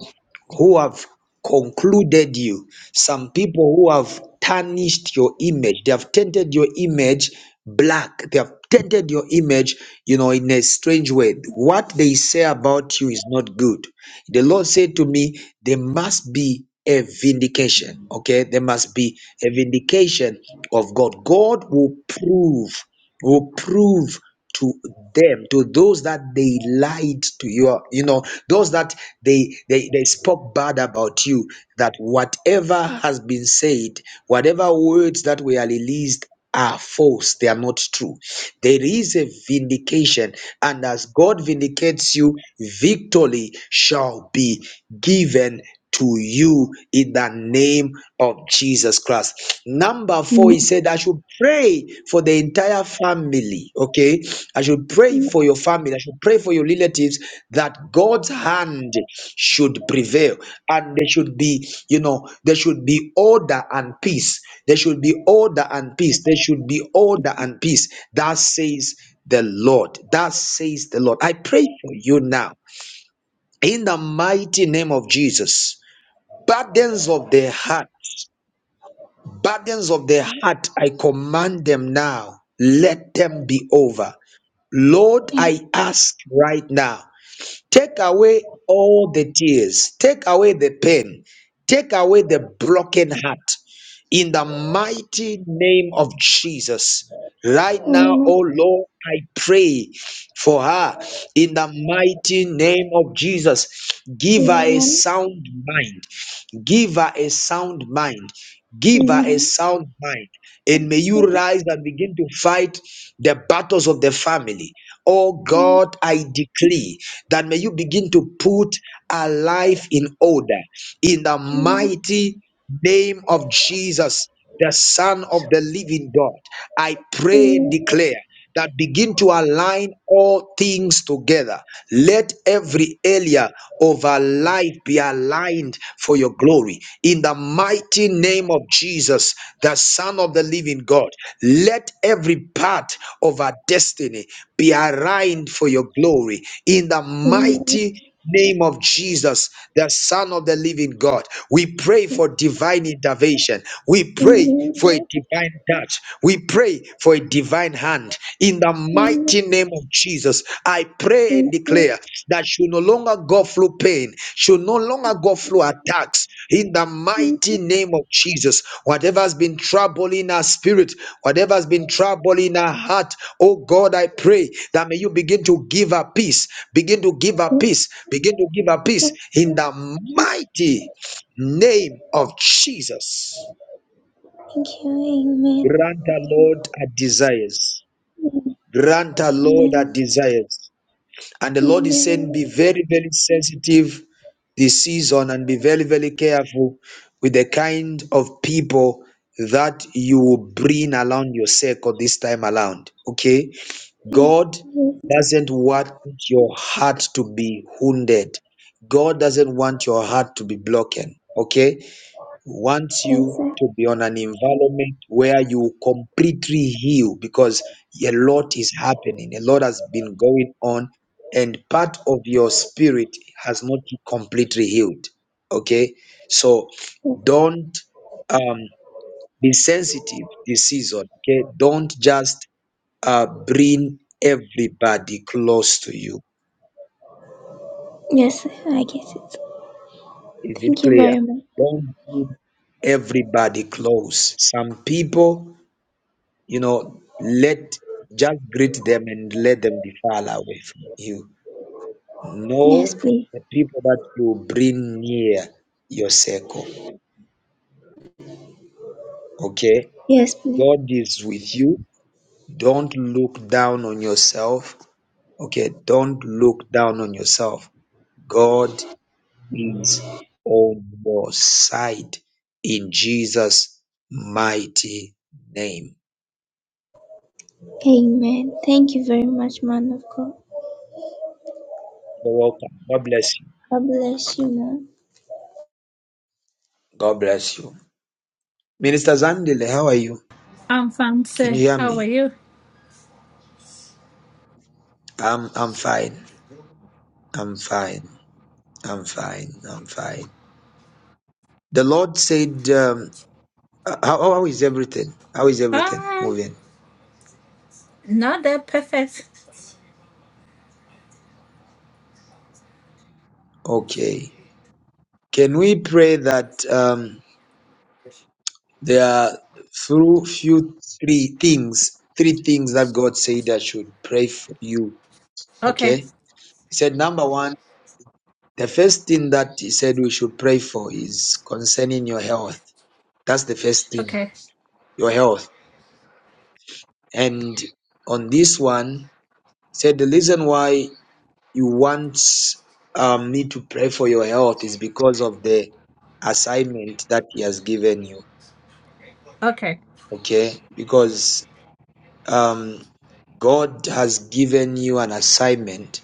Speaker 1: who have concluded you some people who have tarnished your image, they have tainted your image black, they have tainted your image, you know, in a strange way. What they say about you is not good. The Lord said to me, There must be a vindication, okay? There must be a vindication of God. God will prove, will prove to them to those that they lied to you you know those that they they, they spoke bad about you that whatever has been said, whatever words that were released are false, they are not true. There is a vindication, and as God vindicates you, victory shall be given to you in the name of Jesus Christ. Number four,
Speaker 14: Amen.
Speaker 1: he said, I should pray for the entire family. Okay. I should pray
Speaker 14: Amen.
Speaker 1: for your family. I should pray for your relatives that God's hand should prevail and there should be, you know, there should be order and peace. There should be order and peace. There should be order and peace. That says the Lord. That says the Lord. I pray for you now in the mighty name of Jesus. Burdens of the heart, burdens of the heart, I command them now. Let them be over. Lord, I ask right now. Take away all the tears. Take away the pain. Take away the broken heart. In the mighty name of Jesus. Right now,
Speaker 14: Amen.
Speaker 1: oh Lord, I pray for her. In the mighty name of Jesus, give her a
Speaker 14: Amen.
Speaker 1: sound mind. Give her a sound mind. Give her a
Speaker 14: Amen.
Speaker 1: sound mind.
Speaker 14: I
Speaker 1: And may you
Speaker 14: receive it.
Speaker 1: rise and begin to fight the battles of the family. Oh
Speaker 14: Amen.
Speaker 1: God, I decree that may you begin to put our life in order in the
Speaker 14: Amen.
Speaker 1: mighty name of Jesus, the Son of the living God. I pray and declare that begin to align all things together. Let every area of our life be aligned for your glory. In the mighty name of Jesus, the Son of the living God, let every part of our destiny be aligned for your glory. In the
Speaker 14: Amen. Amen.
Speaker 1: mighty name of Jesus, the Son of the living God. We pray
Speaker 14: Yes.
Speaker 1: for divine intervention. We pray
Speaker 14: Amen.
Speaker 1: for a
Speaker 14: Lord.
Speaker 1: divine touch. We pray for a divine hand. In the
Speaker 14: Amen.
Speaker 1: mighty name of Jesus, I
Speaker 14: Amen.
Speaker 1: pray and
Speaker 14: Amen.
Speaker 1: declare that she will no longer go through pain to no longer go through attacks in the mighty name of Jesus. Whatever has been troubling our spirit, whatever has been troubling our heart, oh God, I pray that may you begin to give her peace, begin to give
Speaker 14: Yes.
Speaker 1: her
Speaker 14: Yes.
Speaker 1: peace, begin to give her peace in the
Speaker 14: Yes. Yes. Thank
Speaker 1: mighty name of Jesus.
Speaker 14: you. Amen. Amen.
Speaker 1: Grant our Lord our desires.
Speaker 14: Amen.
Speaker 1: Grant our Lord our desires. And the Lord is
Speaker 14: Amen.
Speaker 1: saying,
Speaker 14: Amen.
Speaker 1: be very, very sensitive this season and be very, very careful with the kind of people that you will bring around your circle this time around. Okay?
Speaker 14: Yes.
Speaker 1: God
Speaker 14: Yes.
Speaker 1: doesn't want your heart to be wounded, God doesn't want your heart to be broken. Okay? wants you to be on an environment where you completely heal because a lot is happening, a lot has been going on, and part of your spirit has not completely healed. Okay, so don't um, be sensitive this season. Okay, don't just uh, bring everybody close to you.
Speaker 14: Yes. I get it.
Speaker 1: Is it
Speaker 14: Thank you
Speaker 1: clear?
Speaker 14: very much.
Speaker 1: Don't bring everybody close. Some people You know, let just greet them and let them be far away from you.
Speaker 14: Yes,
Speaker 1: Know
Speaker 14: please.
Speaker 1: the people that you bring near your circle. Okay?
Speaker 14: Yes, please.
Speaker 1: God is with you. Don't look down on yourself. Okay? Don't look down on yourself. God is on your side in Jesus' mighty name.
Speaker 14: Amen. Thank you very much, man of God.
Speaker 1: You're welcome. God bless you.
Speaker 14: God bless you, man.
Speaker 1: God bless you. Minister Zandile, how are you?
Speaker 15: I'm fine,
Speaker 1: Can you
Speaker 15: sir.
Speaker 1: hear
Speaker 15: How
Speaker 1: me?
Speaker 15: are you?
Speaker 1: I'm I'm fine. I'm fine. I'm fine. I'm fine. The Lord said, um, uh, how, "How is everything? How is everything
Speaker 15: Um,
Speaker 1: moving?"
Speaker 15: not that perfect.
Speaker 1: Okay. Can we pray that um, there are through few three things, three things that God said I should pray for you?
Speaker 15: Okay,
Speaker 1: Okay. He said, number one, the first thing that He said we should pray for is concerning your health. That's the first thing,
Speaker 15: okay,
Speaker 1: your health. And on this one, said the reason why you want um, me to pray for your health is because of the assignment that he has given you
Speaker 15: okay,
Speaker 1: okay because um, god has given you an assignment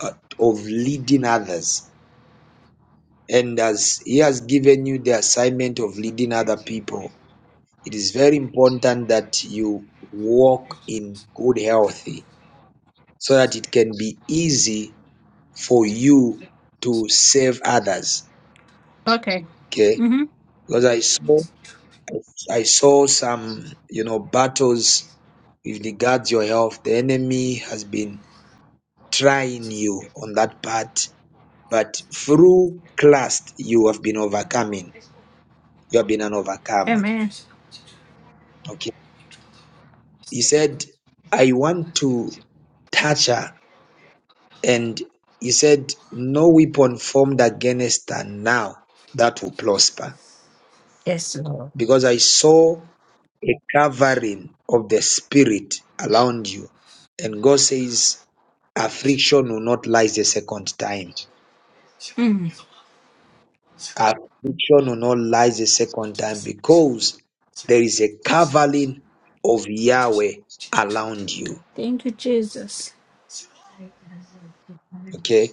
Speaker 1: uh, of leading others and as he has given you the assignment of leading other people it is very important that you walk in good health, so that it can be easy for you to save others
Speaker 15: okay.
Speaker 1: Okay.
Speaker 15: Mm-hmm.
Speaker 1: Because I saw, I saw some, you know, battles with regards your health. The enemy has been trying you on that part, but through Christ, you have been overcoming. You have been an overcomer.
Speaker 15: Amen.
Speaker 1: Okay. He said, I want to touch her. And he said, no weapon formed against her now that will prosper
Speaker 15: Yes, Lord.
Speaker 1: because I saw a covering of the spirit around you. And God says, affliction will not rise the second time.
Speaker 15: Mm.
Speaker 1: Affliction will not rise the second time because there is a covering of Yahweh around you.
Speaker 15: Thank you, Jesus.
Speaker 1: Okay.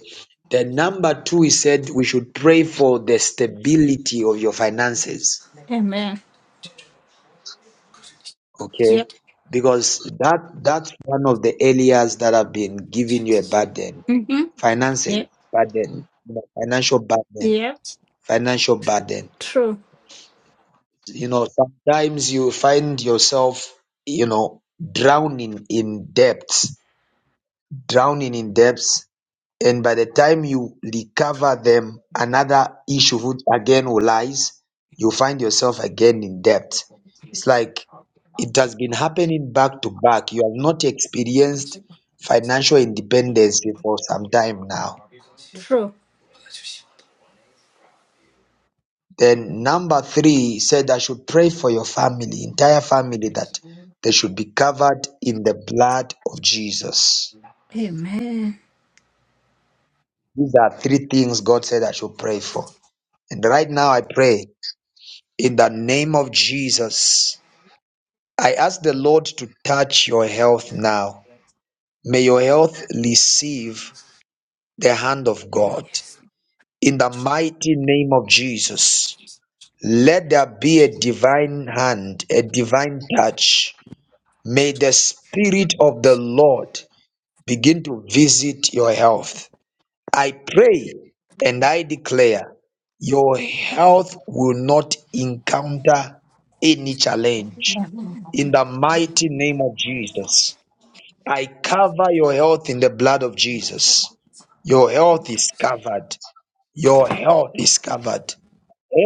Speaker 1: The number two, he said, we should pray for the stability of your finances.
Speaker 15: Amen.
Speaker 1: Okay.
Speaker 15: Yep.
Speaker 1: Because that that's one of the areas that have been giving you a burden
Speaker 15: Mm-hmm.
Speaker 1: Finances,
Speaker 15: Yep.
Speaker 1: burden, you know, financial burden,
Speaker 15: Yep.
Speaker 1: financial burden.
Speaker 15: True.
Speaker 1: You know, sometimes you find yourself, you know, drowning in debts, drowning in debts, and by the time you recover them, another issue would again will arise. You find yourself again in debt. It's like it has been happening back to back. You have not experienced financial independence for some time now
Speaker 15: True.
Speaker 1: Then number three said, I should pray for your family, entire family, that they should be covered in the blood of Jesus.
Speaker 15: Amen.
Speaker 1: These are three things God said I should pray for. And right now I pray in the name of Jesus. I ask the Lord to touch your health now. May your health receive the hand of God. In the mighty name of Jesus, let there be a divine hand, a divine touch May the Spirit of the Lord begin to visit your health. I pray and I declare your health will not encounter any challenge. In the mighty name of Jesus, I cover your health in the blood of Jesus. Your health is covered. Your health is covered.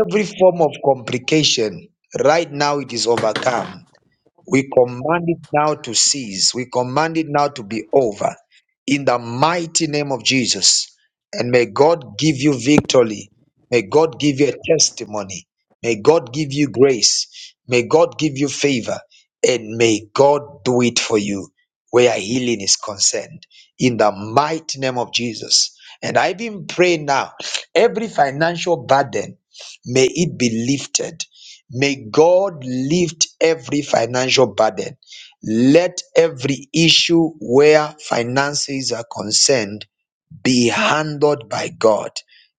Speaker 1: Every form of complication, right now, it is overcome we command it now to cease. We command it now to be over in the mighty name of Jesus. And may God give you victory. May God give you a testimony. May God give you grace. May God give you favor. And may God do it for you where healing is concerned in the mighty name of Jesus. And I even pray now every financial burden may it be lifted May God lift every financial burden. Let every issue where finances are concerned be handled by God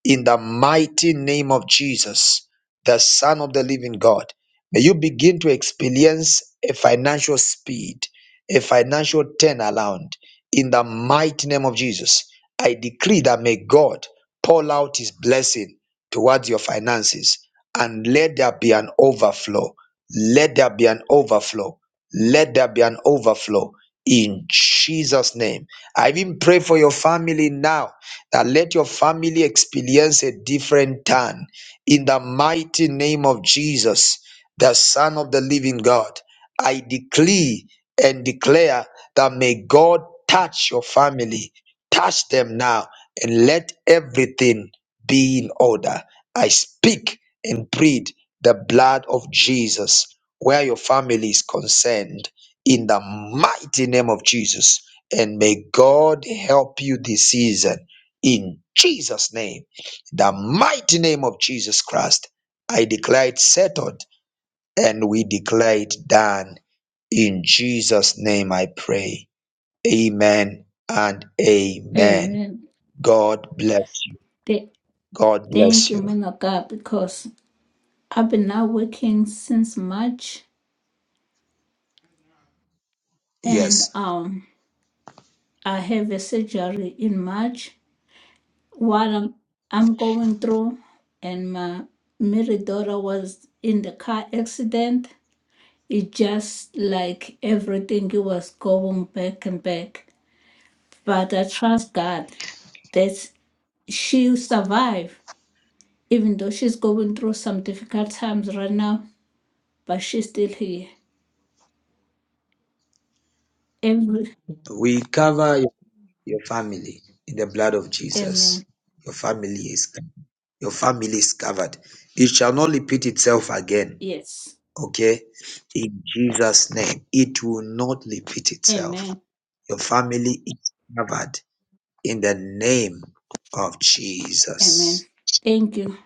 Speaker 1: in the mighty name of Jesus, the Son of the living God. May you begin to experience a financial speed, a financial turnaround in the mighty name of Jesus. I decree that may God pour out his blessing towards your finances and let there be an overflow. Let there be an overflow. Let there be an overflow in Jesus' name. I even pray for your family now that let your family experience a different turn in the mighty name of Jesus, the Son of the living God. I decree and declare that may God touch your family, touch them now, and let everything be in order. I speak and plead the blood of Jesus where your family is concerned in the mighty name of Jesus. And may God help you this season in Jesus' name. The mighty name of Jesus Christ. I declare it settled and we declare it done. In Jesus' name I pray. Amen and amen.
Speaker 15: Amen.
Speaker 1: God bless you.
Speaker 15: Th-
Speaker 1: God bless
Speaker 15: thank you,
Speaker 1: you.
Speaker 15: man of God, because I've been not working since March, and
Speaker 1: Yes.
Speaker 15: um, I have a surgery in March. what I'm, I'm going through, and my married daughter was in the car accident. It just like everything, it was going back and back. But I trust God that she'll survive, even though she's going through some difficult times right now, but she's still here. Every,
Speaker 1: We cover your your family in the blood of Jesus.
Speaker 15: amen.
Speaker 1: Your family is your family is covered. It shall not repeat itself again.
Speaker 15: Yes.
Speaker 1: Okay In Jesus' name, it will not repeat itself.
Speaker 15: Amen.
Speaker 1: Your family is covered in the name of
Speaker 15: Amen.
Speaker 1: Jesus.
Speaker 15: Thank you.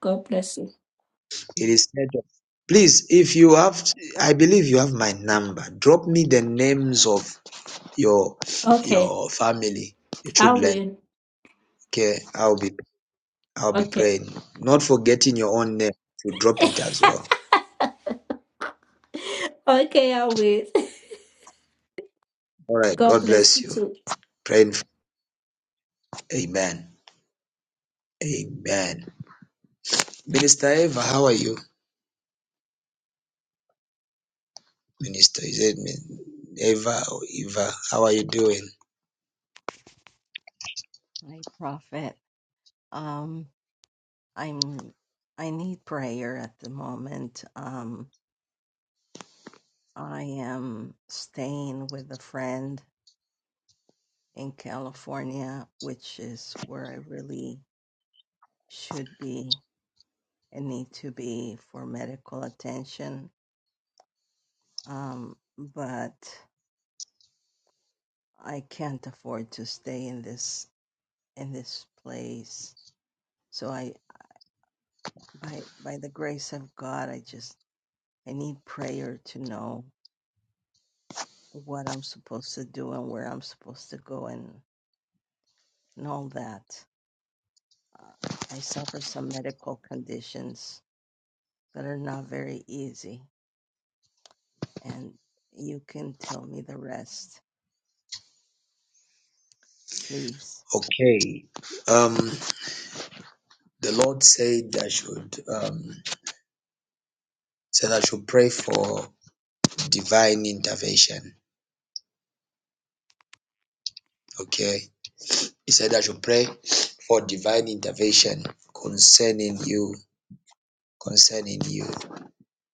Speaker 15: God bless you.
Speaker 1: It is said of- Please, if you have, I believe you have my number. Drop me the names of your
Speaker 15: Okay.
Speaker 1: your family, your
Speaker 15: I
Speaker 1: children.
Speaker 15: will.
Speaker 1: Okay, I'll be I'll be
Speaker 15: Okay.
Speaker 1: praying. Not forgetting your own name to drop it as well.
Speaker 15: Okay, I will. wait.
Speaker 1: All right.
Speaker 15: God
Speaker 1: God
Speaker 15: bless
Speaker 1: bless
Speaker 15: you
Speaker 1: you.
Speaker 15: too.
Speaker 1: Praying. for- Amen. Amen. Minister Eva, how are you? Minister, is it me- Eva or Eva? How are you doing?
Speaker 16: Hi, Prophet. Um, I'm I need prayer at the moment. Um, I am staying with a friend in California, which is where I really should be and need to be for medical attention. Um, but I can't afford to stay in this in this place. So I by by the grace of God, I just I need prayer to know. what I'm supposed to do and where I'm supposed to go and, and all that. Uh, I suffer some medical conditions that are not very easy, and you can tell me the rest, please.
Speaker 1: Okay. Um, the Lord said I should um said I should pray for divine intervention. Okay. He said I should pray for divine intervention concerning you, concerning you,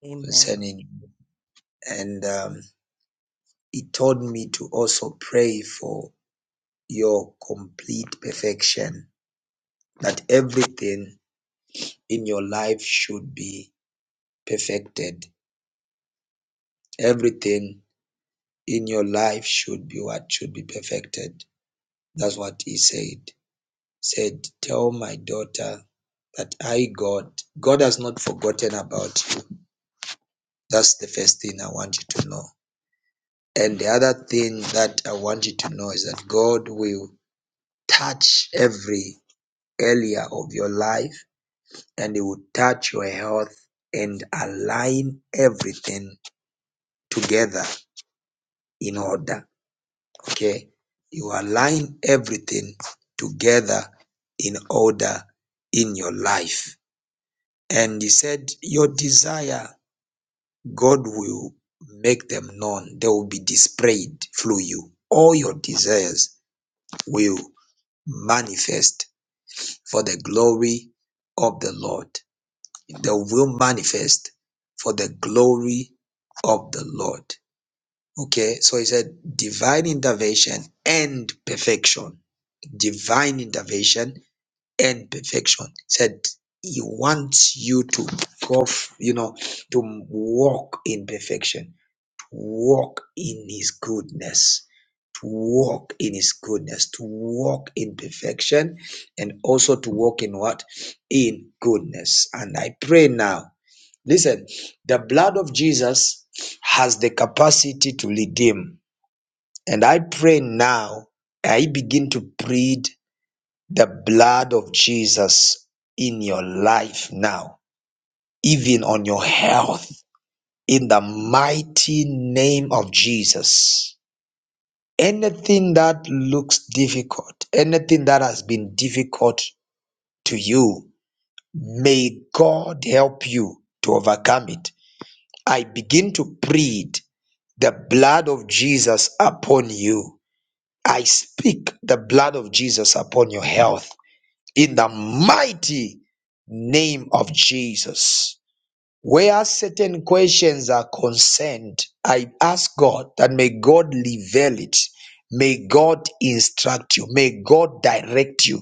Speaker 16: Amen.
Speaker 1: concerning and um he told me to also pray for your complete perfection, that everything in your life should be perfected Everything in your life should be what? Should be perfected. That's what he said. Said, Tell my daughter that I, God, God has not forgotten about you. That's the first thing I want you to know. And the other thing that I want you to know is that God will touch every area of your life and He will touch your health and align everything together in order. Okay. You align everything together in order in your life. And he said, Your desire, God will make them known. They will be displayed through you. All your desires will manifest for the glory of the Lord. They will manifest for the glory of the Lord. Okay, so he said divine intervention and perfection divine intervention and perfection. Said he wants you to prof, you know, to walk in perfection, walk in his goodness, to walk in his goodness, to walk in perfection, and also to walk in what? In goodness. And I pray now. Listen, the blood of Jesus has the capacity to redeem. And I pray now, I begin to plead the blood of Jesus in your life now, even on your health, in the mighty name of Jesus. Anything that looks difficult, anything that has been difficult to you, may God help you to overcome it. I begin to plead the blood of Jesus upon you. I speak the blood of Jesus upon your health. in the mighty name of Jesus. Where certain questions are concerned, I ask God that may God reveal it. May God instruct you. May God direct you.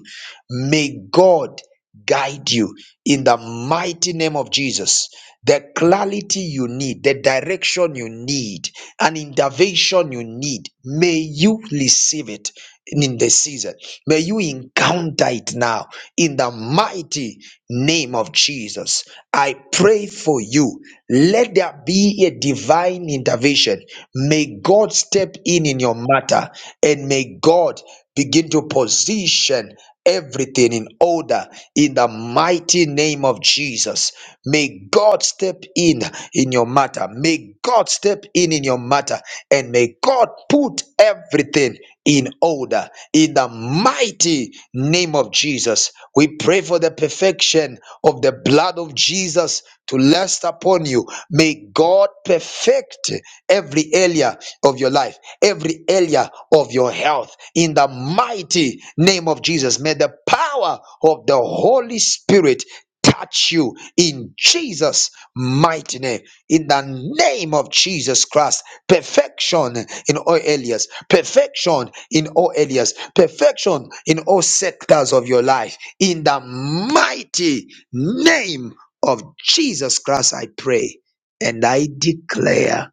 Speaker 1: May God guide you in the mighty name of Jesus the clarity you need, the direction you need, an intervention you need. May you receive it in the season. May you encounter it now in the mighty name of Jesus. I pray for you. Let there be a divine intervention. May God step in in your matter and may God begin to position everything in order in the mighty name of Jesus. May God step in in your matter. May God step in in your matter and may God put everything in order in the mighty name of Jesus. We we pray for the perfection of the blood of Jesus to rest upon you. May God perfect every area of your life, every area of your health. In the mighty name of Jesus, may the power of the Holy Spirit touch you in Jesus' mighty name. In the name of Jesus Christ, perfection in all areas, perfection in all areas, perfection in all sectors of your life in the mighty name of Jesus Christ, I pray and I declare,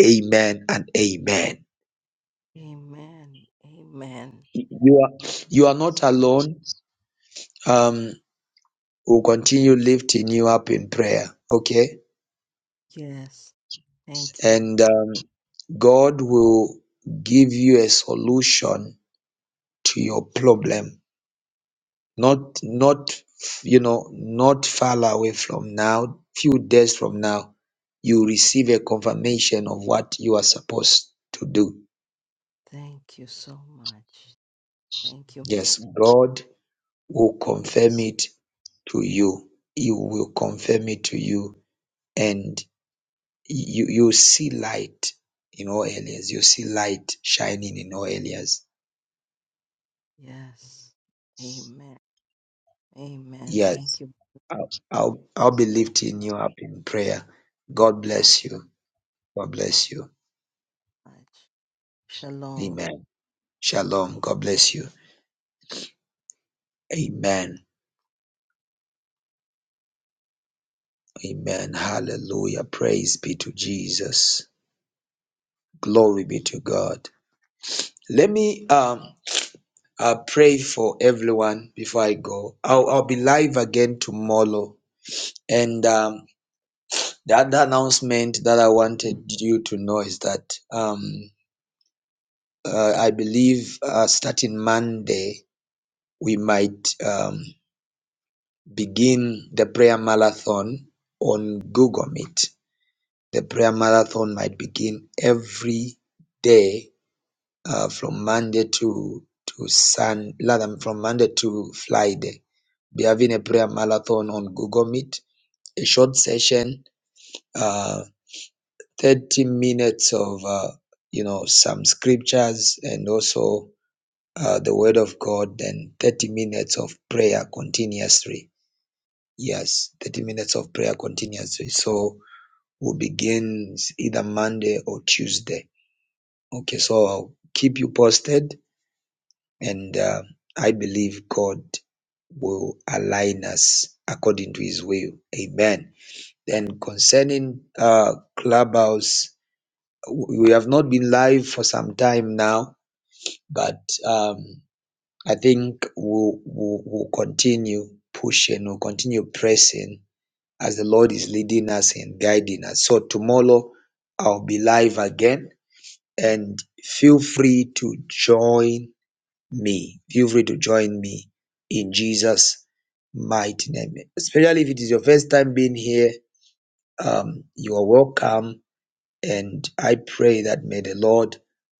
Speaker 1: Amen and Amen.
Speaker 16: Amen. Amen.
Speaker 1: You are you
Speaker 16: Thank
Speaker 1: are
Speaker 16: you.
Speaker 1: not
Speaker 16: s-
Speaker 1: alone. Um, we'll continue lifting you up in prayer, okay?
Speaker 16: Yes. Thank you.
Speaker 1: And uh, God will give you a solution to your problem not not you know not far away from now few days from now you receive a confirmation of what you are supposed to do
Speaker 16: Thank you so much. Thank you.
Speaker 1: yes god will confirm
Speaker 16: Bless
Speaker 1: it to you he will confirm it to you and you you see light in all areas you see light shining in all areas
Speaker 16: you. Yes. Amen. Amen. Thank
Speaker 1: yes
Speaker 16: you.
Speaker 1: i'll i'll be
Speaker 16: Bless you.
Speaker 1: lifting you up in prayer god
Speaker 16: God
Speaker 1: bless
Speaker 16: bless
Speaker 1: you god bless you
Speaker 16: you much. Shalom.
Speaker 1: amen shalom god bless you Amen. Amen. Hallelujah. Praise be to Jesus. Glory be to God. Let me um uh, pray for everyone before I go. I'll, I'll be live again tomorrow. And um, the other announcement that I wanted you to know is that um, uh, I believe uh, starting Monday, we might um, begin the prayer marathon on Google Meet. The prayer marathon might begin every day uh, from Monday to to Sun, rather from Monday to Friday. Be having a prayer marathon on Google Meet, a short session, uh, 30 minutes of uh, you know some scriptures and also uh, the Word of God, and 30 minutes of prayer continuously. Yes, 30 minutes of prayer continuously. So we begin either Monday or Tuesday. Okay, so I'll keep you posted and. Uh, I believe God will align us according to his will. Amen. Then concerning uh Clubhouse, we have not been live for some time now, but um I think we'll, we'll, we'll continue pushing, we'll continue pressing as the Lord is leading us and guiding us. So tomorrow I'll be live again and feel free to join me. Feel free to join me in Jesus' mighty name. Especially if it is your first time being here, um, you are welcome. And I pray that may the Lord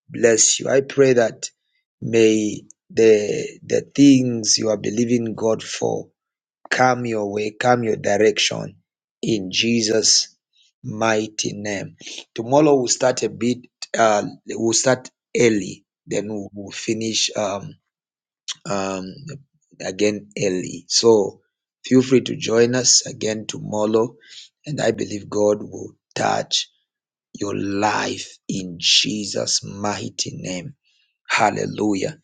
Speaker 1: bless you. I pray that may the the things you are believing God for come your way, come your direction in Jesus' mighty name. Tomorrow we'll start a bit uh we'll start early, then we'll we'll finish um um, again early. So feel free to join us again tomorrow. And I believe God will touch your life in Jesus' mighty name. Hallelujah.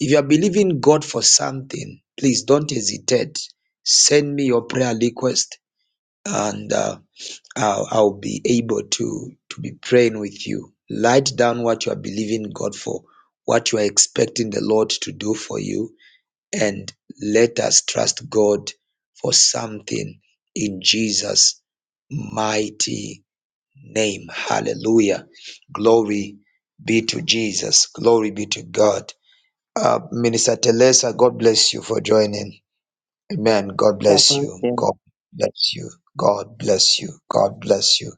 Speaker 1: If you are believing God for something, please don't hesitate. Send me your prayer request and uh, I'll, I'll be able to, to be praying with you. Write down what you are believing God for, what you are expecting the Lord to do for you and let us trust God for something in Jesus' mighty name. Hallelujah. Glory be to Jesus. Glory be to God. Uh, Minister Telesa, God bless you for joining. Amen. God
Speaker 11: God
Speaker 1: bless
Speaker 11: bless
Speaker 1: you.
Speaker 11: you.
Speaker 1: God bless you. God bless you. God bless you.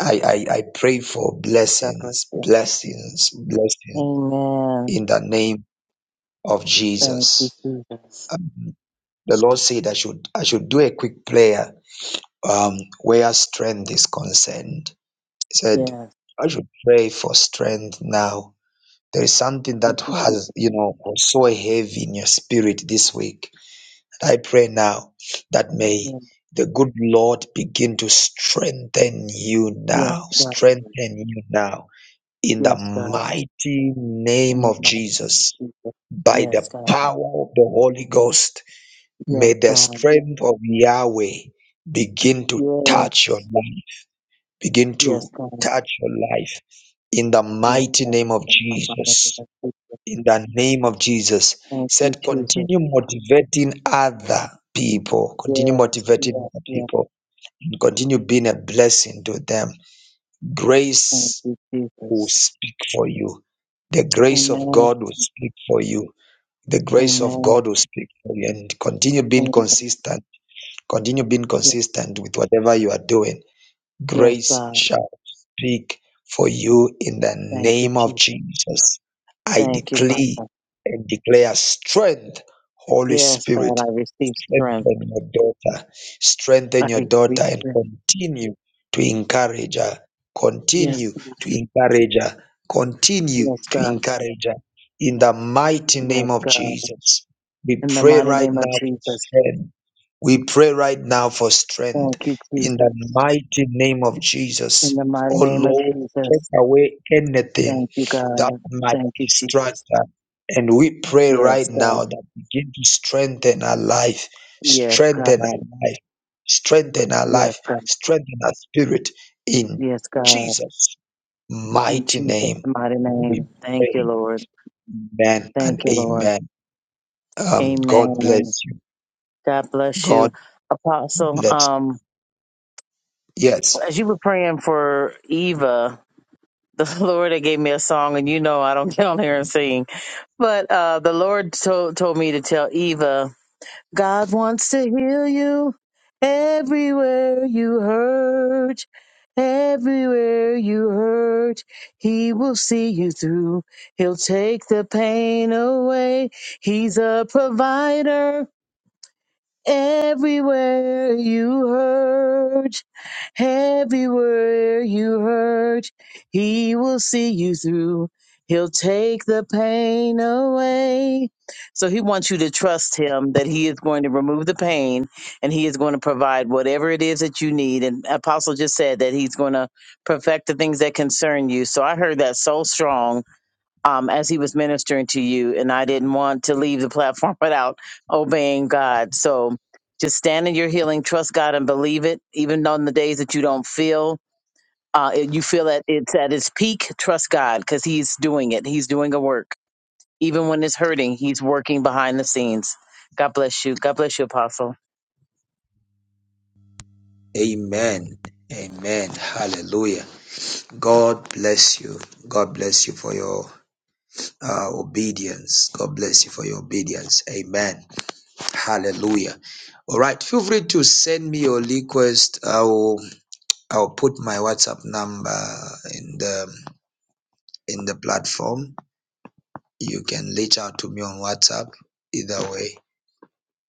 Speaker 1: I, I, I pray for
Speaker 11: God bless
Speaker 1: blessings,
Speaker 11: you.
Speaker 1: blessings, blessings
Speaker 11: Amen.
Speaker 1: in the name of
Speaker 11: Thank you,
Speaker 1: Jesus.
Speaker 11: Jesus.
Speaker 1: The Lord said I should I should do a quick prayer um, where strength is concerned. He said
Speaker 11: Yes.
Speaker 1: I should pray for strength now. There is something
Speaker 11: Thank
Speaker 1: that
Speaker 11: you,
Speaker 1: has
Speaker 11: Jesus.
Speaker 1: you know was so heavy in your spirit this week. I pray now that may
Speaker 11: Yes,
Speaker 1: the good Lord begin to strengthen you
Speaker 11: yes,
Speaker 1: now,
Speaker 11: God.
Speaker 1: strengthen you now in the
Speaker 11: Yes, God.
Speaker 1: mighty name
Speaker 11: In the
Speaker 1: of
Speaker 11: mighty name of
Speaker 1: Jesus
Speaker 11: Jesus.
Speaker 1: by the
Speaker 11: Yes, God.
Speaker 1: power of the Holy Ghost
Speaker 11: Yes,
Speaker 1: May the
Speaker 11: God.
Speaker 1: strength of Yahweh begin to touch your
Speaker 11: Yes.
Speaker 1: life, begin
Speaker 11: Yes,
Speaker 1: to
Speaker 11: God.
Speaker 1: touch your life in the
Speaker 11: Yes,
Speaker 1: mighty
Speaker 11: God.
Speaker 1: name of
Speaker 11: In the mighty name
Speaker 1: Jesus.
Speaker 11: of Jesus.
Speaker 1: In the name of Jesus, He
Speaker 11: Thank you,
Speaker 1: said,
Speaker 11: Jesus.
Speaker 1: continue motivating other people, continue
Speaker 11: Yes,
Speaker 1: motivating
Speaker 11: yes,
Speaker 1: other
Speaker 11: yes.
Speaker 1: people, and continue being a blessing to them.
Speaker 11: Thank
Speaker 1: Grace
Speaker 11: you,
Speaker 1: will
Speaker 11: Jesus.
Speaker 1: speak for you. The grace of
Speaker 11: Amen.
Speaker 1: God will speak for you. The grace of
Speaker 11: Amen.
Speaker 1: God will speak for you, and continue being
Speaker 11: Amen.
Speaker 1: consistent Continue being
Speaker 11: Yes,
Speaker 1: consistent with whatever you are doing.
Speaker 11: yes,
Speaker 1: Grace
Speaker 11: God.
Speaker 1: shall speak for you in the
Speaker 11: Thank you,
Speaker 1: name of
Speaker 11: Jesus.
Speaker 1: Jesus. I
Speaker 11: Thank you,
Speaker 1: decree
Speaker 11: Father.
Speaker 1: and declare strength, Holy
Speaker 11: Yes,
Speaker 1: Spirit,
Speaker 11: God, I receive strength.
Speaker 1: strengthen your daughter. Strengthen
Speaker 11: I
Speaker 1: your daughter
Speaker 11: receive
Speaker 1: and
Speaker 11: strength.
Speaker 1: continue to encourage her.
Speaker 11: Yes,
Speaker 1: Continue
Speaker 11: God.
Speaker 1: to encourage her. Continue
Speaker 11: Yes,
Speaker 1: to
Speaker 11: God.
Speaker 1: encourage her. In the mighty
Speaker 11: Yes,
Speaker 1: name of
Speaker 11: God.
Speaker 1: Jesus, we
Speaker 11: In the
Speaker 1: pray
Speaker 11: mighty
Speaker 1: right
Speaker 11: name of
Speaker 1: now for
Speaker 11: Jesus.
Speaker 1: strength. We pray right now for
Speaker 11: Thank
Speaker 1: strength.
Speaker 11: you,
Speaker 1: In the
Speaker 11: Jesus.
Speaker 1: mighty name of Jesus,
Speaker 11: In the mighty
Speaker 1: oh
Speaker 11: name of
Speaker 1: Lord, take
Speaker 11: Jesus.
Speaker 1: away anything
Speaker 11: Thank you,
Speaker 1: that
Speaker 11: God.
Speaker 1: might
Speaker 11: Thank you,
Speaker 1: distract
Speaker 11: Jesus.
Speaker 1: her. And we pray
Speaker 11: Yes,
Speaker 1: right
Speaker 11: God.
Speaker 1: now that begin to strengthen her life
Speaker 11: Yes, God.
Speaker 1: strengthen our life, strengthen our
Speaker 11: Yes,
Speaker 1: life,
Speaker 11: God.
Speaker 1: strengthen our spirit in
Speaker 11: Yes, God.
Speaker 1: Jesus'
Speaker 11: In
Speaker 1: mighty
Speaker 11: Jesus'
Speaker 1: name.
Speaker 11: mighty
Speaker 1: We
Speaker 11: name. Thank you,
Speaker 1: pray.
Speaker 11: Lord.
Speaker 1: Amen and
Speaker 11: Thank you, Lord.
Speaker 1: amen. Um, God
Speaker 11: Amen.
Speaker 1: bless you.
Speaker 11: God bless you.
Speaker 1: God
Speaker 11: Apostle,
Speaker 1: bless.
Speaker 11: um,
Speaker 1: Yes.
Speaker 11: as you were praying for Eva, the Lord had gave me a song, and you know I don't get on here and sing. But uh, the Lord told told me to tell Eva, God wants to heal you everywhere you hurt, everywhere you hurt. He will see you through. He'll take the pain away. He's a provider. Everywhere you hurt, everywhere you hurt, he will see you through. He'll take the pain away. So he wants you to trust him that he is going to remove the pain and he is going to provide whatever it is that you need. And Apostle just said that he's going to perfect the things that concern you. So I heard that so strong um, as he was ministering to you, and I didn't want to leave the platform without obeying God. So just stand in your healing, trust God, and believe it, even on the days that you don't feel. Uh, it- you feel that it's at its peak. Trust God because He's doing it. He's doing a work. Even when it's hurting, He's working behind the scenes. God bless you. God bless you, Apostle.
Speaker 1: Amen. Amen. Hallelujah. God bless you. God bless you for your uh, obedience. God bless you for your obedience. Amen. Hallelujah. All right. Feel free to send me your request. I will I'll put my WhatsApp number in the in the platform. You can reach out to me on WhatsApp either way.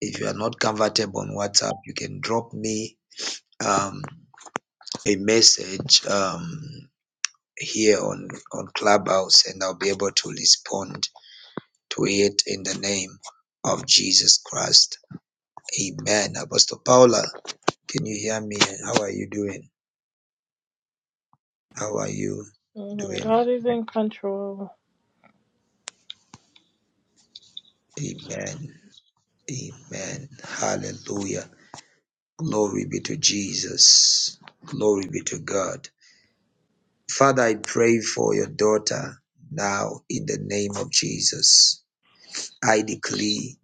Speaker 1: If you are not comfortable on WhatsApp, you can drop me um, a message um, here on on Clubhouse, and I'll be able to respond to it in the name of Jesus Christ. Amen. Apostle Paula, can you hear me? How are you doing? How are you
Speaker 3: Mhm.
Speaker 1: doing?
Speaker 3: God is in control.
Speaker 1: Amen. Amen. Hallelujah. Glory be to Jesus. Glory be to God. Father, I pray for your daughter now in the name of Jesus. I decree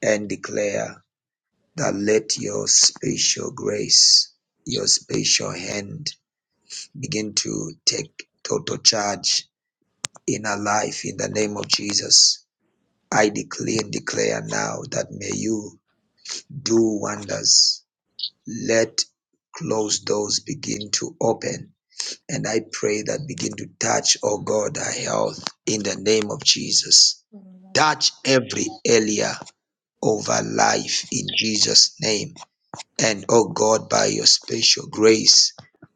Speaker 1: and declare that let your special grace, your special hand begin to take total charge in her life in the name of Jesus. I decree and declare now that may you do wonders. Let closed doors begin to open And I pray that begin to touch, oh God, our health in the name of Jesus. Touch every area of our life in Jesus' name. And oh God, by your special grace,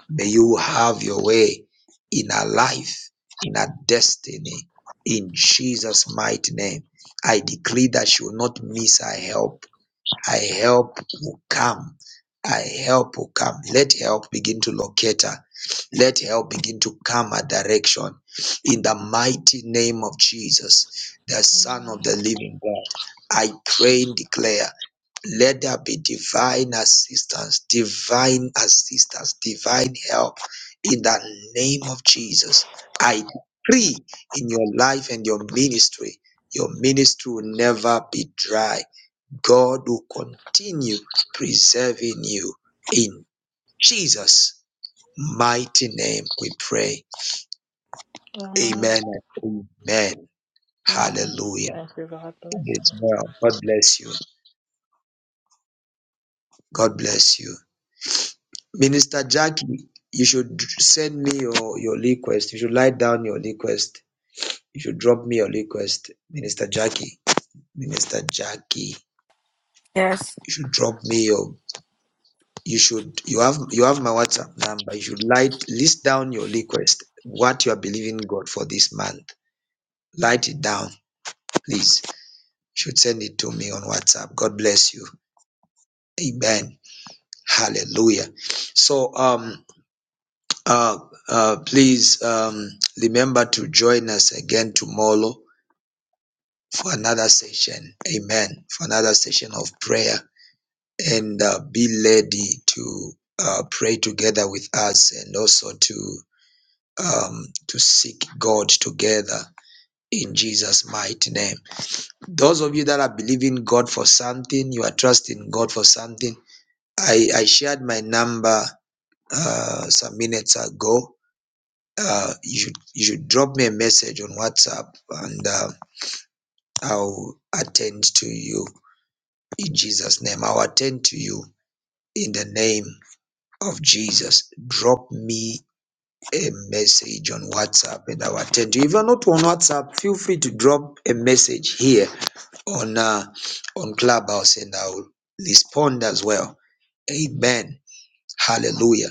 Speaker 1: may you have your way in our life, in our destiny, in Jesus' mighty name. I decree that she will not miss her help I help will come. I help will come. Let help begin to locate her. Let help begin to come her direction. In the mighty name of Jesus, the Son of the Living God, I pray and declare, let there be divine assistance, divine assistance, divine help. In the name of Jesus, I pray in your life and your ministry, your ministry will never be dry God will continue preserving you in Jesus' mighty name. We pray.
Speaker 3: Amen.
Speaker 1: Amen. and Amen.
Speaker 3: Amen.
Speaker 1: Hallelujah.
Speaker 3: Thank you. God bless.
Speaker 1: It is well. God bless you. God bless you. Minister Jackie, you should send me your, your request. You should write down your request. You should drop me your request. Minister Jackie. Minister Jackie.
Speaker 17: Yes.
Speaker 1: You should drop me your you should you have you have my WhatsApp number. You should light list down your request, what you are believing God for this month. Write it down, please. You should send it to me on WhatsApp. God bless you. Amen. Hallelujah. So um uh uh please um remember to join us again tomorrow for another session. Amen. For another session of prayer and uh, be ready to uh, pray together with us and also to um, to seek God together in Jesus' mighty name. Those of you that are believing God for something, you are trusting God for something. I, I shared my number uh, some minutes ago. Uh, you should you should drop me a message on WhatsApp and uh, I'll attend to you in Jesus' name. I'll attend to you in the name of Jesus. Drop me a message on WhatsApp and I will attend you. If you're not on WhatsApp, feel free to drop a message here on uh, on Clubhouse and I'll respond as well. Amen. Hallelujah.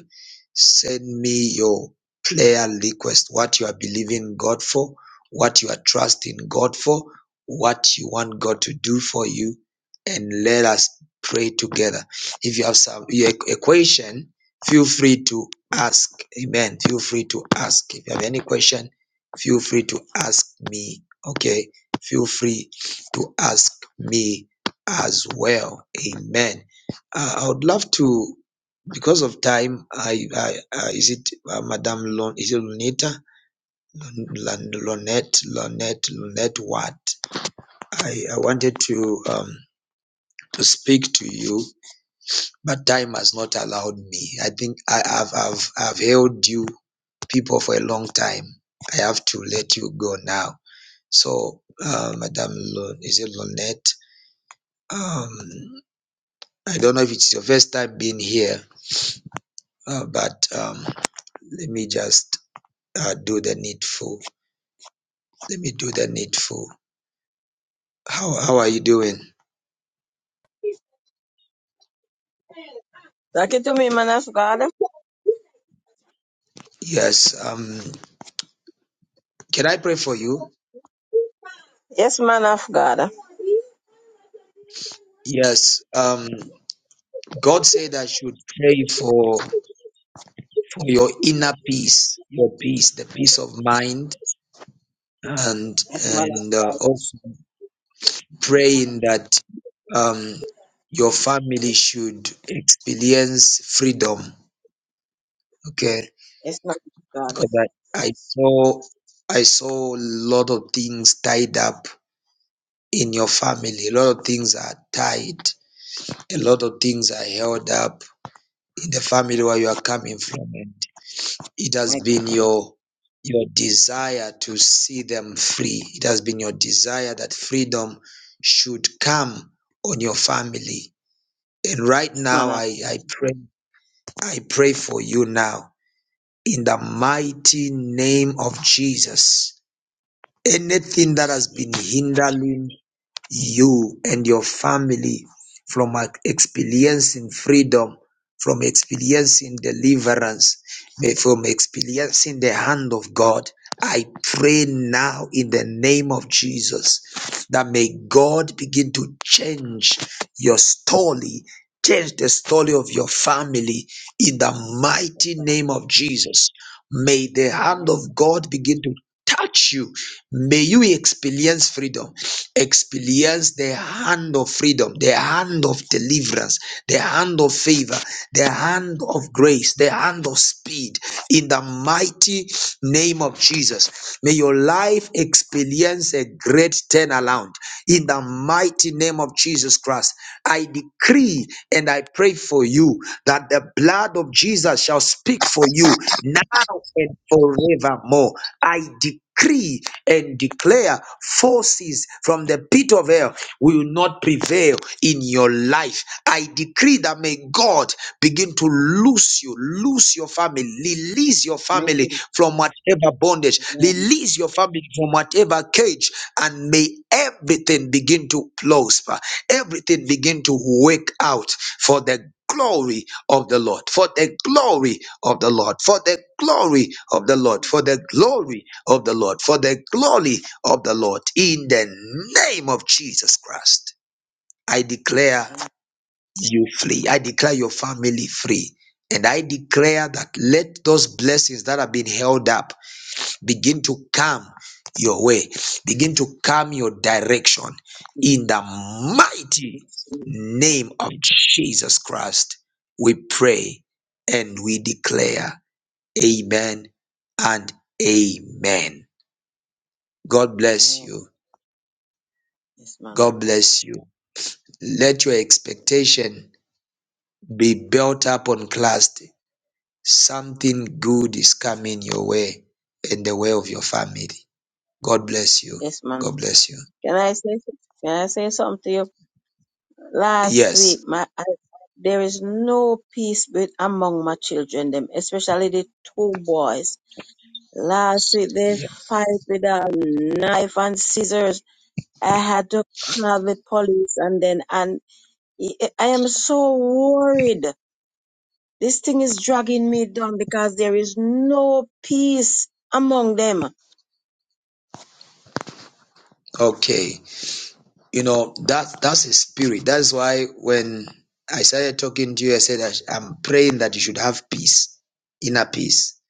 Speaker 1: Send me your prayer request, what you are believing God for, what you are trusting God for, what you want God to do for you, and let us pray together. If you have some you- a question, feel free to ask. Amen. Feel free to ask. If you have any question, feel free to ask me. Okay. Feel free to ask me as well. Amen. Uh, I would love to because of time, I, I, uh, is it uh, Madame Lon, is it Lunita? Lon- Lonette, Lonette, Lonette What? I, I wanted to, um, to speak to you, but time has not allowed me. I think I, have I've, I've held you people for a long time. I have to let you go now. So, uh, Madame Lon, is it Lonette? Um, I don't know if it's your first time being here, uh, but um, let me just uh, do the needful. Let me do the needful. How how are you doing?
Speaker 18: Talk it to me, man of God.
Speaker 1: Yes. Um can I pray for you?
Speaker 18: Yes, man of God.
Speaker 1: Yes. Um God said I should pray for for your inner peace, your peace, the peace of mind and
Speaker 18: Yes, man of
Speaker 1: and uh,
Speaker 18: God.
Speaker 1: also praying that um your family should experience freedom, okay?
Speaker 18: Yes, man of God.
Speaker 1: Because I, I saw I saw a lot of things tied up in your family. A lot of things are tied a lot of things are held up in the family
Speaker 18: My
Speaker 1: where you
Speaker 18: God.
Speaker 1: are coming from and it has
Speaker 18: My
Speaker 1: been
Speaker 18: God.
Speaker 1: your your desire to see them free it has been your desire that freedom should come on your family and right
Speaker 18: Yes, man
Speaker 1: now
Speaker 18: of God.
Speaker 1: i i pray i pray for you now in the mighty name of jesus anything that has been hindering you and your family from uh, experiencing freedom, from experiencing deliverance, may from experiencing the hand of God. I pray now in the name of Jesus that may God begin to change your story, change the story of your family in the mighty name of Jesus. May the hand
Speaker 18: My
Speaker 1: of
Speaker 18: God.
Speaker 1: God begin to touch you. May you experience freedom experience the hand of freedom, the hand of deliverance, the hand of favor, the hand of grace, the hand of speed in the mighty name of Jesus. May your life experience a great turnaround in the mighty name of Jesus Christ. I decree and I pray for you that the blood of Jesus shall speak for you now and forevermore. I decree and declare forces from the pit of hell will not prevail in your life. I decree that may God begin to loose you, loose your family, release your
Speaker 18: My
Speaker 1: family from whatever bondage,
Speaker 18: Amen.
Speaker 1: release your family from whatever cage, and may everything begin to prosper, everything begin to wake out for the glory of the Lord, for the glory of the Lord, for the glory of the Lord, for the glory of the Lord, for the glory of the Lord, in the name of Jesus Christ. I declare
Speaker 18: Amen.
Speaker 1: you free. I declare your family free. And I declare that let those blessings that have been held up begin to come your way, begin to come your direction
Speaker 18: Amen.
Speaker 1: in the mighty
Speaker 18: Yes,
Speaker 1: name of Jesus Christ. We pray and we declare, Amen and Amen. God bless
Speaker 18: Amen.
Speaker 1: you.
Speaker 18: Yes, man of
Speaker 1: God bless you. Let your expectation be built up on Christ. Something good is coming your way and the way of your family. God bless you.
Speaker 18: Yes, man.
Speaker 1: God bless you.
Speaker 18: Can I say can I say something to you? Last
Speaker 1: Yes.
Speaker 18: week, my I, there is no peace with among my children, them, especially the two boys. Last week they
Speaker 1: Yeah.
Speaker 18: fight with a knife and scissors I had to call the police and then, and I I am so worried. This thing is dragging me down because there is no peace among them.
Speaker 1: Okay. You know, that that's a spirit. That's why when I started talking to you, I said I, sh- I'm praying that you should have peace, inner peace.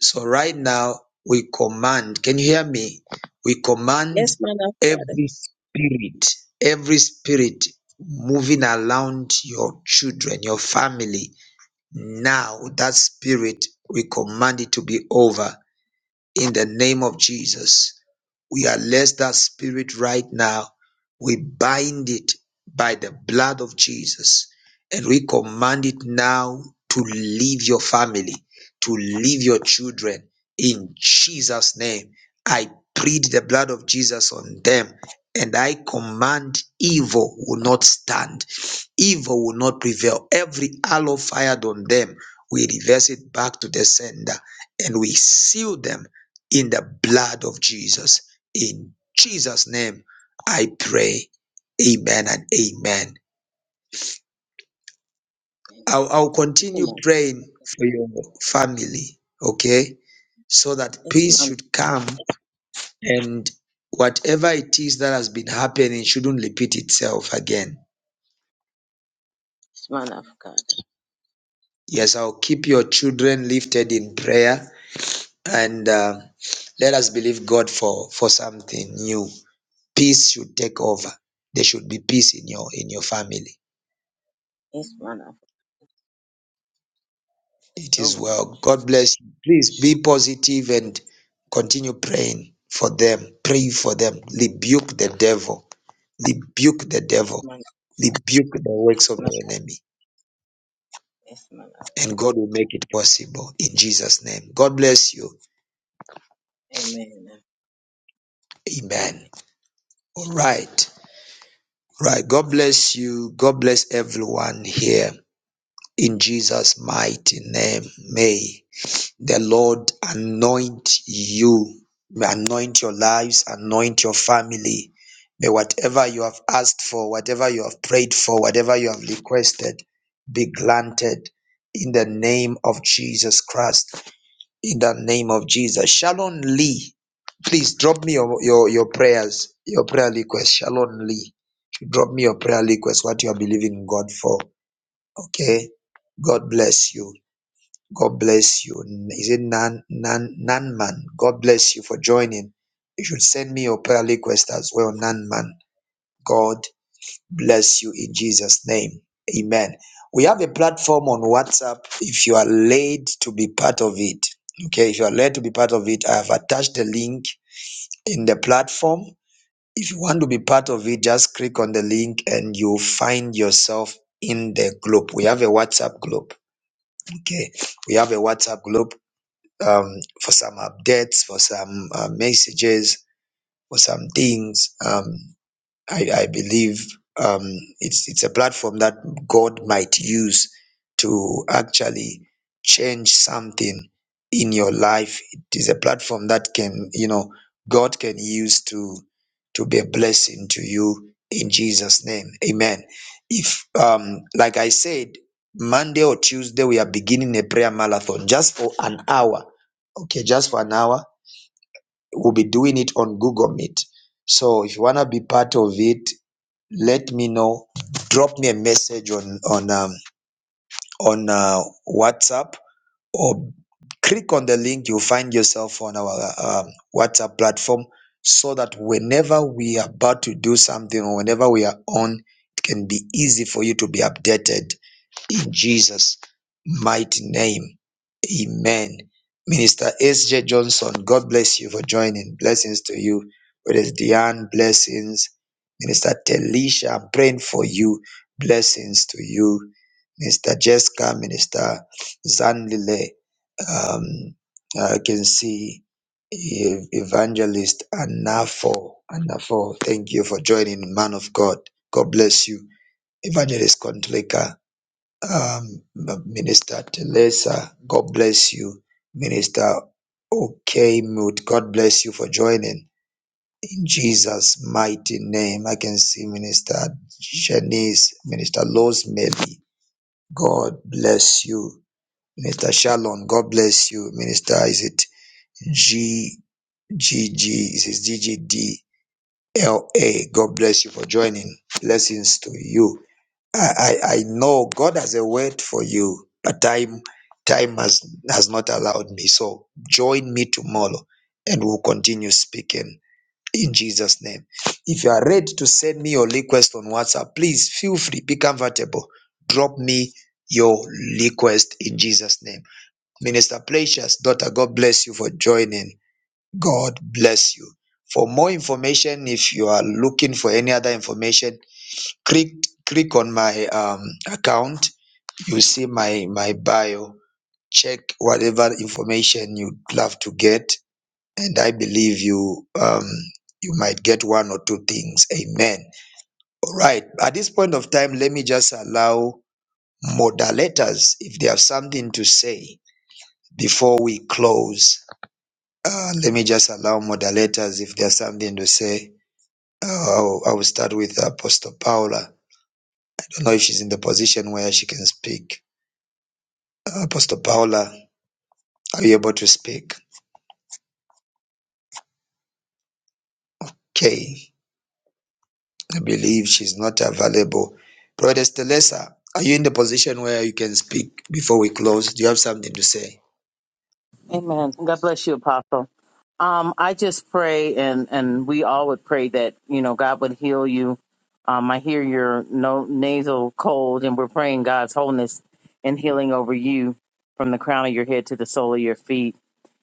Speaker 1: So right now we command, can you hear me? We command
Speaker 18: Yes, man of God.
Speaker 1: every spirit, every spirit moving around your children, your family. Now that spirit, we command it to be over in the name of Jesus. We arrest that spirit right now. We bind it by the blood of Jesus and we command it now to leave your family, to leave your children in Jesus' name. I plead the blood of Jesus on them and I command evil will not stand Evil will not prevail. Every arrow fired on them, we reverse it back to the sender and we seal them in the blood of Jesus. In Jesus' name, I pray. Amen and amen. I'll, I'll continue
Speaker 18: Come on.
Speaker 1: praying for your family, okay? So that
Speaker 18: Yes,
Speaker 1: peace
Speaker 18: man.
Speaker 1: should come and whatever it is that has been happening shouldn't repeat itself again.
Speaker 18: Yes, man of God.
Speaker 1: Yes, I'll keep your children lifted in prayer and uh, let us believe God for for something new. Peace should take over. There should be peace in your in your family.
Speaker 18: Yes, man of God.
Speaker 1: It is
Speaker 18: so
Speaker 1: well.
Speaker 18: much.
Speaker 1: God bless you. Please be positive and continue praying for them. Pray for them. Rebuke the devil. Rebuke the
Speaker 18: Yes,
Speaker 1: devil.
Speaker 18: man.
Speaker 1: Rebuke the works
Speaker 18: Yes,
Speaker 1: of
Speaker 18: man.
Speaker 1: the
Speaker 18: of-
Speaker 1: enemy.
Speaker 18: Yes, man. of-
Speaker 1: And God will make it possible in Jesus' name. God bless you.
Speaker 18: Amen.
Speaker 1: Amen. All right. Right. God bless you. God bless everyone here. In Jesus' mighty name, may the Lord anoint you, anoint your lives, anoint your family. May whatever you have asked for, whatever you have prayed for, whatever you have requested be granted in the name of Jesus Christ. In the name of Jesus. Shalom Lee, please drop me your, your, your prayers, your prayer request. Shalom Lee, drop me your prayer request, what you are believing God for Okay. God bless you. God bless you. N- Is it Nan Nan Nanman? God bless you for joining. You should send me your prayer request as well, Nanman. God bless you in Jesus' name. Amen. We have a platform on WhatsApp if you are laid to be part of it. Okay, if you are led to be part of it, I have attached the link in the platform. If you want to be part of it, just click on the link and you'll find yourself in the group. We have a WhatsApp group Okay, we have a WhatsApp group um, for some updates, for some uh, messages, for some things. Um, I, I believe um, it's it's a platform that God might use to actually change something in your life. It is a platform that can you know God can use to to be a blessing to you in Jesus' name. Amen. If um, like I said, Monday or Tuesday we are beginning a prayer marathon just for an hour. Okay, just for an hour. We'll be doing it on Google Meet. So if you wanna be part of it, let me know. Drop me a message on on um, on uh, WhatsApp or click on the link. You'll find yourself on our um, WhatsApp platform, so that whenever we are about to do something or whenever we are on, it can be easy for you to be updated in Jesus' mighty name. Amen. Minister S.J. Johnson, God bless you for joining. Blessings to you. Brothers Diane, blessings. Minister Telisha, I'm praying for you. Blessings to you. Minister Jessica, Minister Zanlile. Um, I can see Ev- Evangelist Anafo. Anafo, thank you for joining, man of God. God bless you. Evangelist Contleka, um, Minister Telesa, God bless you. Minister Okay Mute, God bless you for joining. In Jesus' mighty name, I can see Minister Janice, Minister Rosemary, God bless you. Minister Shalom, God bless you. Minister, is it G G G? Is it G G D L A? God bless you for joining. Blessings to you. I, I, I know God has a word for you, but time time has has not allowed me. So join me tomorrow and we'll continue speaking in Jesus' name. If you are ready to send me your request on WhatsApp, please feel free, be comfortable. Drop me your request in Jesus' name. Minister Precious, daughter, God bless you for joining. God bless you. For more information, if you are looking for any other information, click click on my um account you see my my bio check whatever information you'd love to get and i believe you um you might get one or two things amen all right at this point of time let me just allow moderators if they have something to say before we close uh, let me just allow moderators if there's something to say uh, I'll, I'll start with apostle paula i don't know if she's in the position where she can speak Apostle Paula, are you able to speak? Okay, I believe she's not available. Brother Stelesa, are you in the position where you can speak before we close? Do you have something to say?
Speaker 11: Amen. God bless you, Apostle. Um, I just pray, and and we all would pray that you know God would heal you. Um, I hear your no, nasal cold, and we're praying God's wholeness and healing over you from the crown of your head to the sole of your feet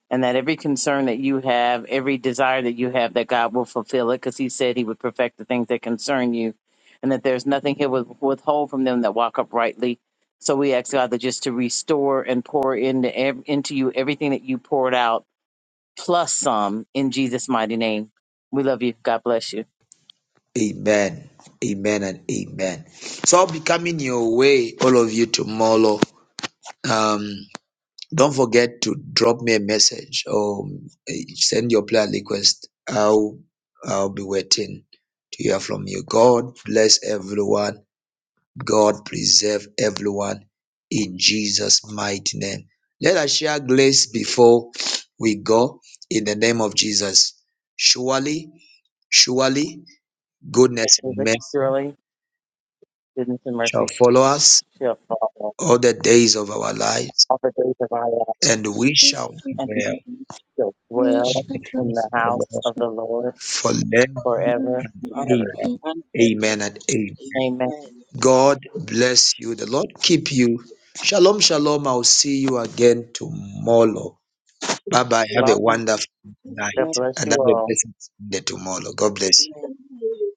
Speaker 11: and that every concern that you have, every desire that you have, that God will fulfill it because He said He would perfect the things that concern you, and that there's nothing He will withhold from them that walk uprightly. So we ask God that just to restore and pour into ev- into you everything that you poured out, plus some, in Jesus' mighty name. We love you. God bless you.
Speaker 1: Amen. Amen and amen. So I'll be coming your way, all of you, tomorrow. Um, don't forget to drop me a message or eh, send your prayer request. I'll I'll be waiting to hear from you. God bless everyone. God preserve everyone in Jesus' mighty name. Let us share grace before we go in the name of Jesus. Surely, surely, goodness and mercy
Speaker 11: Surely, goodness and
Speaker 1: shall
Speaker 11: mercy
Speaker 1: follow
Speaker 11: sh-
Speaker 1: us
Speaker 11: shall follow
Speaker 1: all the days of our lives,
Speaker 11: all the days of our life,
Speaker 1: and we
Speaker 14: Please
Speaker 1: shall
Speaker 14: put
Speaker 11: and we
Speaker 1: dwell
Speaker 11: shall
Speaker 14: me
Speaker 11: dwell
Speaker 1: in the
Speaker 14: shut
Speaker 11: in
Speaker 1: house
Speaker 11: the
Speaker 1: of the
Speaker 11: house
Speaker 1: Lord
Speaker 11: of the
Speaker 14: up.
Speaker 11: Lord
Speaker 1: forever. Amen.
Speaker 11: forever and
Speaker 18: All
Speaker 11: ever.
Speaker 18: right, and, uh,
Speaker 1: Amen and amen.
Speaker 11: Amen.
Speaker 18: Amen.
Speaker 1: God bless you. The Lord keep you. Shalom, shalom. I'll see you again tomorrow. Bye bye. Have a
Speaker 11: Lord,
Speaker 1: wonderful night
Speaker 11: God
Speaker 18: Amen.
Speaker 11: bless
Speaker 1: and
Speaker 11: you
Speaker 1: have a
Speaker 11: all.
Speaker 1: blessed day tomorrow. God bless you.
Speaker 18: Amen.